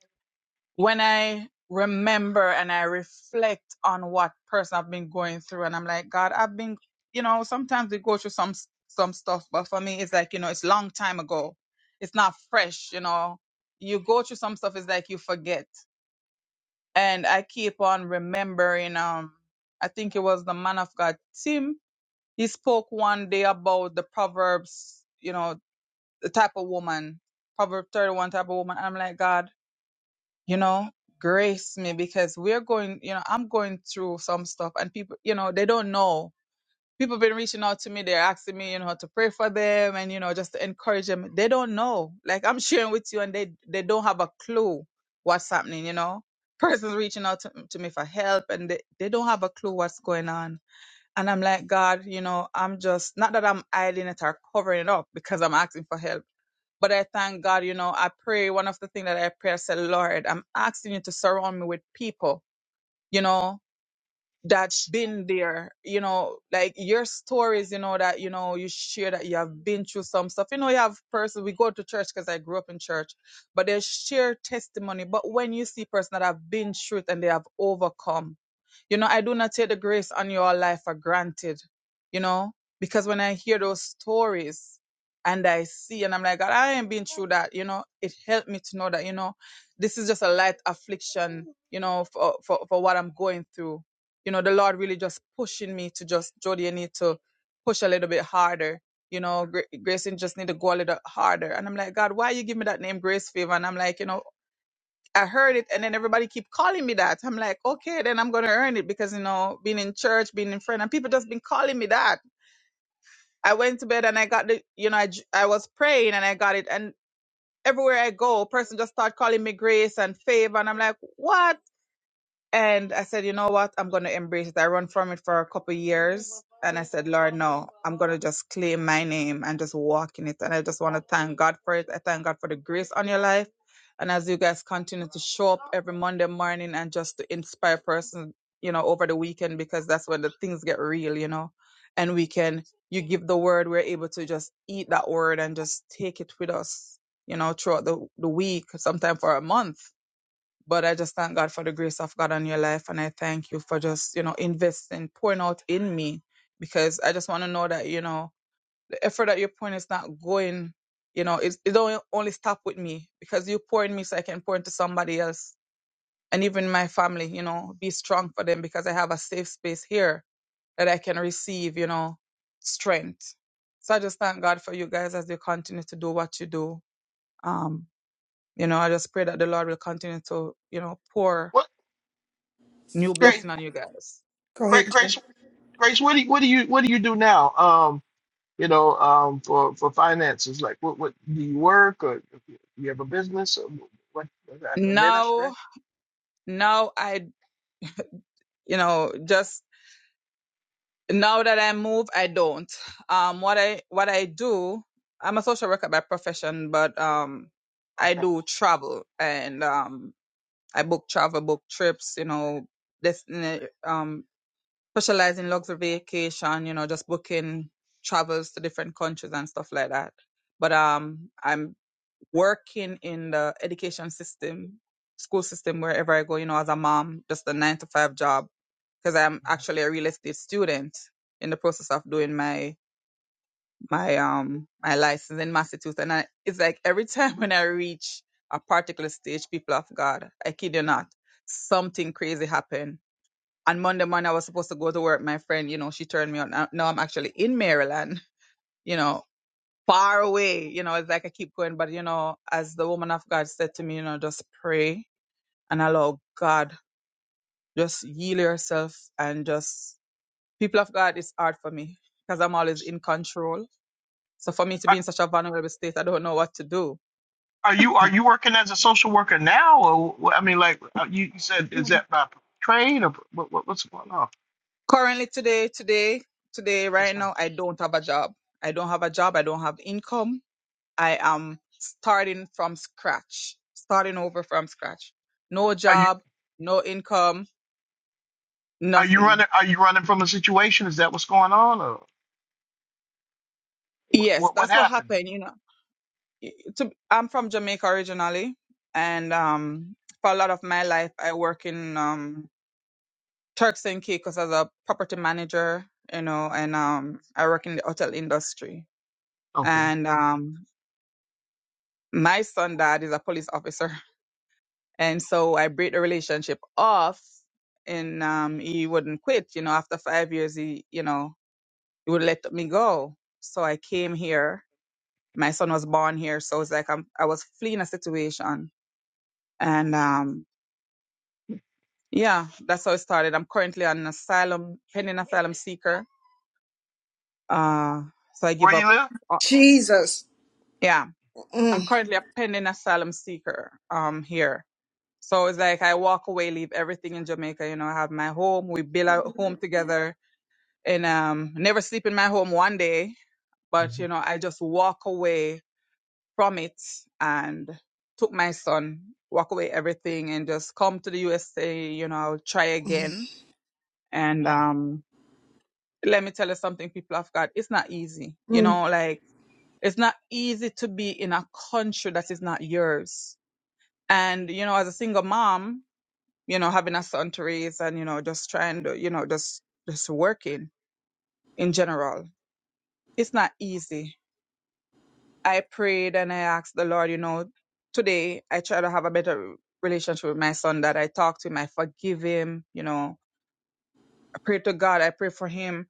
[SPEAKER 12] when I remember and I reflect on what person I've been going through, and I'm like, God, I've been, you know, sometimes we go through some some stuff, but for me, it's like, you know, it's long time ago. It's not fresh, you know. You go through some stuff, it's like you forget, and I keep on remembering. Um, I think it was the man of God, Tim. He spoke one day about the proverbs, you know, the type of woman, Proverb 31 type of woman. I'm like, God you know grace me because we're going you know i'm going through some stuff and people you know they don't know people been reaching out to me they're asking me you know to pray for them and you know just to encourage them they don't know like i'm sharing with you and they they don't have a clue what's happening you know persons reaching out to, to me for help and they, they don't have a clue what's going on and i'm like god you know i'm just not that i'm hiding it or covering it up because i'm asking for help but I thank God, you know, I pray one of the things that I pray, I said, Lord, I'm asking you to surround me with people, you know, that's been there, you know, like your stories, you know, that, you know, you share that you have been through some stuff. You know, you have person, we go to church because I grew up in church, but they share testimony. But when you see person that have been through it and they have overcome, you know, I do not take the grace on your life for granted, you know, because when I hear those stories and I see and I'm like, God, I ain't been through that, you know, it helped me to know that, you know, this is just a light affliction, you know, for, for, for what I'm going through you know, the Lord really just pushing me to just, Jody, you need to push a little bit harder. You know, Gra- Grayson just need to go a little harder. And I'm like, God, why you give me that name Grace Favor? And I'm like, you know, I heard it and then everybody keep calling me that. I'm like, okay, then I'm going to earn it because, you know, being in church, being in friend and people just been calling me that. I went to bed and I got the, you know, I, j- I was praying and I got it. And everywhere I go, person just start calling me grace and favor. And I'm like, what? And I said, you know what? I'm going to embrace it. I run from it for a couple years. And I said, Lord, no, I'm going to just claim my name and just walk in it. And I just want to thank God for it. I thank God for the grace on your life. And as you guys continue to show up every Monday morning and just to inspire person, you know, over the weekend, because that's when the things get real, you know, and we can, you give the word, we're able to just eat that word and just take it with us, you know, throughout the, the week, sometime for a month but I just thank God for the grace of God on your life. And I thank you for just, you know, investing, pouring out in me because I just want to know that, you know, the effort that you're pouring is not going, you know, it's, it don't only stop with me because you pour in me so I can pour into somebody else and even my family, you know, be strong for them because I have a safe space here that I can receive, you know, strength. So I just thank God for you guys as you continue to do what you do. Um, you know, I just pray that the Lord will continue to, you know, pour
[SPEAKER 7] What
[SPEAKER 12] new
[SPEAKER 1] Go,
[SPEAKER 7] great
[SPEAKER 12] blessing on you guys.
[SPEAKER 1] go
[SPEAKER 7] great
[SPEAKER 1] ahead, Tim.
[SPEAKER 7] grace grace, what do you what do you what do you do now? Um, you know, um for, for finances. Like what what do you work or you have a business or what, what a ministry?
[SPEAKER 12] Now, now I, you know, just now that I move, I don't. Um, what I, what I do, I'm a social worker by profession, but, um, I
[SPEAKER 7] Okay.
[SPEAKER 12] do travel and, um, I book travel, book trips, you know, this, um, specialize in luxury vacation, you know, just booking travels to different countries and stuff like that. But, um, I'm working in the education system, school system, wherever I go, you know, as a mom, just a nine to five job, because I'm
[SPEAKER 7] Mm-hmm.
[SPEAKER 12] actually a real estate student in the process of doing my my um my license in Massachusetts, and I, it's like every time when I reach a particular stage, people of God, I kid you not, something crazy happened. On Monday morning, I was supposed to go to work. My friend, you know, she turned me on. Now now I'm actually in Maryland, you know, far away. You know, it's like I keep going, but you know, as the woman of God said to me, you know, just pray and allow God, just yield yourself and just people of God, it's hard for me because I'm always in control. So for me to be in such a vulnerable state, I don't know what to do.
[SPEAKER 7] Are you are you working as a social worker now, or wh- I mean, like uh, you you said, is
[SPEAKER 12] Mhm.
[SPEAKER 7] that by trade or what, what what's going on?
[SPEAKER 12] Currently today, today, today,
[SPEAKER 7] Yes,
[SPEAKER 12] right
[SPEAKER 7] ma'am.
[SPEAKER 12] now, I don't have a job. I don't have a job. I don't have income. I am starting from scratch, starting over from scratch. No
[SPEAKER 7] Are you
[SPEAKER 12] job, no income,
[SPEAKER 7] are you
[SPEAKER 12] nothing
[SPEAKER 7] running are you running from a situation? Is that what's going on, or what
[SPEAKER 12] Yes,
[SPEAKER 7] what, what
[SPEAKER 12] that's what
[SPEAKER 7] happened?
[SPEAKER 12] happened. You know, It- to, I'm from Jamaica originally, and um, for a lot of my life, I work in um, Turks and Caicos as a property manager. You know, and um, I work in the hotel industry.
[SPEAKER 7] Okay,
[SPEAKER 12] And um, my son dad is a police officer, and so I break the relationship off, and um, he wouldn't quit. You know, after five years, he, you know, he would let me go. So I came here. My son was born here, so it's like I'm, I was fleeing a situation And um, yeah, that's how it started. I'm currently an asylum, pending asylum seeker. Uh, so I give
[SPEAKER 7] where you
[SPEAKER 12] up.
[SPEAKER 7] live?
[SPEAKER 12] Uh,
[SPEAKER 1] Jesus.
[SPEAKER 12] yeah,
[SPEAKER 1] Mm.
[SPEAKER 12] I'm currently a pending asylum seeker um, here. So it's like I walk away, leave everything in Jamaica. You know, I have my home. We build a home together and um, never sleep in my home one day. But, you know, I just walk away from it and took my son, walk away everything and just come to the USA. You know, I'll try again. And, um, let me tell you something, people of God, it's not easy. You
[SPEAKER 1] Mm,
[SPEAKER 12] know, like it's not easy to be in a country that is not yours. And, you know, as a single mom, you know, having a son to raise and, you know, just trying to, you know, just just working in general. It's not easy. I prayed and I asked the Lord, you know, today I try to have a better relationship with my son that I talk to him, I forgive him, you know. I pray to God, I pray for him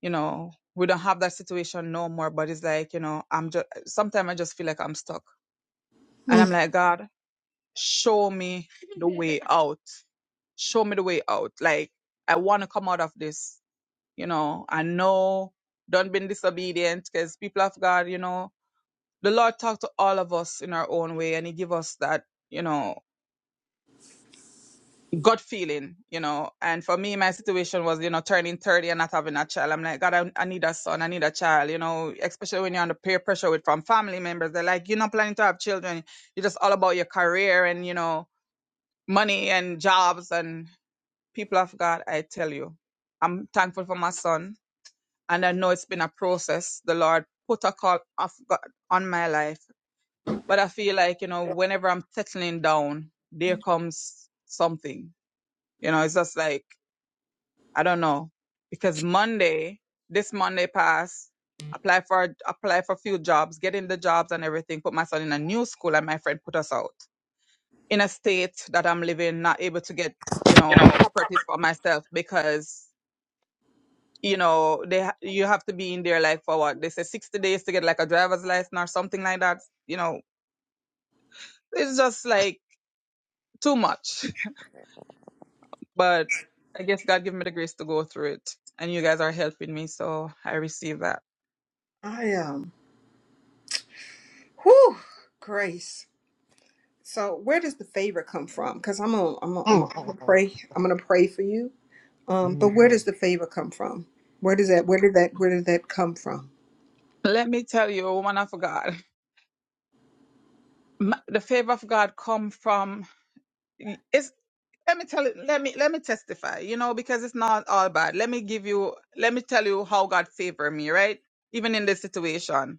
[SPEAKER 12] you know, we don't have that situation no more, but it's like, you know, I'm just, sometimes I just feel like I'm stuck. And I'm
[SPEAKER 1] mm.
[SPEAKER 12] like, God, show me the way out. Show me the way out. Like, I want to come out of this, you know, I know, don't be disobedient because people of God, you know, the Lord talked to all of us in our own way and he give us that, you know, gut feeling, you know. And for me, my situation was, you know, turning 30 and not having a child. I'm like, God, I, I need a son, I need a child, you know, especially when you're under peer pressure with from family members. They're like, you're not planning to have children. You're just all about your career and, you know, money and jobs and people of God, I tell you, I'm thankful for my son. And I know it's been a process. The Lord put a call of God on my life. But I feel like, you know, whenever I'm settling down, there comes something. You know, it's just like I don't know because Monday, this Monday passed. Apply for apply for a few jobs, get in the jobs and everything. Put my son in a new school, and my friend put us out in a state that I'm living, not able to get you know properties for myself because you know they ha- you have to be in there like for what they say 60 days to get like a driver's license or something like that. You know, it's just like too much. but I guess God gave me the grace to go through it, and you guys are helping me, so I receive that.
[SPEAKER 1] I um, whew, grace. So where does the favor come from? Because I'm gonna, I'm gonna,
[SPEAKER 7] hmm
[SPEAKER 1] I'm gonna I'm gonna pray. I'm gonna pray for you. Um, but
[SPEAKER 7] mm
[SPEAKER 1] where does the favor come from? Where does that? Where did that? Where did that come from?
[SPEAKER 12] Let me tell you, woman of God, m- the favor of God come from. It's let me tell it. Let me let me testify. You know, because it's not all bad. Let me give you. Let me tell you how God favored me. Right, even in this situation.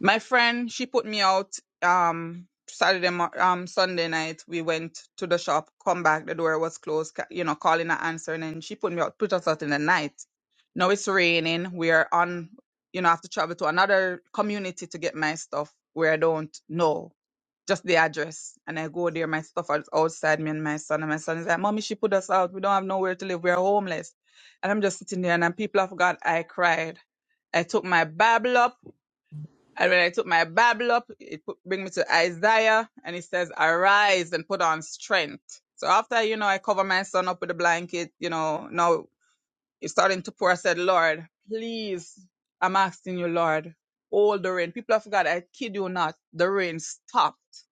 [SPEAKER 12] My friend, she put me out um Saturday mo- um Sunday night. We went to the shop, come back, the door was closed, ca- you know, calling her answering, and she put me out, put us out in the night. Now it's raining. We are on you know, I have to travel to another community to get my stuff where I don't know. Just the address. And I go there, my stuff is outside me and my son. And my son is like, Mommy, she put us out. We don't have nowhere to live. We're homeless. And I'm just sitting there and then people of God, I cried. I took my Bible up and when I took my Bible up, it put, bring me to Isaiah, and it says, "Arise and put on strength." So after you know, I cover my son up with a blanket. You know, now it's starting to pour. I said, "Lord, please, I'm asking you, Lord, hold the rain." People of God, I kid you not, the rain stopped.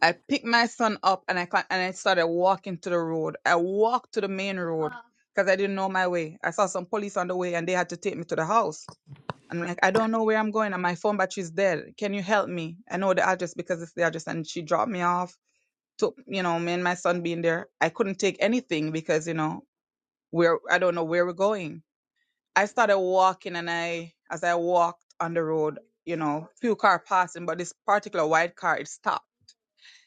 [SPEAKER 12] I picked my son up and I con- and I started walking to the road. I walked to the main road because I didn't know my way. I saw some police on the way, and they had to take me to the house. I'm like, I don't know where I'm going and my phone battery's dead. Can you help me? I know the address because it's the address. And she dropped me off. Took, you know, me and my son being there. I couldn't take anything because, you know, we're, I don't know where we're going. I started walking and I, as I walked on the road, you know, few car passing, but this particular white car, it stopped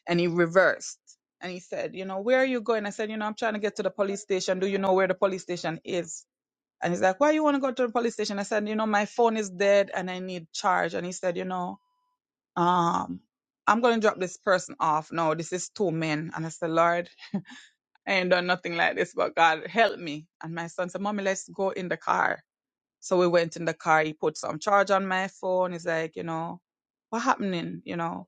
[SPEAKER 12] and he reversed. And he said, you know, where are you going? I said, you know, I'm trying to get to the police station. Do you know where the police station is? And he's like, why you want to go to the police station? I said, you know, my phone is dead and I need charge. And he said, you know, um, I'm going to drop this person off. No, this is two men. And I said, Lord, I ain't done nothing like this, but God help me. And my son said, mommy, let's go in the car. So we went in the car. He put some charge on my phone. He's like, you know, what happening? You know,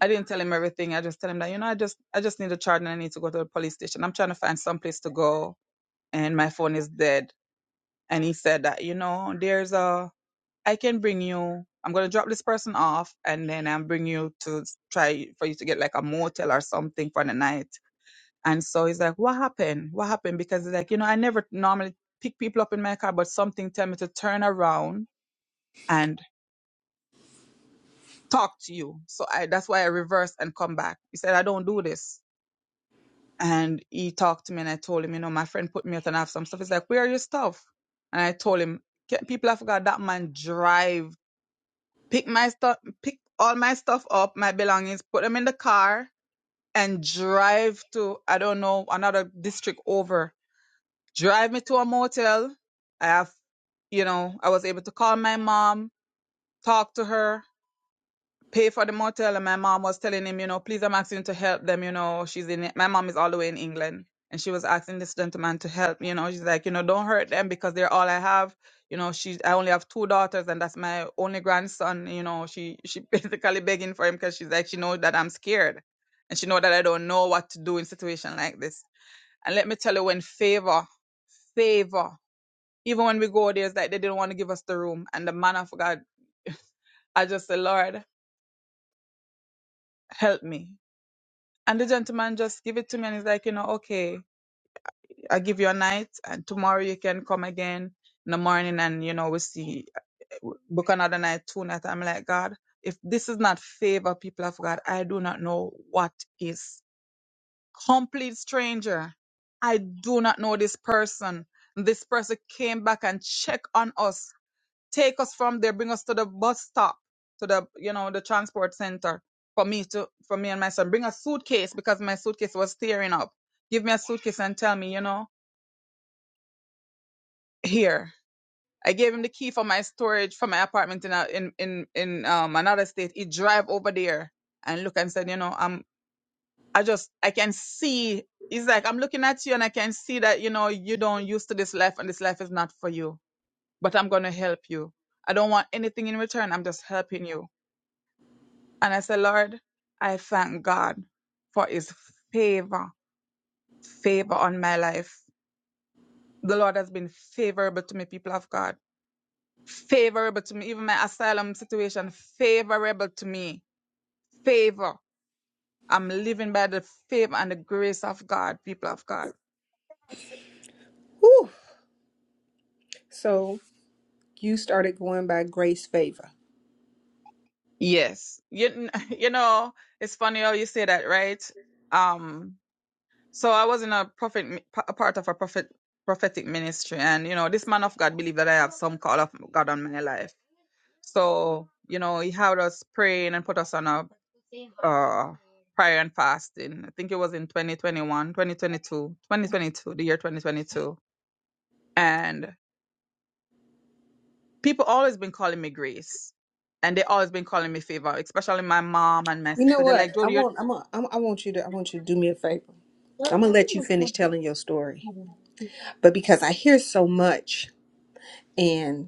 [SPEAKER 12] I didn't tell him everything. I just tell him that, you know, I just, I just need a charge and I need to go to the police station. I'm trying to find some place to go and my phone is dead. And he said that, you know, there's a, I can bring you. I'm gonna drop this person off, and then I'm bring you to s- try for you to get like a motel or something for the night. And so he's like, "What happened? What happened?" Because he's like, you know, I never normally pick people up in my car, but something tell me to turn around and talk to you. So I that's why I reversed and come back. He said, "I don't do this." And he talked to me, and I told him, you know, my friend put me out and I have some stuff. He's like, "Where are your stuff?" And I told him, "Ca- "People have got that man drive." pick my stuff, pick all my stuff up, my belongings, put them in the car, and drive to I don't know another district over. Drive me to a motel. I have, you know, I was able to call my mom, talk to her pay for the motel and my mom was telling him, you know, please I'm asking to help them, you know, she's in it. my mom is all the way in England and she was asking this gentleman to help, you know, she's like, you know, don't hurt them because they're all I have. You know, she I only have two daughters and that's my only grandson, you know, she she basically begging for him because she's like she knows that I'm scared and she know that I don't know what to do in situation like this. And let me tell you when favor favor even when we go there it's like they didn't want to give us the room and the man of God I just say, Lord, help me. And the gentleman just give it to me and he's like, you know, okay, I give you a night and tomorrow you can come again in the morning and, you know, we see, book another night, two nights. I'm like, God, if this is not favor, people of God, I do not know what is. Complete stranger. I do not know this person. This person came back and checked on us take us from there, bring us to the bus stop, to the you know the transport center for me to for me and my son. Bring a suitcase because my suitcase was tearing up. Give me a suitcase and tell me, you know, here. I gave him the key for my storage for my apartment in a, in in in um, another state. He drive over there and look and said, you know, I'm I just I can see. He's like, I'm looking at you and I can see that you know you don't used to this life and this life is not for you. But I'm gonna help you. I don't want anything in return. I'm just helping you And I said, Lord, I thank God for his favor, favor on my life. The Lord has been favorable to me, people of God. Favorable to me, even my asylum situation, favorable to me. Favor. I'm living by the favor and the grace of God, people of God.
[SPEAKER 1] Whew. So you started going by grace favor.
[SPEAKER 12] Yes. You, you know, it's funny how you say that, right? Um, so I was in a prophet, a part of a prophet, prophetic ministry. And, you know, this man of God believed that I have some call of God on my life So, you know, he had us praying and put us on a uh, prayer and fasting. I think it was in 2021, 2022, 2022, the year 2022. And people always been calling me Grace. And they always been calling me favor, especially my mom and my
[SPEAKER 1] You know
[SPEAKER 12] sister. They're
[SPEAKER 1] what?
[SPEAKER 12] like,
[SPEAKER 1] I
[SPEAKER 12] Jody,
[SPEAKER 1] want. I'm. A, I'm I want you to. I want you to do me a favor. I'm gonna let you finish telling your story. But because I hear so much, and.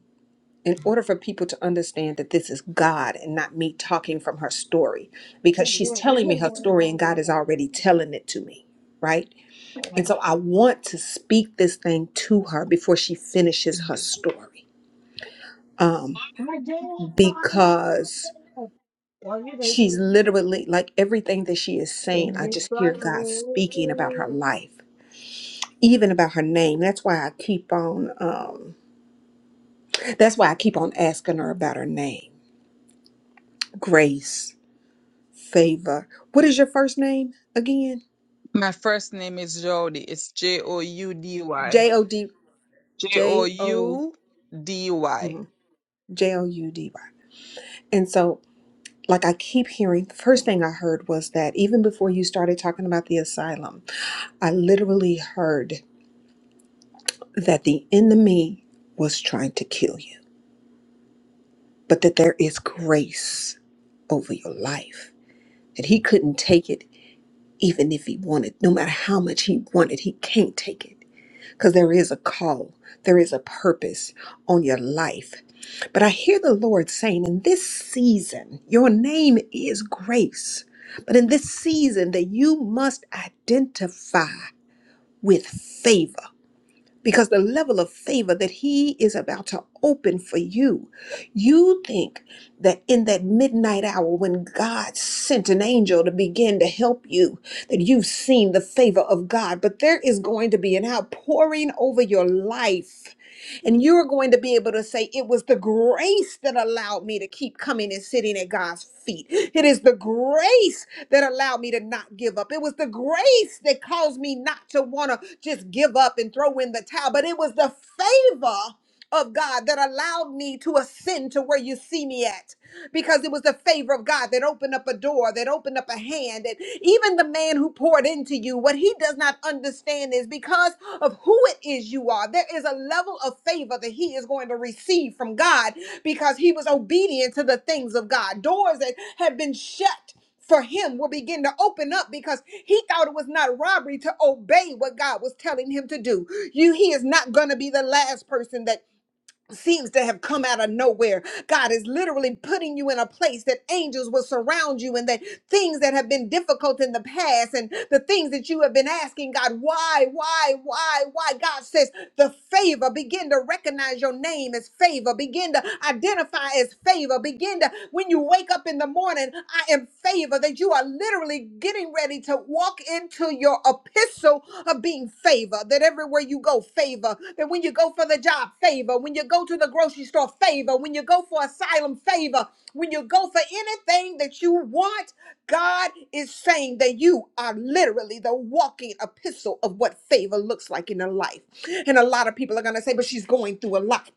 [SPEAKER 1] in order for people to understand that this is God and not me talking from her story, because she's
[SPEAKER 12] you're...
[SPEAKER 1] telling me her story and God is already telling it to me, right? And so I want to speak this thing to her before she finishes her story, um, because she's literally like everything that she is saying, I just hear God speaking about her life. Even about her name. That's why I keep on um that's why I keep on asking her about her name. Grace. favor. What is your first name again?
[SPEAKER 12] my first name is Jody. It's J O U D Y.
[SPEAKER 1] J O D
[SPEAKER 12] J O
[SPEAKER 1] J O
[SPEAKER 12] U D Y.
[SPEAKER 1] mhm, J O U D Y. And so, like I keep hearing, the first thing I heard was that even before you started talking about the asylum, I literally heard that the enemy was trying to kill you, but that there is grace over your life, that he couldn't take it even if he wanted, no matter how much he wanted, he can't take it. because there is a call, there is a purpose on your life. But I hear the Lord saying, in this season, your name is grace, but in this season that you must identify with favor because the level of favor that he is about to open for you you think that in that midnight hour when god sent an angel to begin to help you that you've seen the favor of god but there is going to be an outpouring over your life and you're going to be able to say, It was the grace that allowed me to keep coming and sitting at God's feet. It is the grace that allowed me to not give up. It was the grace that caused me not to want to just give up and throw in the towel, but it was the favor of God that allowed me to ascend to where you see me at because it was the favor of God that opened up a door, that opened up a hand. And even the man who poured into you, what he does not understand is because of who it is you are, there is a level of favor that he is going to receive from God because he was obedient to the things of God. Doors that had been shut for him will begin to open up because he thought it was not robbery to obey what God was telling him to do. You he is not going to be the last person that seems to have come out of nowhere. God is literally putting you in a place that angels will surround you and that things that have been difficult in the past and the things that you have been asking God, why, why, why, why? God says, the favor, begin to recognize your name as favor, begin to identify as favor, begin to, when you wake up in the morning, I am favor, that you are literally getting getting ready to walk into your epistle of being favor. That everywhere you go, favor. That when you go for the job, favor. When you go to the grocery store, favor. When you go for asylum, favor. When you go for anything that you want, God is saying that you are literally the walking epistle of what favor looks like in a life. And a lot of people are going to say, but she's going through a lot.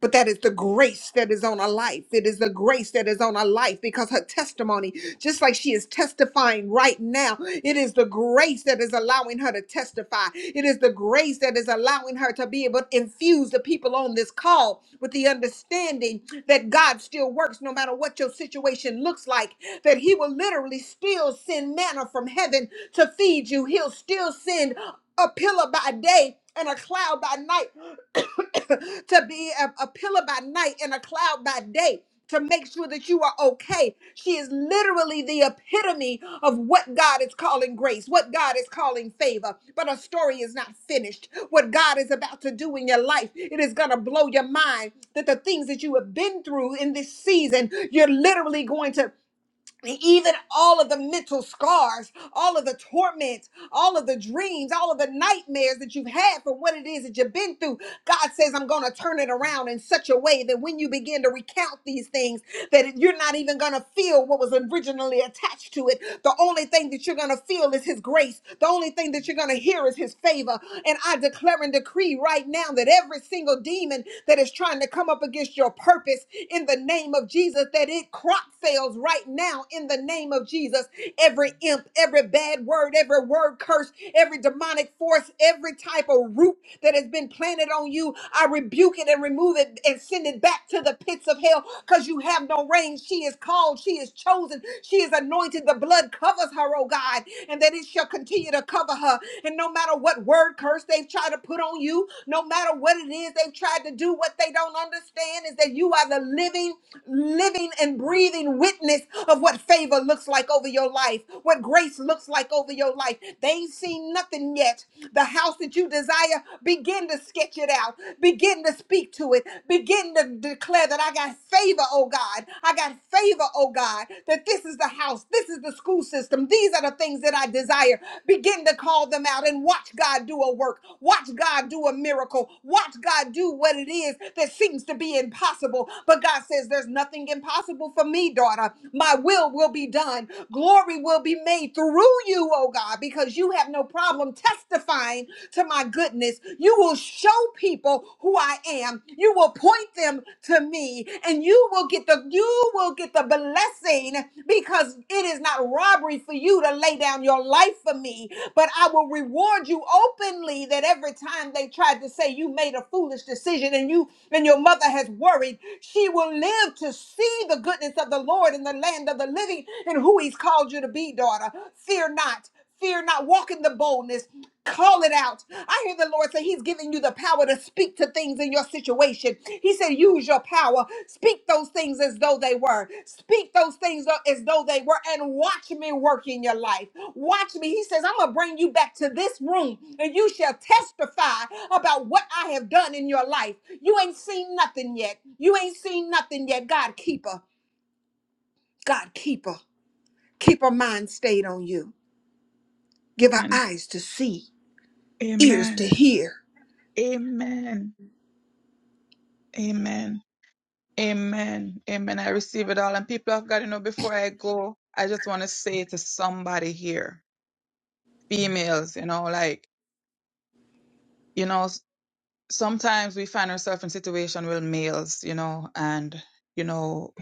[SPEAKER 1] But that is the grace that is on her life. It is the grace that is on her life because her testimony, just like she is testifying right now, it is the grace that is allowing her to testify. It is the grace that is allowing her to be able to infuse the people on this call with the understanding that God still works no matter what your situation looks like, that He will literally still send manna from heaven to feed you. He'll still send a pillar by day and a cloud by night, to be a, a pillar by night and a cloud by day. To make sure that you are okay. She is literally the epitome of what God is calling grace, what God is calling favor. But her story is not finished. What God is about to do in your life, it is going to blow your mind that the things that you have been through in this season, you're literally going to and even all of the mental scars, all of the torment, all of the dreams, all of the nightmares that you've had for what it is that you've been through, God says, I'm going to turn it around in such a way that when you begin to recount these things, that you're not even going to feel what was originally attached to it. The only thing that you're going to feel is His grace. The only thing that you're going to hear is His favor. And I declare and decree right now that every single demon that is trying to come up against your purpose in the name of Jesus, that it crop fails right now right now in the name of Jesus. Every imp, every bad word, every word curse, every demonic force, every type of root that has been planted on you, I rebuke it and remove it and send it back to the pits of hell because you have no reign. She is called, she is chosen, she is anointed. The blood covers her, oh God, and that it shall continue to cover her. And no matter what word curse they've tried to put on you, no matter what it is they've tried to do, what they don't understand is that you are the living, living, and breathing witness witness of what favor looks like over your life, what grace looks like over your life. They ain't seen nothing yet. The house that you desire, begin to sketch it out, begin to speak to it, begin to declare that I got favor, oh God. I got favor, oh God, that this is the house, this is the school system, these are the things that I desire. Begin to call them out and watch God do a work, watch God do a miracle, watch God do what it is that seems to be impossible. But God says, There's nothing impossible for me, daughter. My will will be done. Glory will be made through you, oh God, because you have no problem testifying to my goodness. You will show people who I am. You will point them to me, and you will get the you will get the blessing because it is not robbery for you to lay down your life for me. But I will reward you openly that every time they tried to say you made a foolish decision and you and your mother has worried, she will live to see the goodness presence of the Lord in the land of the living and who he's called you to be, daughter. Fear not. Fear not. Walk in the boldness. Call it out. I hear the Lord say he's giving you the power to speak to things in your situation. He said, use your power. Speak those things as though they were. Speak those things as though they were and watch me work in your life. Watch me. He says, I'm going to bring you back to this room and you shall testify about what I have done in your life. You ain't seen nothing yet. You ain't seen nothing yet. God, keeper. God, keep her. Keep her mind stayed on you. Give her
[SPEAKER 12] Amen.
[SPEAKER 1] eyes to see, ears
[SPEAKER 12] Amen.
[SPEAKER 1] to hear.
[SPEAKER 12] Amen. Amen. Amen. Amen. I receive it all. And people of God, you know, before I go, I just want to say to somebody here, females, you know, like, you know, s- sometimes we find ourselves in situation with males, you know, and, you know,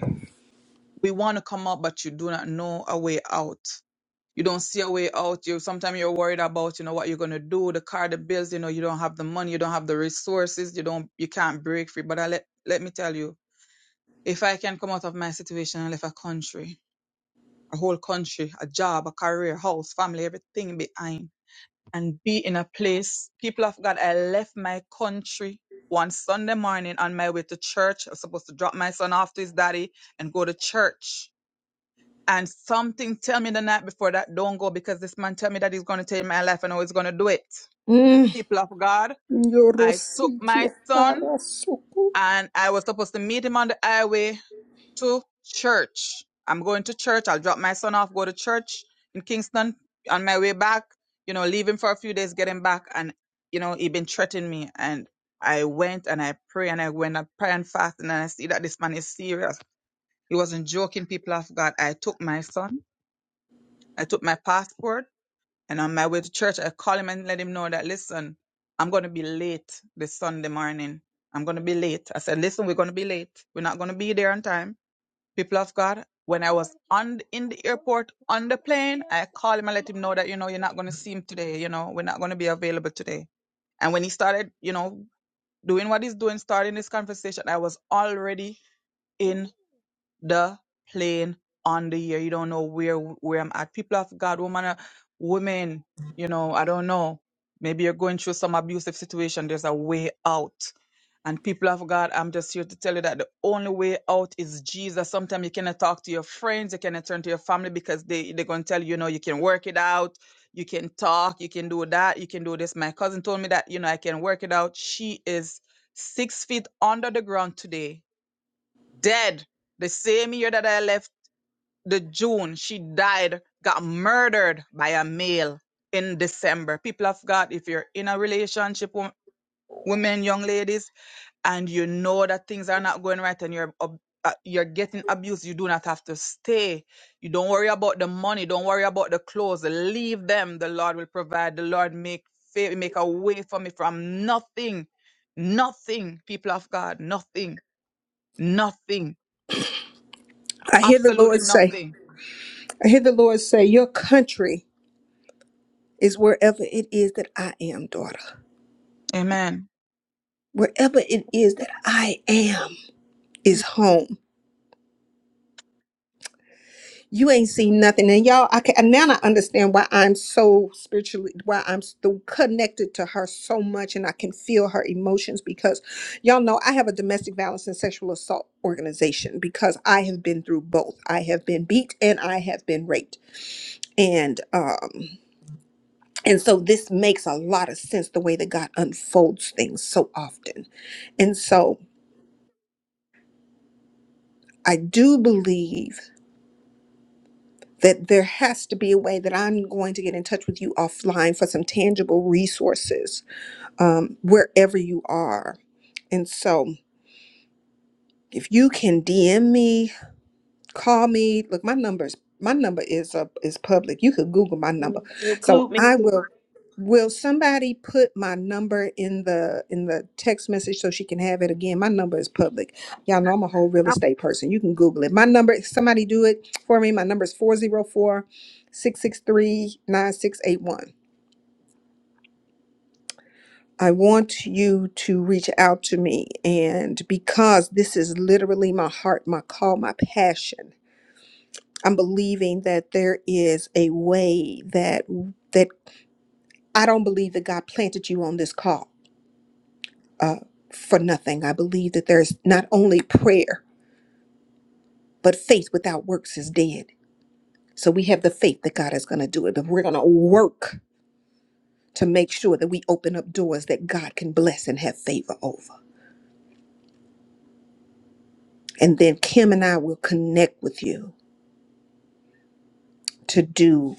[SPEAKER 12] we want to come up, but you do not know a way out. you don't see a way out. You sometimes you're worried about, you know, what you're gonna do, the car, the bills, you know, you don't have the money, you don't have the resources, you don't you can't break free. But I let let me tell you, if I can come out of my situation and leave a country, a whole country, a job, a career, house, family, everything behind, and be in a place, people of God, I left my country one Sunday morning on my way to church. I was supposed to drop my son off to his daddy and go to church and something tell me the night before that don't go because this man tell me that he's gonna take my life and how he's gonna do it.
[SPEAKER 1] Mm.
[SPEAKER 12] People of God, I took
[SPEAKER 1] Yorosiki
[SPEAKER 12] my son
[SPEAKER 1] Arasuku.
[SPEAKER 12] and I was supposed to meet him on the highway to church. I'm going to church. I'll drop my son off, go to church in Kingston on my way back, you know, leave him for a few days, get him back. And, you know, he been threatening me. And I went and I pray and I went and pray and fast and I see that this man is serious. He wasn't joking, people of God. I took my son I took my passport and on my way to church, I called him and let him know that, listen, I'm going to be late this Sunday morning. I'm going to be late. I said, listen, we're going to be late. We're not going to be there on time. People of God, when I was on in the airport on the plane, I called him and let him know that, you know, you're not going to see him today. You know, we're not going to be available today. And when he started, you know, doing what he's doing, starting this conversation, I was already in the plane on the year. You don't know where where I'm at. People of God, woman, uh, women, you know, I don't know. Maybe you're going through some abusive situation. There's a way out. And people of God, I'm just here to tell you that the only way out is Jesus. Sometimes you cannot talk to your friends, you cannot turn to your family because they, they're going to tell you, you know, you can work it out, you can talk, you can do that, you can do this. My cousin told me that, you know, I can work it out. She is six feet under the ground today dead the same year that I left the June. She died, got murdered by a male in December. People of God, if you're in a relationship, wo- women, young ladies, and you know that things are not going right and you're ab- uh, you're getting abused, you do not have to stay. You don't worry about the money, don't worry about the clothes. Leave them. The Lord will provide. The Lord make fa- make a way for me from nothing. Nothing, people of God, nothing, nothing,
[SPEAKER 1] I hear the
[SPEAKER 12] absolutely
[SPEAKER 1] Lord say,
[SPEAKER 12] nothing
[SPEAKER 1] I hear the Lord say, Your country is wherever it is that I am, daughter.
[SPEAKER 12] Amen.
[SPEAKER 1] Wherever it is that I am is home. you ain't seen nothing and y'all i can and now i understand why i'm so spiritually why i'm so connected to her so much and i can feel her emotions because y'all know i have a domestic violence and sexual assault organization because i have been through both i have been beat and i have been raped and um and so this makes a lot of sense the way that god unfolds things so often and so i do believe that there has to be a way that I'm going to get in touch with you offline for some tangible resources um, wherever you are. And so if you can DM me, call me. Look, my number's my number is uh, is public. You could Google my number.
[SPEAKER 2] Mm,
[SPEAKER 1] So
[SPEAKER 2] Include me
[SPEAKER 1] I
[SPEAKER 2] too.
[SPEAKER 1] will. Will somebody put my number in the in the text message so she can have it again? My number is public. Y'all know I'm a whole real
[SPEAKER 2] I-
[SPEAKER 1] estate person. You can Google it. My number, somebody do it for me. My number is four zero four six six three nine six eight one. I want you to reach out to me and because this is literally my heart, my call, my passion. I'm believing that there is a way that that I don't believe that God planted you on this call uh, for nothing. I believe that there's not only prayer, but faith without works is dead. So we have the faith that God is going to do it, but we're going to work to make sure that we open up doors that God can bless and have favor over. And then Kim and I will connect with you to do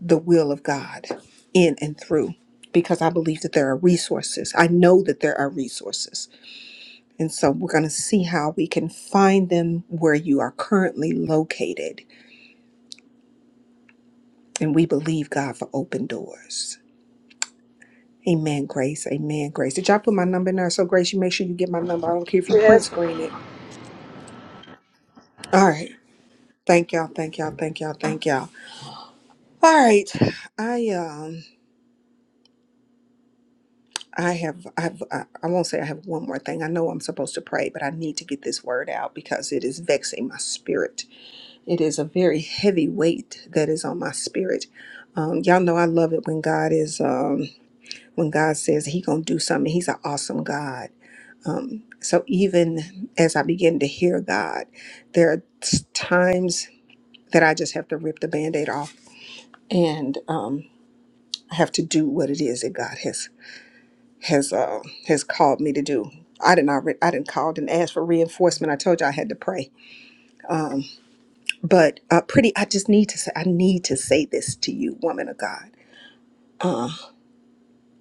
[SPEAKER 1] the will of God in and through because I believe that there are resources. I know that there are resources And so we're going to see how we can find them where you are currently located. And we believe God for open doors. Amen, Grace. Amen, Grace. Did y'all put my number in there? So, Grace, you make sure you get my number. I don't care if you print
[SPEAKER 4] Yes. and
[SPEAKER 1] screen it. All right. Thank y'all. Thank y'all. Thank y'all. Thank y'all. All right. I um I have I have I, I won't say I have one more thing. I know I'm supposed to pray, but I need to get this word out because it is vexing my spirit It is a very heavy weight that is on my spirit. Um, y'all know I love it when God is um, when God says He gonna do something. He's an awesome God. Um, so even as I begin to hear God, there are t- times that I just have to rip the Band-Aid off and um, I have to do what it is that God has has uh, has called me to do. I didn't already, I didn't called and asked for reinforcement. I told you I had to pray, but uh, pretty, I just need to say, I need to say this to you, woman of God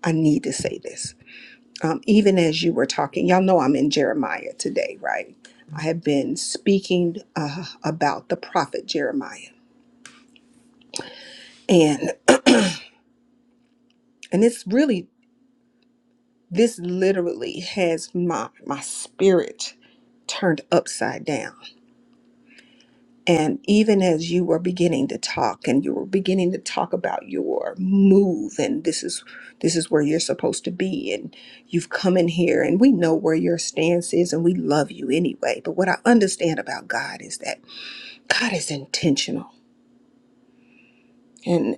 [SPEAKER 1] I need to say this. Um, even as you were talking, y'all know I'm in Jeremiah today, right? I have been speaking uh, about the prophet Jeremiah, and and it's really this literally has my my spirit turned upside down And even as you were beginning to talk and you were beginning to talk about your move and this is this is where you're supposed to be and you've come in here and we know where your stance is and we love you anyway. But what I understand about God is that God is intentional. And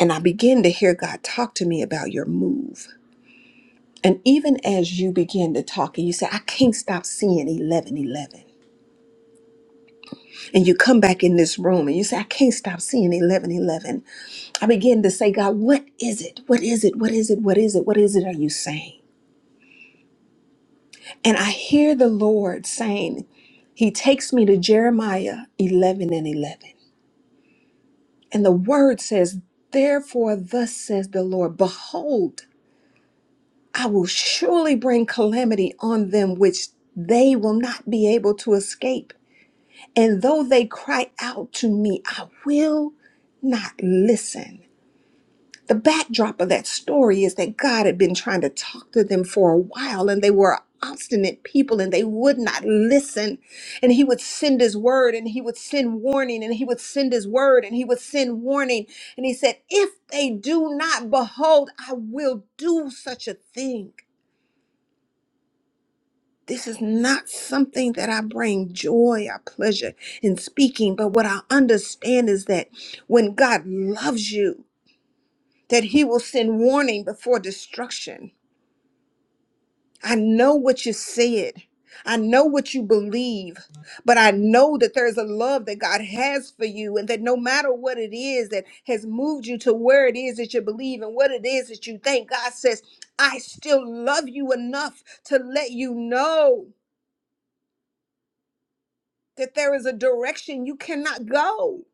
[SPEAKER 1] and I begin to hear God talk to me about your move. And even as you begin to talk and you say, I can't stop seeing eleven eleven. And you come back in this room and you say, I can't stop seeing eleven eleven I begin to say, God, what is it? What is it? What is it? What is it? What is it are you saying? And I hear the Lord saying, He takes me to Jeremiah 11 and 11. And the word says, Therefore, thus says the Lord, Behold, I will surely bring calamity on them which they will not be able to escape. And though they cry out to me, I will not listen. The backdrop of that story is that God had been trying to talk to them for a while and they were obstinate people and they would not listen. And he would send his word and he would send warning and he would send his word and he would send warning. And he said, If they do not, behold, I will do such a thing. This is not something that I bring joy or pleasure in speaking, but what I understand is that when God loves you, that he will send warning before destruction I know what you said. I know what you believe, but I know that there's a love that God has for you, and that no matter what it is that has moved you to where it is that you believe and what it is that you think, God says, I still love you enough to let you know that there is a direction you cannot go.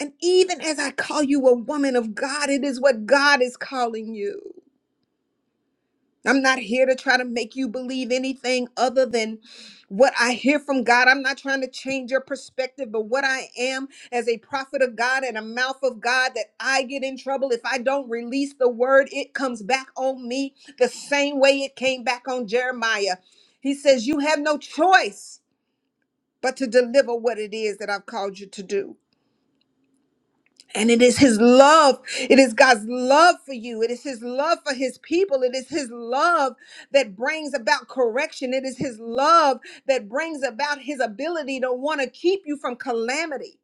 [SPEAKER 1] And even as I call you a woman of God, it is what God is calling you. I'm not here to try to make you believe anything other than what I hear from God. I'm not trying to change your perspective, but what I am as a prophet of God and a mouth of God that I get in trouble if I don't release the word, it comes back on me the same way it came back on Jeremiah. He says, You have no choice but to deliver what it is that I've called you to do. And it is his love. It is God's love for you. It is his love for his people. It is his love that brings about correction. It is his love that brings about his ability to want to keep you from calamity.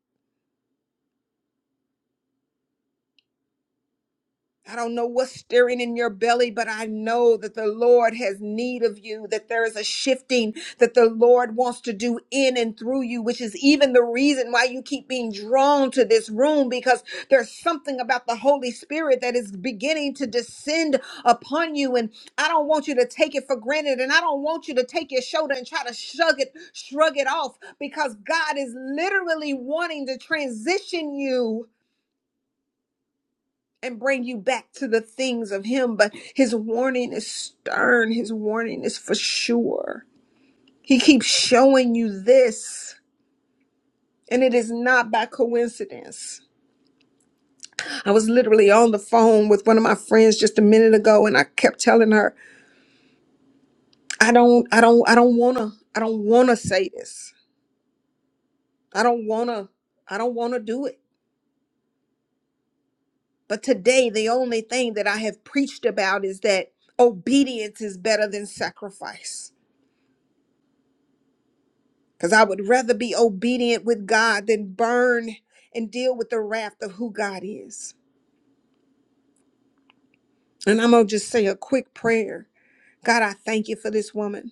[SPEAKER 1] I don't know what's stirring in your belly, but I know that the Lord has need of you, that there is a shifting that the Lord wants to do in and through you, which is even the reason why you keep being drawn to this room because there's something about the Holy Spirit that is beginning to descend upon you. And I don't want you to take it for granted. And I don't want you to take your shoulder and try to shrug it, shrug it off because God is literally wanting to transition you and bring you back to the things of him but his warning is stern his warning is for sure he keeps showing you this and it is not by coincidence i was literally on the phone with one of my friends just a minute ago and i kept telling her i don't i don't i don't want to i don't want to say this i don't want to i don't want to do it but today the only thing that i have preached about is that obedience is better than sacrifice Because I would rather be obedient with God than burn and deal with the wrath of who God is. And I'm going to just say a quick prayer. God, I thank you for this woman.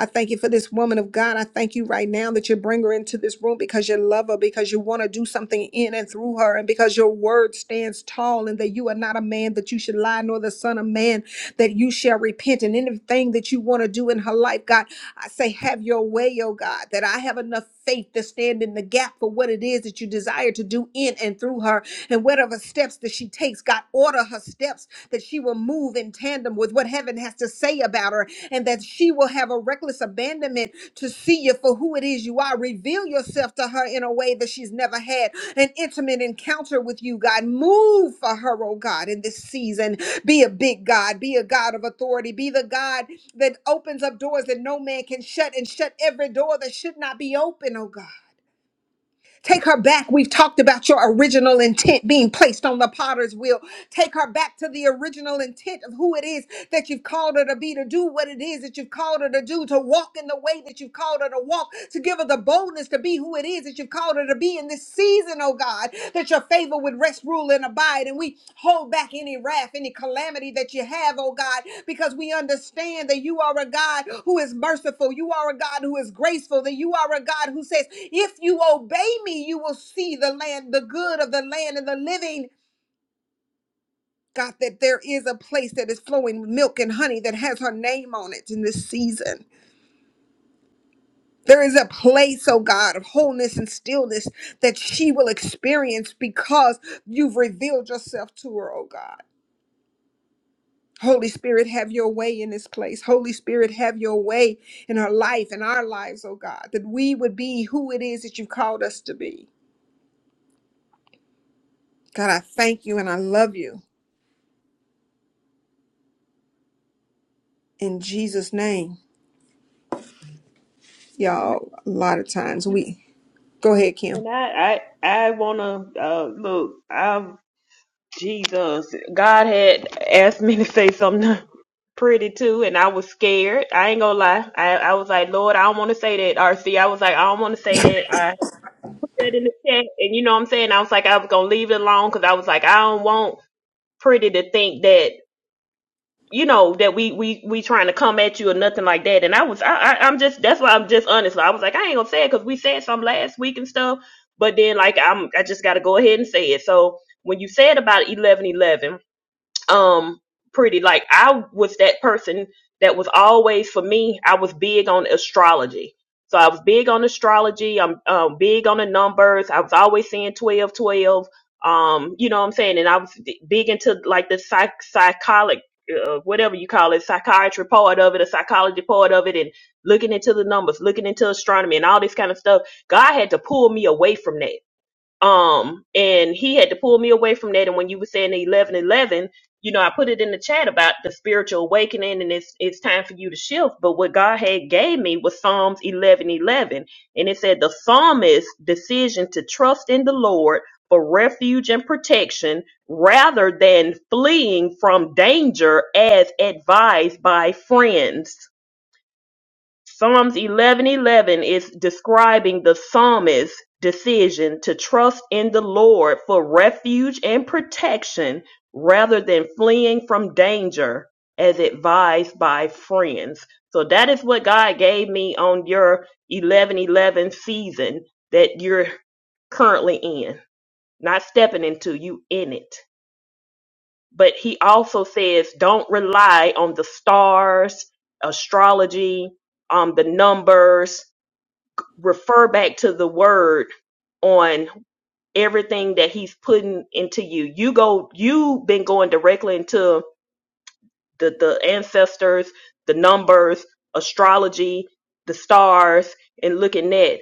[SPEAKER 1] I thank you for this woman of God. I thank you right now that you bring her into this room because you love her, because you want to do something in and through her, and because your word stands tall and that you are not a man that you should lie, nor the son of man that you shall repent. And anything that you want to do in her life, God, I say, have your way, oh God, that I have enough faith to stand in the gap for what it is that you desire to do in and through her. And whatever steps that she takes, God, order her steps that she will move in tandem with what heaven has to say about her, and that she will have a reckless abandonment to see you for who it is you are. Reveal yourself to her in a way that she's never had an intimate encounter with you, God. Move for her, oh God, in this season. Be a big God, be a God of authority, be the God that opens up doors that no man can shut and shut every door that should not be open, oh God. Take her back. We've talked about your original intent being placed on the potter's wheel. Take her back to the original intent of who it is that you've called her to be, to do what it is that you've called her to do, to walk in the way that you've called her to walk, to give her the boldness to be who it is that you've called her to be in this season, oh God, that your favor would rest, rule, and abide. And we hold back any wrath, any calamity that you have, oh God, because we understand that you are a God who is merciful, you are a God who is graceful, that you are a God who says, If you obey me, you will see the land, the good of the land and the living. God, that there is a place that is flowing with milk and honey that has her name on it in this season. There is a place, oh God, of wholeness and stillness that she will experience because you've revealed yourself to her, oh God. Holy Spirit, have your way in this place. Holy Spirit, have your way in her life and our lives, oh God, that we would be who it is that you've called us to be. God, I thank you and I love you in Jesus' name.
[SPEAKER 2] And I
[SPEAKER 1] Y'all, a lot of times we go ahead, Kim.
[SPEAKER 2] I I, wanna uh, look. I Jesus, God had asked me to say something pretty too, and I was scared. I ain't gonna lie. I I was like, Lord, I don't want to say that. RC, I was like, I don't want to say that. I. said in the chat, and you know what I'm saying? I was like, I was gonna leave it alone because I was like, I don't want Pretty to think that you know that we we we trying to come at you or nothing like that. And I was, I, I I'm just that's why I'm just honest. I was like, I ain't gonna say it because we said some last week and stuff. But then like I'm, I just gotta go ahead and say it. So when you said about 11:11 um pretty like i was that person that was always for me i was big on astrology so i was big on astrology i'm um, big on the numbers i was always saying 12, 12. um you know what i'm saying and i was big into like the psych psychology uh, whatever you call it, psychiatry part of it, a psychology part of it, and looking into the numbers, looking into astronomy, and all this kind of stuff. God had to pull me away from that um and he had to pull me away from that and when you were saying the 11 eleven, you know i put it in the chat about the spiritual awakening and it's it's time for you to shift but what god had gave me was psalms 11 11, and it said the psalmist's decision to trust in the lord for refuge and protection rather than fleeing from danger as advised by friends Psalms 11:11 is describing the psalmist's decision to trust in the Lord for refuge and protection rather than fleeing from danger as advised by friends. So that is what God gave me on your 11:11 season that you're currently in. Not stepping into you in it. But he also says don't rely on the stars, astrology, um the numbers refer back to the word on everything that he's putting into you. You go you've been going directly into the the ancestors, the numbers, astrology, the stars, and looking at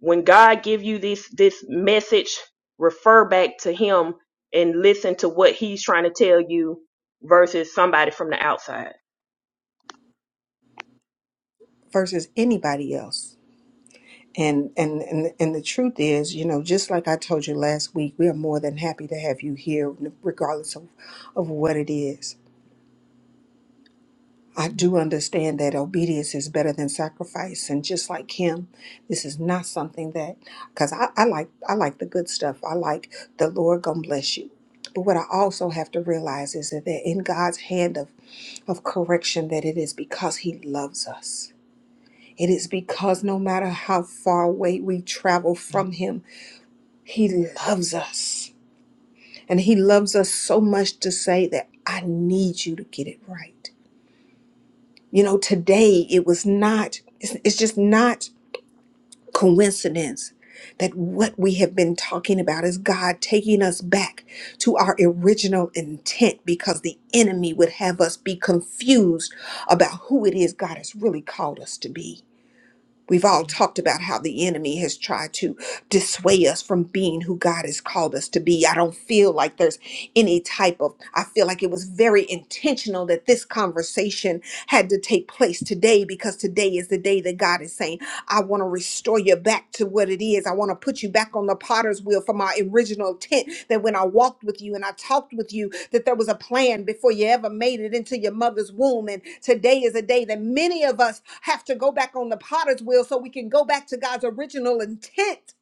[SPEAKER 2] when God give you this this message, refer back to Him and listen to what He's trying to tell you versus somebody from the outside.
[SPEAKER 1] versus anybody else. And, and and and the truth is, you know, just like I told you last week, we are more than happy to have you here, regardless of, of what it is. I do understand that obedience is better than sacrifice, and just like him, this is not something that because I, I like I like the good stuff. I like the Lord gonna bless you. But what I also have to realize is that they're in God's hand of, of correction that it is because He loves us It is because no matter how far away we travel from Him, He loves us. And He loves us so much to say that I need you to get it right. You know, today it was not, it's, it's just not coincidence that what we have been talking about is God taking us back to our original intent because the enemy would have us be confused about who it is God has really called us to be. We've all talked about how the enemy has tried to dissuade us from being who God has called us to be. I don't feel like there's any type of, I feel like it was very intentional that this conversation had to take place today because today is the day that God is saying, I want to restore you back to what it is. I want to put you back on the potter's wheel from our original intent that when I walked with you and I talked with you, that there was a plan before you ever made it into your mother's womb. And today is a day that many of us have to go back on the potter's wheel so we can go back to God's original intent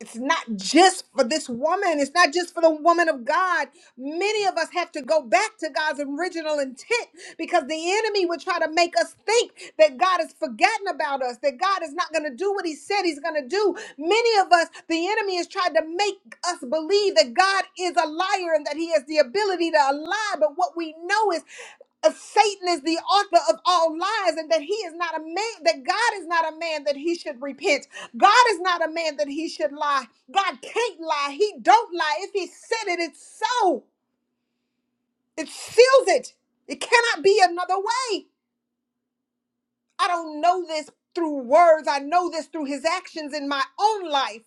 [SPEAKER 1] it's not just for this woman. It's not just for the woman of God. Many of us have to go back to God's original intent because the enemy would try to make us think that God has forgotten about us, that God is not going to do what he said he's going to do. Many of us, the enemy has tried to make us believe that God is a liar and that he has the ability to lie. But what we know is uh, Satan is the author of all lies, and that he is not a man, that God is not a man that he should repent. God is not a man that he should lie. God can't lie. He don't lie. If he said it, it's so. It seals it. It cannot be another way. I don't know this through words. I know this through his actions in my own life.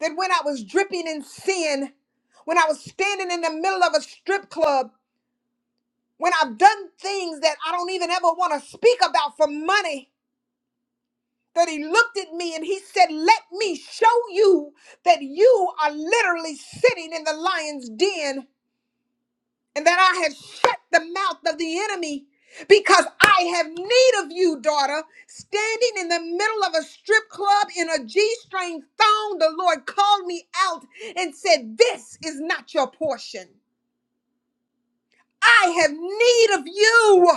[SPEAKER 1] That when I was dripping in sin, when I was standing in the middle of a strip club, when I've done things that I don't even ever want to speak about for money, that he looked at me and he said, Let me show you that you are literally sitting in the lion's den and that I have shut the mouth of the enemy because I have need of you, daughter. Standing in the middle of a strip club in a G string thong, the Lord called me out and said, This is not your portion. I have need of you.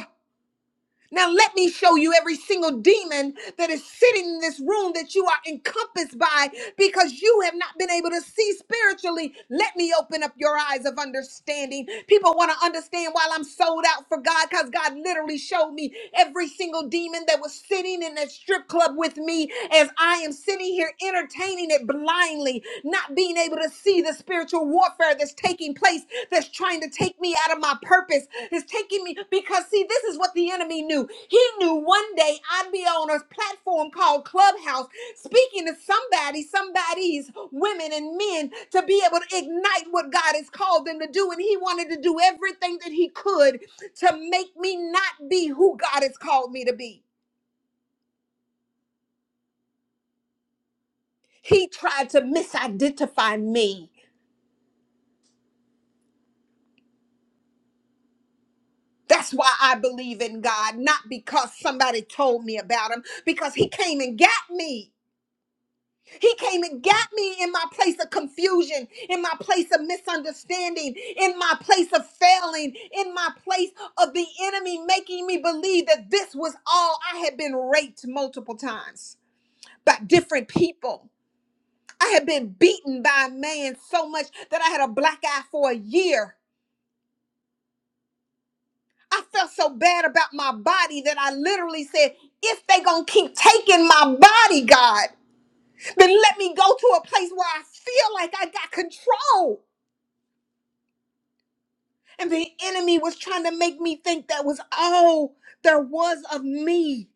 [SPEAKER 1] Now let me show you every single demon that is sitting in this room that you are encompassed by because you have not been able to see spiritually. Let me open up your eyes of understanding. People want to understand why I'm sold out for God because God literally showed me every single demon that was sitting in that strip club with me as I am sitting here entertaining it blindly, not being able to see the spiritual warfare that's taking place that's trying to take me out of my purpose is taking me because see this is what the enemy knew he knew one day i'd be on a platform called clubhouse speaking to somebody somebody's women and men to be able to ignite what god has called them to do and he wanted to do everything that he could to make me not be who god has called me to be he tried to misidentify me that's why I believe in God, not because somebody told me about him, because he came and got me. He came and got me in my place of confusion, in my place of misunderstanding, in my place of failing, in my place of the enemy making me believe that this was all. I had been raped multiple times by different people. I had been beaten by a man so much that I had a black eye for a year. I felt so bad about my body that I literally said, if they gonna keep taking my body, God, then let me go to a place where I feel like I got control And the enemy was trying to make me think that was all there was of me.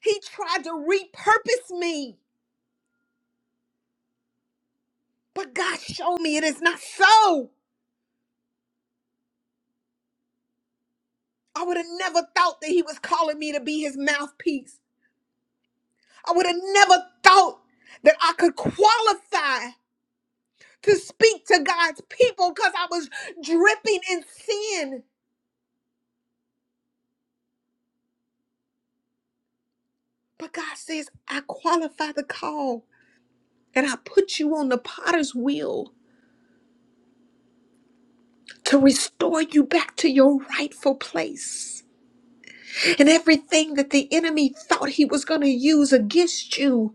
[SPEAKER 1] He tried to repurpose me. But God showed me it is not so. I would have never thought that He was calling me to be His mouthpiece. I would have never thought that I could qualify to speak to God's people because I was dripping in sin. But God says, I qualify the call and I put you on the potter's wheel. to restore you back to your rightful place. And everything that the enemy thought he was going to use against you,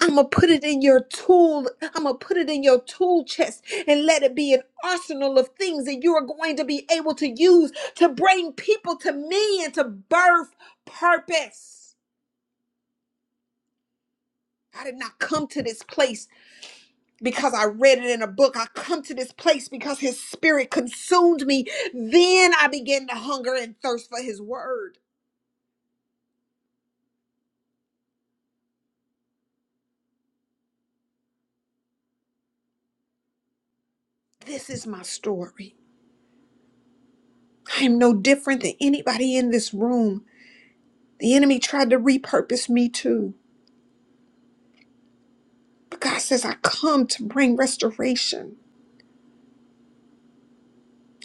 [SPEAKER 1] I'm going to put it in your tool. I'm going to put it in your tool chest and let it be an arsenal of things that you are going to be able to use to bring people to me and to birth purpose. I did not come to this place because I read it in a book. I come to this place because his spirit consumed me. Then I began to hunger and thirst for his word. This is my story. I am no different than anybody in this room. The enemy tried to repurpose me too. But God says, I come to bring restoration.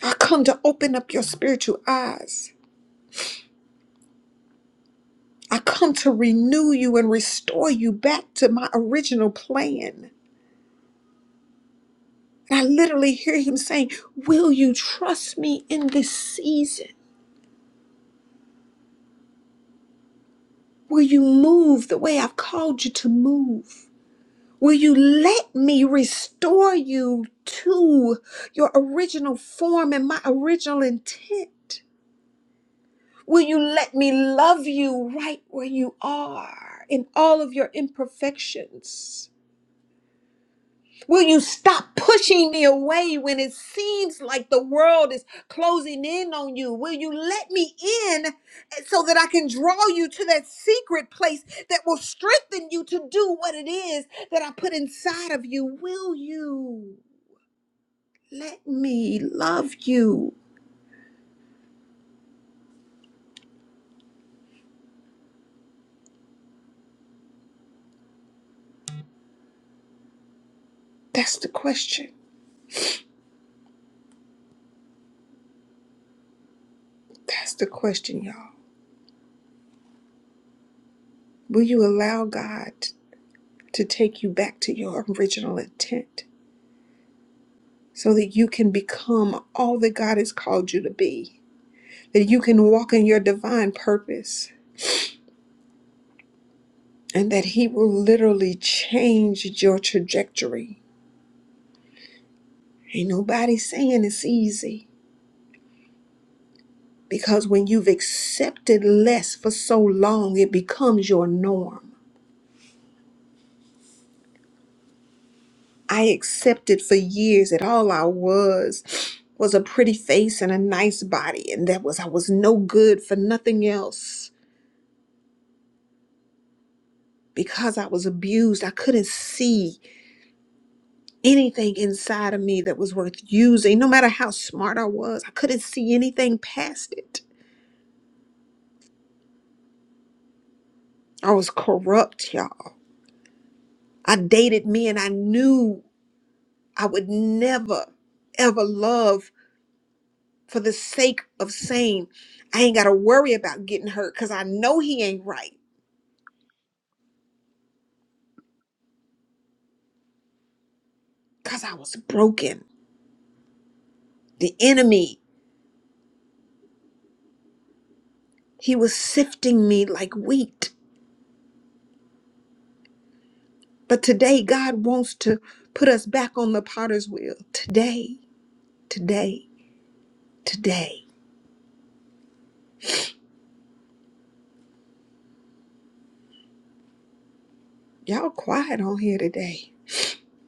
[SPEAKER 1] I come to open up your spiritual eyes. I come to renew you and restore you back to my original plan. And I literally hear him saying, Will you trust me in this season? Will you move the way I've called you to move? Will you let me restore you to your original form and my original intent? Will you let me love you right where you are in all of your imperfections? Will you stop pushing me away when it seems like the world is closing in on you? Will you let me in so that I can draw you to that secret place that will strengthen you to do what it is that I put inside of you? Will you? Let me love you. That's the question. That's the question, y'all. Will you allow God to take you back to your original intent so that you can become all that God has called you to be? That you can walk in your divine purpose and that He will literally change your trajectory. Ain't nobody saying it's easy because when you've accepted less for so long, it becomes your norm. I accepted for years that all I was was a pretty face and a nice body, and that was I was no good for nothing else. Because I was abused, I couldn't see anything inside of me that was worth using. No matter how smart I was, I couldn't see anything past it. I was corrupt, y'all. I dated men I knew I would never, ever love for the sake of saying, I ain't got to worry about getting hurt because I know he ain't right. because I was broken. The enemy, he was sifting me like wheat. But today, God wants to put us back on the potter's wheel. Today, today, today. Y'all quiet on here today.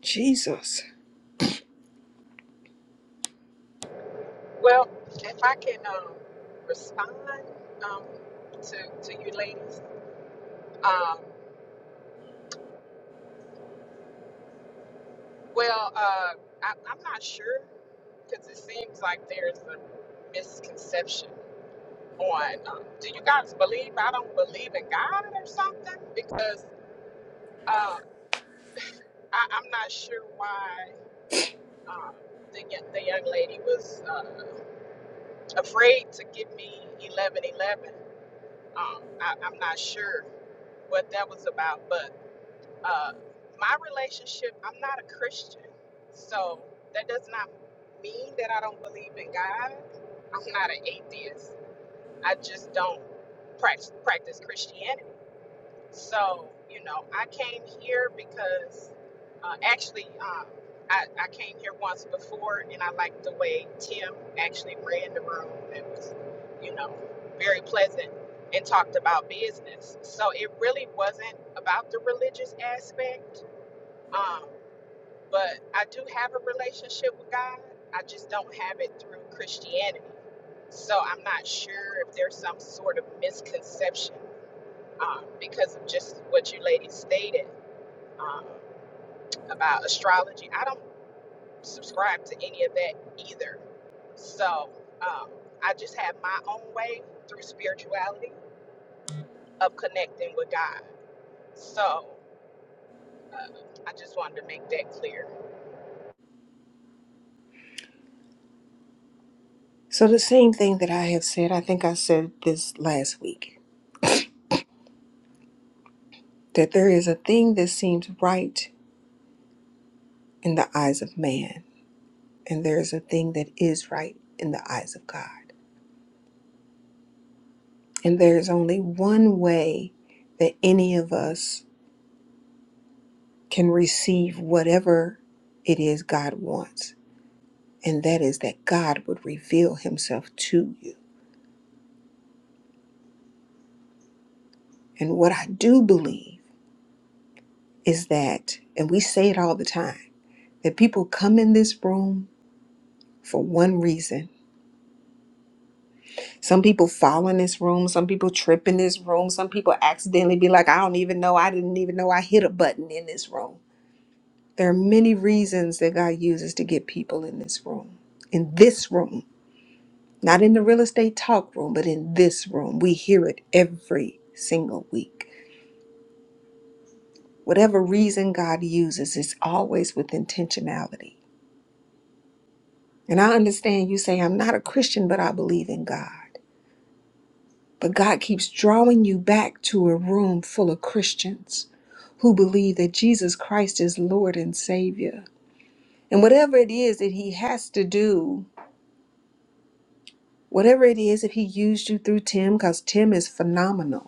[SPEAKER 1] Jesus.
[SPEAKER 11] Well, if I can um, respond um, to, to you ladies, um, well, uh, I, I'm not sure because it seems like there's a misconception on um, do you guys believe I don't believe in God or something? Because uh, I, I'm not sure why. Um, the, y- the young lady was uh, afraid to give me 1111. Um, I, I'm not sure what that was about, but uh, my relationship, I'm not a Christian. So that does not mean that I don't believe in God. I'm not an atheist. I just don't prac- practice Christianity. So, you know, I came here because uh, actually um, I, I came here once before and I liked the way Tim actually ran the room. It was, you know, very pleasant and talked about business. So it really wasn't about the religious aspect. Um, but I do have a relationship with God, I just don't have it through Christianity. So I'm not sure if there's some sort of misconception um, because of just what you ladies stated um, about astrology. I don't subscribe to any of that either. So um, I just have my own way through spirituality of connecting with God. So I just wanted to make that clear.
[SPEAKER 1] So, the same thing that I have said, I think I said this last week that there is a thing that seems right in the eyes of man, and there is a thing that is right in the eyes of God. And there is only one way that any of us can receive whatever it is God wants. And that is that God would reveal himself to you. And what I do believe is that, and we say it all the time, that people come in this room for one reason. Some people fall in this room, some people trip in this room, some people accidentally be like, I don't even know, I didn't even know I hit a button in this room. There are many reasons that God uses to get people in this room, in this room. Not in the real estate talk room, but in this room. We hear it every single week. Whatever reason God uses, it's always with intentionality. And I understand you say, I'm not a Christian, but I believe in God. But God keeps drawing you back to a room full of Christians who believe that Jesus Christ is Lord and Savior. And whatever it is that He has to do, whatever it is, if He used you through Tim, because Tim is phenomenal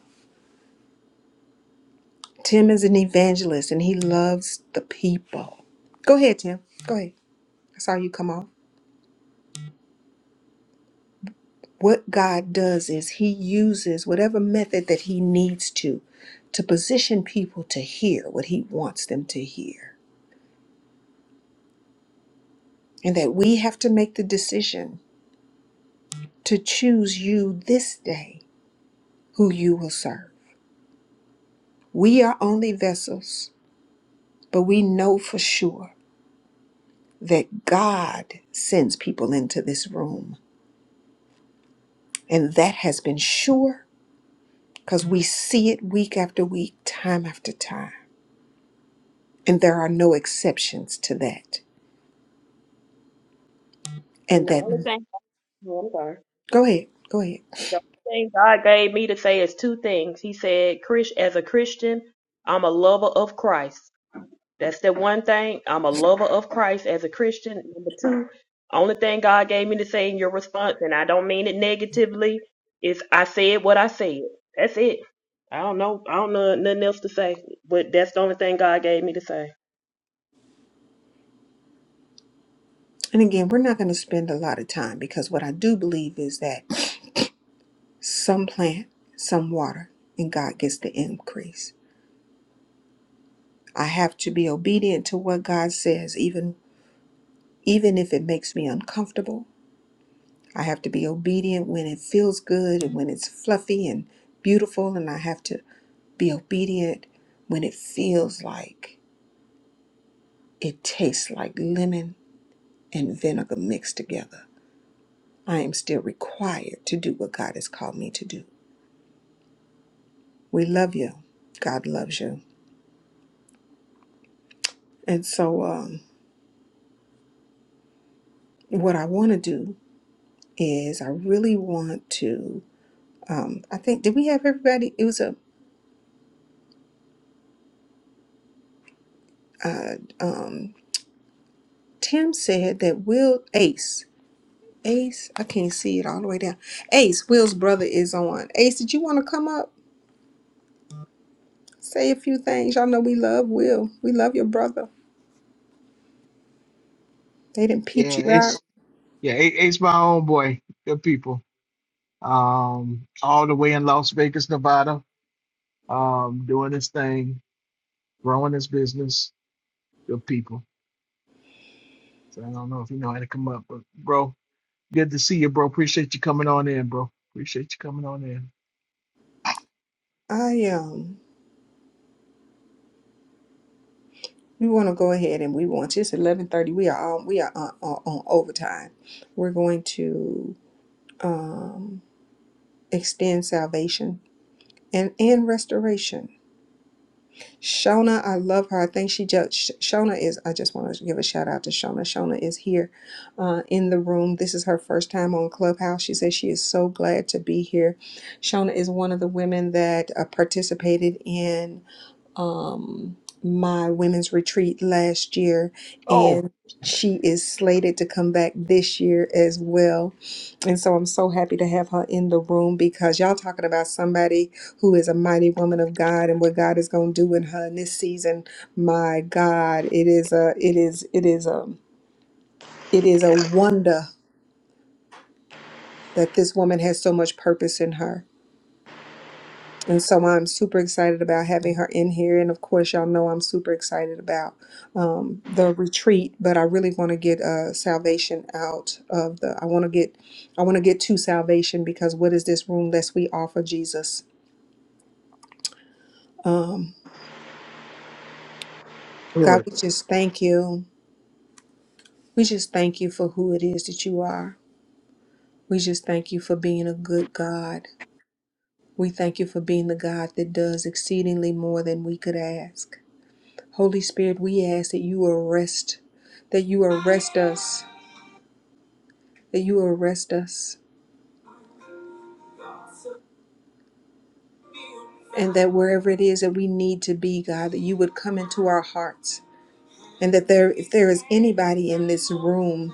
[SPEAKER 1] Tim is an evangelist and he loves the people. Go ahead, Tim. Go ahead. I saw you come off. What God does is he uses whatever method that he needs to to position people to hear what he wants them to hear. And that we have to make the decision to choose you this day who you will serve. We are only vessels, but we know for sure that God sends people into this room. And that has been sure because we see it week after week, time after time. And there are no exceptions to that. And
[SPEAKER 2] And the
[SPEAKER 1] that,
[SPEAKER 2] only
[SPEAKER 1] Mhm.
[SPEAKER 2] thing, oh, I'm sorry.
[SPEAKER 1] go ahead, go ahead.
[SPEAKER 2] The only thing God gave me to say is two things. He said, "Chris, as a Christian, I'm a lover of Christ. That's the one thing. I'm a lover of Christ as a Christian. Number two, only thing God gave me to say in your response, and I don't mean it negatively, is I said what I said. That's it. I don't know. I don't know nothing else to say, but that's the only thing God gave me to say.
[SPEAKER 1] And again, we're not going to spend a lot of time because what I do believe is that some plant, some water, and God gets the increase. I have to be obedient to what God says, even even if it makes me uncomfortable. I have to be obedient when it feels good and when it's fluffy and beautiful, and I have to be obedient when it feels like It tastes like lemon and vinegar mixed together. I am still required to do what God has called me to do. We love you. God loves you. And so, um, what I want to do is, I really want to. Um, I think did we have everybody? It was a. Uh, um, Tim said that Will Ace. Ace, I can't see it all the way down. Ace, Will's brother is on. Ace, did you want to come up? Say a few things. Y'all know we love Will. We love your brother. They didn't
[SPEAKER 7] Yeah,
[SPEAKER 1] peep you out.
[SPEAKER 7] it's yeah, it, it's my own boy. Good people. Um, all the way in Las Vegas, Nevada. Um, doing his thing, growing his business. Good people. So I don't know if you know how to come up, but bro, Good to see you, bro. Appreciate you coming on in, bro. Appreciate you coming on in.
[SPEAKER 1] I um we want to go ahead and we want it's 11:30. We are on we are on, on, on overtime. We're going to extend salvation and and restoration. Shona, I love her. I think she just Sh- Shona is I just want to give a shout out to Shona. Shona is here uh, in the room. This is her first time on Clubhouse. She says she is so glad to be here. Shona is one of the women that uh, participated in um, my women's retreat last year,
[SPEAKER 7] Oh,
[SPEAKER 1] and she is slated to come back this year as well. And so I'm so happy to have her in the room because y'all talking about somebody who is a mighty woman of God and what God is going to do in her in this season. My God, it is a, it is, it is a, it is a wonder that this woman has so much purpose in her And so I'm super excited about having her in here. And of course, y'all know I'm super excited about um, the retreat, but I really want to get uh, salvation out of the, I want to get, I want to get to salvation because what is this room lest we offer Jesus? Um, God,
[SPEAKER 7] Right.
[SPEAKER 1] we just thank you. We just thank you for who it is that you are. We just thank you for being a good God. We thank you for being the God that does exceedingly more than we could ask. Holy Spirit, we ask that you arrest, that you arrest us, that you arrest us, and that wherever it is that we need to be, God, that you would come into our hearts. And that there, if there is anybody in this room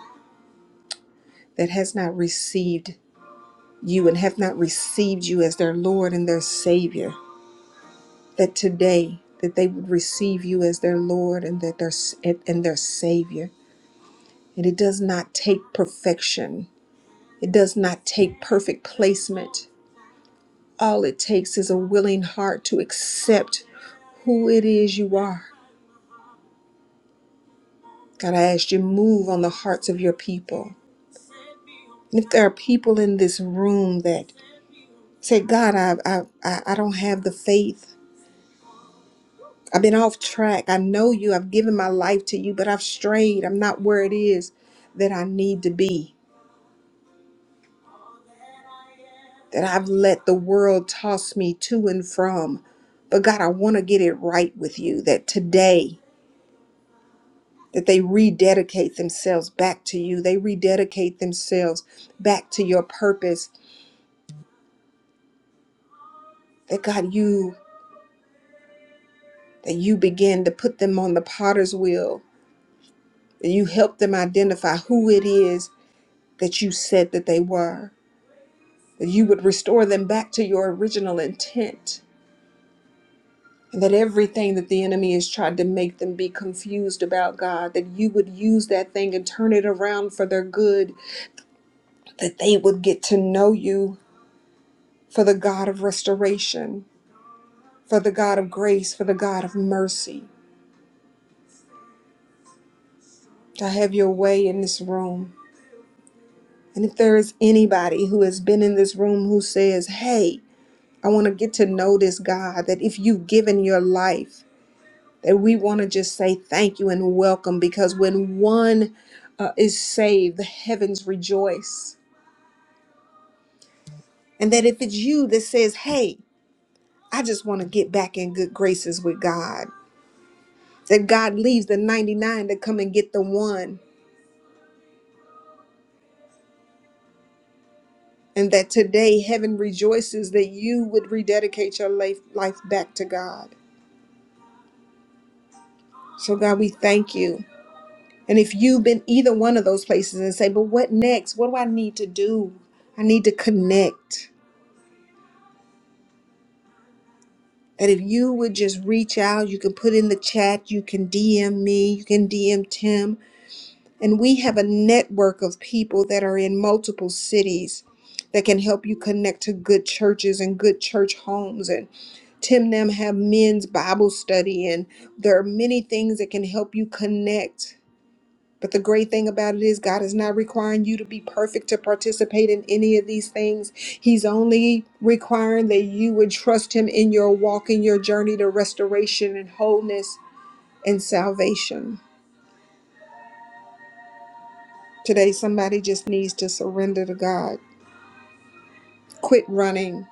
[SPEAKER 1] that has not received you and have not received you as their Lord and their Savior, that today that they would receive you as their Lord and that their and their Savior. And it does not take perfection. It does not take perfect placement All it takes is a willing heart to accept who it is you are. God, I ask you to move on the hearts of your people. And if there are people in this room that say, God, I, I, I I don't have the faith. I've been off track. I know you. I've given my life to you, but I've strayed. I'm not where it is that I need to be, that I've let the world toss me to and from. But God, I want to get it right with you that today that they rededicate themselves back to you. They rededicate themselves back to your purpose. That God, you that you begin to put them on the potter's wheel. That you help them identify who it is that you said that they were. That you would restore them back to your original intent. And that everything that the enemy has tried to make them be confused about, God, that you would use that thing and turn it around for their good, that they would get to know you for the God of restoration for the God of grace, for the God of mercy, to have your way in this room. And if there is anybody who has been in this room who says, Hey, I want to get to know this God, that if you've given your life, that we want to just say thank you and welcome because when one uh, is saved, the heavens rejoice. And that if it's you that says, Hey, I just want to get back in good graces with God, that God leaves the 99 to come and get the one and that today heaven rejoices that you would rededicate your life, life back to God. So, God, we thank you. And if you've been either one of those places and say, but what next? What do I need to do? I need to connect. That if you would just reach out, you can put in the chat, you can DM me, you can DM Tim. And we have a network of people that are in multiple cities that can help you connect to good churches and good church homes and. Tim Nam have men's Bible study, and there are many things that can help you connect. But the great thing about it is, God is not requiring you to be perfect to participate in any of these things. He's only requiring that you would trust Him in your walk, in your journey to restoration and wholeness and salvation. Today, somebody just needs to surrender to God. Quit running.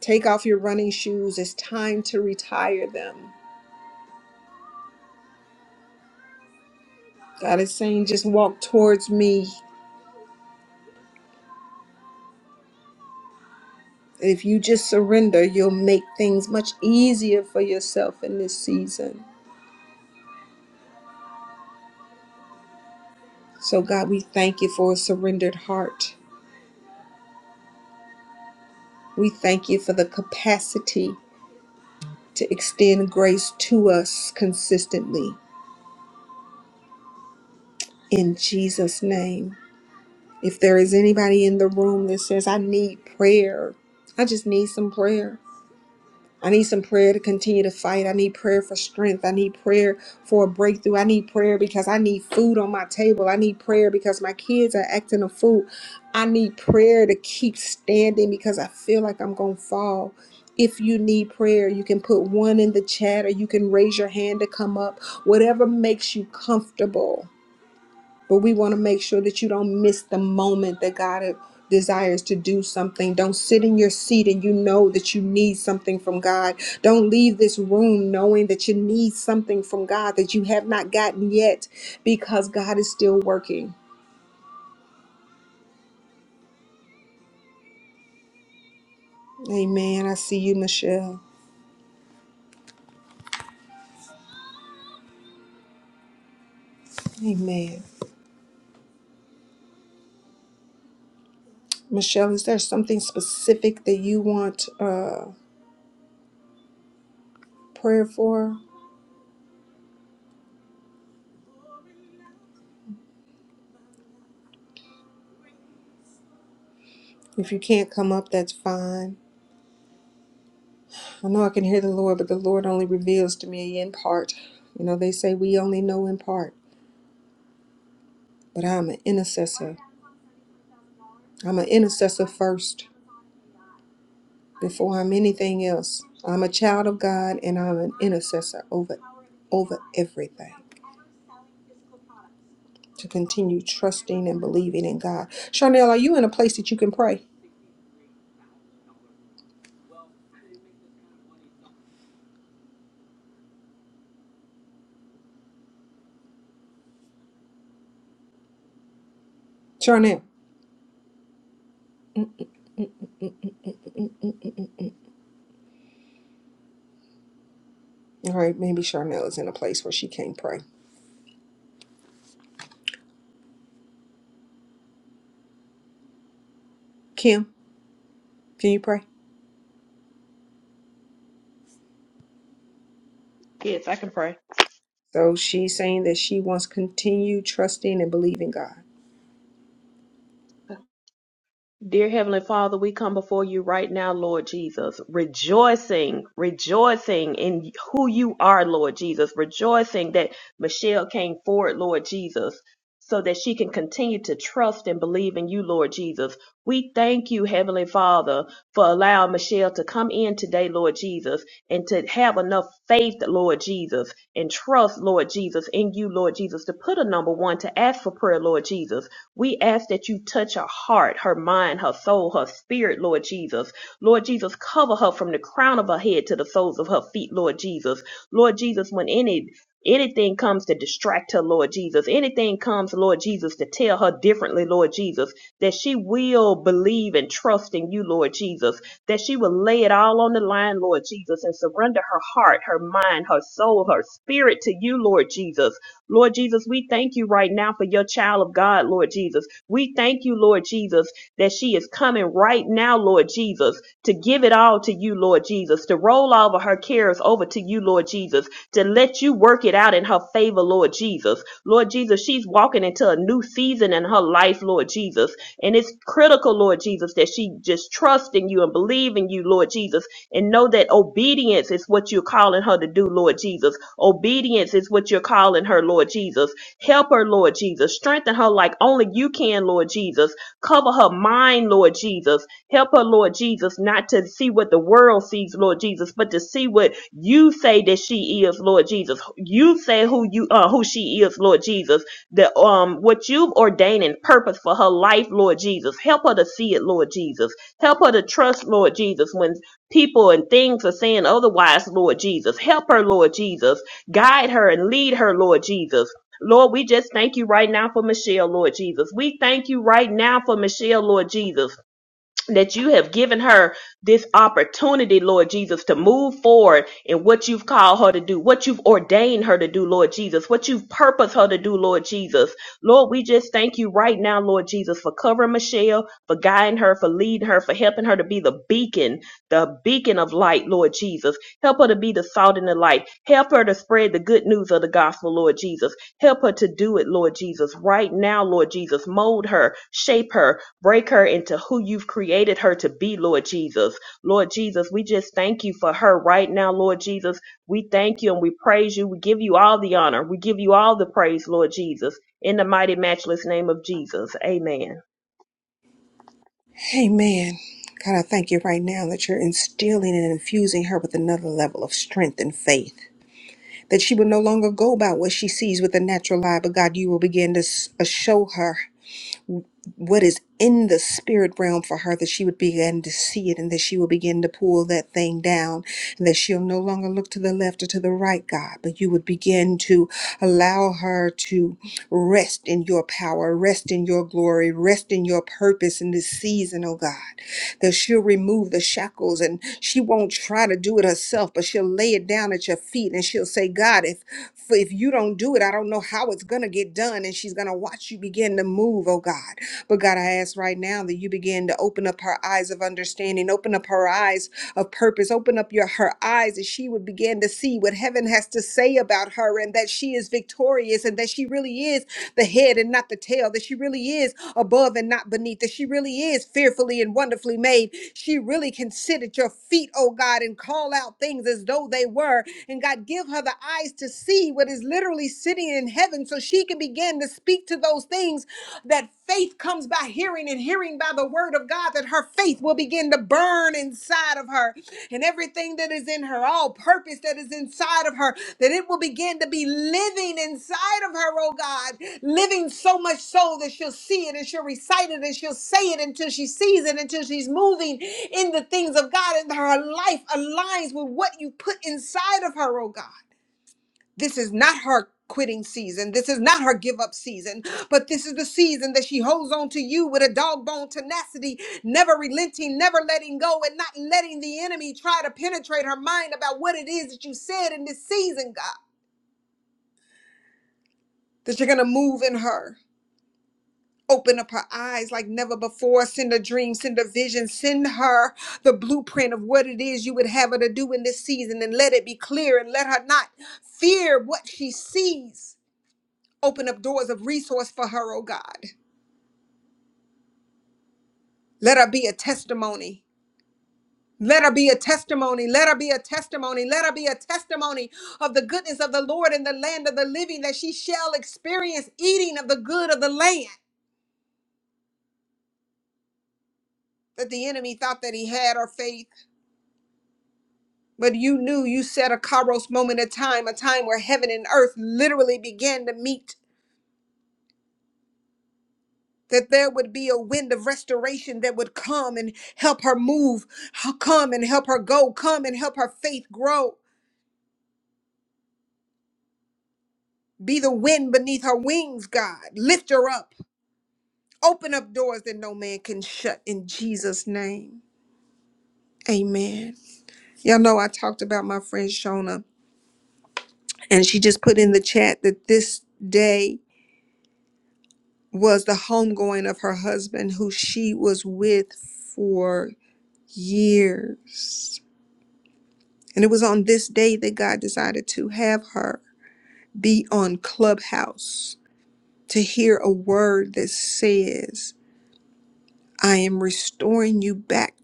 [SPEAKER 1] Take off your running shoes. It's time to retire them. God is saying, just walk towards me. If you just surrender, you'll make things much easier for yourself in this season. So, God, we thank you for a surrendered heart. We thank you for the capacity to extend grace to us consistently in Jesus' name. If there is anybody in the room that says, I need prayer, I just need some prayer. I need some prayer to continue to fight. I need prayer for strength. I need prayer for a breakthrough. I need prayer because I need food on my table. I need prayer because my kids are acting a fool. I need prayer to keep standing because I feel like I'm going to fall. If you need prayer, you can put one in the chat or you can raise your hand to come up, whatever makes you comfortable but we want to make sure that you don't miss the moment that God uh, desires to do something. Don't sit in your seat and you know that you need something from God. Don't leave this room knowing that you need something from God that you have not gotten yet because God is still working. Amen. I see you, Michelle. Amen. Michelle, is there something specific that you want uh, prayer for? If you can't come up, that's fine. I know I can hear the Lord, but the Lord only reveals to me in part. You know, they say we only know in part, but I'm an intercessor. I'm an intercessor first before I'm anything else. I'm a child of God and I'm an intercessor over over everything. To continue trusting and believing in God. Charnel, are you in a place that you can pray? Charnel. All right, maybe Charnel is in a place where she can't pray. Kim, can you pray?
[SPEAKER 2] Yes, I can pray.
[SPEAKER 1] So she's saying that she wants to continue trusting and believing God.
[SPEAKER 2] Dear Heavenly Father, we come before you right now, Lord Jesus, rejoicing, rejoicing in who you are, Lord Jesus, rejoicing that Michelle came forward, Lord Jesus, so that she can continue to trust and believe in you, Lord Jesus. We thank you, Heavenly Father, for allowing Michelle to come in today, Lord Jesus, and to have enough faith, Lord Jesus, and trust, Lord Jesus, in you, Lord Jesus, to put a number one, to ask for prayer, Lord Jesus. We ask that you touch her heart, her mind, her soul, her spirit, Lord Jesus. Lord Jesus, cover her from the crown of her head to the soles of her feet, Lord Jesus. Lord Jesus, when any anything comes to distract her, Lord Jesus, anything comes, Lord Jesus, to tell her differently, Lord Jesus, that she will believe and trust in you, Lord Jesus, that she will lay it all on the line, Lord Jesus, and surrender her heart, her mind, her soul, her spirit to you, Lord Jesus. Lord Jesus, we thank you right now for your child of God, Lord Jesus. We thank you, Lord Jesus, that she is coming right now, Lord Jesus, to give it all to you, Lord Jesus, to roll all of her cares over to you, Lord Jesus, to let you work it out in her favor, Lord Jesus. Lord Jesus, she's walking into a new season in her life, Lord Jesus. And it's critical, Lord Jesus, that she just trust in you and believe in you, Lord Jesus, and know that obedience is what you're calling her to do, Lord Jesus. Obedience is what you're calling her, Lord Jesus. Help her, Lord Jesus. Strengthen her like only you can, Lord Jesus. Cover her mind, Lord Jesus. Help her, Lord Jesus, not to see what the world sees, Lord Jesus, but to see what you say that she is, Lord Jesus. You say who you uh, who she is, Lord Jesus. The um what you've ordained and purpose for her life, Lord Jesus. Help her to see it, Lord Jesus. Help her to trust, Lord Jesus, when people and things are saying otherwise, Lord Jesus. Help her, Lord Jesus. Guide her and lead her, Lord Jesus. Lord, we just thank you right now for Michelle, Lord Jesus. We thank you right now for Michelle, Lord Jesus that you have given her this opportunity, Lord Jesus, to move forward in what you've called her to do, what you've ordained her to do, Lord Jesus, what you've purposed her to do, Lord Jesus. Lord, we just thank you right now, Lord Jesus, for covering Michelle, for guiding her, for leading her, for helping her to be the beacon, the beacon of light, Lord Jesus. Help her to be the salt and the light. Help her to spread the good news of the gospel, Lord Jesus. Help her to do it, Lord Jesus, right now, Lord Jesus. Mold her, shape her, Break her into who you've created her to be, Lord Jesus. Lord Jesus, we just thank you for her right now, Lord Jesus. We thank you and we praise you. We give you all the honor. We give you all the praise, Lord Jesus. In the mighty, matchless name of Jesus. Amen.
[SPEAKER 1] Amen. God, I thank you right now that you're instilling and infusing her with another level of strength and faith. That she will no longer go about what she sees with the natural eye, but God, you will begin to s- uh, show her what is in the spirit realm for her, that she would begin to see it and that she will begin to pull that thing down and that she'll no longer look to the left or to the right, God, but you would begin to allow her to rest in your power, rest in your glory, rest in your purpose in this season, oh God, that she'll remove the shackles and she won't try to do it herself, but she'll lay it down at your feet and she'll say, God, if for if you don't do it, I don't know how it's going to get done. And she's going to watch you begin to move, oh God. But God, I ask right now that you begin to open up her eyes of understanding, open up her eyes of purpose, open up your her eyes that she would begin to see what heaven has to say about her and that she is victorious and that she really is the head and not the tail, that she really is above and not beneath, that she really is fearfully and wonderfully made. She really can sit at your feet, oh God, and call out things as though they were. And God, give her the eyes to see what is literally sitting in heaven so she can begin to speak to those things that faith comes by hearing and hearing by the word of God, that her faith will begin to burn inside of her and everything that is in her, all purpose that is inside of her, that it will begin to be living inside of her, oh God, living so much so that she'll see it and she'll recite it and she'll say it until she sees it, until she's moving in the things of God and her life aligns with what you put inside of her, oh God this is not her quitting season. This is not her give up season, but this is the season that she holds on to you with a dog bone tenacity, never relenting, never letting go, and not letting the enemy try to penetrate her mind about what it is that you said in this season, God, that you're going to move in her. Open up her eyes like never before. Send a dream, send a vision, send her the blueprint of what it is you would have her to do in this season and let it be clear and let her not fear what she sees Open up doors of resource for her, oh God. Let her be a testimony. Let her be a testimony. Let her be a testimony. Let her be a testimony of the goodness of the Lord in the land of the living, that she shall experience eating of the good of the land. That the enemy thought that he had her faith, but you knew you set a Kairos moment of time, a time where heaven and earth literally began to meet. That there would be a wind of restoration that would come and help her move, come and help her go, come and help her faith grow Be the wind beneath her wings, God. Lift her up. Open up doors that no man can shut in Jesus' name. Amen. Y'all know I talked about my friend Shona, and she just put in the chat that this day was the homegoing of her husband, who she was with for years. And it was on this day that God decided to have her be on Clubhouse to hear a word that says, I am restoring you back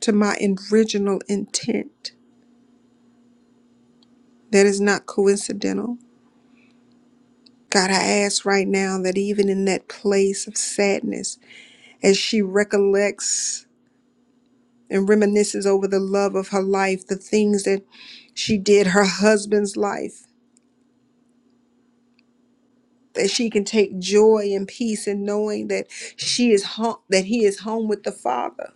[SPEAKER 1] to my original intent. That is not coincidental. God, I ask right now that even in that place of sadness, as she recollects and reminisces over the love of her life, the things that she did, her husband's life, that she can take joy and peace in knowing that she is home, that he is home with the Father.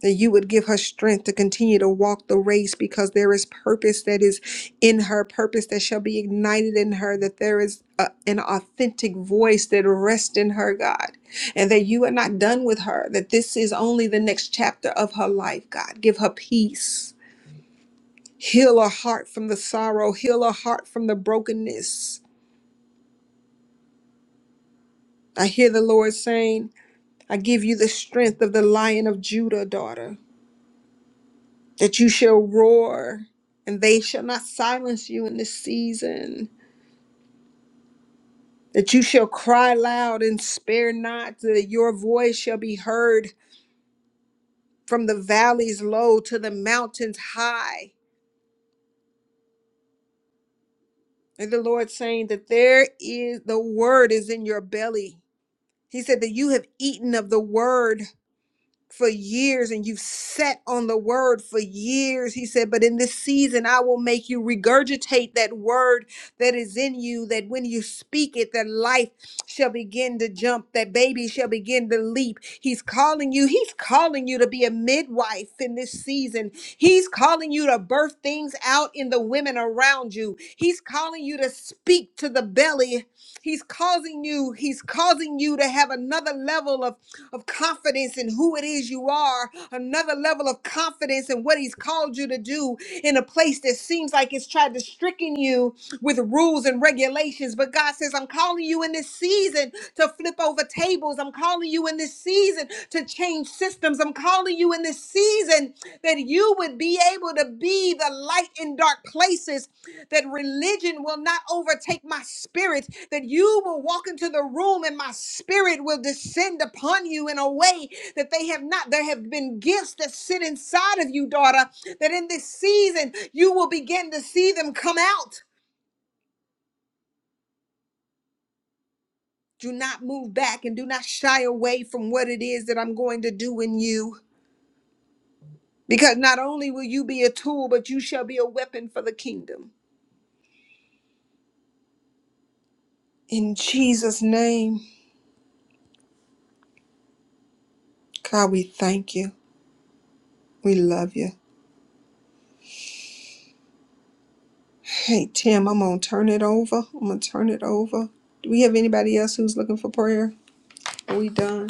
[SPEAKER 1] that you would give her strength to continue to walk the race because there is purpose that is in her, purpose that shall be ignited in her, that there is a, an authentic voice that rests in her, God, and that you are not done with her, that this is only the next chapter of her life, God. Give her peace. Heal her heart from the sorrow, heal her heart from the brokenness. I hear the Lord saying, I give you the strength of the lion of Judah, daughter. that you shall roar, and they shall not silence you in this season. That you shall cry loud and spare not, that your voice shall be heard from the valleys low to the mountains high. And the Lord saying that there is the word is in your belly. He said that you have eaten of the word for years and you've sat on the word for years. He said, But in this season, I will make you regurgitate that word that is in you, that when you speak it, that life shall begin to jump, that baby shall begin to leap. He's calling you, he's calling you to be a midwife in this season. He's calling you to birth things out in the women around you. He's calling you to speak to the belly. He's causing you, he's causing you to have another level of of confidence in who it is you are, another level of confidence in what He's called you to do in a place that seems like it's tried to stricken you with rules and regulations. But God says, I'm calling you in this season to flip over tables. I'm calling you in this season to change systems. I'm calling you in this season that you would be able to be the light in dark places, that religion will not overtake my spirit that you will walk into the room and my spirit will descend upon you in a way that they have not. There have been gifts that sit inside of you, daughter, that in this season you will begin to see them come out. Do not move back and do not shy away from what it is that I'm going to do in you. Because not only will you be a tool, but you shall be a weapon for the kingdom. In Jesus' name, God, we thank you. We love you. Okay, Tim, I'm gonna turn it over. I'm gonna turn it over. Do we have anybody else who's looking for prayer? Are we done?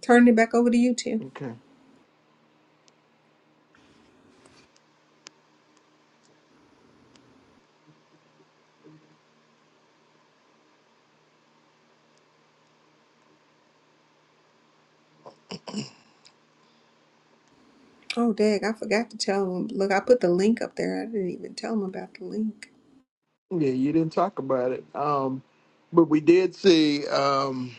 [SPEAKER 1] Turning it back over to you, Tim.
[SPEAKER 7] Okay.
[SPEAKER 1] Oh, dang, I forgot to tell him. Look, I put the link up there. I didn't even tell him about the link.
[SPEAKER 7] Yeah, you didn't talk about it. Um, but we did see, um,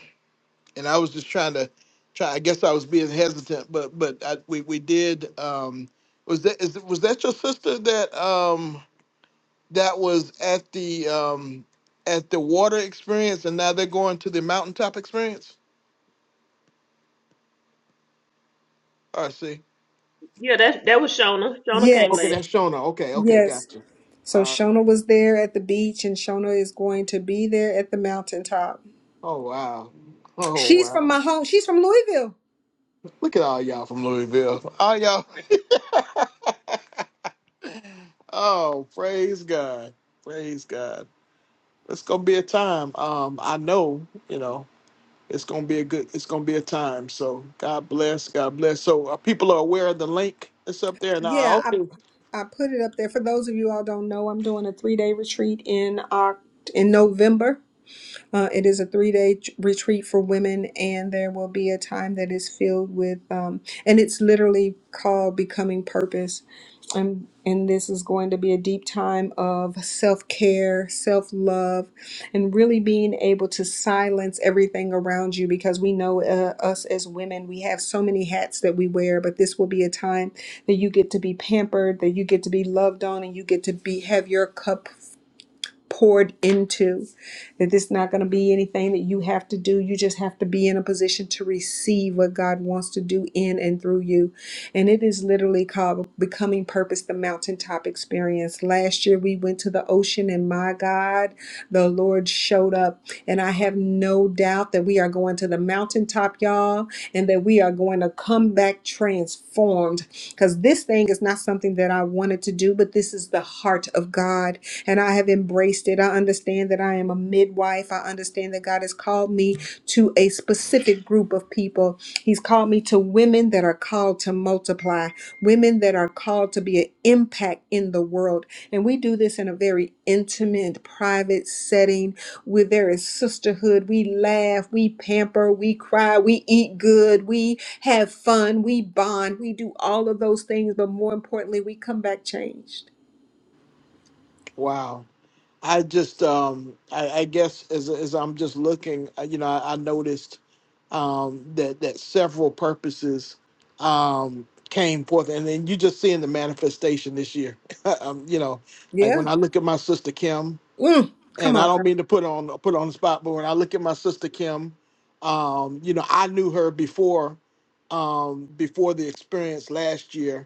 [SPEAKER 7] and I was just trying to try. I guess I was being hesitant, but but I, we we did. Um, was that is was that your sister that um that was at the um at the water experience, and now they're going to the mountaintop experience? Or see.
[SPEAKER 2] Yeah, that that was Shona. Shona came
[SPEAKER 7] Okay,
[SPEAKER 2] last.
[SPEAKER 1] Yes,
[SPEAKER 7] that's Shona. Okay, okay,
[SPEAKER 1] yes.
[SPEAKER 7] gotcha.
[SPEAKER 1] So
[SPEAKER 7] All right.
[SPEAKER 1] Shona was there at the beach, and Shona is going to be there at the mountaintop.
[SPEAKER 7] Oh wow. Oh
[SPEAKER 1] She's from
[SPEAKER 7] wow.
[SPEAKER 1] my home. She's from Louisville.
[SPEAKER 7] Look at all y'all from Louisville. All y'all. Oh, praise God. Praise God. It's gonna be a time. Um, I know, you know, it's gonna be a good it's gonna be a time. So God bless, God bless. So uh, people are aware of the link that's up there
[SPEAKER 1] Yeah,
[SPEAKER 7] now.
[SPEAKER 1] I
[SPEAKER 7] Okay.
[SPEAKER 1] I put it up there. For those of you all don't know, I'm doing a three day retreat in Oct- in November. Uh, it is a three day retreat for women, and there will be a time that is filled with, um, and it's literally called Becoming Purpose. And, and this is going to be a deep time of self care, self love, and really being able to silence everything around you because we know uh, us as women, we have so many hats that we wear, but this will be a time that you get to be pampered, that you get to be loved on, and you get to be have your cup poured into, that this is not going to be anything that you have to do. You just have to be in a position to receive what God wants to do in and through you. And it is literally called Becoming Purpose, the Mountaintop Experience. Last year we went to the ocean, and my God, the Lord showed up. And I have no doubt that we are going to the mountaintop, y'all, and that we are going to come back transformed because this thing is not something that I wanted to do, but this is the heart of God. and I have. I've embraced it. I understand that I am a midwife. I understand that God has called me to a specific group of people. He's called me to women that are called to multiply, women that are called to be an impact in the world. And we do this in a very intimate, private setting where there is sisterhood. We laugh, we pamper, we cry, we eat good, we have fun, we bond, we do all of those things. But more importantly, we come back changed.
[SPEAKER 7] Wow. I just, um, I, I guess, as as I'm just looking, uh, you know, I, I noticed um, that that several purposes um, came forth, and then you just seeing the manifestation this year. um, you know, like
[SPEAKER 1] Yeah.
[SPEAKER 7] when I look at my sister Kim,
[SPEAKER 1] Mm. Come
[SPEAKER 7] and I
[SPEAKER 1] on.
[SPEAKER 7] don't mean to put on put on the spot, but when I look at my sister Kim, um, you know, I knew her before um, before the experience last year,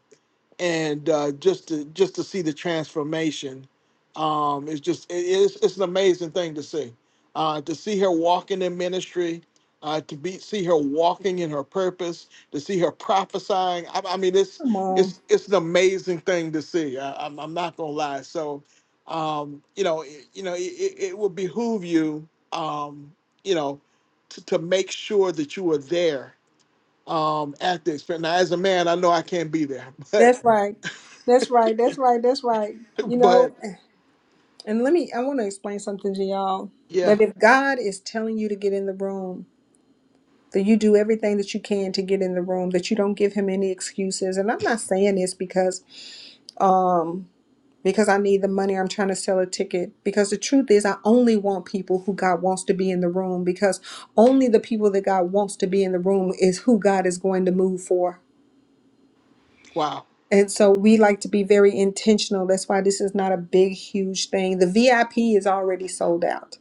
[SPEAKER 7] and uh, just to just to see the transformation um it's just it- it's, it's an amazing thing to see uh to see her walking in ministry uh to be see her walking in her purpose to see her prophesying i, I mean it's
[SPEAKER 1] Come on.
[SPEAKER 7] it's it's an amazing thing to see I, I'm, I'm not gonna lie so um you know it, you know it, it it would behoove you um you know to, to make sure that you are there um at the experience now as a man i know i can't be there but
[SPEAKER 1] That's right. That's right. That's right. That's right. You know,
[SPEAKER 7] But
[SPEAKER 1] and let me, I want to explain something to y'all
[SPEAKER 7] yeah,
[SPEAKER 1] that if God is telling you to get in the room, that you do everything that you can to get in the room, that you don't give him any excuses. And I'm not saying this because, um, because I need the money, I'm trying to sell a ticket. Because the truth is, I only want people who God wants to be in the room. Because only the people that God wants to be in the room is who God is going to move for. And so we like to be very intentional. That's why this is not a big, huge thing. The VIP is already sold out.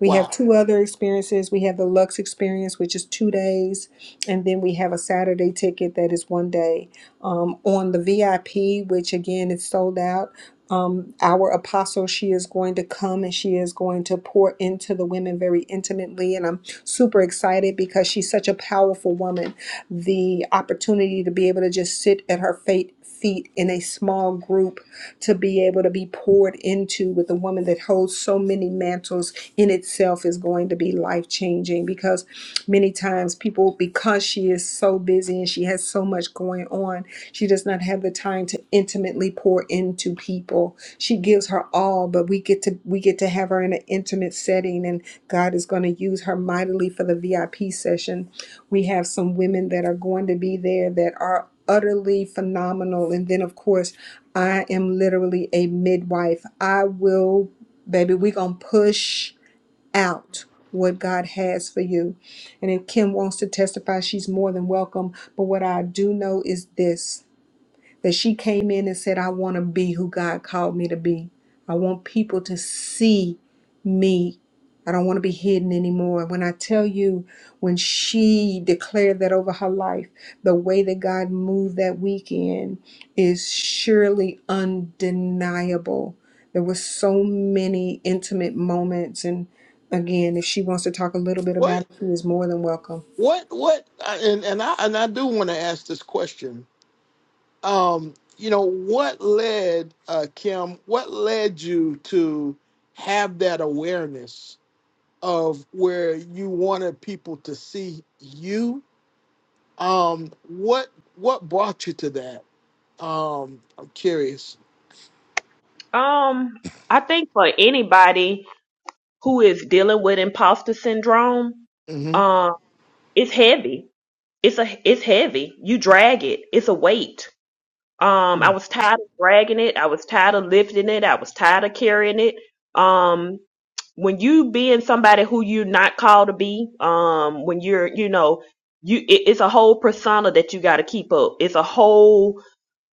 [SPEAKER 1] We have two other experiences. We have the Lux experience, which is two days, and then we have a Saturday ticket that is one day. Um, on the VIP, which again is sold out. Um, our apostle, she is going to come and she is going to pour into the women very intimately. And I'm super excited because she's such a powerful woman. The opportunity to be able to just sit at her fate, feet in a small group to be able to be poured into with a woman that holds so many mantles in itself is going to be life changing because many times people, because she is so busy and she has so much going on, she does not have the time to intimately pour into people. She gives her all, but we get to we get to have her in an intimate setting and God is going to use her mightily for the VIP session. We have some women that are going to be there that are utterly phenomenal and then of course I am literally a midwife. I will, baby, we going to push out what God has for you. And if Kim wants to testify, she's more than welcome. But what I do know is this that she came in and said, I want to be who God called me to be. I want people to see me. I don't want to be hidden anymore. When I tell you, when she declared that over her life, the way that God moved that weekend is surely undeniable. There were so many intimate moments. And again, if she wants to talk a little bit about
[SPEAKER 7] what
[SPEAKER 1] it, she is more than welcome.
[SPEAKER 7] what what? I- And and I and I do want to ask this question. Um, you know, what led uh, Kim? What led you to have that awareness of where you wanted people to see you? Um, what what brought you to that? Um, I'm curious.
[SPEAKER 2] Um, I think for anybody who is dealing with imposter syndrome,
[SPEAKER 7] hmm
[SPEAKER 2] um, it's heavy. It's a it's heavy. You drag it. It's a weight. Um, I was tired of dragging it. I was tired of lifting it. I was tired of carrying it. Um, when you being somebody who you're not called to be, um, when you're you know you it, it's a whole persona that you got to keep up. It's a whole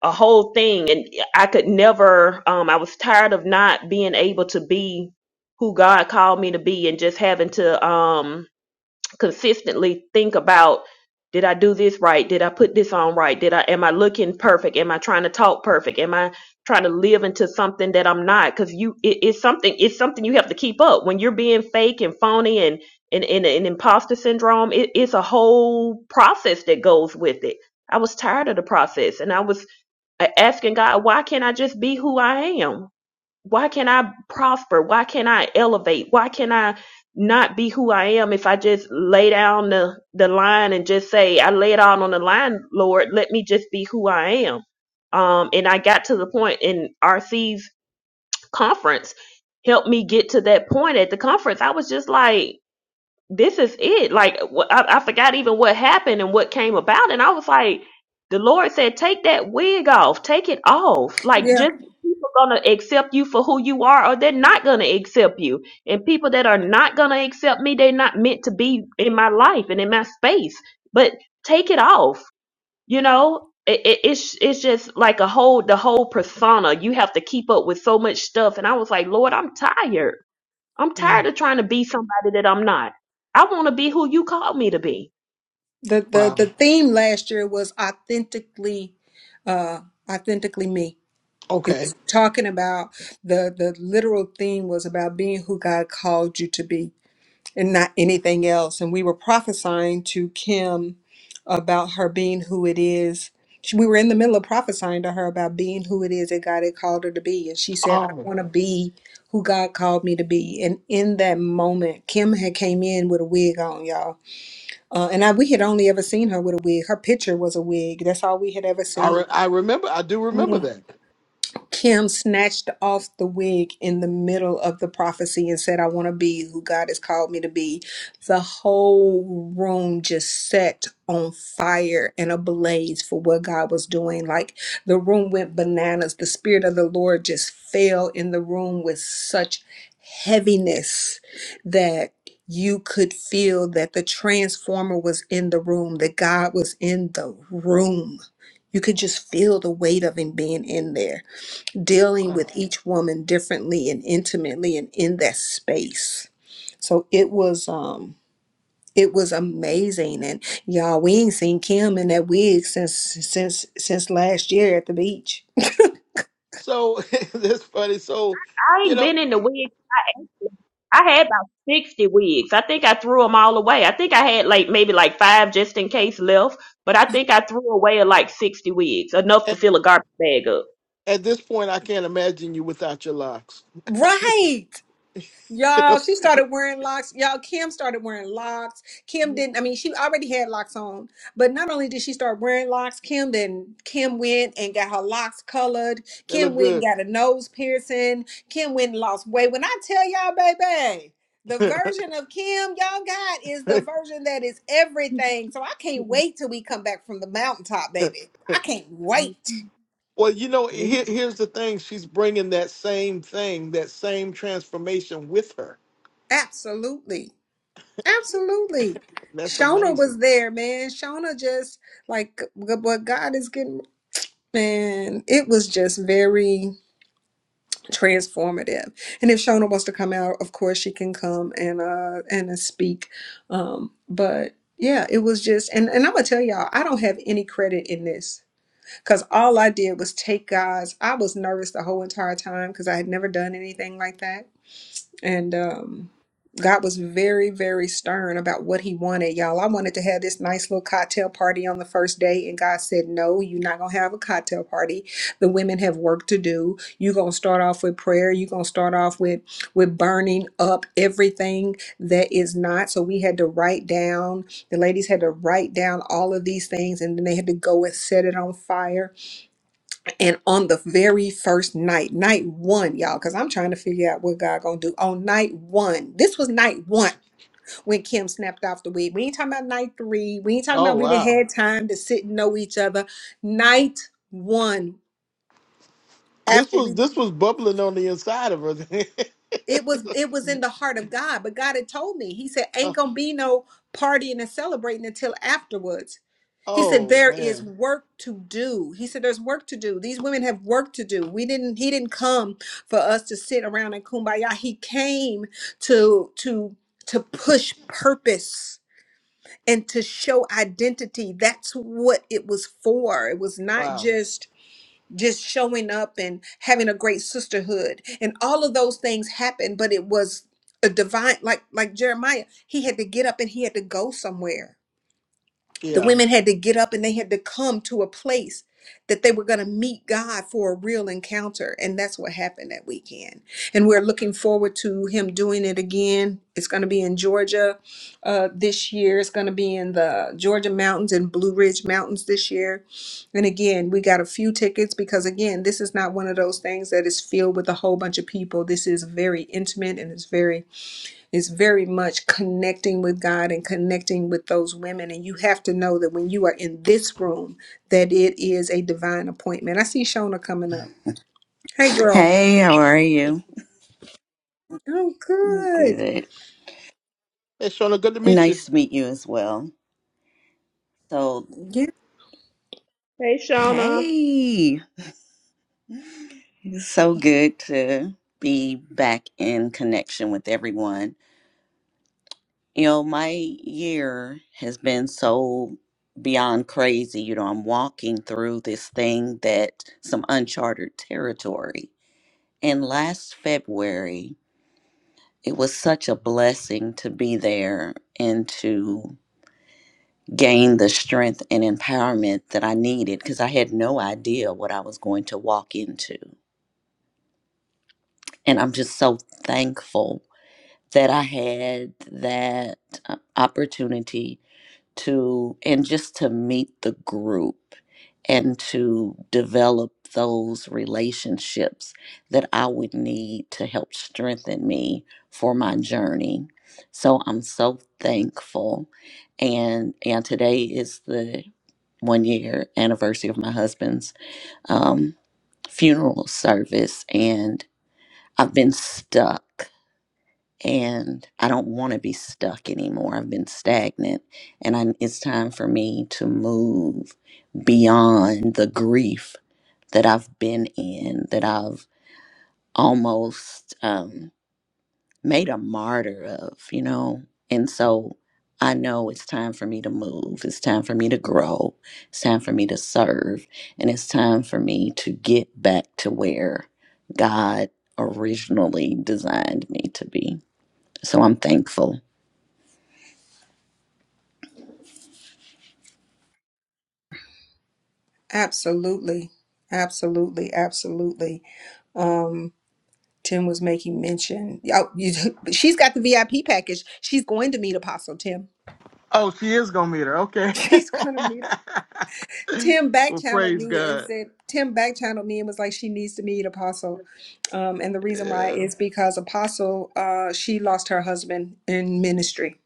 [SPEAKER 2] a whole thing, and I could never. Um, I was tired of not being able to be who God called me to be, and just having to um consistently think about did I do this right? Did I put this on right? Did I am I looking perfect? Am I trying to talk perfect? Am I trying to live into something that I'm not? Because you it, it's something it's something you have to keep up. When you're being fake and phony and and, and, and imposter syndrome, it, it's a whole process that goes with it. I was tired of the process and I was uh, asking God, why can't I just be who I am? why can I prosper? Why can I elevate? Why can I not be who I am if I just lay down the, the line and just say, I lay it out on the line, Lord, let me just be who I am. Um, and I got to the point in RC's conference, helped me get to that point at the conference. I was just like, this is it. Like wh- I, I forgot even what happened and what came about, and I was like, the Lord said, take that wig off, take it off. Like
[SPEAKER 1] Yeah.
[SPEAKER 2] just people gonna accept you for who you are, or they're not gonna accept you. And people that are not gonna accept me, they're not meant to be in my life and in my space. But take it off, you know. It, it, it's it's just like a whole the whole persona. You have to keep up with so much stuff, and I was like, Lord, I'm tired. I'm tired of trying to be somebody that I'm not. I want to be who you called me to be.
[SPEAKER 1] The the the
[SPEAKER 7] Wow.
[SPEAKER 1] theme last year was authentically uh, authentically me. It
[SPEAKER 7] Okay.
[SPEAKER 1] was talking about the the literal theme was about being who God called you to be and not anything else. And we were prophesying to Kim about her being who it is. She- We were in the middle of prophesying to her about being who it is that God had called her to be. And she said, I
[SPEAKER 7] Oh,
[SPEAKER 1] want to be who God called me to be. And in that moment, Kim had came in with a wig on, y'all. Uh, and I, we had only ever seen her with a wig. Her picture was a wig. That's all we had ever
[SPEAKER 7] I
[SPEAKER 1] seen.
[SPEAKER 7] re- I remember. I do remember that.
[SPEAKER 1] Kim snatched off the wig in the middle of the prophecy and said, I want to be who God has called me to be. The whole room just set on fire and ablaze for what God was doing. Like the room went bananas. The Spirit of the Lord just fell in the room with such heaviness that you could feel that the transformer was in the room, that God was in the room. You could just feel the weight of Him being in there dealing
[SPEAKER 7] Wow.
[SPEAKER 1] with each woman differently and intimately and in that space. So it was um it was amazing and y'all we ain't seen Kim in that wig since since since last year at the beach.
[SPEAKER 7] So that's funny. So,
[SPEAKER 2] I
[SPEAKER 7] you
[SPEAKER 2] ain't
[SPEAKER 7] know.
[SPEAKER 2] been in the wig. I had about 60 wigs. I think I threw them all away. I think I had like maybe like five just in case left, but I think I threw away like 60 wigs, enough to
[SPEAKER 7] At,
[SPEAKER 2] fill a garbage bag up.
[SPEAKER 7] at this point, I can't imagine you without your locks.
[SPEAKER 1] Right.
[SPEAKER 7] they
[SPEAKER 1] Y'all, she started wearing locks. Y'all, Kim started wearing locks. Kim didn't, I mean, she already had locks on, but not only did she start wearing locks, Kim then Kim went and got her locks colored.
[SPEAKER 7] look
[SPEAKER 1] Kim went and
[SPEAKER 7] good.
[SPEAKER 1] got a nose piercing. Kim went and lost weight. When I tell y'all, baby, the version of Kim y'all got is the version that is everything. So I can't wait till we come back from the mountaintop, baby. I can't wait.
[SPEAKER 7] well, you know,
[SPEAKER 2] Me
[SPEAKER 7] here,
[SPEAKER 2] too,
[SPEAKER 7] here's the thing. She's bringing that same thing, that same transformation with her.
[SPEAKER 1] Absolutely. Absolutely.
[SPEAKER 7] That's
[SPEAKER 1] Shona
[SPEAKER 7] amazing.
[SPEAKER 1] was there, man. Shona just like g- what God is getting, man, it was just very transformative. And if Shona wants to come out, of course she can come and uh and uh, speak. Um, but yeah, it was just and, and I'm gonna tell y'all, I don't have any credit in this because all I did was take God's I was nervous the whole entire time because I had never done anything like that and um God was very, very stern about what he wanted, y'all. I wanted to have this nice little cocktail party on the first day, and God said, No, you're not going to have a cocktail party. The women have work to do. You're going to start off with prayer. You're going to start off with, with burning up everything that is not. So we had to write down, the ladies had to write down all of these things, and then they had to go and set it on fire and on the very first night, night one, y'all, because I'm trying to figure out what God gonna do. On night one, this was night one when Kim snapped off the wig. We ain't talking about night three. We ain't talking
[SPEAKER 7] Oh
[SPEAKER 1] about we didn't
[SPEAKER 7] wow,
[SPEAKER 1] had time to sit and know each other. Night one,
[SPEAKER 7] this
[SPEAKER 1] after
[SPEAKER 7] was
[SPEAKER 1] we
[SPEAKER 7] this was bubbling on the inside of her.
[SPEAKER 1] it was it was in the heart of God, but God had told me. He said, Ain't
[SPEAKER 7] oh
[SPEAKER 1] gonna be no partying and celebrating until afterwards. He said
[SPEAKER 7] oh,
[SPEAKER 1] there is
[SPEAKER 7] man,
[SPEAKER 1] work to do. He said there's work to do. These women have work to do. We didn't he didn't come for us to sit around and kumbaya. He came to to to push purpose and to show identity. That's what it was for. It was not
[SPEAKER 7] wow.
[SPEAKER 1] just just showing up and having a great sisterhood. And all of those things happened, but it was a divine like like Jeremiah, he had to get up and he had to go somewhere the
[SPEAKER 7] Yeah,
[SPEAKER 1] women had to get up and they had to come to a place that they were going to meet God for a real encounter. And that's what happened that weekend. And we're looking forward to him doing it again. It's going to be in Georgia uh, this year. It's going to be in the Georgia Mountains and Blue Ridge Mountains this year. And again, we got a few tickets because, again, this is not one of those things that is filled with a whole bunch of people. This is very intimate and it's very is very much connecting with God and connecting with those women. And you have to know that when you are in this room, that it is a divine appointment. I see Shona coming up. Hey,
[SPEAKER 7] yeah.
[SPEAKER 1] girl.
[SPEAKER 13] Hey, how are
[SPEAKER 7] Hey,
[SPEAKER 13] you?
[SPEAKER 1] Oh, good.
[SPEAKER 13] Good.
[SPEAKER 7] hey Shona, good to meet you.
[SPEAKER 13] Nice to meet you as well. So,
[SPEAKER 1] Yeah,
[SPEAKER 2] hey, Shauna.
[SPEAKER 13] hey, it's so good to be back in connection with everyone. You know, my year has been so beyond crazy. You know, I'm walking through this thing that some uncharted territory. And last February, it was such a blessing to be there and to gain the strength and empowerment that I needed because I had no idea what I was going to walk into. And I'm just so thankful that I had that uh, opportunity to and just to meet the group and to develop those relationships that I would need to help strengthen me for my journey. So I'm so thankful and and today is the one year anniversary of my husband's um, funeral service and I've been stuck and I don't want to be stuck anymore. I've been stagnant, and I, it's time for me to move beyond the grief that I've been in, that I've almost um, made a martyr of, you know? And so I know it's time for me to move. It's time for me to grow. It's time for me to serve. And it's time for me to get back to where God originally designed me to be. So I'm thankful.
[SPEAKER 1] absolutely. Absolutely. Absolutely. Um, Tim was making mention. Oh, you, she's got the VIP package. She's going to meet Apostle Tim.
[SPEAKER 7] Oh, she is gonna meet her. Okay.
[SPEAKER 1] She's going to meet her. Tim back
[SPEAKER 7] well,
[SPEAKER 1] channeled
[SPEAKER 7] praise
[SPEAKER 1] me and
[SPEAKER 7] God.
[SPEAKER 1] said Tim back channeled me and was like she needs to meet Apostle, um, and the reason why
[SPEAKER 7] Yeah,
[SPEAKER 1] is because Apostle uh, she lost her husband in ministry,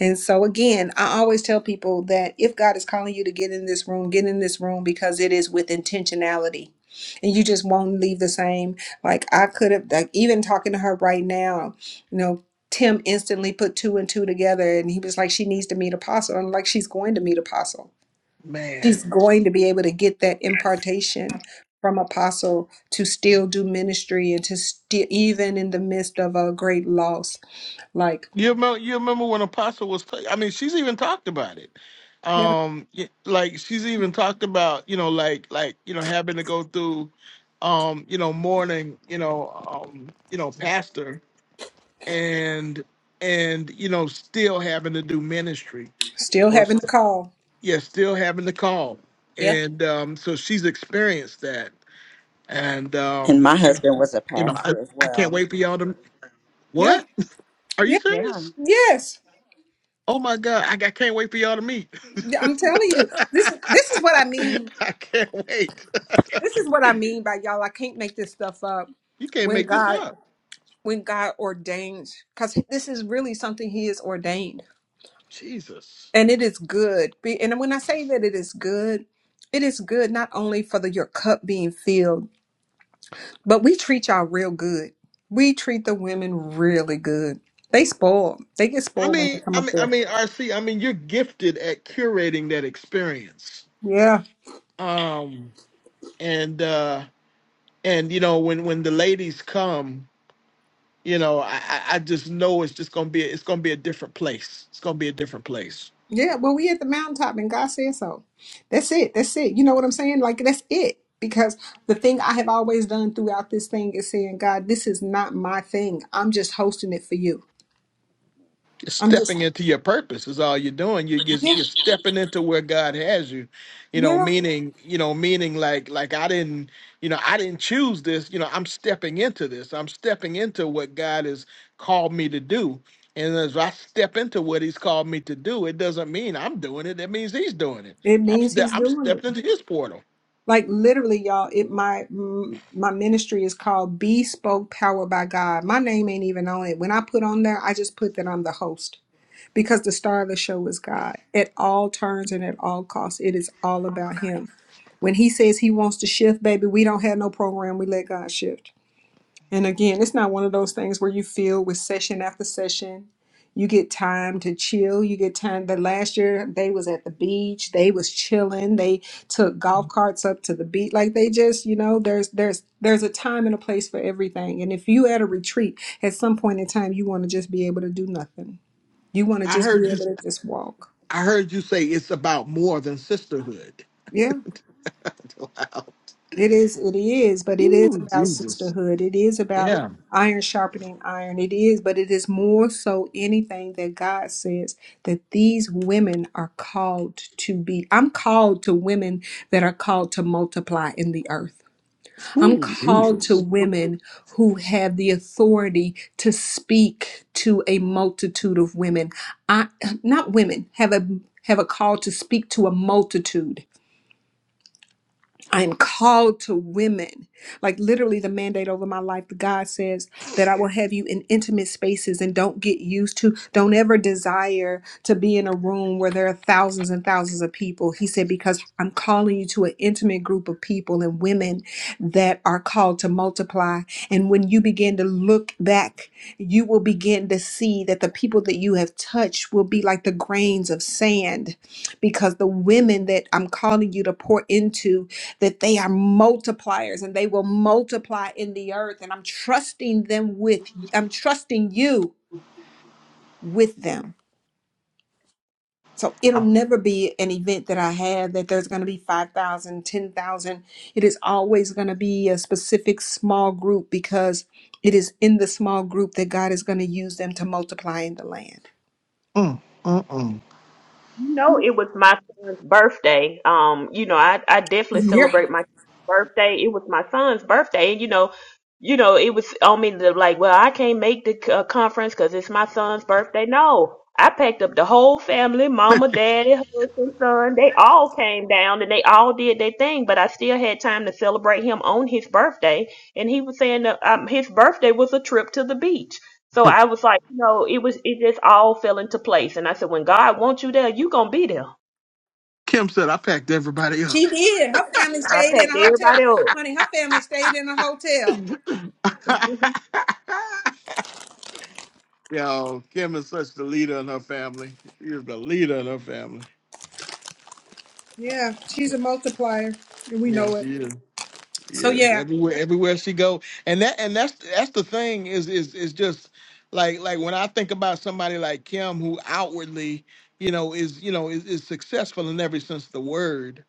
[SPEAKER 1] and so again I always tell people that if God is calling you to get in this room, get in this room because it is with intentionality, and you just won't leave the same. Like I could have like even talking to her right now, you know. Tim instantly put two and two together and he was like, She needs to meet Apostle. And I'm like, She's going to meet Apostle
[SPEAKER 7] man.
[SPEAKER 1] she's going to be able to get that impartation from apostle to still do ministry and to still even in the midst of a great loss like
[SPEAKER 7] You remember, you remember when Apostle was? play- I mean, she's even talked about it.
[SPEAKER 1] yeah
[SPEAKER 7] Um, y- like she's even talked about you know, like like you know, having to go through, um, you know, mourning, you know, um, you know, pastor and and you know, still having to do ministry
[SPEAKER 1] still
[SPEAKER 7] or
[SPEAKER 1] having to
[SPEAKER 7] st-
[SPEAKER 1] call
[SPEAKER 7] yeah, still having to call.
[SPEAKER 1] yeah
[SPEAKER 7] And um, so she's experienced that. And
[SPEAKER 13] And
[SPEAKER 7] um,
[SPEAKER 13] my husband was a
[SPEAKER 7] you know, I,
[SPEAKER 13] pastor as
[SPEAKER 7] I can't
[SPEAKER 13] well.
[SPEAKER 7] wait for y'all to.
[SPEAKER 1] yeah
[SPEAKER 7] What are you
[SPEAKER 1] yeah
[SPEAKER 13] Yeah.
[SPEAKER 7] serious?
[SPEAKER 1] yes
[SPEAKER 7] Oh my God, I, I can't wait for y'all to meet.
[SPEAKER 1] Yeah, i'm telling you this is this is what i mean
[SPEAKER 7] I can't wait.
[SPEAKER 1] this is what i mean by y'all i can't make this stuff up
[SPEAKER 7] you can't
[SPEAKER 1] when
[SPEAKER 7] make this
[SPEAKER 1] god
[SPEAKER 7] up.
[SPEAKER 1] when god ordains because this is really something he has ordained
[SPEAKER 7] Jesus.
[SPEAKER 1] And it is good. Be- And when I say that it is good, it is good not only for the, your cup being filled, but we treat y'all real good. We treat the women really good. They spoil. They get
[SPEAKER 7] I
[SPEAKER 1] spoiled when they
[SPEAKER 7] mean,
[SPEAKER 1] come
[SPEAKER 7] I
[SPEAKER 1] up
[SPEAKER 7] mean, I
[SPEAKER 1] there.
[SPEAKER 7] mean, RC. I mean, you're gifted at curating that experience.
[SPEAKER 1] Yeah.
[SPEAKER 7] Um, and uh, and you know, when when the ladies come, you know, I I I just know it's just gonna be it's gonna be a different place. It's gonna be a different place.
[SPEAKER 1] Yeah. Well, we at the mountaintop and God said so. That's it. That's it. You know what I'm saying? Like, that's it. Because the thing I have always done throughout this thing is saying, God, this is not my thing. I'm just hosting it for you.
[SPEAKER 7] You're
[SPEAKER 1] I'm
[SPEAKER 7] stepping
[SPEAKER 1] just,
[SPEAKER 7] into your purpose is all you're doing. You you're,
[SPEAKER 1] yeah,
[SPEAKER 7] you're stepping into where God has you. You know,
[SPEAKER 1] yeah.
[SPEAKER 7] meaning you know, meaning like like I didn't you know I didn't choose this. You know, I'm stepping into this. I'm stepping into what God has called me to do. And as I step into what He's called me to do, it doesn't mean I'm doing it. That means He's doing it.
[SPEAKER 1] It
[SPEAKER 7] I'm
[SPEAKER 1] means He's
[SPEAKER 7] ste- I'm
[SPEAKER 1] doing it.
[SPEAKER 7] stepped into His portal.
[SPEAKER 1] Like literally, y'all, it my mm, my ministry is called Bespoke Power by God. My name ain't even on it. When I put on there, I just put that I'm the host because the star of the show is God. At all turns and at all costs, it is all about Him. When He says He wants to shift, baby, we don't have no program. We let God shift. And again, it's not one of those things where you feel with session after session. You get time to chill. You get time. But last year they was at the beach. They was chilling. They took golf carts up to the beach. Like they just, you know, there's there's there's a time and a place for everything. And if you at a retreat, at some point in time, you want to just be able to do nothing. You want to
[SPEAKER 7] I
[SPEAKER 1] just be
[SPEAKER 7] heard you.
[SPEAKER 1] able to just walk.
[SPEAKER 7] I heard you say it's about more than sisterhood.
[SPEAKER 1] Yeah. It is, it is, but it is about sisterhood. It is about iron sharpening iron. It is, but it is more so anything that God says that these women are called to be. I'm called to women that are called to multiply in the earth. I'm called to women who have the authority to speak to a multitude of women. I not women have a have a call to speak to a multitude. I am called to women. Like literally, the mandate over my life, God says that I will have you in intimate spaces and don't get used to, don't ever desire to be in a room where there are thousands and thousands of people. He said, because I'm calling you to an intimate group of people and women that are called to multiply. And when you begin to look back, you will begin to see that the people that you have touched will be like the grains of sand because the women that I'm calling you to pour into that they are multipliers and they will multiply in the earth. And I'm trusting them with, I'm trusting you with them. So it'll never be an event that I have that there's going to be five thousand, ten thousand. It is always going to be a specific small group because it is in the small group that God is going to use them to multiply in the land.
[SPEAKER 7] Mm, mm, mm.
[SPEAKER 2] You know, it was my son's birthday. Um, you know, I, I definitely
[SPEAKER 1] Yeah.
[SPEAKER 2] celebrate my birthday. It was my son's birthday, and you know, you know, it was on me to like, well, I can't make the c- uh, conference because it's my son's birthday. No, I packed up the whole family, mama, daddy, husband, son. They all came down and they all did their thing, but I still had time to celebrate him on his birthday. And he was saying that um, his birthday was a trip to the beach. So I was like, you know, it was it just all fell into place. And I said, when God wants you there, you gonna be there.
[SPEAKER 7] Kim said I packed everybody
[SPEAKER 1] She
[SPEAKER 7] up.
[SPEAKER 1] did. Her family
[SPEAKER 2] I
[SPEAKER 1] stayed in
[SPEAKER 2] packed
[SPEAKER 1] a hotel.
[SPEAKER 2] everybody up.
[SPEAKER 1] Honey, her family stayed in a hotel.
[SPEAKER 2] Mhm.
[SPEAKER 7] Yo, Kim is such the leader in her family. She is the leader in her family.
[SPEAKER 1] Yeah, she's a multiplier, and we know
[SPEAKER 7] Yes,
[SPEAKER 1] it.
[SPEAKER 7] she is.
[SPEAKER 1] So
[SPEAKER 7] Yes,
[SPEAKER 1] yeah,
[SPEAKER 7] everywhere, everywhere she go, and that, and that's that's the thing is is is just like like when I think about somebody like Kim who outwardly, you know, is you know is, is successful in every sense of the word,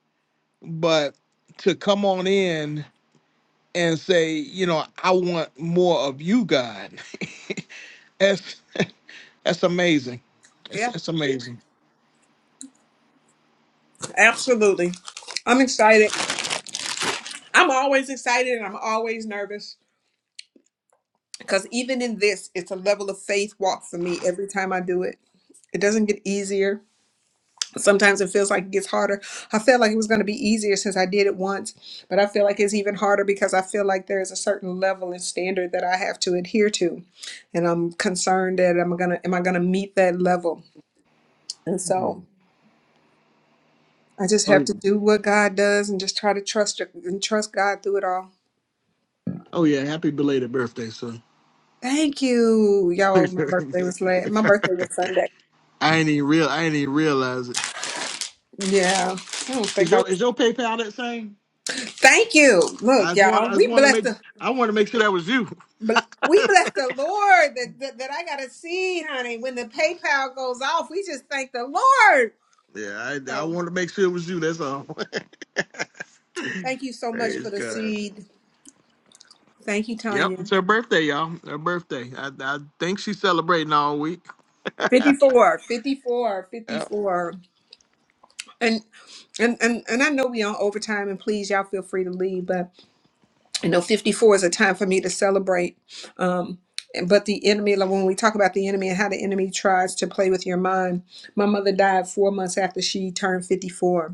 [SPEAKER 7] but to come on in. and say, you know, I want more of you, God. that's that's amazing. That's
[SPEAKER 1] Yeah,
[SPEAKER 7] that's amazing.
[SPEAKER 1] absolutely. I'm excited. I'm always excited and I'm always nervous because even in this, it's a level of faith walk for me every time I do it. It doesn't get easier. Sometimes it feels like it gets harder. I felt like it was going to be easier since I did it once, but I feel like it's even harder because I feel like there is a certain level and standard that I have to adhere to, and I'm concerned that I'm gonna am I gonna meet that level? And
[SPEAKER 7] Mm.
[SPEAKER 1] so I just
[SPEAKER 7] Oh
[SPEAKER 1] have
[SPEAKER 7] yeah.
[SPEAKER 1] to do what God does and just try to trust and trust God through it all.
[SPEAKER 7] Oh yeah. Happy belated birthday, son.
[SPEAKER 1] Thank you. Y'all, my birthday was late. My birthday was Sunday.
[SPEAKER 7] I ain't even real. I ain't even realize it.
[SPEAKER 1] Yeah. I don't
[SPEAKER 7] Is
[SPEAKER 1] think I
[SPEAKER 7] your
[SPEAKER 1] was.
[SPEAKER 7] is your PayPal that same?
[SPEAKER 1] Thank you.
[SPEAKER 7] I
[SPEAKER 1] Look,
[SPEAKER 7] just want
[SPEAKER 1] y'all,
[SPEAKER 7] I just
[SPEAKER 1] we
[SPEAKER 7] want to
[SPEAKER 1] blessed
[SPEAKER 7] make
[SPEAKER 1] the
[SPEAKER 7] I want to make sure that was you.
[SPEAKER 1] bl- we bless the Lord that, that, that I got a seed, honey. When the PayPal goes off, we just thank the Lord.
[SPEAKER 7] Yeah, I I
[SPEAKER 1] So
[SPEAKER 7] want to make sure it was you. That's all.
[SPEAKER 1] thank you so much
[SPEAKER 7] Praise
[SPEAKER 1] for the
[SPEAKER 7] God.
[SPEAKER 1] seed. Thank you,
[SPEAKER 7] Yep,
[SPEAKER 1] Tanya.
[SPEAKER 7] it's her birthday, y'all. Her birthday. I I think she's celebrating all week.
[SPEAKER 1] 54, 54,
[SPEAKER 7] Yep.
[SPEAKER 1] fifty-four, And and and, and I know we on overtime and please y'all feel free to leave, but I know 54 is a time for me to celebrate. Um, but the enemy, like when we talk about the enemy and how the enemy tries to play with your mind, my mother died four months after she turned 54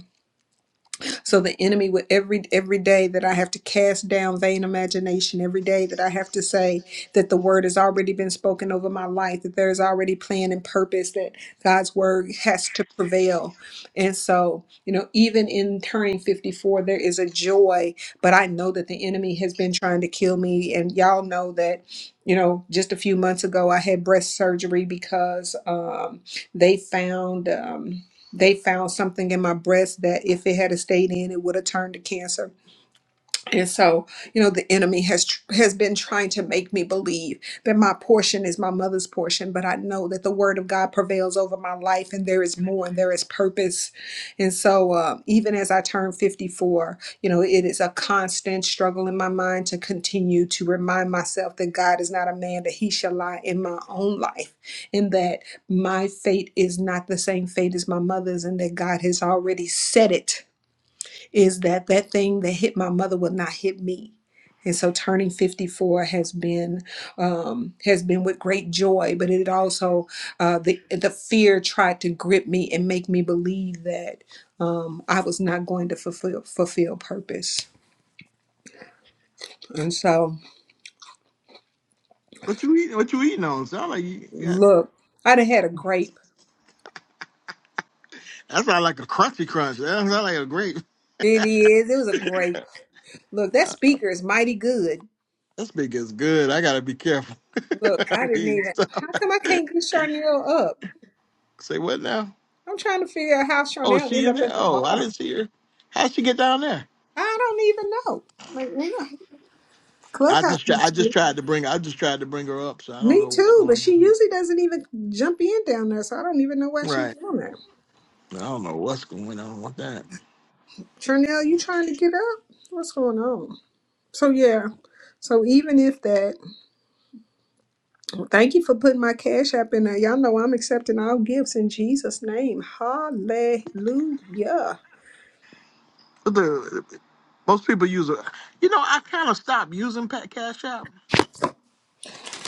[SPEAKER 1] so the enemy with every every day that I have to cast down vain imagination, every day that I have to say that the word has already been spoken over my life, that there is already plan and purpose, that God's word has to prevail. And so, you know, even in turning 54, there is a joy, but I know that the enemy has been trying to kill me. And y'all know that, you know, just a few months ago I had breast surgery because um they found um they found something in my breast that if it had stayed in, it would have turned to cancer. And so, you know, the enemy has tr- has been trying to make me believe that my portion is my mother's portion, but I know that the word of God prevails over my life and there is more and there is purpose. And so, um, even as I turn 54, you know, it is a constant struggle in my mind to continue to remind myself that God is not a man that he shall lie in my own life and that my fate is not the same fate as my mother's and that God has already said it is that that thing that hit my mother will not hit me and so turning 54 has been um, has been with great joy but it also uh, the the fear tried to grip me and make me believe that um, i was not going to fulfill fulfill purpose and so
[SPEAKER 7] What you eating? What you eating on? Sound like you got.
[SPEAKER 1] look i done had a grape
[SPEAKER 7] That sound like a crunchy crunch. That sound like a grape.
[SPEAKER 1] it is it was a grape look that speaker is mighty good
[SPEAKER 7] That big is good. I gotta be careful.
[SPEAKER 1] look
[SPEAKER 7] I
[SPEAKER 1] i didn't
[SPEAKER 7] mean,
[SPEAKER 1] even
[SPEAKER 7] stop.
[SPEAKER 1] how come i can't get charnel up
[SPEAKER 7] Say what now?
[SPEAKER 1] i'm trying to figure out how
[SPEAKER 7] Oh, is
[SPEAKER 1] charnel
[SPEAKER 7] she
[SPEAKER 1] end
[SPEAKER 7] in
[SPEAKER 1] up
[SPEAKER 7] there?
[SPEAKER 1] at the
[SPEAKER 7] Oh, I
[SPEAKER 1] bottom
[SPEAKER 7] didn't see her. How'd she get down there?
[SPEAKER 1] I don't even know. Like, yeah,
[SPEAKER 7] I
[SPEAKER 1] Clubhouse
[SPEAKER 7] just try,
[SPEAKER 1] be
[SPEAKER 7] I
[SPEAKER 1] true.
[SPEAKER 7] just tried to bring I just tried to bring her up, so I don't
[SPEAKER 1] Me
[SPEAKER 7] know what's
[SPEAKER 1] too, but
[SPEAKER 7] going
[SPEAKER 1] she
[SPEAKER 7] on.
[SPEAKER 1] usually doesn't even jump in down there, so I don't even know why she's
[SPEAKER 7] Right.
[SPEAKER 1] doing that.
[SPEAKER 7] I don't know what's going on with that.
[SPEAKER 1] Chanel, you trying to get up? What's going on? So yeah, so even if that, thank you for putting my cash app in there. Y'all know I'm accepting all gifts in Jesus' name. Hallelujah.
[SPEAKER 7] But the most people use a you know, I kinda stopped using Pat Cash App.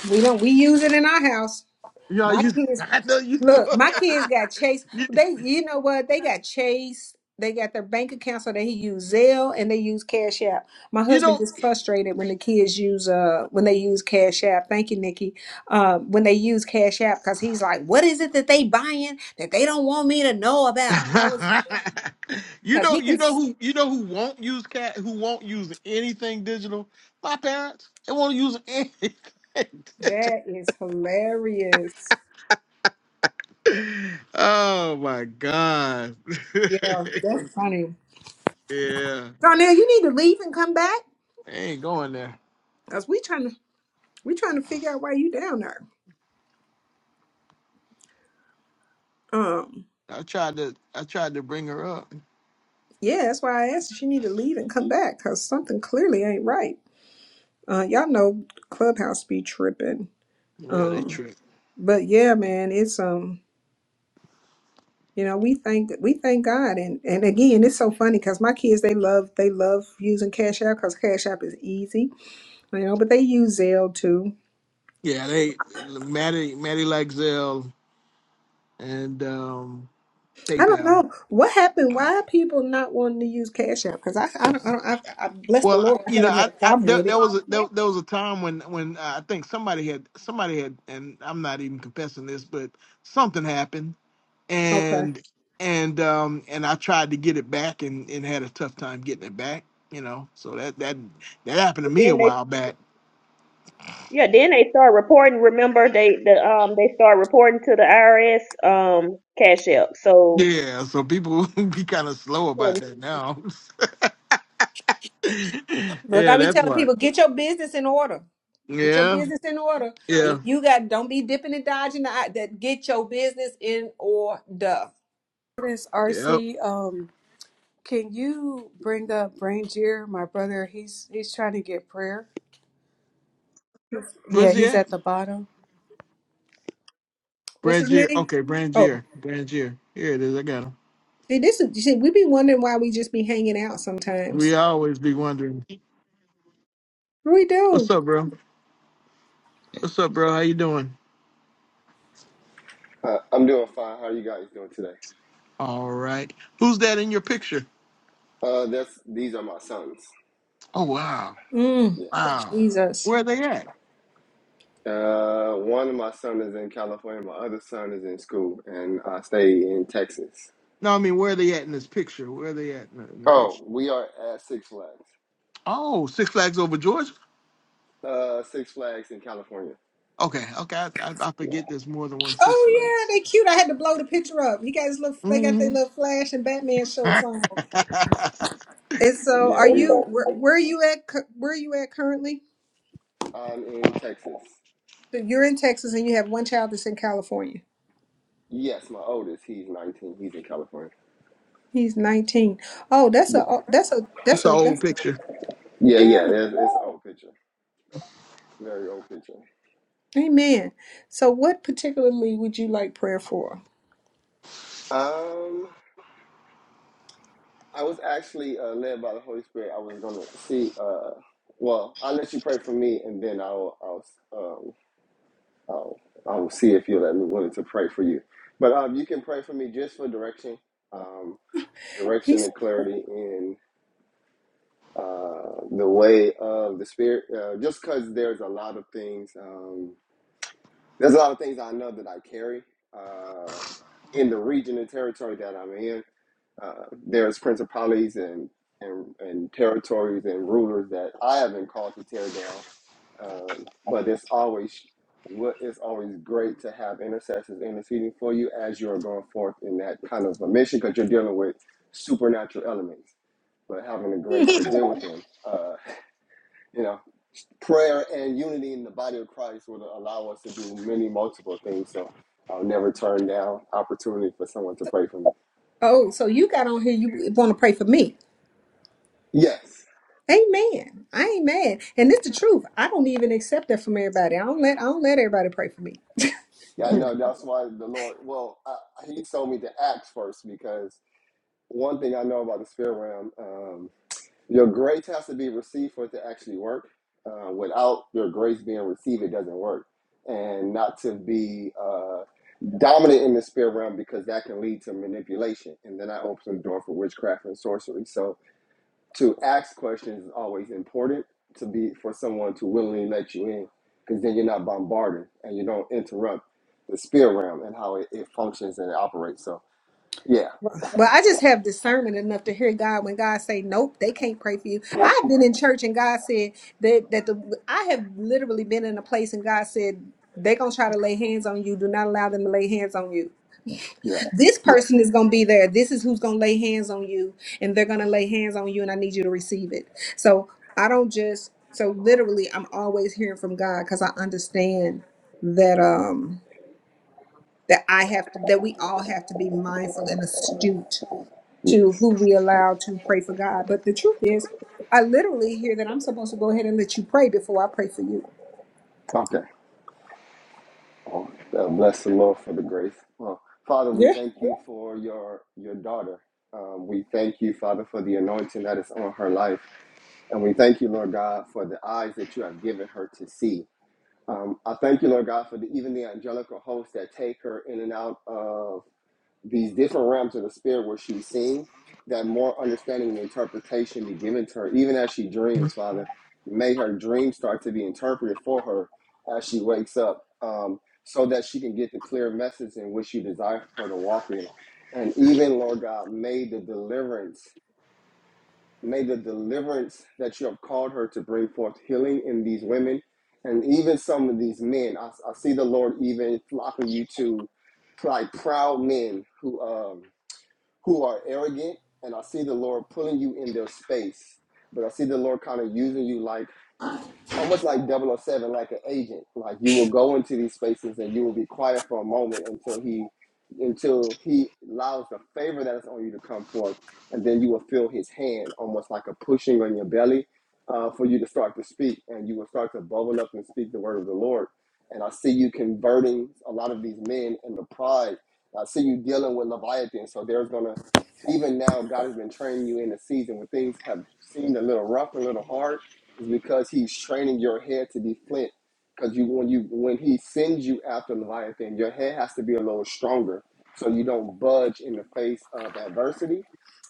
[SPEAKER 1] We don't we use it in our house.
[SPEAKER 7] Yeah,
[SPEAKER 1] My
[SPEAKER 7] you
[SPEAKER 1] kids
[SPEAKER 7] I know you do.
[SPEAKER 1] Look, my kids got chased.
[SPEAKER 7] you,
[SPEAKER 1] They, you know what? They got chased. They got their bank account, so they use Zelle and they use Cash App. My
[SPEAKER 7] you
[SPEAKER 1] husband
[SPEAKER 7] know
[SPEAKER 1] gets frustrated when the kids use uh when they use Cash App. Thank you, Nikki. Uh, when they use Cash App, because he's like, "What is it that they buying that they don't want me to know about?" I was
[SPEAKER 7] you
[SPEAKER 1] because
[SPEAKER 7] know,
[SPEAKER 1] he can.
[SPEAKER 7] you know
[SPEAKER 1] s-
[SPEAKER 7] who you know who won't use cat who won't use anything digital? My parents. They won't use anything.
[SPEAKER 1] That is hilarious.
[SPEAKER 7] oh my god.
[SPEAKER 1] Yeah, that's funny.
[SPEAKER 7] yeah.
[SPEAKER 1] Darnell, you need to leave and come back
[SPEAKER 7] They ain't going there.
[SPEAKER 1] because we trying to we trying to figure out why you down there. Um.
[SPEAKER 7] I tried to I tried to bring her up.
[SPEAKER 1] Yeah, that's why I asked if she need to leave and come back because something clearly ain't right. Uh, y'all know Clubhouse be tripping.
[SPEAKER 7] Yeah, they
[SPEAKER 1] Um,
[SPEAKER 7] tricked.
[SPEAKER 1] but yeah, man, it's um, you know, we thank we thank God, and and again, it's so funny because my kids they love they love using Cash App because Cash App is easy, you know, but they use Zelle too.
[SPEAKER 7] Yeah, they Maddie Maddie Lexell and um
[SPEAKER 1] I don't
[SPEAKER 7] PayPal.
[SPEAKER 1] know what happened. Why are people not wanting to use Cash App? Because I I don't, I, don't I, I bless the
[SPEAKER 7] Well, I-
[SPEAKER 1] Lord, I
[SPEAKER 7] you know,
[SPEAKER 1] haven't had
[SPEAKER 7] I,
[SPEAKER 1] a
[SPEAKER 7] I
[SPEAKER 1] problem
[SPEAKER 7] there,
[SPEAKER 1] with
[SPEAKER 7] there
[SPEAKER 1] it.
[SPEAKER 7] was a, there,
[SPEAKER 2] And
[SPEAKER 7] there was a time when when uh, I think somebody had somebody had, and I'm not even confessing this, but something happened,
[SPEAKER 1] Okay.
[SPEAKER 7] and and um and I tried to get it back, and and had a tough time getting it back. You know, so that that that happened to me a
[SPEAKER 2] then they
[SPEAKER 7] while back.
[SPEAKER 2] yeah, then they start reporting. Remember they the um they start reporting to the IRS um cash app. So
[SPEAKER 7] Yeah, so people be kind of slow about that now.
[SPEAKER 1] Look, I
[SPEAKER 7] yeah,
[SPEAKER 1] be
[SPEAKER 7] that's
[SPEAKER 1] telling
[SPEAKER 7] why.
[SPEAKER 1] people, get your business in order. Get your
[SPEAKER 7] Yeah,
[SPEAKER 1] business in order. If
[SPEAKER 7] yeah,
[SPEAKER 1] you got, don't be dipping and dodging the eye. That get your business in order.
[SPEAKER 10] Miss
[SPEAKER 7] yep.
[SPEAKER 10] RC, um, can you bring up Brangier, my brother? He's he's trying to get prayer. Yeah,
[SPEAKER 7] Where's he
[SPEAKER 10] he's
[SPEAKER 7] at?
[SPEAKER 10] at the bottom.
[SPEAKER 1] What's his
[SPEAKER 7] Brangier.
[SPEAKER 1] name?
[SPEAKER 7] Okay,
[SPEAKER 1] Oh,
[SPEAKER 7] Brangier. Brangier. Here it is. I got him.
[SPEAKER 1] see, this is. See, we be wondering why we just be hanging out sometimes.
[SPEAKER 7] We always be wondering.
[SPEAKER 1] We
[SPEAKER 7] What's
[SPEAKER 1] do.
[SPEAKER 7] up, bro? What's up, bro? How you doing?
[SPEAKER 14] Uh, I'm doing fine. How are you guys doing today?
[SPEAKER 7] All right. Who's that in your picture?
[SPEAKER 14] Uh, that's these are my sons.
[SPEAKER 7] Oh wow.
[SPEAKER 1] Mm,
[SPEAKER 14] Yeah.
[SPEAKER 7] Wow.
[SPEAKER 1] Jesus.
[SPEAKER 7] Where are they at?
[SPEAKER 14] Uh, one of my son is in California. My other son is in school, and I stay in Texas.
[SPEAKER 7] No, I mean where are they at in this picture? Where are they at in the, in the
[SPEAKER 14] Oh,
[SPEAKER 7] picture?
[SPEAKER 14] we are at Six Flags.
[SPEAKER 7] Oh, Six Flags over Georgia.
[SPEAKER 14] Uh, Six Flags in California.
[SPEAKER 7] Okay, okay. I, I, I
[SPEAKER 14] Yeah.
[SPEAKER 7] forget there's more than one Six
[SPEAKER 1] Oh
[SPEAKER 7] Flags.
[SPEAKER 1] yeah, they cute. I had to blow the picture up. He got his little. They got
[SPEAKER 7] hmm
[SPEAKER 1] their little Flash and Batman shirts on.
[SPEAKER 7] it's
[SPEAKER 1] And so,
[SPEAKER 14] Yeah.
[SPEAKER 1] are
[SPEAKER 14] We.
[SPEAKER 1] you? Where, where are you at? cu- Where are you at currently?
[SPEAKER 14] I'm in Texas.
[SPEAKER 1] So you're in Texas, and you have one child that's in California.
[SPEAKER 14] Yes, my oldest. He's 19. He's in California.
[SPEAKER 1] He's 19. Oh, that's
[SPEAKER 14] Yeah.
[SPEAKER 1] a oh, that's a that's
[SPEAKER 7] an
[SPEAKER 1] a
[SPEAKER 7] old
[SPEAKER 1] that's a
[SPEAKER 7] picture.
[SPEAKER 14] Yeah. Yeah.
[SPEAKER 1] yeah.
[SPEAKER 14] It's, it's an old picture. Very old picture.
[SPEAKER 1] Amen. So what particularly would you like prayer for?
[SPEAKER 14] Um. I was actually uh, led by the Holy Spirit. I was gonna see. Uh, well, I'll let you pray for me, and then I'll I'll um, I'll, I'll see if you'll let me willing to pray for you. But um, you can pray for me just for direction, um, direction
[SPEAKER 1] He's
[SPEAKER 14] and clarity in uh, the way of the Spirit. Uh, just because there's a lot of things. Um, there's a lot of things I know that I carry uh, in the region and territory that I'm in Uh, there's principalities and, and and territories and rulers that I have been called to tear down. Um, but it's always what it's always great to have intercessors interceding for you as you are going forth in that kind of a mission because you're dealing with supernatural elements, but having the
[SPEAKER 1] hmm.
[SPEAKER 14] grace to deal with them. Uh, you know, prayer and unity in the body of Christ will allow us to do many multiple things. So I'll never turn down opportunity for someone to pray for me.
[SPEAKER 1] Oh, so you got on here you want to pray for me.
[SPEAKER 14] Yes.
[SPEAKER 1] Amen. I ain't mad. And it's the truth. I don't even accept that from everybody. I don't let I don't let everybody pray for me.
[SPEAKER 14] Yeah, I know. That's why the Lord, well, I, he told me to act first because one thing I know about the spirit realm, um, your grace has to be received for it to actually work. Uh, without your grace being received, it doesn't work. And not to be uh, dominant in the spirit realm because that can lead to manipulation. And then I open the door for witchcraft and sorcery. So to ask questions is always important to be for someone to willingly let you in because then you're not bombarded and you don't interrupt the spirit realm and how it, it functions and it operates. So yeah,
[SPEAKER 1] Well, I just have discernment enough to hear God when God say, "Nope, they can't pray for you." I've been in church and God said that that the I have literally been in a place and God said they gonna try to lay hands on you. Do not allow them to lay hands on you.
[SPEAKER 14] yeah,
[SPEAKER 1] This
[SPEAKER 14] yeah,
[SPEAKER 1] person is gonna be there. This is who's gonna lay hands on you, and they're gonna lay hands on you, and I need you to receive it. So I don't just so literally I'm always hearing from God because I understand that um that I have that we all have to be mindful and astute to
[SPEAKER 14] yes.
[SPEAKER 1] who we allow to pray for God. But the truth is, I literally hear that I'm supposed to go ahead and let you pray before I pray for you.
[SPEAKER 14] Okay. Oh, uh, bless the Lord for the grace. Well, Father, we
[SPEAKER 1] Yeah.
[SPEAKER 14] thank you for your your daughter. Um, we thank you, Father, for the anointing that is on her life. And we thank you, Lord God, for the eyes that you have given her to see. Um, I thank you, Lord God, for the, even the angelical hosts that take her in and out of these different realms of the spirit where she's seen, that more understanding and interpretation be given to her, even as she dreams, Father. May her dreams start to be interpreted for her as she wakes up, um, so that she can get the clear message in which you desire for her to walk in. And even, Lord God, may the deliverance May the deliverance that you have called her to bring forth healing in these women and even some of these men. I, I see the Lord even flocking you to like proud men who um who are arrogant, and I see the Lord pulling you in their space. But I see the Lord kind of using you like almost like double oh 007, like an agent. Like you will go into these spaces and you will be quiet for a moment until he until he allows the favor that is on you to come forth, and then you will feel his hand, almost like a pushing on your belly, uh, for you to start to speak, and you will start to bubble up and speak the word of the Lord. And I see you converting a lot of these men into pride. I see you dealing with Leviathan. So there's gonna even now God has been training you in a season where things have seemed a little rough, a little hard is because he's training your head to be flint. Because you when you when he sends you after Leviathan, your head has to be a little stronger so you don't budge in the face of adversity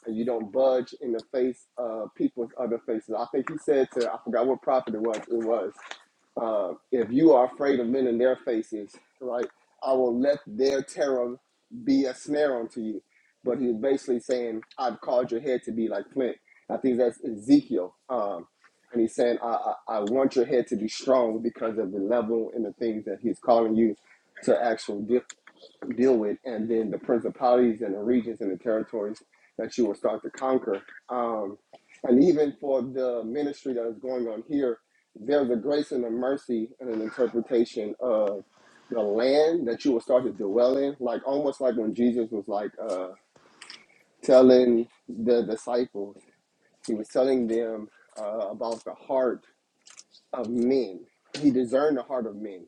[SPEAKER 14] and you don't budge in the face of people's other faces. I think he said to I forgot what prophet it was, it was uh, if you are afraid of men in their faces, right, I will let their terror be a snare unto you. But he's basically saying, I've called your head to be like flint. I think that's Ezekiel. Um, and he's saying, I, I, I want your head to be strong because of the level and the things that he's calling you to actually deal, deal with, and then the principalities and the regions and the territories that you will start to conquer. Um, and even for the ministry that is going on here, there's a grace and a mercy and an interpretation of the land that you will start to dwell in, like almost like when Jesus was like uh, telling the disciples, he was telling them uh, about the heart of men. He discerned the heart of men,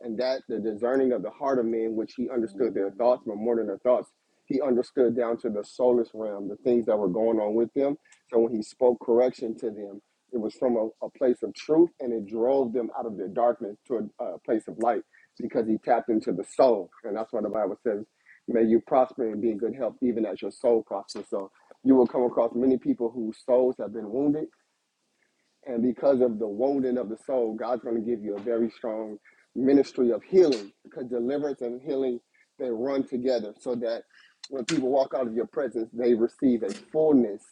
[SPEAKER 14] and that the discerning of the heart of men, which he understood their thoughts, but more than their thoughts, he understood down to the soulless realm, the things that were going on with them. So when he spoke correction to them, it was from a, a place of truth, and it drove them out of their darkness to a, a place of light because he tapped into the soul, and that's why the Bible says, "May you prosper and be in good health, even as your soul prospers." So you will come across many people whose souls have been wounded and because of the wounding of the soul, God's going to give you a very strong ministry of healing because deliverance and healing, they run together so that when people walk out of your presence, they receive a fullness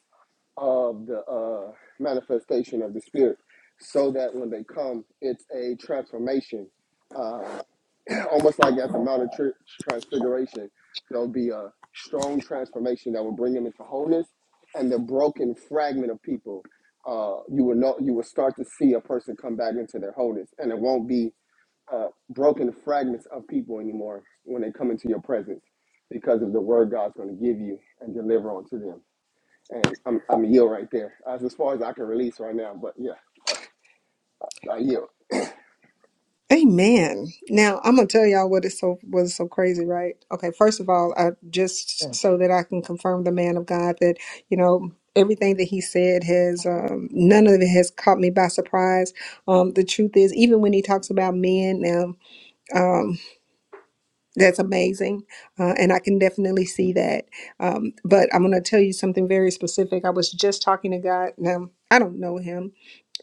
[SPEAKER 14] of the uh, manifestation of the Spirit so that when they come, it's a transformation. Um, almost like at the Mount of Tri- Transfiguration, there'll be a strong transformation that will bring them into wholeness, and the broken fragment of people, uh, you will know, you will start to see a person come back into their wholeness, and it won't be uh, broken fragments of people anymore when they come into your presence, because of the word God's going to give you and deliver onto them. And I'm I'm a yield right there. That's as far as I can release right now. But yeah, I yield.
[SPEAKER 1] Amen. Now I'm gonna tell y'all what is so what is so crazy, right? Okay, first of all, I just so that I can confirm the man of God that you know everything that he said has um, none of it has caught me by surprise. Um, the truth is, even when he talks about men now. um, That's amazing. Uh, and I can definitely see that. Um, but I'm going to tell you something very specific. I was just talking to God. Now, I don't know him.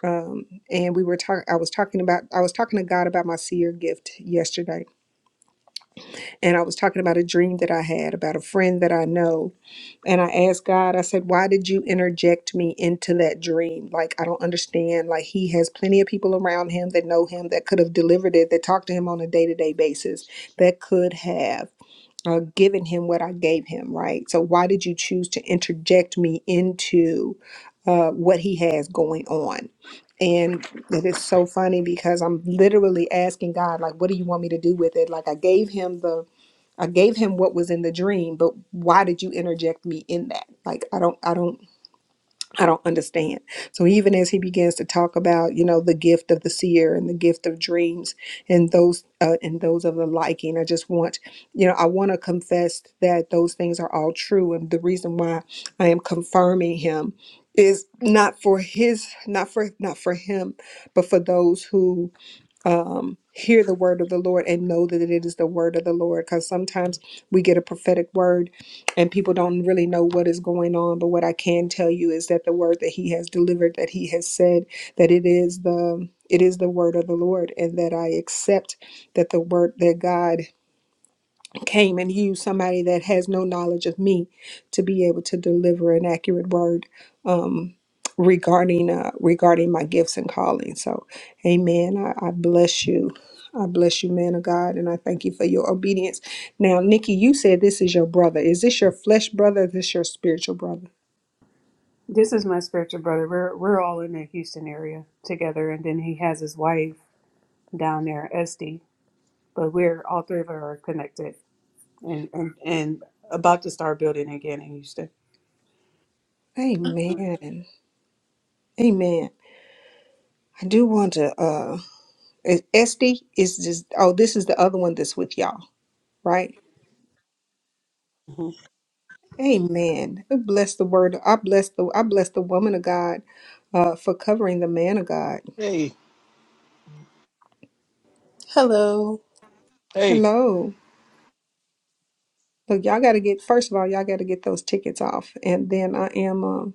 [SPEAKER 1] Um, and we were talking, I was talking about, I was talking to God about my seer gift yesterday. And I was talking about a dream that I had about a friend that I know. And I asked God, I said, why did you interject me into that dream? Like, I don't understand. Like, he has plenty of people around him that know him, that could have delivered it, that talk to him on a day to day basis, that could have uh, given him what I gave him, right? So why did you choose to interject me into uh, what he has going on? And it is so funny because I'm literally asking God, like, what do you want me to do with it? Like, I gave him the, I gave him what was in the dream, but why did you interject me in that? Like, I don't, I don't. I don't understand. So even as he begins to talk about, you know, the gift of the seer and the gift of dreams and those uh, and those of the liking, I just want, you know, I want to confess that those things are all true. And the reason why I am confirming him is not for his, not for not for him, but for those who um, hear the word of the Lord and know that it is the word of the Lord. Because sometimes we get a prophetic word and people don't really know what is going on. But what I can tell you is that the word that He has delivered, that He has said, that it is the it is the word of the Lord, and that I accept that the word that God came and used somebody that has no knowledge of me to be able to deliver an accurate word um, regarding uh, regarding my gifts and calling. So, Amen. I, I bless you. I bless you, man of God, and I thank you for your obedience. Now, Nikki, you said this is your brother. Is this your flesh brother? Or is this your spiritual brother?
[SPEAKER 10] This is my spiritual brother. We're we're all in the Houston area together, and then he has his wife down there, Esty. But we're all three of us are connected. and and, and about to start building again in Houston.
[SPEAKER 1] Amen. Amen. I do want to. uh is- Esty is this. Oh, this is the other one that's with y'all, right?
[SPEAKER 10] Mhm.
[SPEAKER 1] Amen. I bless the word. I bless the I bless the woman of God uh for covering the man of God.
[SPEAKER 7] Hey,
[SPEAKER 15] Hello.
[SPEAKER 7] hey.
[SPEAKER 1] Hello. Look, y'all gotta get first of all, y'all gotta get those tickets off. And then I am um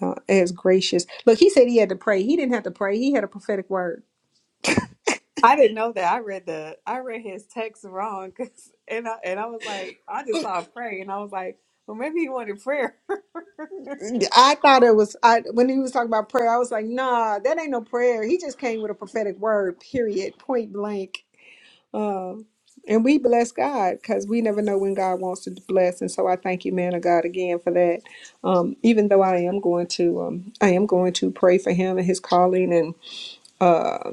[SPEAKER 1] uh, as gracious. Look, he said he had to pray. He didn't have to pray. He had a prophetic word.
[SPEAKER 10] I didn't know that. I read the I read his text wrong, 'cause- and I and I was like, I just saw a prayer, and I was like, well, maybe he wanted prayer.
[SPEAKER 1] I thought it was I when he was talking about prayer, I was like, nah, that ain't no prayer. He just came with a prophetic word, period, point blank. Um, and we bless God because we never know when God wants to bless. And so I thank you, man of God, again for that. Um, even though I am going to, um, I am going to pray for him and his calling and uh,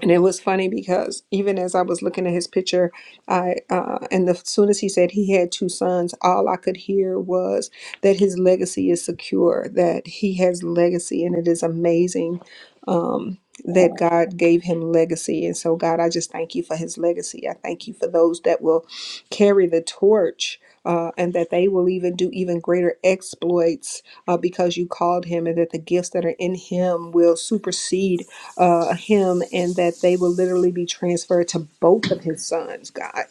[SPEAKER 1] and it was funny because even as I was looking at his picture, I uh, and as soon as he said he had two sons, all I could hear was that his legacy is secure, that he has legacy, and it is amazing um, that God gave him legacy. And so, God, I just thank you for his legacy. I thank you for those that will carry the torch. Uh, and that they will even do even greater exploits uh, because you called him, and that the gifts that are in him will supersede uh, him and that they will literally be transferred to both of his sons, God,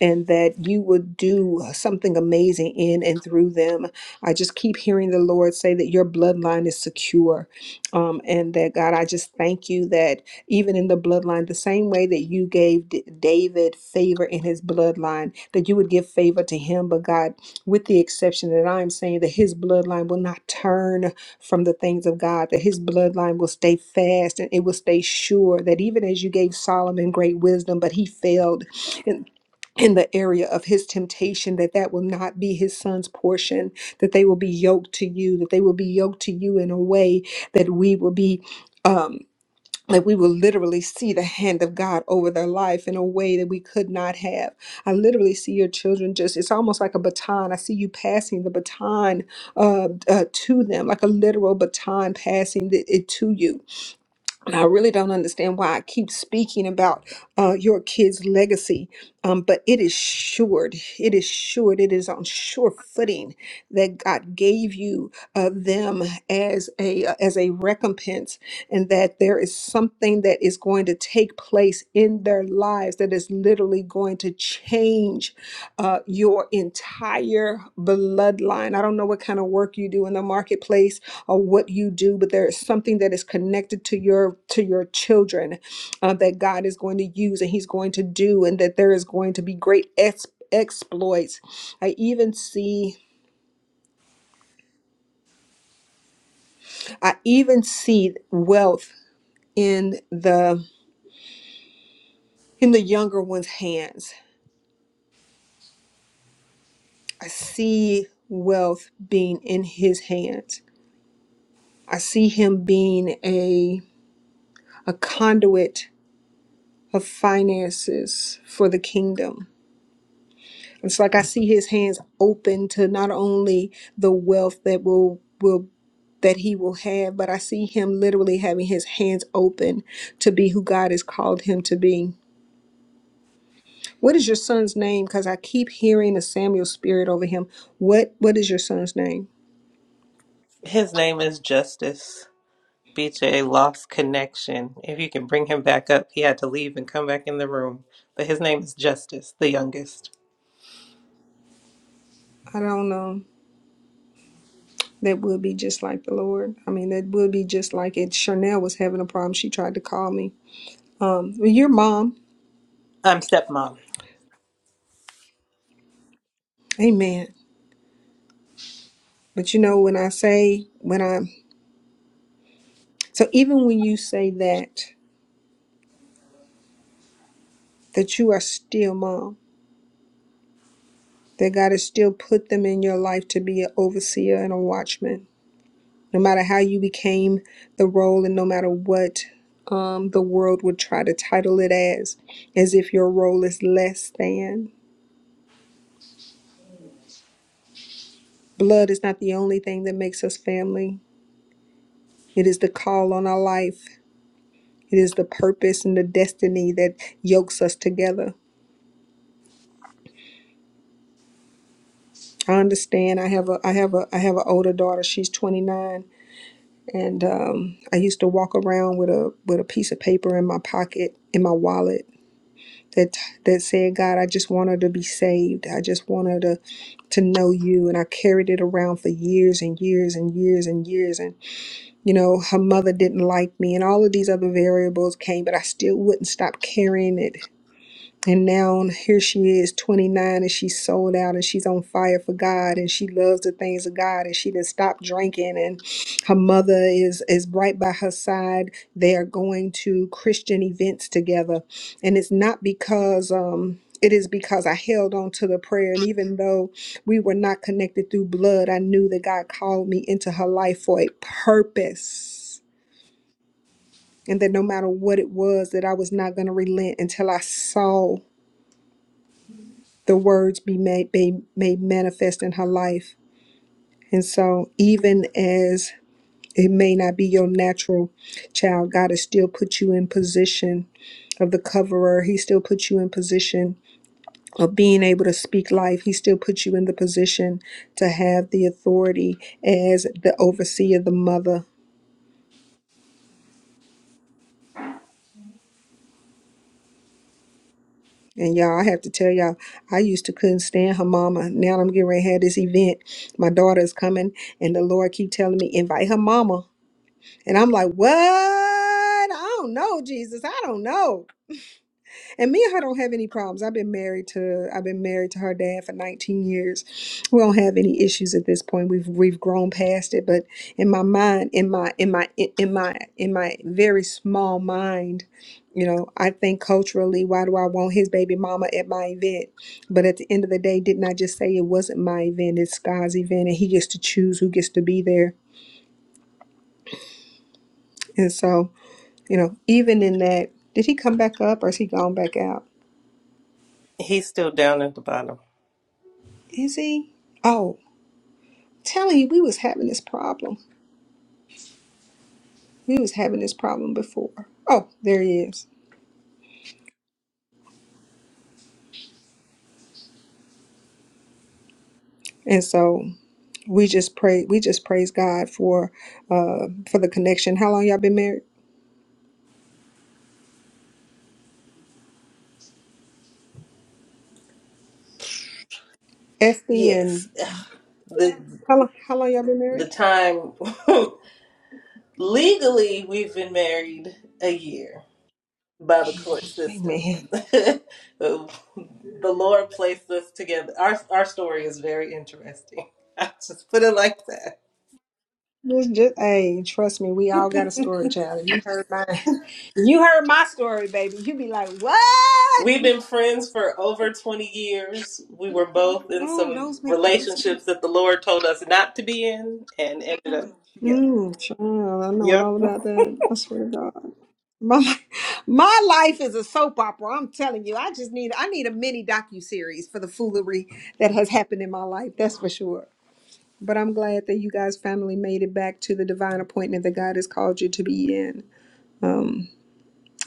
[SPEAKER 1] and that you would do something amazing in and through them. I just keep hearing the Lord say that your bloodline is secure. Um, and that, God, I just thank you that even in the bloodline, the same way that you gave D- David favor in his bloodline, that you would give favor to him. But God, with the exception that I'm saying that his bloodline will not turn from the things of God, that his bloodline will stay fast and it will stay sure. That even as you gave Solomon great wisdom, but he failed in, in the area of his temptation that that will not be his son's portion that they will be yoked to you that they will be yoked to you in a way that we will be um that we will literally see the hand of God over their life in a way that we could not have. I literally see your children just, it's almost like a baton. I see you passing the baton uh, uh, to them, like a literal baton passing it, it to you and I really don't understand why I keep speaking about uh, your kids' legacy, um, but it is sure. It is sure. It is on sure footing that God gave you uh, them as a uh, as a recompense, and that there is something that is going to take place in their lives that is literally going to change uh, your entire bloodline. I don't know what kind of work you do in the marketplace or what you do, but there is something that is connected to your to your children uh, that God is going to use and He's going to do, and that there is going to be great ex- exploits. I even see I even see wealth in the in the younger one's hands. I see wealth being in his hands. I see him being a a conduit of finances for the kingdom. It's like I see his hands open to not only the wealth that will will that he will have, but I see him literally having his hands open to be who God has called him to be. What is your son's name? Because I keep hearing a Samuel spirit over him. What what is your son's name?
[SPEAKER 15] His name is Justice. BJ lost connection. If you can bring him back up, he had to leave and come back in the room. But his name is Justice, the youngest.
[SPEAKER 1] I don't know. That would be just like the Lord. I mean, that would be just like it. Chanel was having a problem. She tried to call me. Um, well, your mom,
[SPEAKER 15] I'm stepmom.
[SPEAKER 1] Amen. But you know, when I say when I So even when you say that, that you are still mom, that God has still put them in your life to be an overseer and a watchman, no matter how you became the role and no matter what um, the world would try to title it as, as if your role is less than. Blood is not the only thing that makes us family. It is the call on our life. It is the purpose and the destiny that yokes us together. I understand. I have a I have a I have an older daughter. She's 29 and um, I used to walk around with a with a piece of paper in my pocket in my wallet that that said, "God, I just want her to be saved. I just want her to to know you." And I carried it around for years and years and years and years. And you know, her mother didn't like me, and all of these other variables came, but I still wouldn't stop carrying it and now here she is, 29, and she's sold out and she's on fire for God and she loves the things of God and she didn't stop drinking and her mother is is right by her side. They are going to Christian events together. And it's not because um it is because I held on to the prayer. And even though we were not connected through blood, I knew that God called me into her life for a purpose. And that no matter what it was, that I was not going to relent until I saw the words be made, be made manifest in her life. And so, even as it may not be your natural child, God has still put you in position of the coverer. He still put you in position of being able to speak life. He still put you in the position to have the authority as the overseer, the mother. And y'all, I have to tell y'all, I used to couldn't stand her mama. Now I'm getting ready to have this event. My daughter is coming, and the Lord keep telling me, invite her mama. And I'm like, what? I don't know, Jesus. I don't know. And me and her don't have any problems. I've been married to I've been married to her dad for 19 years. We don't have any issues at this point. We've we've grown past it. But in my mind, in my in my in my in my very small mind, you know, I think culturally, why do I want his baby mama at my event? But at the end of the day, didn't I just say it wasn't my event? It's God's event, and he gets to choose who gets to be there. And so You know, even in that, did he come back up or is he gone back out?
[SPEAKER 15] He's still down at the bottom.
[SPEAKER 1] Is he? Oh, telling you, we was having this problem. We was having this problem before. Oh, there he is. And so we just pray. We just praise God for, uh, for the connection. How long y'all been married? Effie
[SPEAKER 15] Yes.
[SPEAKER 1] and
[SPEAKER 15] The
[SPEAKER 1] how long? How long y'all been
[SPEAKER 15] the
[SPEAKER 1] married?
[SPEAKER 15] time legally we've been married a year by the court system.
[SPEAKER 1] Amen.
[SPEAKER 15] the Lord placed us together. Our our story is very interesting. I just put it like that.
[SPEAKER 1] It's just, hey, trust me, we all got a story, child. You heard mine. You heard my story, baby. You be like, what?
[SPEAKER 15] We've been friends for over 20 years. We were both in
[SPEAKER 1] Oh,
[SPEAKER 15] some
[SPEAKER 1] those make the best
[SPEAKER 15] relationships
[SPEAKER 1] ones.
[SPEAKER 15] that the Lord told us not to be in and ended up. Yep.
[SPEAKER 1] Mm, child, I know all
[SPEAKER 15] Yep.
[SPEAKER 1] about that. I swear to God. My li- my life is a soap opera. I'm telling you. I just need I need a mini docu series for the foolery that has happened in my life. That's for sure. But I'm glad that you guys finally made it back to the divine appointment that God has called you to be in. Um,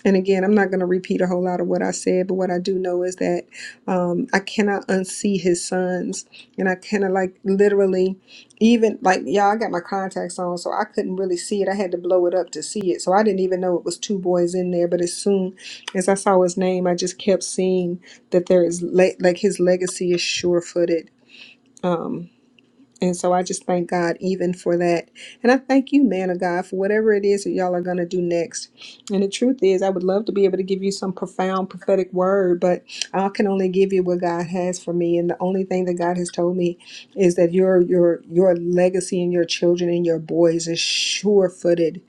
[SPEAKER 1] and again, I'm not going to repeat a whole lot of what I said, but what I do know is that um, I cannot unsee his sons. And I kind of like literally, even like, yeah, I got my contacts on, so I couldn't really see it. I had to blow it up to see it. So I didn't even know it was two boys in there. But as soon as I saw his name, I just kept seeing that there is, le- like, his legacy is sure footed. Um, and so I just thank God even for that. And I thank you, man of God, for whatever it is that y'all are going to do next. And the truth is, I would love to be able to give you some profound prophetic word, but I can only give you what God has for me. And the only thing that God has told me is that your your your legacy and your children and your boys is sure footed.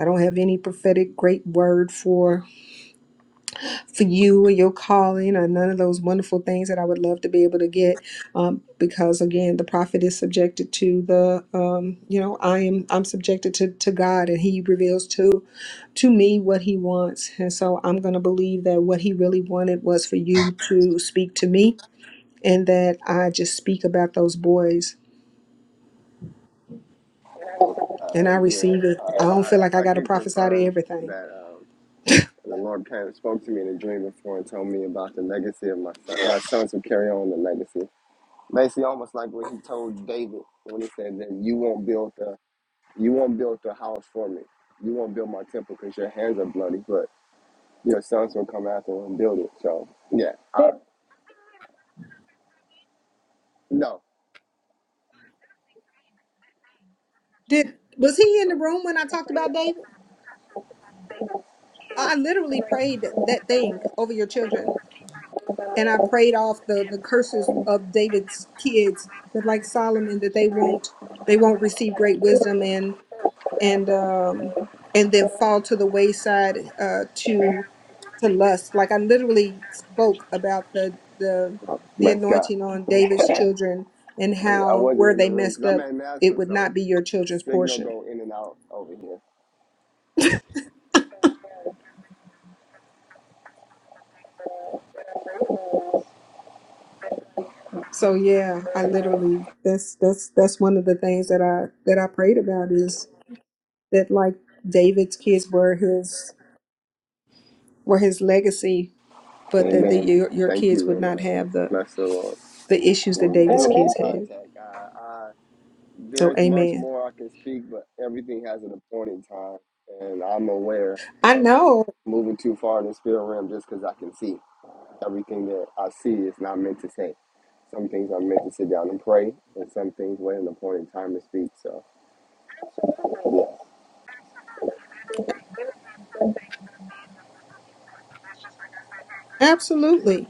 [SPEAKER 1] I don't have any prophetic great word for for you or your calling or none of those wonderful things that I would love to be able to get. Um, because again, the prophet is subjected to the, um, you know, I am, I'm subjected to, to God and he reveals to, to me what he wants. And so I'm going to believe that what he really wanted was for you to speak to me and that I just speak about those boys and
[SPEAKER 14] Uh,
[SPEAKER 1] I
[SPEAKER 14] yeah,
[SPEAKER 1] receive it.
[SPEAKER 14] I,
[SPEAKER 1] I don't feel like I
[SPEAKER 14] I I
[SPEAKER 1] got to
[SPEAKER 14] can
[SPEAKER 1] prophesy to
[SPEAKER 14] confirm
[SPEAKER 1] everything.
[SPEAKER 14] that. Um, And the Lord came, spoke to me in a dream before and told me about the legacy of my son.
[SPEAKER 1] Yeah.
[SPEAKER 14] My sons will carry on the legacy. Basically, almost like what he told David when he said that you won't build the you won't build the house for me. You won't build my temple because your hands are bloody, but your sons will come after and build it. So yeah, I, no,
[SPEAKER 1] Did, was he in the
[SPEAKER 14] no,
[SPEAKER 1] room when I talked about David? I literally prayed that thing over your children. And I prayed off the, the curses of David's kids that like Solomon that they won't they won't receive great wisdom and and um and then fall to the wayside uh to to lust. Like I literally spoke about the the
[SPEAKER 14] no.
[SPEAKER 1] the
[SPEAKER 14] bless God.
[SPEAKER 1] anointing on David's children and
[SPEAKER 14] Yeah, I
[SPEAKER 1] how
[SPEAKER 14] wasn't
[SPEAKER 1] where
[SPEAKER 14] in the
[SPEAKER 1] they
[SPEAKER 14] room
[SPEAKER 1] messed
[SPEAKER 14] because I'm
[SPEAKER 1] up
[SPEAKER 14] at
[SPEAKER 1] it
[SPEAKER 14] NASA,
[SPEAKER 1] would
[SPEAKER 14] so
[SPEAKER 1] not be your children's
[SPEAKER 14] signal
[SPEAKER 1] portion.
[SPEAKER 14] go in and out over here.
[SPEAKER 1] So yeah, I literally that's that's that's one of the things that I that I prayed about is that like David's kids were his were his legacy, but that the,
[SPEAKER 14] Amen.
[SPEAKER 1] your your
[SPEAKER 14] Thank
[SPEAKER 1] kids
[SPEAKER 14] you
[SPEAKER 1] would
[SPEAKER 14] and
[SPEAKER 1] not
[SPEAKER 14] uh,
[SPEAKER 1] have the
[SPEAKER 14] bless the Lord.
[SPEAKER 1] the issues that
[SPEAKER 14] We'll, we'll
[SPEAKER 1] David's
[SPEAKER 14] be in
[SPEAKER 1] kids had.
[SPEAKER 14] contact. Uh, I
[SPEAKER 1] So
[SPEAKER 14] There's much
[SPEAKER 1] amen.
[SPEAKER 14] more I can speak, but everything has an appointed time, and I'm aware
[SPEAKER 1] I
[SPEAKER 14] of
[SPEAKER 1] know,
[SPEAKER 14] moving too far in the spirit realm just because I can see. Everything that I see is not meant to say. Some things I'm meant to sit down and pray, and some things wait an appointed time to speak. So, yeah,
[SPEAKER 1] absolutely.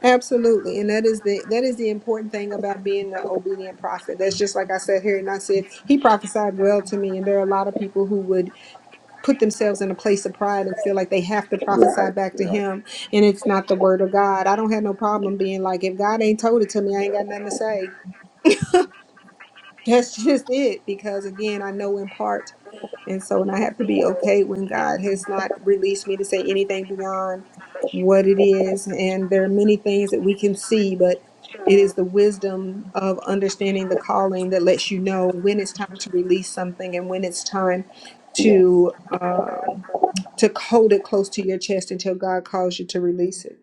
[SPEAKER 1] Absolutely. And that is the that is the important thing about being an obedient prophet. That's just like I said here and I said he prophesied well to me and there are a lot of people who would put themselves in a place of pride and feel like they have to prophesy
[SPEAKER 14] right,
[SPEAKER 1] back to
[SPEAKER 14] right.
[SPEAKER 1] him and it's not the word of God. I don't have no problem being like, if God ain't told it to me, I ain't got nothing to say. That's just it. Because again, I know in part and so, and I have to be okay when God has not released me to say anything beyond what it is. And there are many things that we can see, but it is the wisdom of understanding the calling that lets you know when it's time to release something and when it's time
[SPEAKER 14] Yes.
[SPEAKER 1] to um, to hold it close to your chest until God calls you to release it.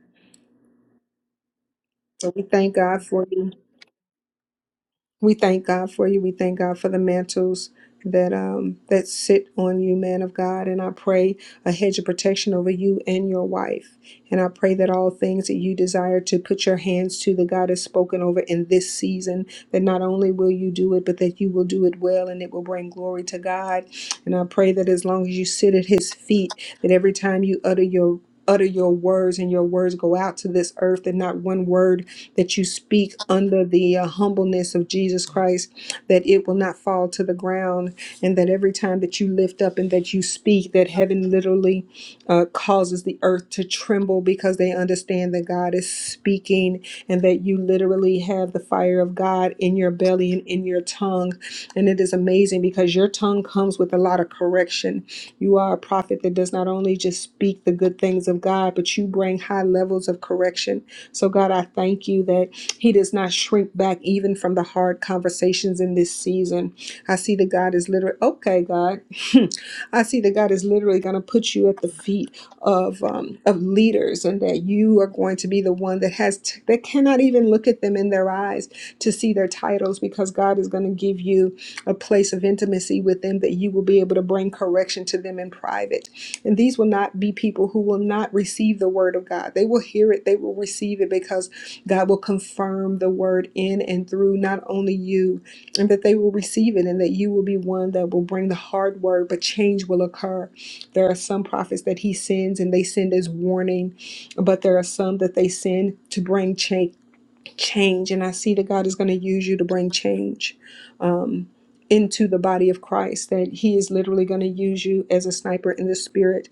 [SPEAKER 1] So we thank God for you. We thank God for you. We thank God for the mantles that um that sit on you, man of God. And I pray a hedge of protection over you and your wife. And I pray that all things that you desire to put your hands to, that God has spoken over in this season, that not only will you do it, but that you will do it well and it will bring glory to God. And I pray that as long as you sit at his feet, that every time you utter your utter your words and your words go out to this earth that not one word that you speak under the uh, humbleness of Jesus Christ, that it will not fall to the ground, and that every time that you lift up and that you speak, that heaven literally uh, causes the earth to tremble because they understand that God is speaking and that you literally have the fire of God in your belly and in your tongue. And it is amazing because your tongue comes with a lot of correction you are a prophet that does not only just speak the good things of God, but you bring high levels of correction. So, God, I thank you that He does not shrink back even from the hard conversations in this season. I see that God is literally, okay, God, I see that God is literally going to put you at the feet of um, of leaders, and that you are going to be the one that has t- that cannot even look at them in their eyes to see their titles, because God is going to give you a place of intimacy with them that you will be able to bring correction to them in private. And these will not be people who will not receive the word of God. They will hear it, they will receive it because God will confirm the word in and through not only you, and that they will receive it, and that you will be one that will bring the hard word, but change will occur. There are some prophets that he sends and they send as warning, but there are some that they send to bring change change and i see that god is going to use you to bring change um, into the body of christ that he is literally going to use you as a sniper in the spirit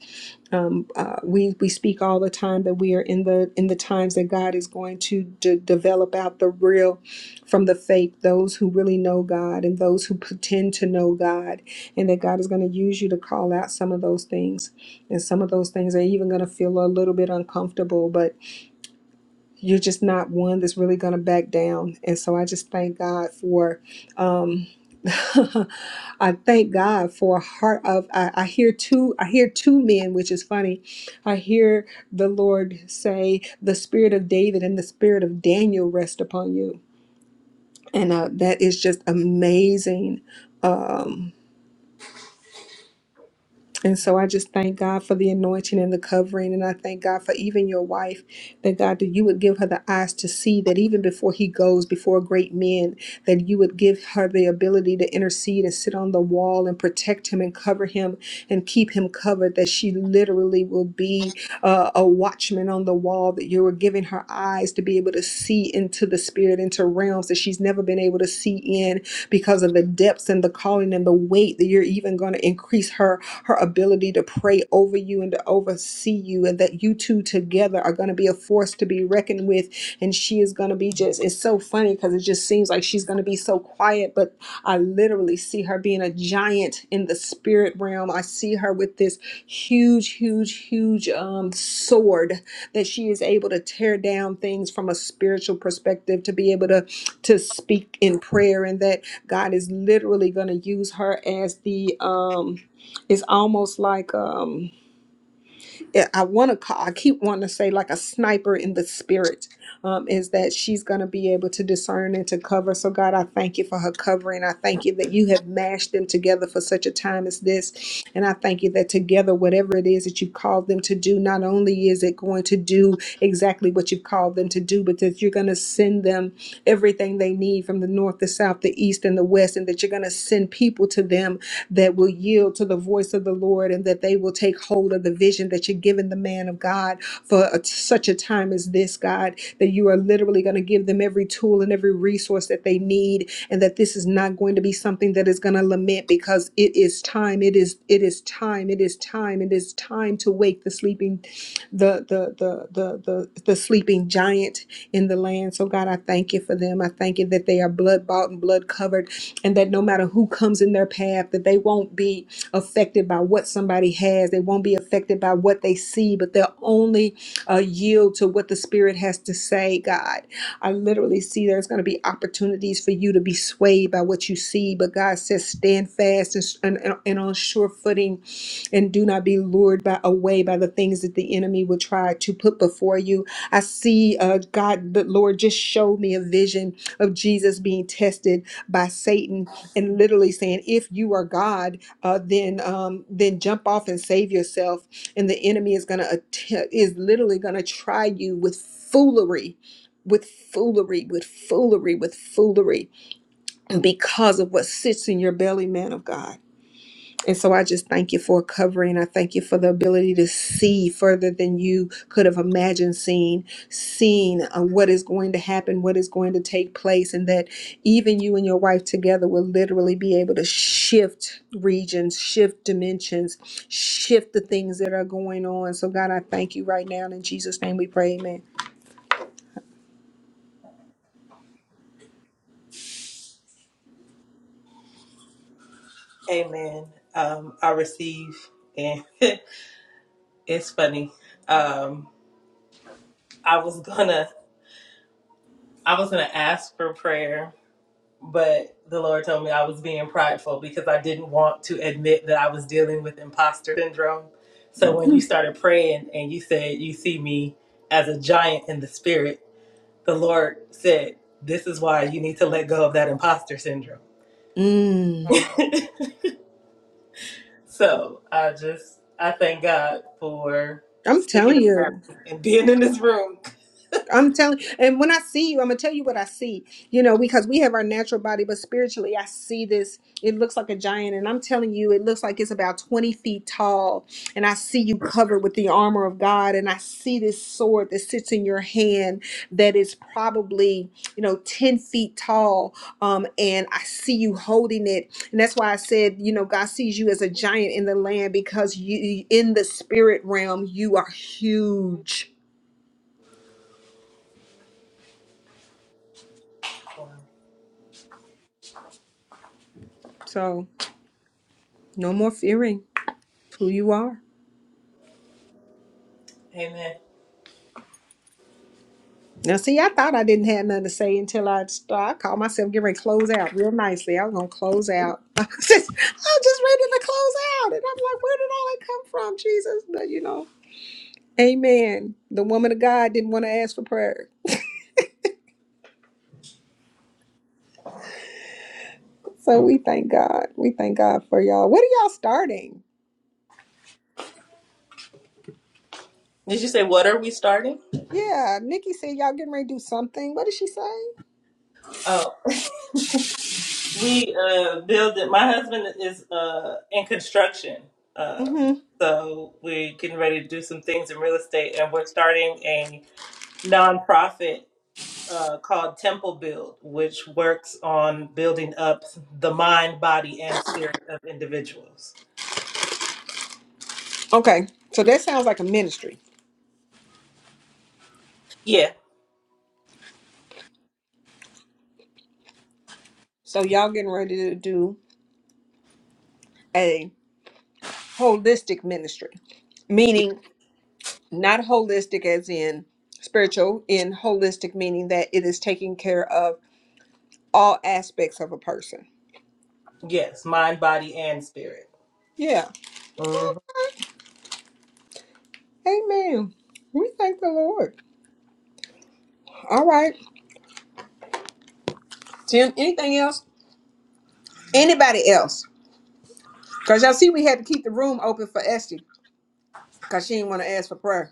[SPEAKER 1] um, uh, we we speak all the time that we are in the in the times that god is going to de- develop out the real from the fake those who really know god and those who pretend to know god and that god is going to use you to call out some of those things and some of those things are even going to feel a little bit uncomfortable but you're just not one that's really going to back down. And so I just thank God for, um, I thank God for a heart of, I, I hear two, I hear two men, which is funny. I hear the Lord say, the spirit of David and the spirit of Daniel rest upon you. And uh, that is just amazing. Um, And so I just thank God for the anointing and the covering. And I thank God for even your wife, that God, that you would give her the eyes to see that even before he goes before great men, that you would give her the ability to intercede and sit on the wall and protect him and cover him and keep him covered, that she literally will be uh, a watchman on the wall, that you are giving her eyes to be able to see into the spirit, into realms that she's never been able to see in because of the depths and the calling and the weight that you're even going to increase her her ability to pray over you and to oversee you, and that you two together are going to be a force to be reckoned with. And she is going to be just, it's so funny because it just seems like she's going to be so quiet, but I literally see her being a giant in the spirit realm. I see her with this huge, huge, huge um, sword that she is able to tear down things from a spiritual perspective, to be able to to speak in prayer, and that God is literally going to use her as the um, it's almost like um, yeah, I want to call. I keep wanting to say like a sniper in the spirit. Um, is that she's going to be able to discern and to cover? So God, I thank you for her covering. I thank you that you have mashed them together for such a time as this, and I thank you that together, whatever it is that you've called them to do, not only is it going to do exactly what you've called them to do, but that you're going to send them everything they need from the north, the south, the east, and the west, and that you're going to send people to them that will yield to the voice of the Lord and that they will take hold of the vision that you're giving the man of God for a, such a time as this, God, that you are literally going to give them every tool and every resource that they need and that this is not going to be something that is going to lament because it is time it is it is time it is time it is time to wake the sleeping the the the the the, the sleeping giant in the land so god i thank you for them i thank you that they are blood bought and blood covered and that no matter who comes in their path that they won't be affected by what somebody has they won't be affected by what they see but they'll only uh, yield to what the spirit has to say god i literally see there's going to be opportunities for you to be swayed by what you see but god says stand fast and, and, and on sure footing and do not be lured by away by the things that the enemy will try to put before you i see uh, god the lord just showed me a vision of jesus being tested by Satan and literally saying, "If you are God, uh, then um, then jump off and save yourself." And the enemy is gonna attempt, is literally gonna try you with foolery, with foolery, with foolery, with foolery, because of what sits in your belly, man of God. And so I just thank you for covering. I thank you for the ability to see further than you could have imagined seeing, seeing uh, what is going to happen, what is going to take place, and that even you and your wife together will literally be able to shift regions, shift dimensions, shift the things that are going on. So, God, I thank you right now. In Jesus' name we pray, amen.
[SPEAKER 15] Amen. Um, I receive, and it's funny. Um, I was gonna, I was gonna ask for prayer, but the Lord told me I was being prideful because I didn't want to admit that I was dealing with imposter syndrome. So when you started praying and you said you see me as a giant in the spirit, the Lord said, This is why you need to let go of that imposter syndrome.
[SPEAKER 1] Mm.
[SPEAKER 15] So I just, I thank God for
[SPEAKER 1] I'm
[SPEAKER 15] sticking
[SPEAKER 1] telling
[SPEAKER 15] around
[SPEAKER 1] you.
[SPEAKER 15] and being in this room.
[SPEAKER 1] I'm telling, and when I see you, I'm gonna tell you what I see. You know, because we have our natural body, but spiritually, I see this. It looks like a giant, and I'm telling you, it looks like it's about 20 feet tall. And I see you covered with the armor of God, and I see this sword that sits in your hand that is probably, you know, 10 feet tall. Um, and I see you holding it, and that's why I said, you know, God sees you as a giant in the land because you, in the spirit realm, you are huge. So. No more fearing who you are.
[SPEAKER 15] Amen.
[SPEAKER 1] Now, see, I thought I didn't have nothing to say until I start. I called myself getting ready to close out real nicely. I was gonna close out. I was just, I was just ready to close out, and I'm like, where did all that come from, Jesus? But you know, Amen. The woman of God didn't want to ask for prayer, so we thank God. We thank God for y'all. What are y'all starting?
[SPEAKER 15] Did you say, What are we starting?
[SPEAKER 1] Yeah, Nikki said y'all getting ready to do something. What did she say?
[SPEAKER 15] Oh, we uh building. My husband is uh in construction, uh,
[SPEAKER 1] Mm-hmm.
[SPEAKER 15] so we're getting ready to do some things in real estate, and we're starting a nonprofit uh, called Temple Build, which works on building up the mind, body, and spirit of individuals.
[SPEAKER 1] Okay, so that sounds like a ministry.
[SPEAKER 15] Yeah.
[SPEAKER 1] So y'all getting ready to do. a. holistic ministry,
[SPEAKER 15] y-
[SPEAKER 1] meaning not holistic as in spiritual, in holistic meaning that it is taking care of all aspects of a person.
[SPEAKER 15] Yes, mind, body, and spirit.
[SPEAKER 1] Yeah.
[SPEAKER 15] Mm-hmm.
[SPEAKER 1] Amen. We thank the Lord. All right. Tim, anything else? Anybody else? Because y'all see, we had to keep the room open for Esty because she didn't want to ask for prayer.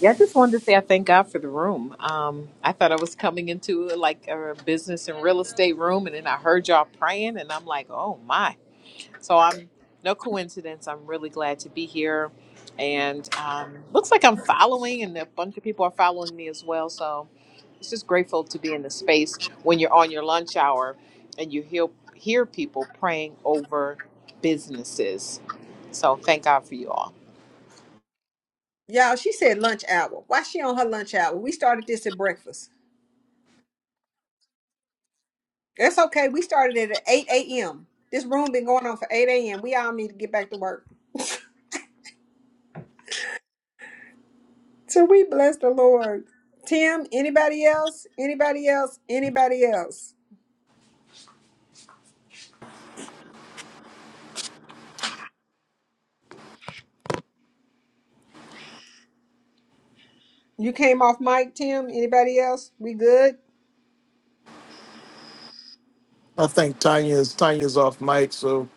[SPEAKER 16] Yeah, I just wanted to say I thank God for the room. Um, I thought I was coming into like a business and real estate room, and then I heard y'all praying, and I'm like, oh my. So I'm no coincidence. I'm really glad to be here, and um, looks like I'm following, and a bunch of people are following me as well. So it's just grateful to be in the space when you're on your lunch hour and you hear hear people praying over businesses. So thank God for you all.
[SPEAKER 1] Y'all, she said lunch hour. Why she on her lunch hour? We started this at breakfast. That's okay. We started it at 8 a.m. This room been going on for 8 a.m. We all need to get back to work. So we bless the Lord. Tim, anybody else? Anybody else? Anybody else? You came off mic, Tim. Anybody else? We good?
[SPEAKER 7] I think Tanya's Tanya's off mic, so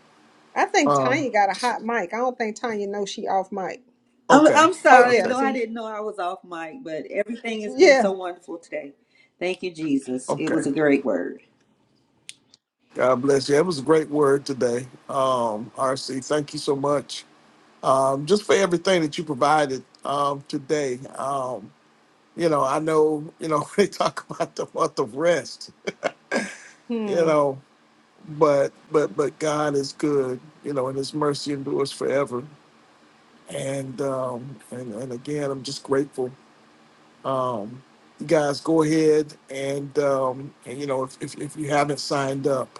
[SPEAKER 1] I think
[SPEAKER 7] um
[SPEAKER 1] Tanya got a hot mic. I don't think Tanya knows she off mic.
[SPEAKER 6] I'm,
[SPEAKER 7] okay.
[SPEAKER 6] I'm
[SPEAKER 1] Oh
[SPEAKER 6] sorry.
[SPEAKER 1] yeah,
[SPEAKER 7] Okay.
[SPEAKER 6] No, I
[SPEAKER 1] see?
[SPEAKER 6] didn't know I was off mic, but everything has been so
[SPEAKER 1] Yeah.
[SPEAKER 6] wonderful today. Thank you, Jesus. It
[SPEAKER 7] Okay.
[SPEAKER 6] was a great word.
[SPEAKER 7] God bless you. It was a great word today, um, RC. Thank you so much um, just for everything that you provided um, today. Um, you know, I know you know they talk about the month of rest. You
[SPEAKER 1] Hmm.
[SPEAKER 7] know, but but but God is good. You know, and His mercy endures forever. And um, and and again, I'm just grateful. Um, you guys go ahead and um, and you know if, if if you haven't signed up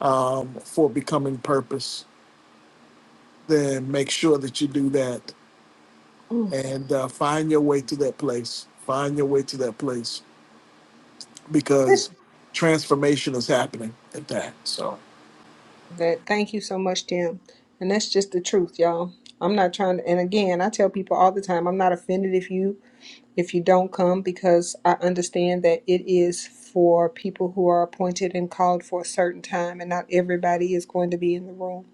[SPEAKER 7] um, for becoming purpose. then make sure that you do that
[SPEAKER 1] Mm.
[SPEAKER 7] because
[SPEAKER 1] Listen,
[SPEAKER 7] transformation is happening.
[SPEAKER 1] That thank you so much, Tim. And that's just the truth, y'all. I'm not trying to and again I tell people all the time, I'm not offended if you if you don't come because I understand that it is for people who are appointed and called for a certain time, and not everybody is going to be in the room.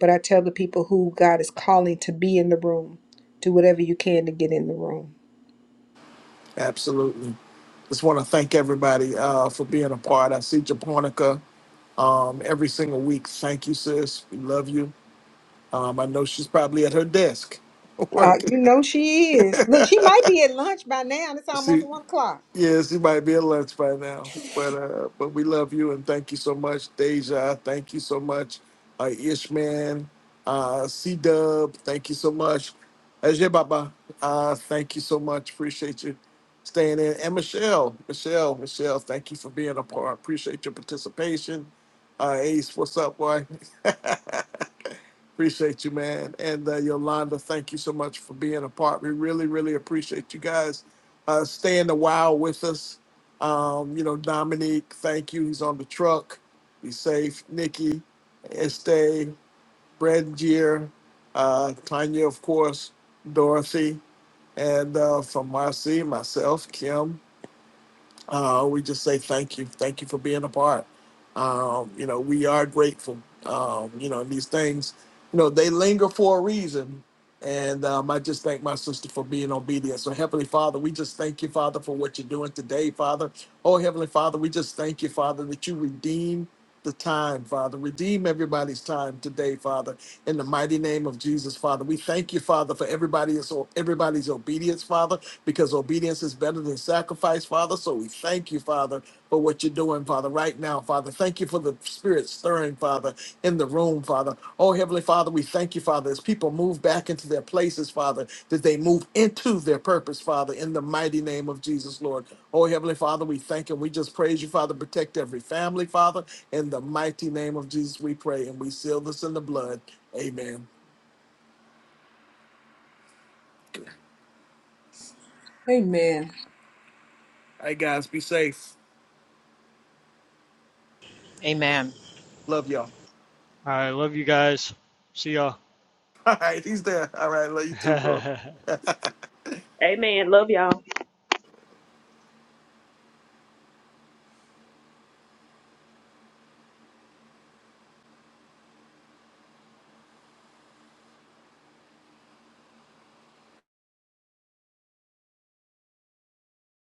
[SPEAKER 1] But I tell the people who God is calling to be in the room, do whatever you can to get in the room.
[SPEAKER 7] Absolutely. Just want to thank everybody uh, for being a part. I see Japonica um, every single week. Thank you, sis. We love you. Um, I know she's probably at her desk
[SPEAKER 1] Uh,
[SPEAKER 7] working.
[SPEAKER 1] you know she is. Look, she might be at lunch by now. It's almost
[SPEAKER 7] See.
[SPEAKER 1] one o'clock.
[SPEAKER 7] Yes, you might be at lunch by now, but uh, but we love you and thank you so much, Deja. Thank you so much, uh, Ishman, uh, C Dub. Thank you so much, Ajay Baba. Uh, thank you so much. Appreciate you staying in. And Michelle, Michelle, Michelle. Thank you for being a part. Appreciate your participation. Uh, Ace, what's up, boy? Appreciate you, man. And uh, Yolanda, thank you so much for being a part. We really, really appreciate you guys uh, staying a while with us. Um, you know, Dominique, thank you. He's on the truck. He's safe. Nikki, Este, Brandier, uh, Tanya, of course, Dorothy, and uh, from Marcy, myself, Kim uh, we just say thank you, thank you for being a part. Um, you know, we are grateful. Um, you know, and these things, you know, they linger for a reason. And um, I just thank my sister for being obedient. So, Heavenly Father, we just thank you, Father, for what you're doing today, Father. Oh, Heavenly Father, we just thank you, Father, that you redeem the time, Father. Redeem everybody's time today, Father in the mighty name of Jesus, Father. We thank you, Father, for everybody's everybody's obedience, Father, because obedience is better than sacrifice, Father. So we thank you, Father, for what you're doing, Father, right now, Father. Thank you for the spirit stirring, Father, in the room, Father. Oh, Heavenly Father, we thank you, Father, as people move back into their places, Father, that they move into their purpose, Father, in the mighty name of Jesus, Lord. Oh, Heavenly Father, we thank and we just praise you, Father. Protect every family, Father. In the mighty name of Jesus, we pray and we seal this in the blood. Amen.
[SPEAKER 1] Amen.
[SPEAKER 7] Hey guys, be safe.
[SPEAKER 16] Amen.
[SPEAKER 7] Love y'all.
[SPEAKER 9] All right, love you guys. See y'all.
[SPEAKER 7] All right, he's there. All right, love you too, bro.
[SPEAKER 2] Amen. Love y'all.